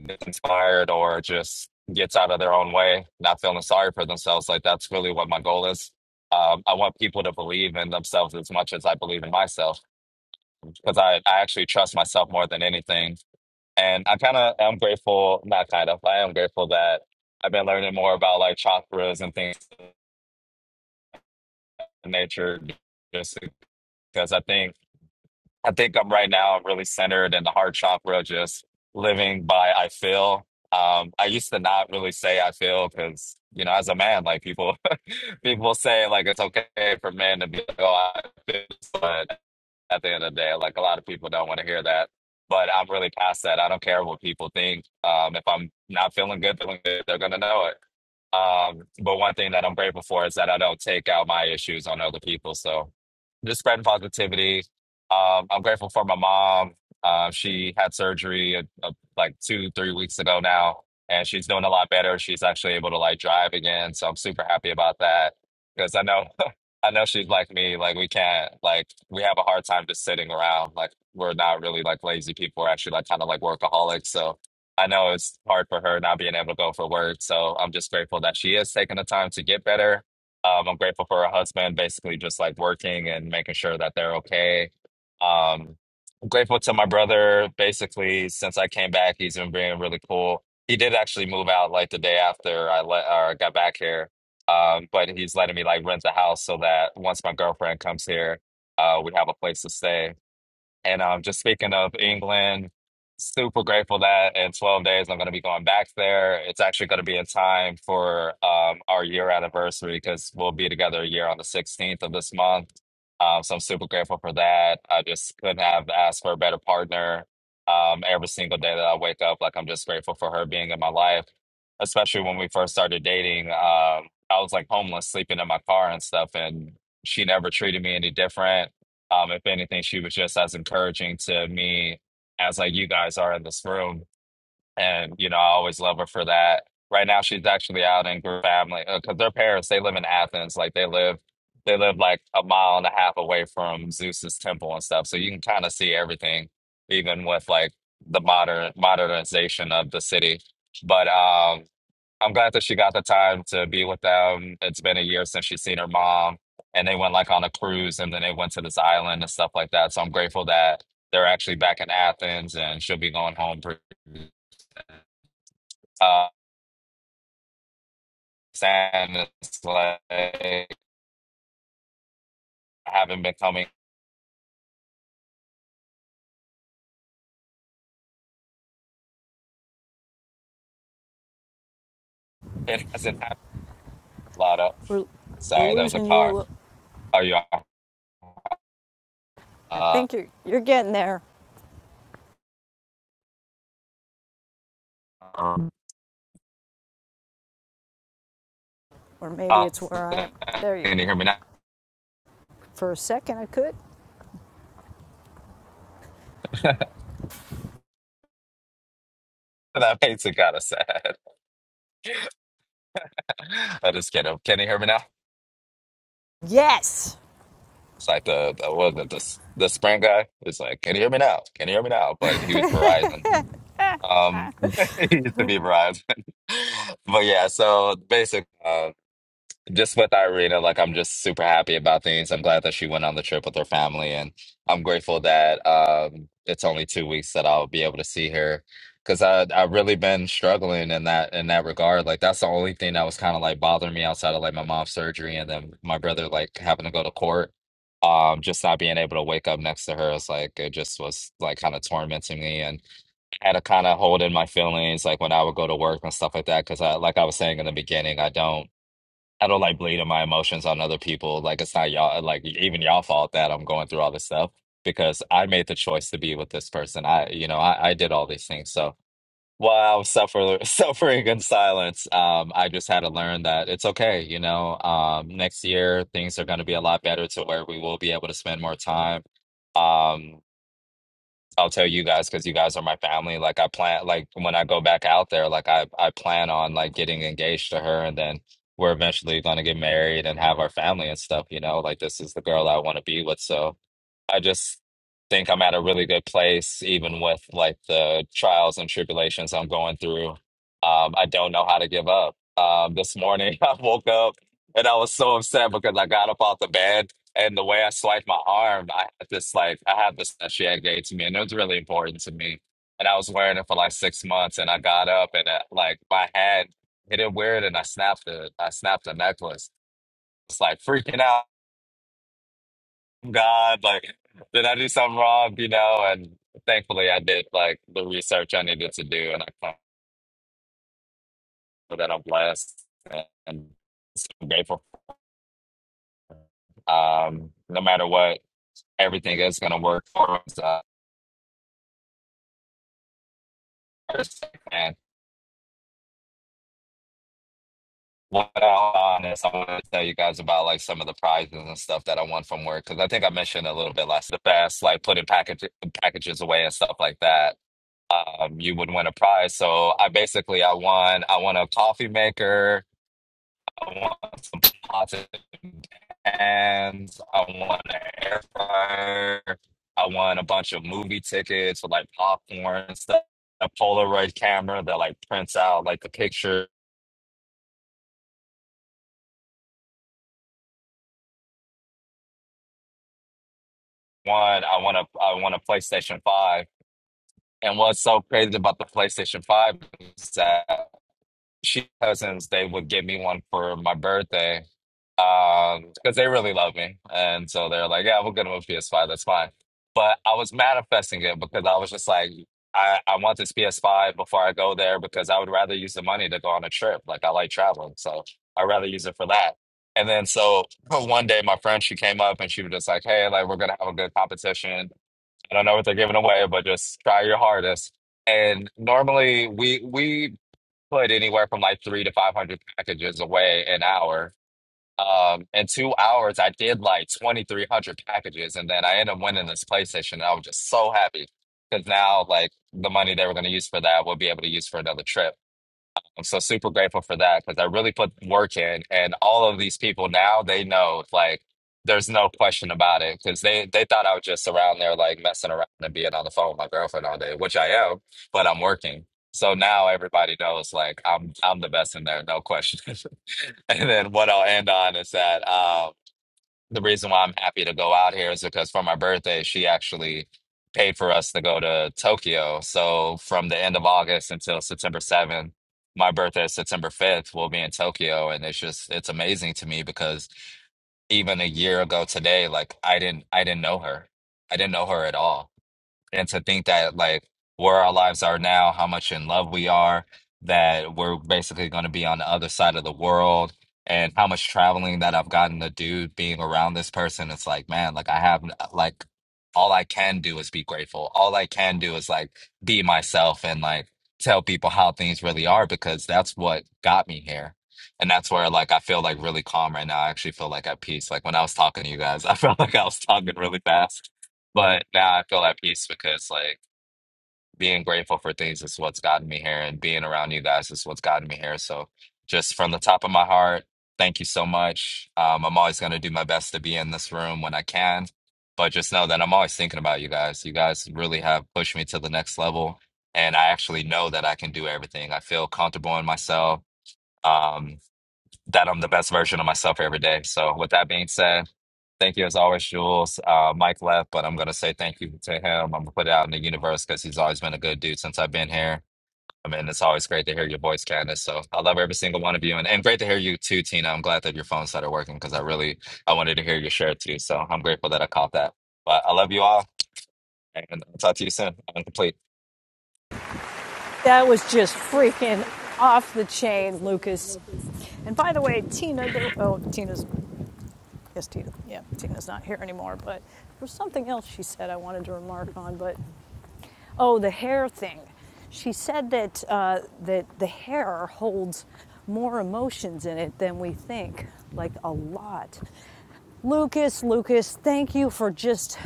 gets inspired or just gets out of their own way, not feeling sorry for themselves. Like that's really what my goal is. Um, I want people to believe in themselves as much as I believe in myself because I, I actually trust myself more than anything And I kind of am grateful, not kind of, I am grateful that I've been learning more about like chakras and things in nature just because I think I think I'm right now I'm really centered in the heart chakra, just living by I feel. Um, I used to not really say I feel because, you know, as a man, like people people say like it's okay for men to be like, oh, I feel, at the end of the day. Like a lot of people don't want to hear that, but I'm really past that. I don't care what people think. Um, if I'm not feeling good, feeling good, they're gonna know it. Um, but one thing that I'm grateful for is that I don't take out my issues on other people. So just spreading positivity. Um, I'm grateful for my mom. Uh, she had surgery uh uh, like two, three weeks ago now, and she's doing a lot better. She's actually able to like drive again. So I'm super happy about that because I know, I know she's like me. Like we can't, like we have a hard time just sitting around. Like we're not really like lazy people. We're actually like kind of like workaholics. So I know it's hard for her not being able to go for work. So I'm just grateful that she is taking the time to get better. Um, I'm grateful for her husband, basically just like working and making sure that they're okay. Um, I'm grateful to my brother, basically, since I came back, he's been being really cool. He did actually move out like the day after I let or got back here. Um, but he's letting me like rent the house so that once my girlfriend comes here, uh, we have a place to stay and um, just speaking of England, super grateful that in 12 days I'm going to be going back there. It's actually going to be in time for um, our year anniversary because we'll be together a year on the 16th of this month. Um, so I'm super grateful for that. I just couldn't have asked for a better partner. Um, every single day that I wake up, like I'm just grateful for her being in my life, especially when we first started dating. Um, I was like homeless, sleeping in my car and stuff, and she never treated me any different um, if anything, she was just as encouraging to me as like you guys are in this room. And, you know, I always love her for that. Right now she's actually out in her family because their parents, they live in Athens. Like they live they live like a mile and a half away from Zeus's temple and stuff. So you can kind of see everything, even with like the modern modernization of the city. But um. I'm glad that she got the time to be with them. It's been a year since she's seen her mom, and they went like on a cruise, and then they went to this island and stuff like that. So I'm grateful that they're actually back in Athens, and she'll be going home pretty. Uh, sad, it's like I haven't been coming. It hasn't happened a lot of. We're, we're Sorry, that was the losing car. you. Are you? I Uh, think you're, you're getting there, um, or maybe uh, it's where I am. There you can you go. hear me now? For a second, I could. that makes it kind of sad. I just kidding. Can you hear me now? Yes. It's like the, the what was it, the s- the Sprint guy. It's like, can you hear me now? Can you hear me now? But he was Verizon. Um, he used to be Verizon. But yeah, so basic. uh, just with Irina, like I'm just super happy about things. I'm glad that she went on the trip with her family, and I'm grateful that um, it's only two weeks that I'll be able to see her because I I've really been struggling in that in that regard. Like that's the only thing that was kind of like bothering me outside of like my mom's surgery and then my brother like having to go to court. Um, just not being able to wake up next to her is like it just was like kind of tormenting me, and had to kind of hold in my feelings like when I would go to work and stuff like that because I like I was saying in the beginning, I don't. I don't like bleeding my emotions on other people. Like it's not y'all, like even y'all fault that I'm going through all this stuff because I made the choice to be with this person. I, you know, I, I did all these things. So while I was suffer, suffering in silence, um, I just had to learn that it's okay. You know, um, next year things are going to be a lot better to where we will be able to spend more time. Um, I'll tell you guys because you guys are my family. Like I plan, like when I go back out there, like I I plan on like getting engaged to her, and then we're eventually going to get married and have our family and stuff. You know, like this is the girl I want to be with. So I just think I'm at a really good place, even with like the trials and tribulations I'm going through. Um, I don't know how to give up. Um, this morning, I woke up and I was so upset because I got up off the bed and the way I swiped my arm, I had this like, I had this that she had gave to me and it was really important to me. And I was wearing it for like six months and I got up and uh like my hand hit it weird and I snapped it. I snapped the necklace. It's like freaking out. God, like, did I do something wrong? You know, and thankfully I did like the research I needed to do, and I found that I'm blessed and so grateful. Um, no matter what, everything is going to work for us. Uh, first. and what I on is, I want to tell you guys about like some of the prizes and stuff that I won from work because I think I mentioned a little bit last the past, like putting package, packages away and stuff like that um, you would win a prize. So I basically I won I won a coffee maker I want some pots and pans. I want an air fryer. I want a bunch of movie tickets with like popcorn and stuff. A Polaroid camera that like prints out like the picture. One, I want a I want a PlayStation Five. And what's so crazy about the PlayStation Five is that she cousins they would give me one for my birthday um because they really love me and so they're like yeah we'll get him a ps5 that's fine but i was manifesting it because i was just like i i want this ps5 before i go there because i would rather use the money to go on a trip like i like traveling so i'd rather use it for that and then so one day my friend she came up and she was just like hey like we're gonna have a good competition i don't know what they're giving away but just try your hardest and normally we we put anywhere from like three to 500 packages away an hour um, in two hours, I did like 2,300 packages, and then I ended up winning this PlayStation. And I was just so happy because now, like, the money they were going to use for that, we'll be able to use for another trip. I'm so super grateful for that because I really put work in, and all of these people now they know like there's no question about it because they they thought I was just around there like messing around and being on the phone with my girlfriend all day, which I am, but I'm working. So now everybody knows like I'm I'm the best in there, no question. And then what I'll end on is that. um the reason why I'm happy to go out here is because for my birthday, she actually paid for us to go to Tokyo. So from the end of August until September 7th, my birthday is September 5th, we'll be in Tokyo. And it's just, it's amazing to me because even a year ago today, like I didn't, I didn't know her. I didn't know her at all and to think that like where our lives are now, how much in love we are, that we're basically going to be on the other side of the world, and how much traveling that I've gotten to do being around this person. It's like, man, like I have uh, like all I can do is be grateful. All I can do is like be myself and like tell people how things really are because that's what got me here. And that's where like I feel like really calm right now. I actually feel like at peace. Like when I was talking to you guys, I felt like I was talking really fast but now I feel at peace because like being grateful for things is what's gotten me here, and being around you guys is what's gotten me here. So just from the top of my heart, thank you so much. Um, I'm always going to do my best to be in this room when I can, but just know that I'm always thinking about you guys. You guys really have pushed me to the next level, and I actually know that I can do everything. I feel comfortable in myself. Um, that I'm the best version of myself every day. So with that being said. Thank you as always, Jules. Uh, Mike left, but I'm going to say thank you to him. I'm going to put it out in the universe because he's always been a good dude since I've been here. I mean, it's always great to hear your voice, Candace. So I love every single one of you. And, and great to hear you too, Tina. I'm glad that your phone started working because I really, I wanted to hear your share too. So I'm grateful that I caught that. But I love you all and I'll talk to you soon. I'm complete. That was just freaking off the chain, Lucas. And by the way, Tina, there, oh, Tina's, yes, Tina, yeah, Tina's not here anymore, but there was something else she said I wanted to remark on, but Oh, the hair thing. She said that uh, that the hair holds more emotions in it than we think, like a lot. Lucas, Lucas, thank you for just.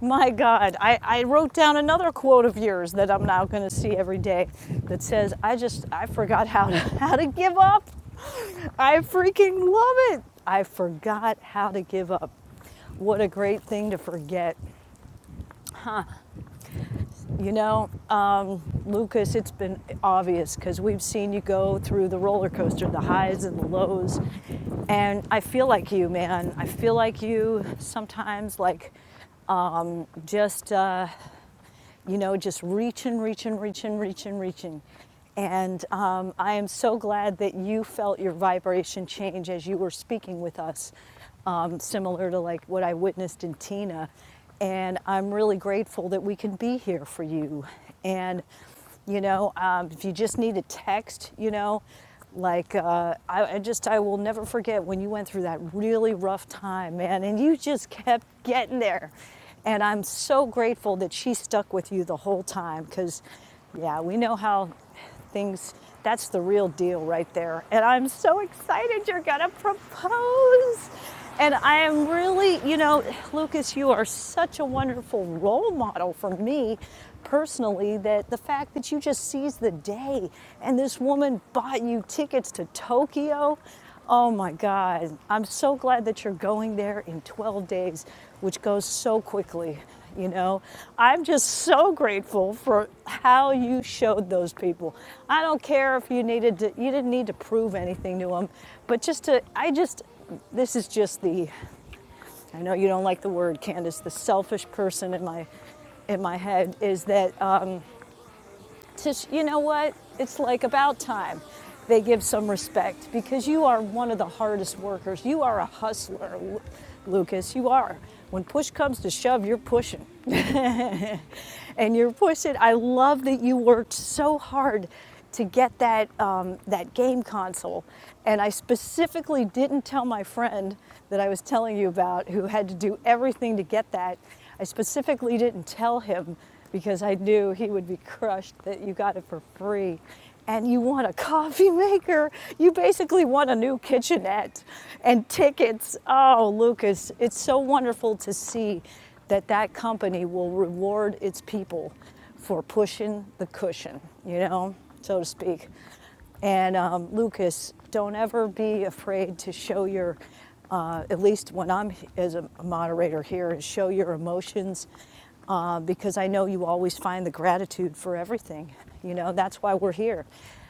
My God, I, I wrote down another quote of yours that I'm now going to see every day that says, I just, I forgot how to, how to give up. I freaking love it. I forgot how to give up. What a great thing to forget. You know, um, Lucas, it's been obvious because we've seen you go through the roller coaster, the highs and the lows. And I feel like you, man. I feel like you sometimes, like um, just uh, you know, just reaching, reaching, reaching, reaching, reaching. And um, I am so glad that you felt your vibration change as you were speaking with us, um, similar to like what I witnessed in Tina. And I'm really grateful that we can be here for you. And you know um, if you just need a text you know like uh, I, I just i will never forget when you went through that really rough time man and you just kept getting there and i'm so grateful that she stuck with you the whole time because yeah we know how things. That's the real deal right there. And I'm so excited you're going to propose. And I am really, you know, Lucas, you are such a wonderful role model for me personally that the fact that you just seized the day and this woman bought you tickets to Tokyo. Oh my God. I'm so glad that you're going there in 12 days, which goes so quickly. You know, I'm just so grateful for how you showed those people. I don't care if you needed to, you didn't need to prove anything to them, but just to, I just, this is just the, I know you don't like the word, Candace, the selfish person in my, in my head is that um, to, you know what? It's like about time they give some respect because you are one of the hardest workers. You are a hustler, Lucas. You are. When push comes to shove, you're pushing and you're pushing. I love that you worked so hard to get that um, that game console, and I specifically didn't tell my friend that I was telling you about, who had to do everything to get that. I specifically didn't tell him because I knew he would be crushed that you got it for free. And you want a coffee maker. You basically want a new kitchenette and tickets. Oh, Lucas, it's so wonderful to see that that company will reward its people for pushing the cushion, you know, so to speak. And um, Lucas, don't ever be afraid to show your, uh, at least when I'm as a moderator here, is show your emotions uh, because I know you always find the gratitude for everything. You know, that's why we're here.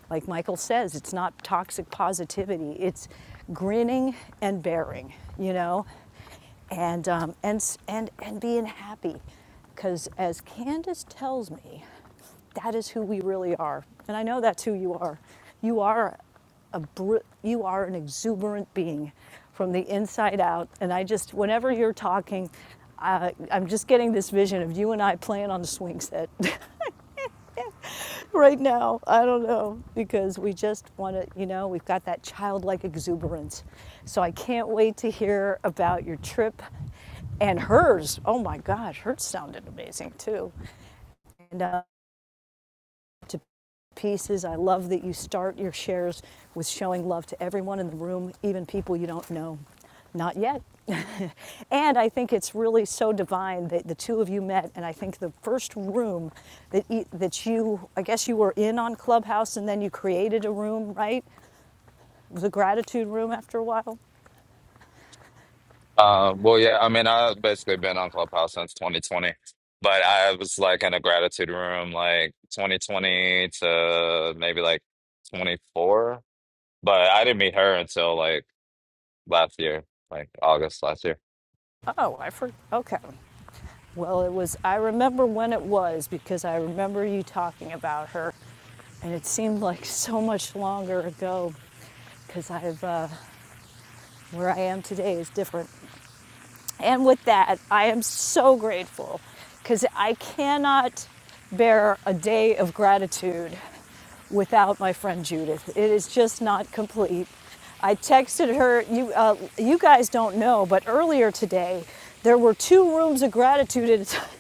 Like Michael says, it's not toxic positivity, it's grinning and bearing, you know? and um, and and and being happy, because as Candace tells me, that is who we really are, and I know that's who you are. You are a br- you are an exuberant being from the inside out, and I just whenever you're talking. I I'm just getting this vision of you and I playing on the swing set. right now. I don't know because we just want to, you know, we've got that childlike exuberance. So I can't wait to hear about your trip and hers. Oh my gosh, hers sounded amazing too. And uh, pieces. I love that you start your shares with showing love to everyone in the room, even people you don't know. Not yet. and I think it's really so divine that the two of you met. And I think the first room that, e- that you, I guess you were in on Clubhouse and then you created a room, right? It was a gratitude room after a while. Uh, well, yeah, I mean, I've basically been on Clubhouse since 2020 but I was like in a gratitude room like 2020 to maybe like 24 But I didn't meet her until like last year, like August last year. Oh, I forgot. Okay. Well, it was, I remember when it was because I remember you talking about her. And it seemed like so much longer ago. because I've uh, where I am today is different. And with that, I am so grateful because I cannot bear a day of gratitude without my friend Judith. It is just not complete. I texted her. You uh, you guys don't know, but earlier today there were two rooms of gratitude at a time.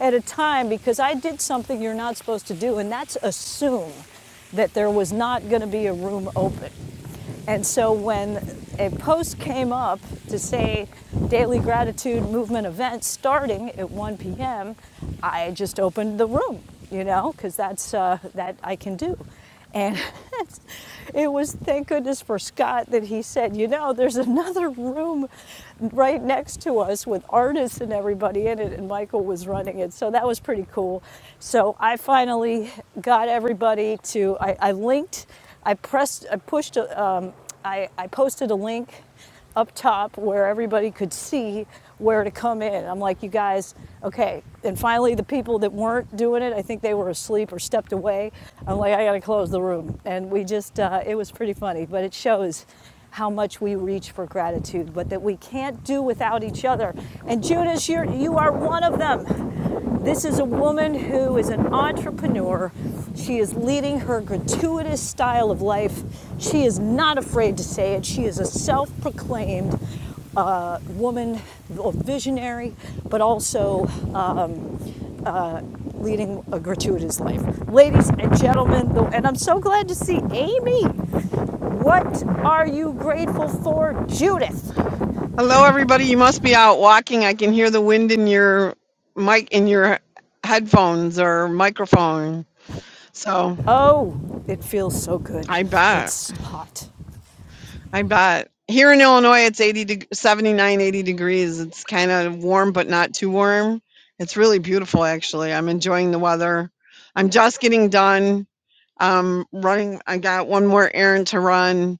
At a time, because I did something you're not supposed to do, and that's assume that there was not going to be a room open. And so when a post came up to say daily gratitude movement event starting at 1 p.m., I just opened the room, you know, because that's uh, that I can do. And it was thank goodness for Scott that he said, you know, there's another room right next to us with artists and everybody in it, and Michael was running it. So that was pretty cool. So I finally got everybody to, I, I linked I pressed, I pushed, um, I, I posted a link up top where everybody could see where to come in. I'm like, you guys, okay. And finally, the people that weren't doing it, I think they were asleep or stepped away. I'm like, I gotta close the room. And we just, uh, it was pretty funny, but it shows how much we reach for gratitude, but that we can't do without each other. And Judas, you're, you are one of them. This is a woman who is an entrepreneur. She is leading her gratuitous style of life. She is not afraid to say it. She is a self proclaimed uh, woman, a visionary, but also uh, leading a gratuitous life. Ladies and gentlemen, the, and I'm so glad to see Amy. What are you grateful for, Judith? Hello, everybody. You must be out walking. I can hear the wind in your mic, in your headphones or microphone. So Oh, it feels so good. I bet. It's hot. I bet. Here in Illinois, it's 80 deg 79, eighty degrees. It's kind of warm, but not too warm. It's really beautiful, actually. I'm enjoying the weather. I'm just getting done um, running. I got one more errand to run,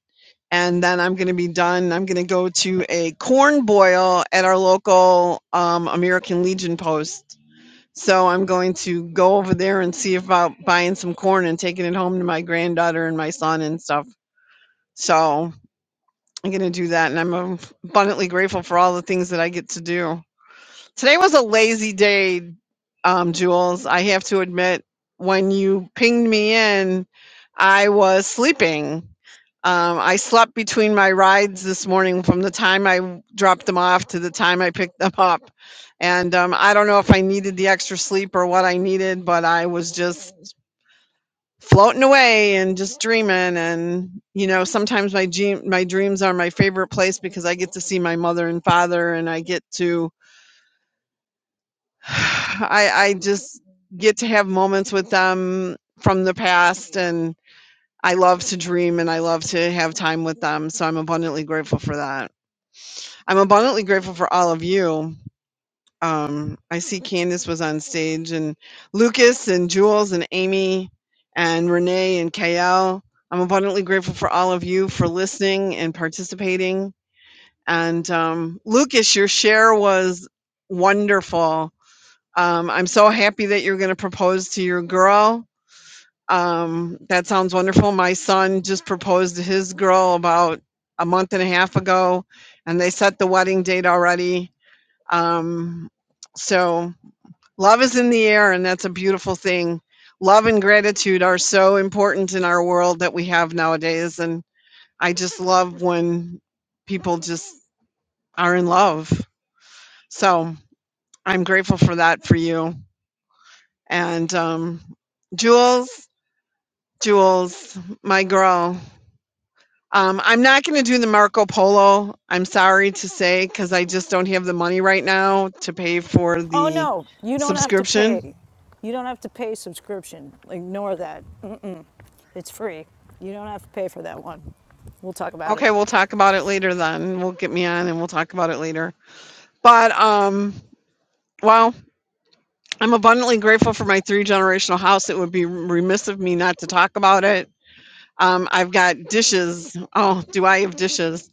and then I'm going to be done. I'm going to go to a corn boil at our local um, American Legion post. So I'm going to go over there and see about buying some corn and taking it home to my granddaughter and my son and stuff. So I'm gonna do that, and I'm um, abundantly grateful for all the things that I get to do. Today was a lazy day, um, Jules. I have to admit, when you pinged me in, I was sleeping. Um, I slept between my rides this morning from the time I dropped them off to the time I picked them up. And um, I don't know if I needed the extra sleep or what I needed, but I was just floating away and just dreaming and you know sometimes my dream my dreams are my favorite place because I get to see my mother and father and I get to I I just get to have moments with them from the past and I love to dream and I love to have time with them so I'm abundantly grateful for that. I'm abundantly grateful for all of you. Um, I see Candace was on stage, and Lucas, and Jules, and Amy, and Renee, and Kayal. I'm abundantly grateful for all of you for listening and participating. And um, Lucas, your share was wonderful. Um, I'm so happy that you're going to propose to your girl. Um, that sounds wonderful. My son just proposed to his girl about a month and a half ago, and they set the wedding date already. Um, so Love is in the air, and that's a beautiful thing. Love and gratitude are so important in our world that we have nowadays. And I just love when people just are in love. So I'm grateful for that for you. And um, Jules, Jules, my girl. Um, I'm not going to do the Marco Polo. I'm sorry to say, because I just don't have the money right now to pay for Oh the no, you don't have to subscription pay. You don't have to pay subscription. Ignore that. It's free. You don't have to pay for that one. We'll talk about it. Okay, we'll talk about it later then. We'll get me on and we'll talk about it later. But um well, I'm abundantly grateful for my three generational house. It would be remiss of me not to talk about it. Um, I've got dishes. Oh, do I have dishes?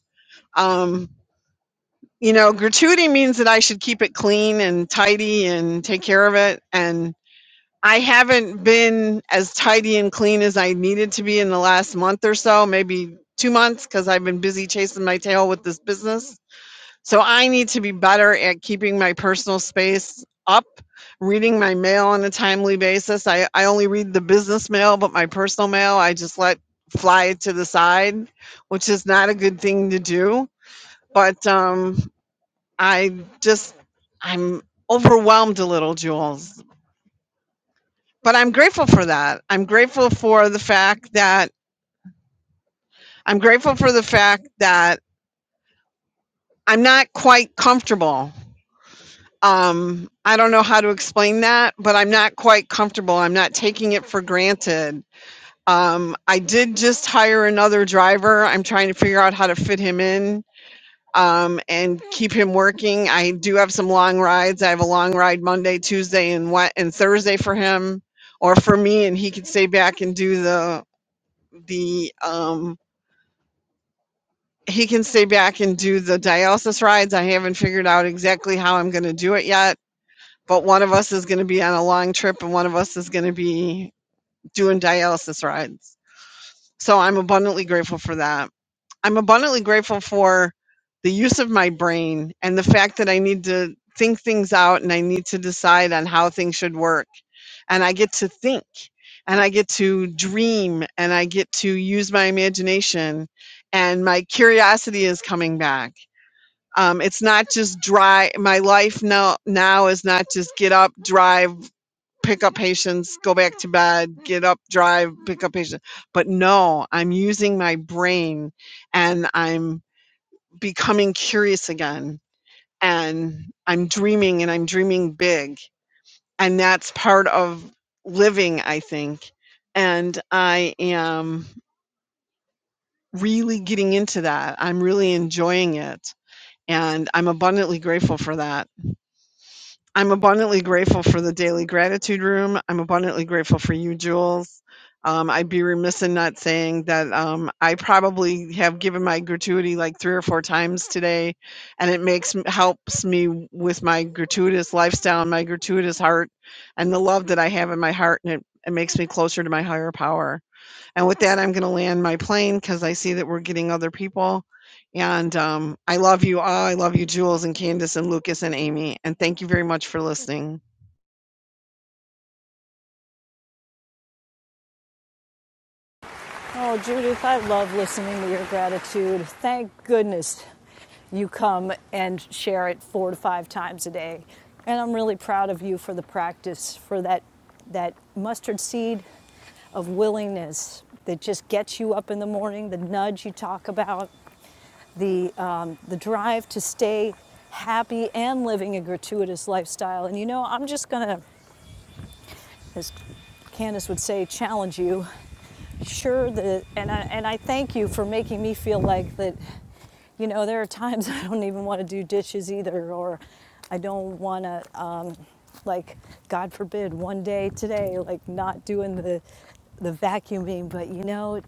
Um, you know, gratuity means that I should keep it clean and tidy and take care of it. And I haven't been as tidy and clean as I needed to be in the last month or so, maybe two months, because I've been busy chasing my tail with this business So I need to be better at keeping my personal space up, reading my mail on a timely basis. I, I only read the business mail, but my personal mail, I just let fly to the side, which is not a good thing to do. But um, I just, I'm overwhelmed a little, Jules. But I'm grateful for that. I'm grateful for the fact that I'm grateful for the fact that I'm not quite comfortable um i don't know how to explain that but i'm not quite comfortable i'm not taking it for granted um i did just hire another driver i'm trying to figure out how to fit him in um and keep him working i do have some long rides i have a long ride monday tuesday and what and thursday for him or for me and he can stay back and do the the um he can stay back and do the dialysis rides i haven't figured out exactly how i'm going to do it yet but one of us is going to be on a long trip and one of us is going to be doing dialysis rides. So I'm abundantly grateful for that. I'm abundantly grateful for the use of my brain and the fact that I need to think things out and I need to decide on how things should work. And I get to think and I get to dream and I get to use my imagination and my curiosity is coming back. Um, it's not just dry. My life now now is not just get up, drive, pick up patients, go back to bed, get up, drive, pick up patients. But no, I'm using my brain and I'm becoming curious again and I'm dreaming and I'm dreaming big. And that's part of living, I think. And I am really getting into that. I'm really enjoying it. And I'm abundantly grateful for that. I'm abundantly grateful for the daily gratitude room. I'm abundantly grateful for you, Jules. Um, I'd be remiss in not saying that um, I probably have given my gratuity like three or four times today, and it makes m- helps me with my gratuitous lifestyle, and my gratuitous heart, and the love that I have in my heart, and it, it makes me closer to my higher power and with that, I'm going to land my plane because I see that we're getting other people. And um, I love you all. I love you, Jules and Candace and Lucas and Amy. And thank you very much for listening. Oh, Judith, I love listening to your gratitude. Thank goodness you come and share it four to five times a day. And I'm really proud of you for the practice, for that, that mustard seed of willingness that just gets you up in the morning, the nudge you talk about, the, um, the drive to stay happy and living a gratuitous lifestyle. And you know, I'm just going to as Candace would say, challenge you. Sure, that, and I, and I thank you for making me feel like that. You know, there are times I don't even want to do dishes either, or I don't want to like god forbid one day today like not doing the the vacuuming but you know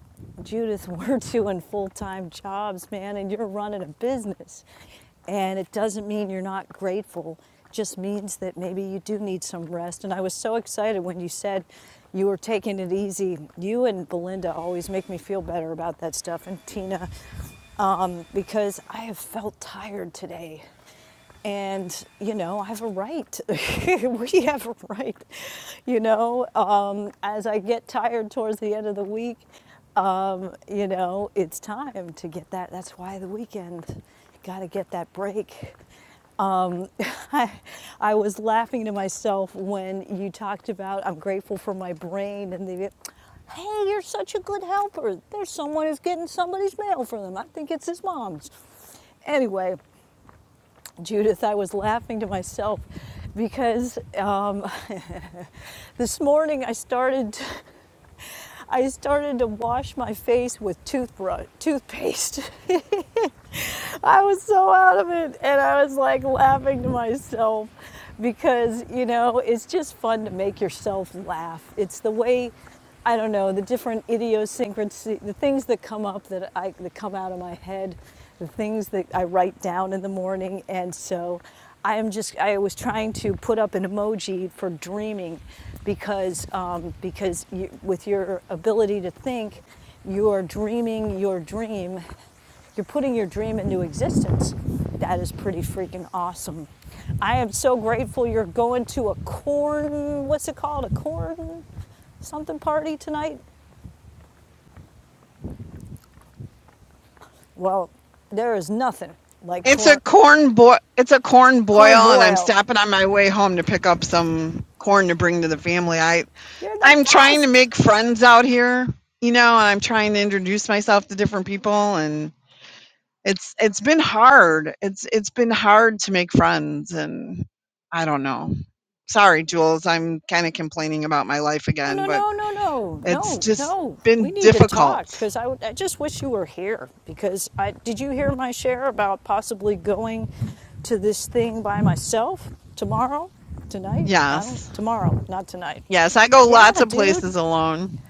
judith we're doing full-time jobs man and you're running a business and it doesn't mean you're not grateful it just means that maybe you do need some rest and i was so excited when you said you were taking it easy you and belinda always make me feel better about that stuff and tina um, because i have felt tired today and you know i have a right we have a right you know um, as i get tired towards the end of the week um, you know it's time to get that that's why the weekend got to get that break um, I, I was laughing to myself when you talked about i'm grateful for my brain and the hey you're such a good helper there's someone who's getting somebody's mail for them i think it's his mom's anyway Judith, I was laughing to myself because um, this morning I started. I started to wash my face with toothbrush, toothpaste. I was so out of it. And I was like laughing to myself because, you know, it's just fun to make yourself laugh. It's the way, I don't know, the different idiosyncrasy, the things that come up that I, that come out of my head, the things that I write down in the morning. And so I am just, I was trying to put up an emoji for dreaming because, um, because you, with your ability to think, you are dreaming your dream you're putting your dream into existence. That is pretty freaking awesome. I am so grateful you're going to a corn, what's it called? A corn something party tonight? Well, there is nothing like It's corn, a corn boil. It's a corn corn boil, and I'm boil. stopping on my way home to pick up some corn to bring to the family. I You're the I'm trying to best. make friends out here, you know, and I'm trying to introduce myself to different people. and. It's it's been hard. It's it's been hard to make friends and I don't know. Sorry, Jules, I'm kind of complaining about my life No, again, no, but no, no, no, it's no. just no. We been need to difficult. talk because I, I just wish you were here. Because I did you hear my share about possibly going to this thing by myself tomorrow, tonight? I don't. Yes. Tomorrow, not tonight. Yes, I go Yeah, lots of dude places alone.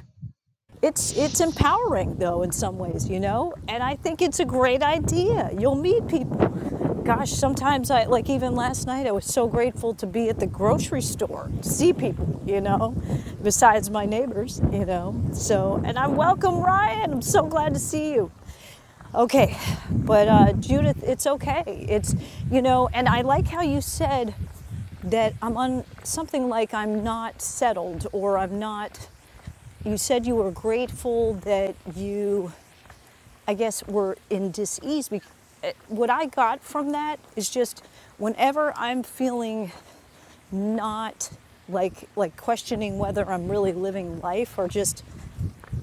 it's it's empowering though in some ways you know and i think it's a great idea you'll meet people gosh sometimes i like even last night i was so grateful to be at the grocery store to see people you know besides my neighbors you know so and i welcome ryan i'm so glad to see you okay but uh, judith it's okay it's you know and i like how you said that i'm on something like i'm not settled or i'm not you said you were grateful that you, I guess, were in dis-ease. eh, What I got from that is just whenever I'm feeling not like like questioning whether I'm really living life or just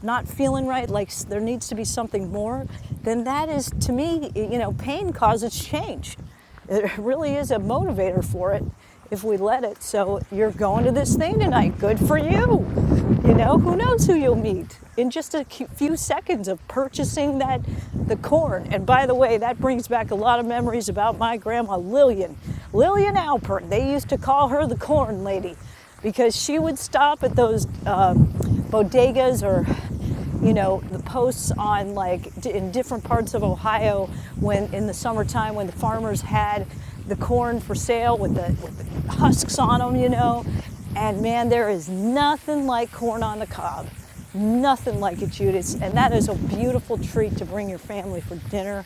not feeling right, like there needs to be something more, then that is, to me, you know, pain causes change. It really is a motivator for it if we let it. So you're going to this thing tonight. Good for you. You know, who knows who you'll meet in just a few seconds of purchasing that the corn. And by the way, that brings back a lot of memories about my grandma Lillian, Lillian Alpert. They used to call her the corn lady because she would stop at those um, bodegas or you know the posts on like in different parts of ohio when in the summertime when the farmers had the corn for sale with the, with the husks on them you know and man there is nothing like corn on the cob nothing like it Judith. and that is a beautiful treat to bring your family for dinner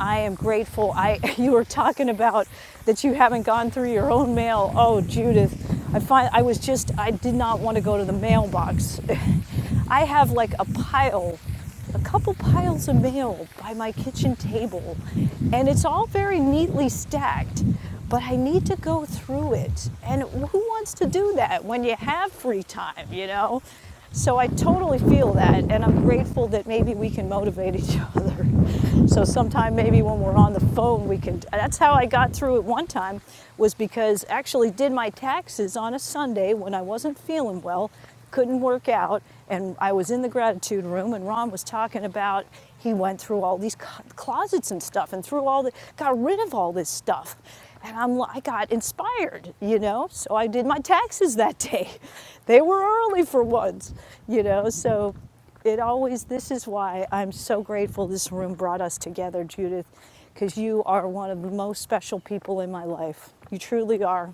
I am grateful. I you were talking about that you haven't gone through your own mail. Oh, Judith, I find I was just I did not want to go to the mailbox. I have like a pile, a couple piles of mail by my kitchen table, and it's all very neatly stacked. But I need to go through it, and who wants to do that when you have free time? You know, so I totally feel that, and I'm grateful that maybe we can motivate each other. So sometime maybe when we're on the phone, we can. That's how I got through it one time, was because actually did my taxes on a Sunday when I wasn't feeling well, couldn't work out, and I was in the gratitude room, and Ron was talking about he went through all these closets and stuff, and threw all the got rid of all this stuff, and I'm, I got inspired, you know? So I did my taxes that day. They were early for once, you know? So it always, this is why I'm so grateful this room brought us together, Judith, because you are one of the most special people in my life. You truly are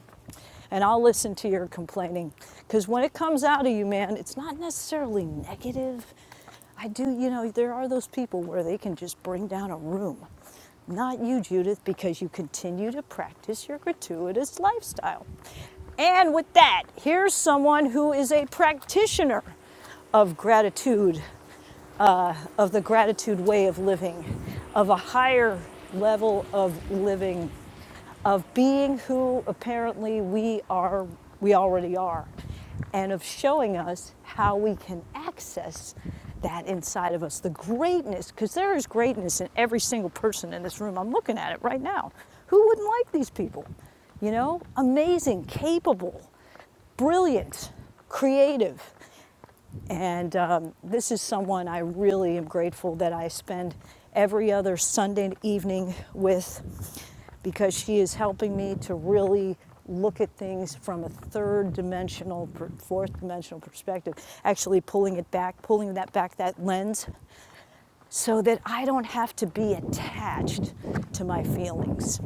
and I'll listen to your complaining. Because when it comes out of you, man, it's not necessarily negative. I do, you know, there are those people where they can just bring down a room. Not you, Judith, because you continue to practice your gratuitous lifestyle. And with that, here's someone who is a practitioner of gratitude uh, of the gratitude way of living, of a higher level of living, of being who apparently we are, we already are, and of showing us how we can access that inside of us, the greatness, because there is greatness in every single person in this room. I'm looking at it right now. Who wouldn't like these people? You know, amazing, capable, brilliant, creative, and um, this is someone I really am grateful that I spend every other Sunday evening with because she is helping me to really look at things from a third dimensional, fourth dimensional perspective. Actually, pulling it back, pulling that back, that lens so that I don't have to be attached to my feelings.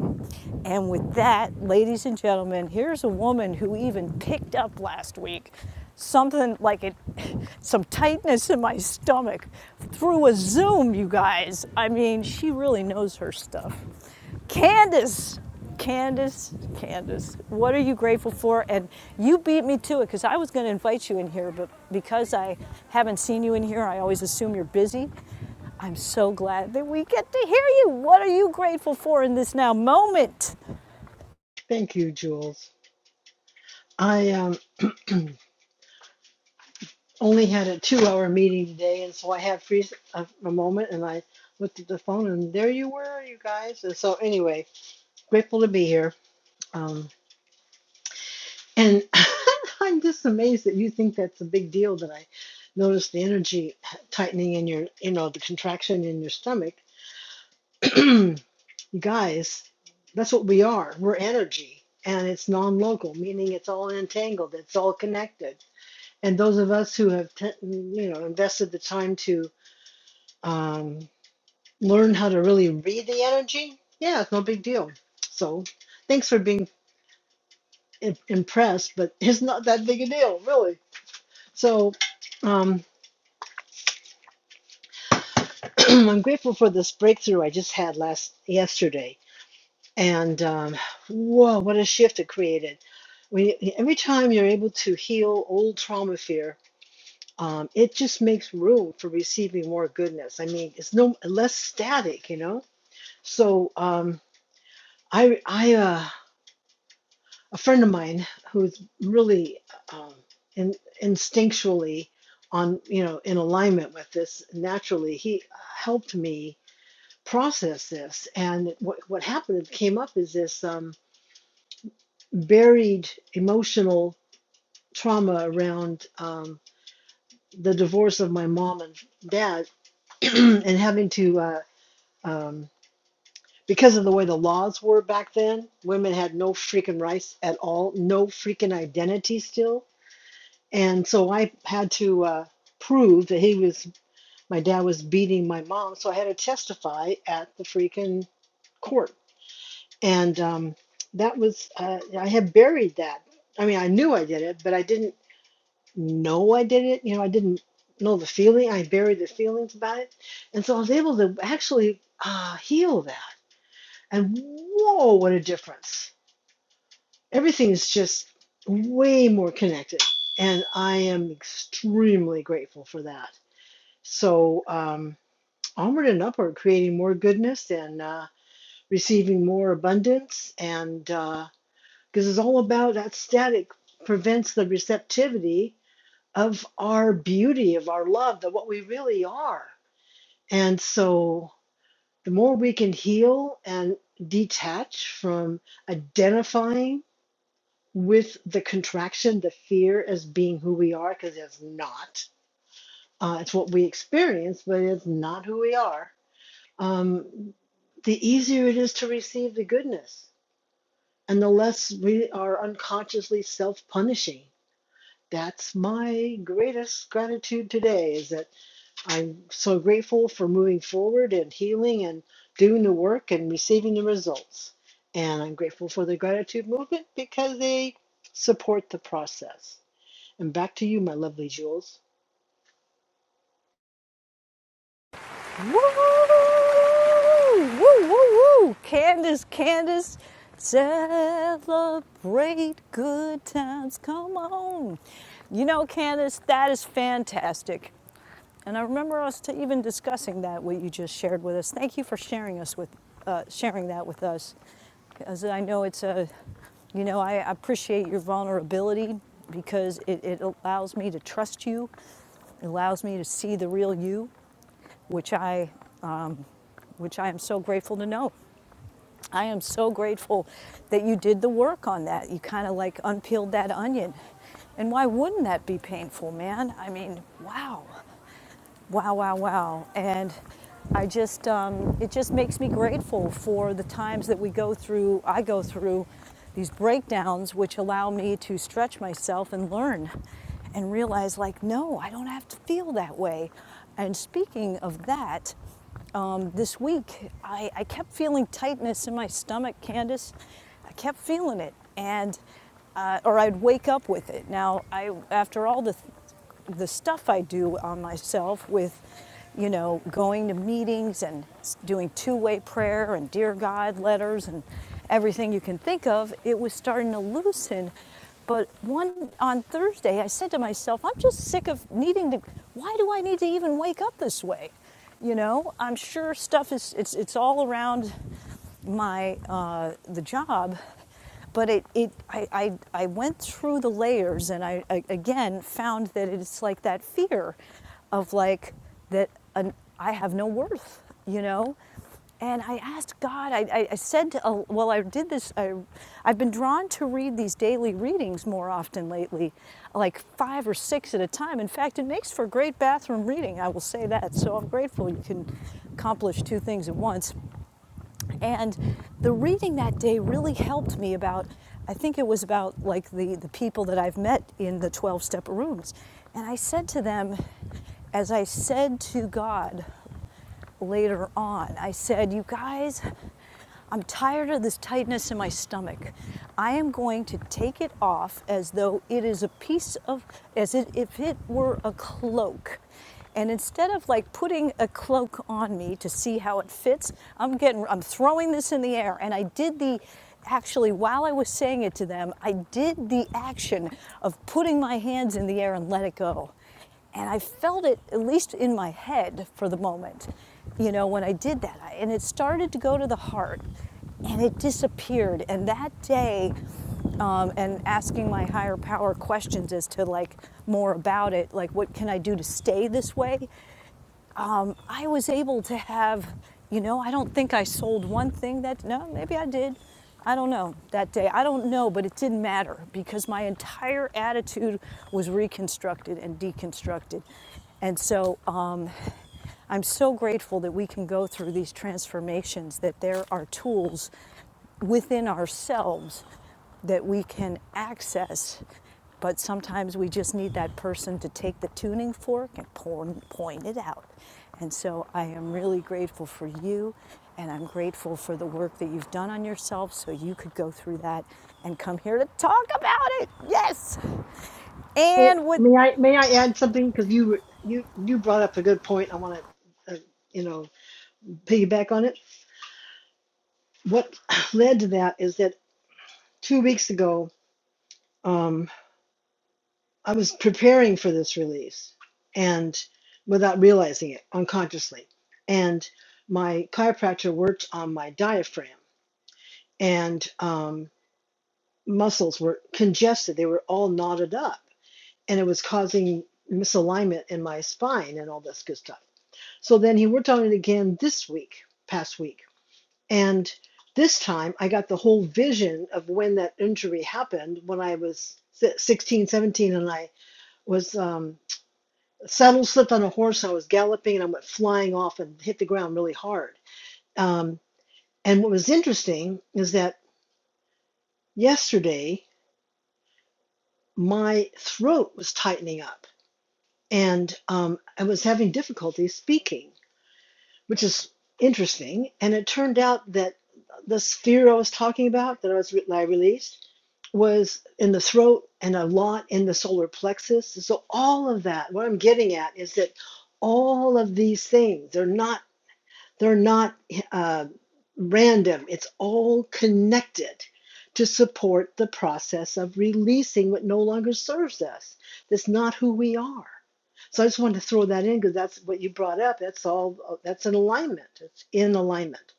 And with that, ladies and gentlemen, here's a woman who even picked up last week something like it, some tightness in my stomach through a Zoom, you guys. I mean, she really knows her stuff. Candace, Candace, Candace, what are you grateful for? And you beat me to it because I was going to invite you in here, but because I haven't seen you in here, I always assume you're busy. I'm so glad that we get to hear you. What are you grateful for in this now moment? Thank you, Jules. I um, only had a two hour meeting today, and so I had free a, a moment and I looked at the phone, and there you were, you guys. And so, anyway, grateful to be here. Um, And I'm just amazed that you think that's a big deal that I noticed the energy tightening in your, you know, the contraction in your stomach. you guys, that's what we are. We're energy and it's non local, meaning it's all entangled, it's all connected. And those of us who have, t- you know, invested the time to um, learn how to really read the energy, yeah, it's no big deal. So thanks for being im- impressed, but it's not that big a deal, really So um, I'm grateful for this breakthrough I just had last yesterday, and um, whoa, what a shift it created! When you, every time you're able to heal old trauma fear, um, it just makes room for receiving more goodness. I mean, it's no less static, you know. So um, I, I, uh, a friend of mine who's really um, in, instinctually on, you know, in alignment with this naturally, he helped me process this. And what, what happened came up is this um, buried emotional trauma around um, the divorce of my mom and dad, and having to uh, um, because of the way the laws were back then, women had no freaking rights at all, no freaking identity still. And so I had to uh, prove that he was, my dad was beating my mom. So I had to testify at the freaking court and um, that was uh, I had buried that. I mean, I knew I did it, but I didn't know I did it. You know, I didn't know the feeling. I buried the feelings about it, and so I was able to actually uh, heal that. And whoa, what a difference! Everything is just way more connected, and I am extremely grateful for that. So um, onward and upward, creating more goodness and uh, receiving more abundance and. Uh, because it's all about that static prevents the receptivity of our beauty, of our love, of what we really are. And so the more we can heal and detach from identifying with the contraction, the fear as being who we are, because it's not. Uh, it's what we experience, but it's not who we are. Um, the easier it is to receive the goodness, and the less we are unconsciously self punishing that's my greatest gratitude today is that I'm so grateful for moving forward and healing and doing the work and receiving the results. And I'm grateful for the gratitude movement because they support the process. And back to you, my lovely Jules. Woo! Woo, woo, woo! Candace, Candace, celebrate good times. Come on. You know, Candace, that is fantastic. And I remember us to even discussing that what you just shared with us. Thank you for sharing us with uh, sharing that with us, because I know it's a, you know, I appreciate your vulnerability because it, it allows me to trust you, it allows me to see the real you, which I which I am so grateful to know. I am so grateful that you did the work on that. You kind of like unpeeled that onion. And why wouldn't that be painful, man? I mean, wow, wow, wow, wow. And I just, um, it just makes me grateful for the times that we go through, I go through these breakdowns, which allow me to stretch myself and learn and realize, like, no, I don't have to feel that way. And speaking of that, um, this week, I, I kept feeling tightness in my stomach, Candace. I kept feeling it, and uh, or I'd wake up with it. Now, I after all the the stuff I do on myself with, you know, going to meetings and doing two-way prayer and dear God letters and everything you can think of, it was starting to loosen. But one on Thursday, I said to myself, I'm just sick of needing to. Why do I need to even wake up this way? You know, I'm sure stuff is it's it's all around my uh, the job, but it, it I, I, I went through the layers and I, I again found that it's like that fear of like that an, I have no worth, you know. And I asked God, I, I, I said, to, uh, well, I did this, I, I've been drawn to read these daily readings more often lately, like five or six at a time. In fact, it makes for great bathroom reading, I will say that. So I'm grateful you can accomplish two things at once. And the reading that day really helped me about, I think it was about like the, the people that I've met in the 12 step rooms. And I said to them, as I said to God, later on. I said, You guys, I'm tired of this tightness in my stomach. I am going to take it off as though it is a piece of, as it, if it were a cloak. And instead of like putting a cloak on me to see how it fits, I'm getting, I'm throwing this in the air. And I did the, actually, while I was saying it to them, I did the action of putting my hands in the air and let it go. And I felt it, at least in my head for the moment, you know, when I did that. And it started to go to the heart and it disappeared. And that day, um, and asking my higher power questions as to like more about it, like what can I do to stay this way? um, I was able to have, you know, I don't think I sold one thing that, no, maybe I did. I don't know that day. I don't know, but it didn't matter because my entire attitude was reconstructed and deconstructed. And so, um, I'm so grateful that we can go through these transformations, that there are tools within ourselves that we can access. But sometimes we just need that person to take the tuning fork and point, point it out. And so I am really grateful for you, and I'm grateful for the work that you've done on yourself so you could go through that and come here to talk about it. Yes! Oh, And with may I may I add something because you you you brought up a good point. I want to uh, you know piggyback on it. What led to that is that two weeks ago. I was preparing for this release and without realizing it unconsciously. And my chiropractor worked on my diaphragm and um, muscles were congested. They were all knotted up and it was causing misalignment in my spine and all this good stuff. So then he worked on it again this week, past week. And this time I got the whole vision of when that injury happened when I was si-, 16, 17, and I was. Um, saddle slipped on a horse. I was galloping and I went flying off and hit the ground really hard. Um, and what was interesting is that yesterday my throat was tightening up and um, I was having difficulty speaking, which is interesting. And it turned out that this fear I was talking about that I was that I released was in the throat and a lot in the solar plexus. So all of that, what I'm getting at is that all of these things, they're not They're not uh, random, it's all connected to support the process of releasing what no longer serves us. That's not who we are. So I just wanted to throw that in because that's what you brought up. That's all, that's in alignment. It's in alignment.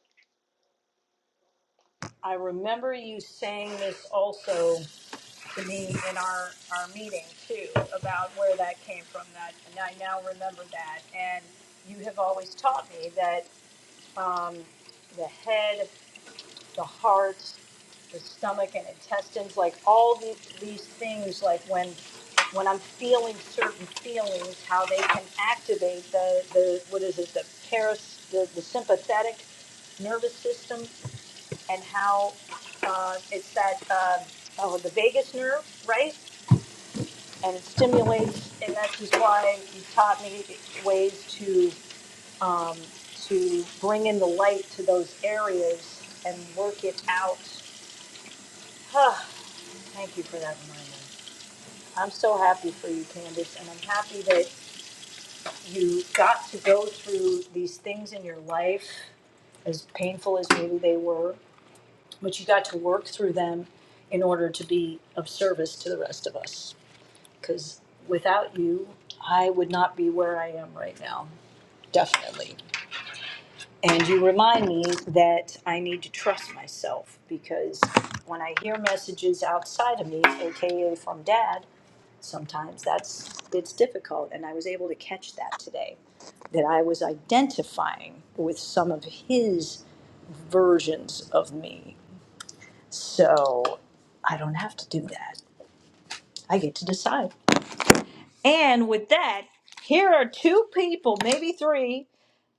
I remember you saying this also to me in our, our meeting too about where that came from that and I now remember that and you have always taught me that the head, the heart, the stomach and intestines, like all these, these things, like when when I'm feeling certain feelings, how they can activate the, the what is it, the paras the, the sympathetic nervous system and how uh, it's that uh, oh the vagus nerve, right? and it stimulates, and that's just why you taught me ways to, to bring in the light to those areas and work it out. Ah, Thank you for that reminder. I'm so happy for you, Candace, and I'm happy that you got to go through these things in your life, as painful as maybe they were, but you got to work through them in order to be of service to the rest of us. Because without you, I would not be where I am right now, definitely. And you remind me that I need to trust myself because when I hear messages outside of me, aka from dad, sometimes that's it's difficult and I was able to catch that today that I was identifying with some of his versions of me. So, I don't have to do that. I get to decide. And with that, here are two people, maybe three,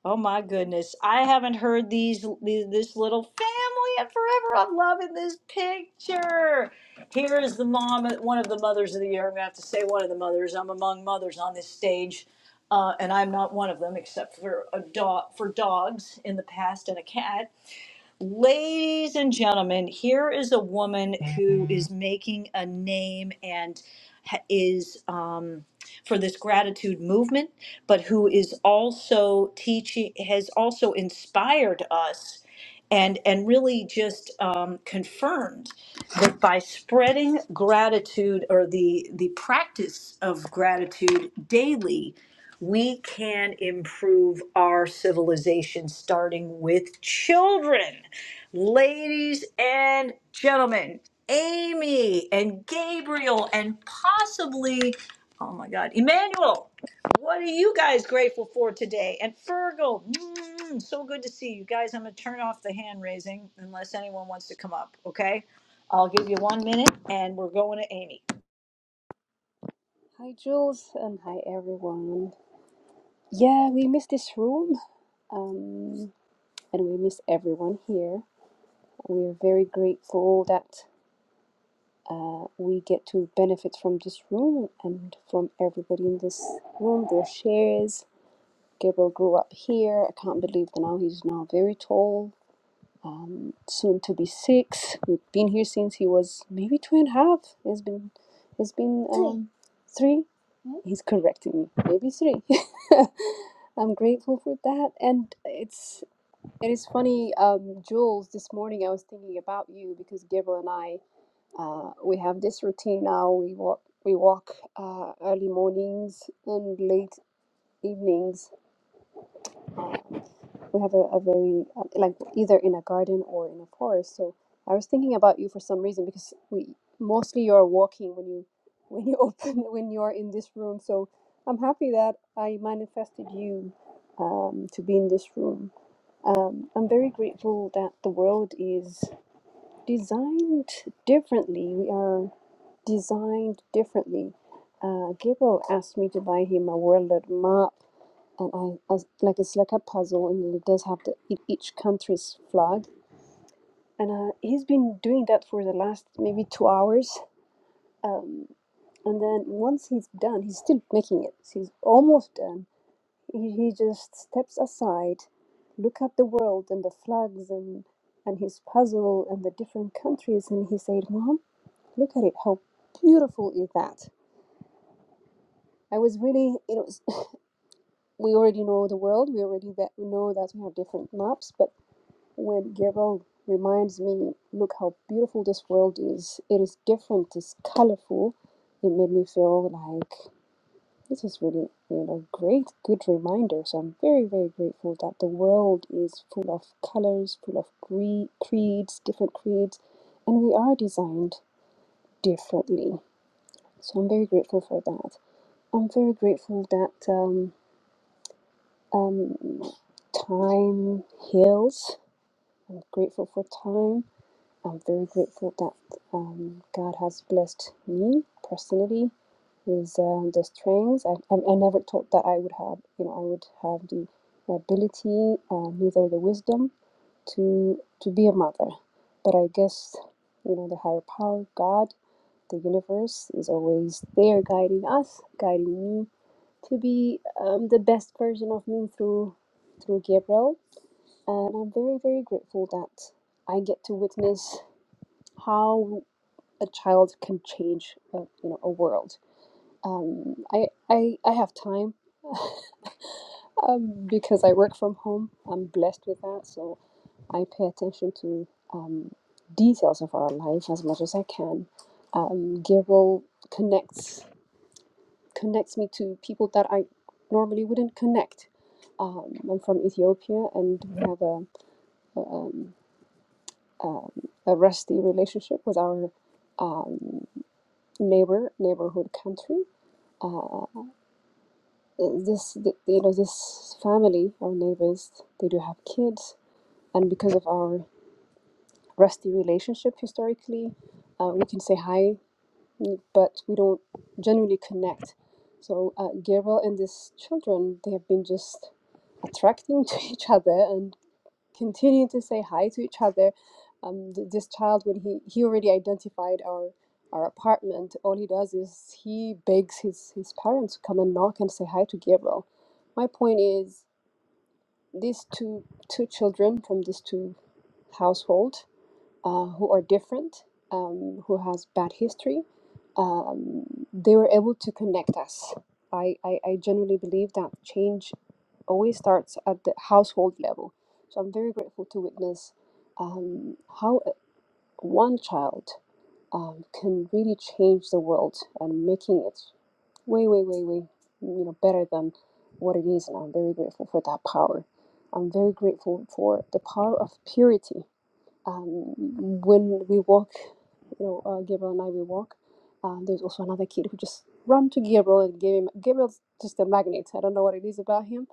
Oh my goodness. I haven't heard these these- this little family in forever. I'm loving this picture. Here is the mom, uh, one of the mothers of the year. I'm going to have to say one of the mothers. I'm among mothers on this stage. Uh, and I'm not one of them, except for a dog, for dogs in the past and a cat. Ladies and gentlemen, here is a woman who is making a name and ha- is um, for this gratitude movement, but who is also teaching, has also inspired us and, and really just um, confirmed that by spreading gratitude or the, the practice of gratitude daily, we can improve our civilization starting with children. Ladies and gentlemen, Amy and Gabriel and possibly, oh my God, Emmanuel, what are you guys grateful for today? And Fergal, mm, so good to see you guys. I'm going to turn off the hand raising unless anyone wants to come up, okay? I'll give you one minute and we're going to Amy. Hi, Jules, and hi, everyone. Yeah, we miss this room, um, and we miss everyone here. We're very grateful that we get to benefit from this room and from everybody in this room, their shares. Gabriel grew up here. I can't believe that now he's now very tall um, soon to be six. We've been here since he was maybe two and a half. It's been, it's been Three. um, three. He's correcting me. Maybe three. I'm grateful for that, and it's it is funny, um, Jules. This morning I was thinking about you because Gabriel and I uh, we have this routine now. We walk we walk uh, early mornings and late evenings we have a, a very uh, like either in a garden or in a forest so i was thinking about you for some reason because we mostly you're walking when you when you open when you're in this room so i'm happy that i manifested you um, to be in this room um, i'm very grateful that the world is designed differently we are designed differently uh, gabriel asked me to buy him a world map and I, I like it's like a puzzle, and it does have the e- each country's flag. And uh, he's been doing that for the last maybe two hours. Um, and then once he's done, he's still making it. He's almost done. He, he just steps aside, look at the world and the flags and and his puzzle and the different countries, and he said, "Mom, look at it. How beautiful is that?" I was really, you know, we already know the world. We already that we know that we have different maps, but when Gabriel reminds me, look how beautiful this world is. It is different, it's colorful. It made me feel like this is really, you know, great, good reminder. So I'm very, very grateful that the world is full of colors, full of cre- creeds, different creeds, and we are designed differently. So I'm very grateful for that. I'm very grateful that um, um, time heals. I'm grateful for time. I'm very grateful that um, God has blessed me personally with um, the strengths. I, I, I never thought that I would have, you know, I would have the ability, uh, neither the wisdom to to be a mother. But I guess, you know, the higher power, God, the universe, is always there, guiding us, guiding me to be um, the best version of me through through Gabriel. And I'm very, very grateful that I get to witness how a child can change a, you know a world um, I, I i have time um, because i work from home i'm blessed with that so i pay attention to um, details of our life as much as i can um, Gero connects connects me to people that i normally wouldn't connect um, i'm from ethiopia and we have a, a, um, um, a rusty relationship with our um, neighbor neighborhood country Uh, Uh, This, th- you know, this family, our neighbors, they do have kids, and because of our rusty relationship historically, uh, we can say hi, but we don't generally connect. So uh, Gabriel and these children, they have been just attracting to each other and continuing to say hi to each other. Um, th- this child, when he he already identified our our apartment, all he does is he begs his his parents to come and knock and say hi to Gabriel. My point is. these two two children from these two household uh, who are different, um, who has bad history, um, they were able to connect us. I, I, I generally believe that change always starts at the household level. So I'm very grateful to witness um, how a- one child um, can really change the world and making it way, way, way, way, you know, better than what it is. And I'm very grateful for that power. I'm very grateful for the power of purity. Um, when we walk, you know, uh, Gabriel and I, we walk. Uh, there's also another kid who just ran to Gabriel and gave him. Gabriel's just a magnet. I don't know what it is about him.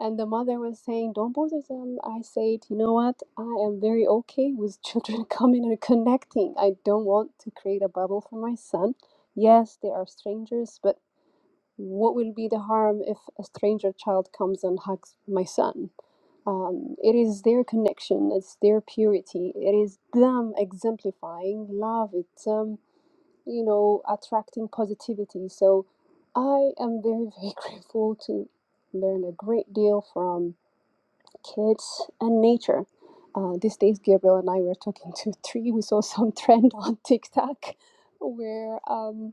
And the mother was saying, "Don't bother them." I said, "You know what? I am very okay with children coming and connecting. I don't want to create a bubble for my son. Yes, they are strangers, but." What will be the harm if a stranger child comes and hugs my son? Um, it is their connection, it's their purity, it is them exemplifying love, it's, um, you know, attracting positivity. So I am very, very grateful to learn a great deal from kids and nature. Uh, these days, Gabriel and I were talking to a tree. We saw some trend on TikTok where. um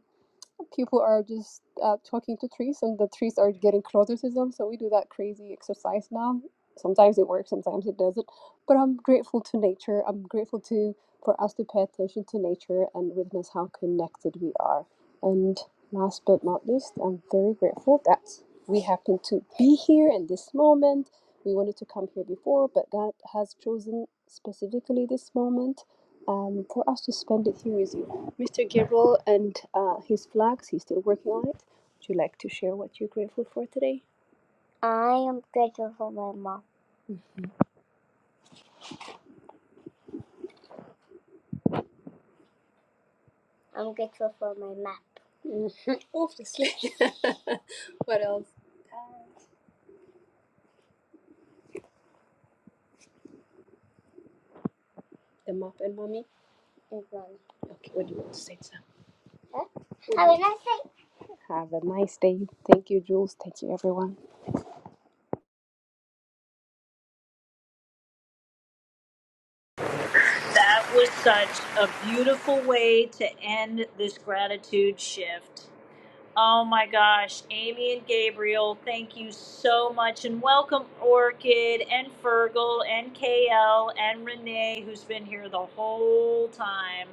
people are just uh, talking to trees and the trees are getting closer to them so we do that crazy exercise now sometimes it works sometimes it doesn't but i'm grateful to nature i'm grateful to for us to pay attention to nature and witness how connected we are and last but not least i'm very grateful that we happen to be here in this moment we wanted to come here before but god has chosen specifically this moment um, for us to spend it here with you Mr. Gabriel and uh, his flags, he's still working on it. Would you like to share what you're grateful for today? I am grateful for my mom. Mm-hmm. I'm grateful for my map. Mm-hmm. Obviously. what else? The map and mommy? and mommy. Okay, what do you want to say, Sam? Huh? Have a nice day. Have a nice day. Thank you, Jules. Thank you, everyone. That was such a beautiful way to end this gratitude shift. Oh my gosh, Amy and Gabriel, thank you so much. And welcome Orchid and Fergal and KL and Renee, who's been here the whole time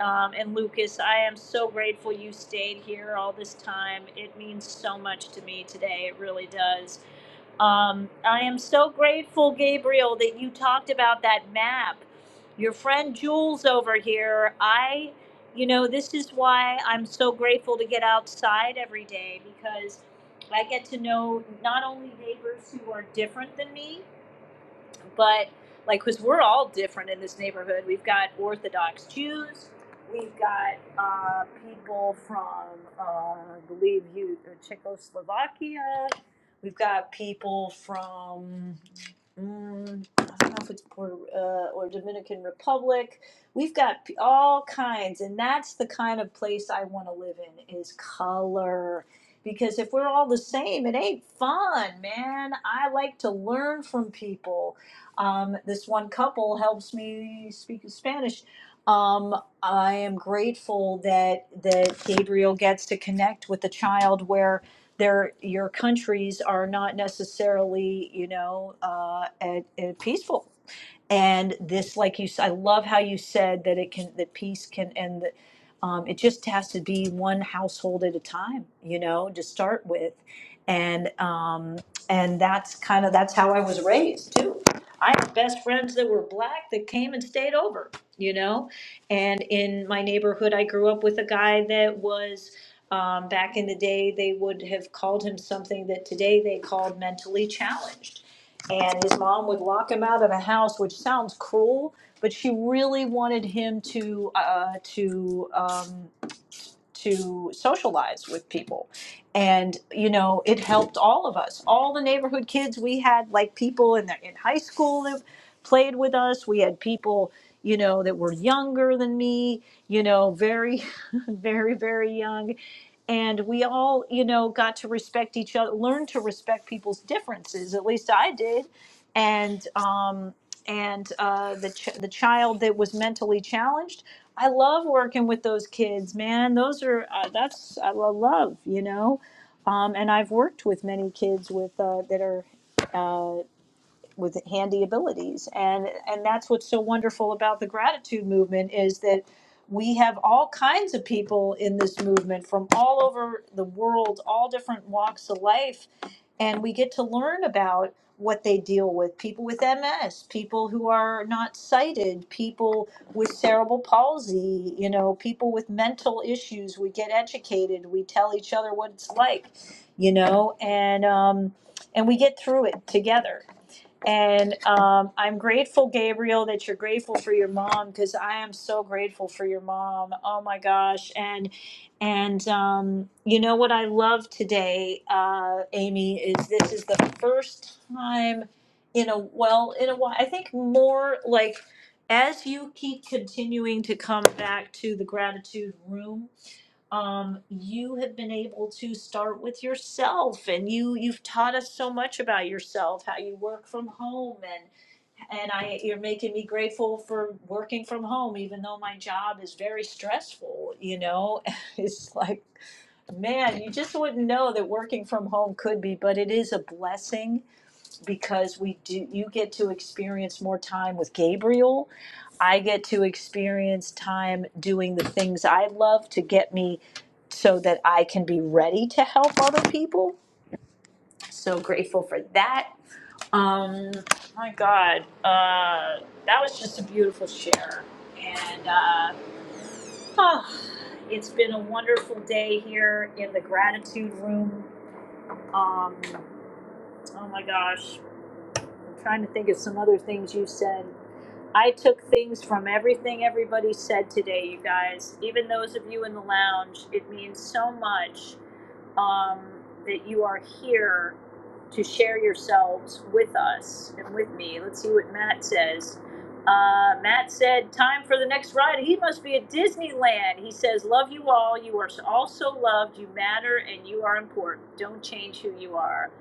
um, and Lucas, I am so grateful you stayed here all this time. It means so much to me today. It really does. Um, I am so grateful, Gabriel, that you talked about that map. Your friend Jules over here, I, you know, this is why I'm so grateful to get outside every day because I get to know not only neighbors who are different than me, but like because we're all different in this neighborhood we've got orthodox jews we've got uh, people from uh, i believe you uh, czechoslovakia we've got people from mm, I don't know if it's Puerto uh, or Dominican Republic. We've got all kinds, and that's the kind of place I want to live in is color. Because if we're all the same, it ain't fun, man. I like to learn from people. Um, this one couple helps me speak Spanish. Um, I am grateful that that Gabriel gets to connect with a child where their your countries are not necessarily, you know, uh, at, at peaceful. And this, like you, s- I love how you said that it can that peace can and that, um, it just has to be one household at a time. You know, to start with and um, and that's kind of that's how I was raised too. I had best friends that were black that came and stayed over, you know. And in my neighborhood, I grew up with a guy that was. Um, back in the day, they would have called him something that today they called mentally challenged. And his mom would lock him out of the house, which sounds cruel, but she really wanted him to uh, to Um, to socialize with people. And, you know, it helped all of us. All the neighborhood kids, we had like people in, the, in high school that played with us. We had people, you know, that were younger than me, you know, very, very, very young. And we all, you know, got to respect each other, learn to respect people's differences. At least I did. And, um, and uh, the ch- the child that was mentally challenged. I love working with those kids, man. Those are uh, that's I lo- love, you know. Um, and I've worked with many kids with uh, that are with handy abilities and and that's what's so wonderful about the gratitude movement is that we have all kinds of people in this movement from all over the world all different walks of life and we get to learn about what they deal with people with ms people who are not sighted people with cerebral palsy you know people with mental issues we get educated we tell each other what it's like you know and um and we get through it together and um, I'm grateful, Gabriel, that you're grateful for your mom because I am so grateful for your mom. Oh my gosh! And and um, you know what I love today, uh, Amy, is this is the first time in a well in a while. I think more like as you keep continuing to come back to the gratitude room um, you have been able to start with yourself and you you've taught us so much about yourself how you work from home and and i you're making me grateful for working from home even though my job is very stressful you know it's like man you just wouldn't know that working from home could be but it is a blessing because we do you get to experience more time with Gabriel. I get to experience time doing the things I love to get me so that I can be ready to help other people. So grateful for that. Um my god. Uh that was just a beautiful share. And uh oh, it's been a wonderful day here in the gratitude room. Um oh my gosh. I'm trying to think of some other things you said. I took things from everything everybody said today, you guys. Even those of you in the lounge, it means so much um, that you are here to share yourselves with us and with me. Let's see what Matt says. Uh, Matt said, Time for the next ride. He must be at Disneyland. He says, Love you all. You are all so loved. You matter and you are important. Don't change who you are.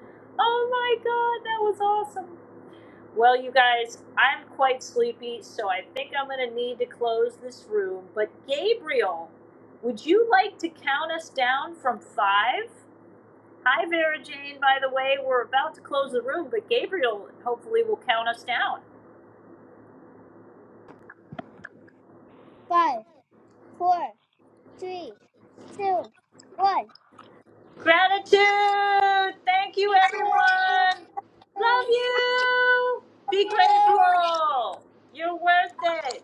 Oh my God, that was awesome. Well, you guys, I'm quite sleepy, so I think I'm going to need to close this room. But Gabriel, would you like to count us down from five? Hi, Vera Jane, by the way. We're about to close the room, but Gabriel hopefully will count us down. Five, four, three, two, one. Gratitude! Thank you, It's a- everyone! Love you! Be Love you. grateful! You're worth it!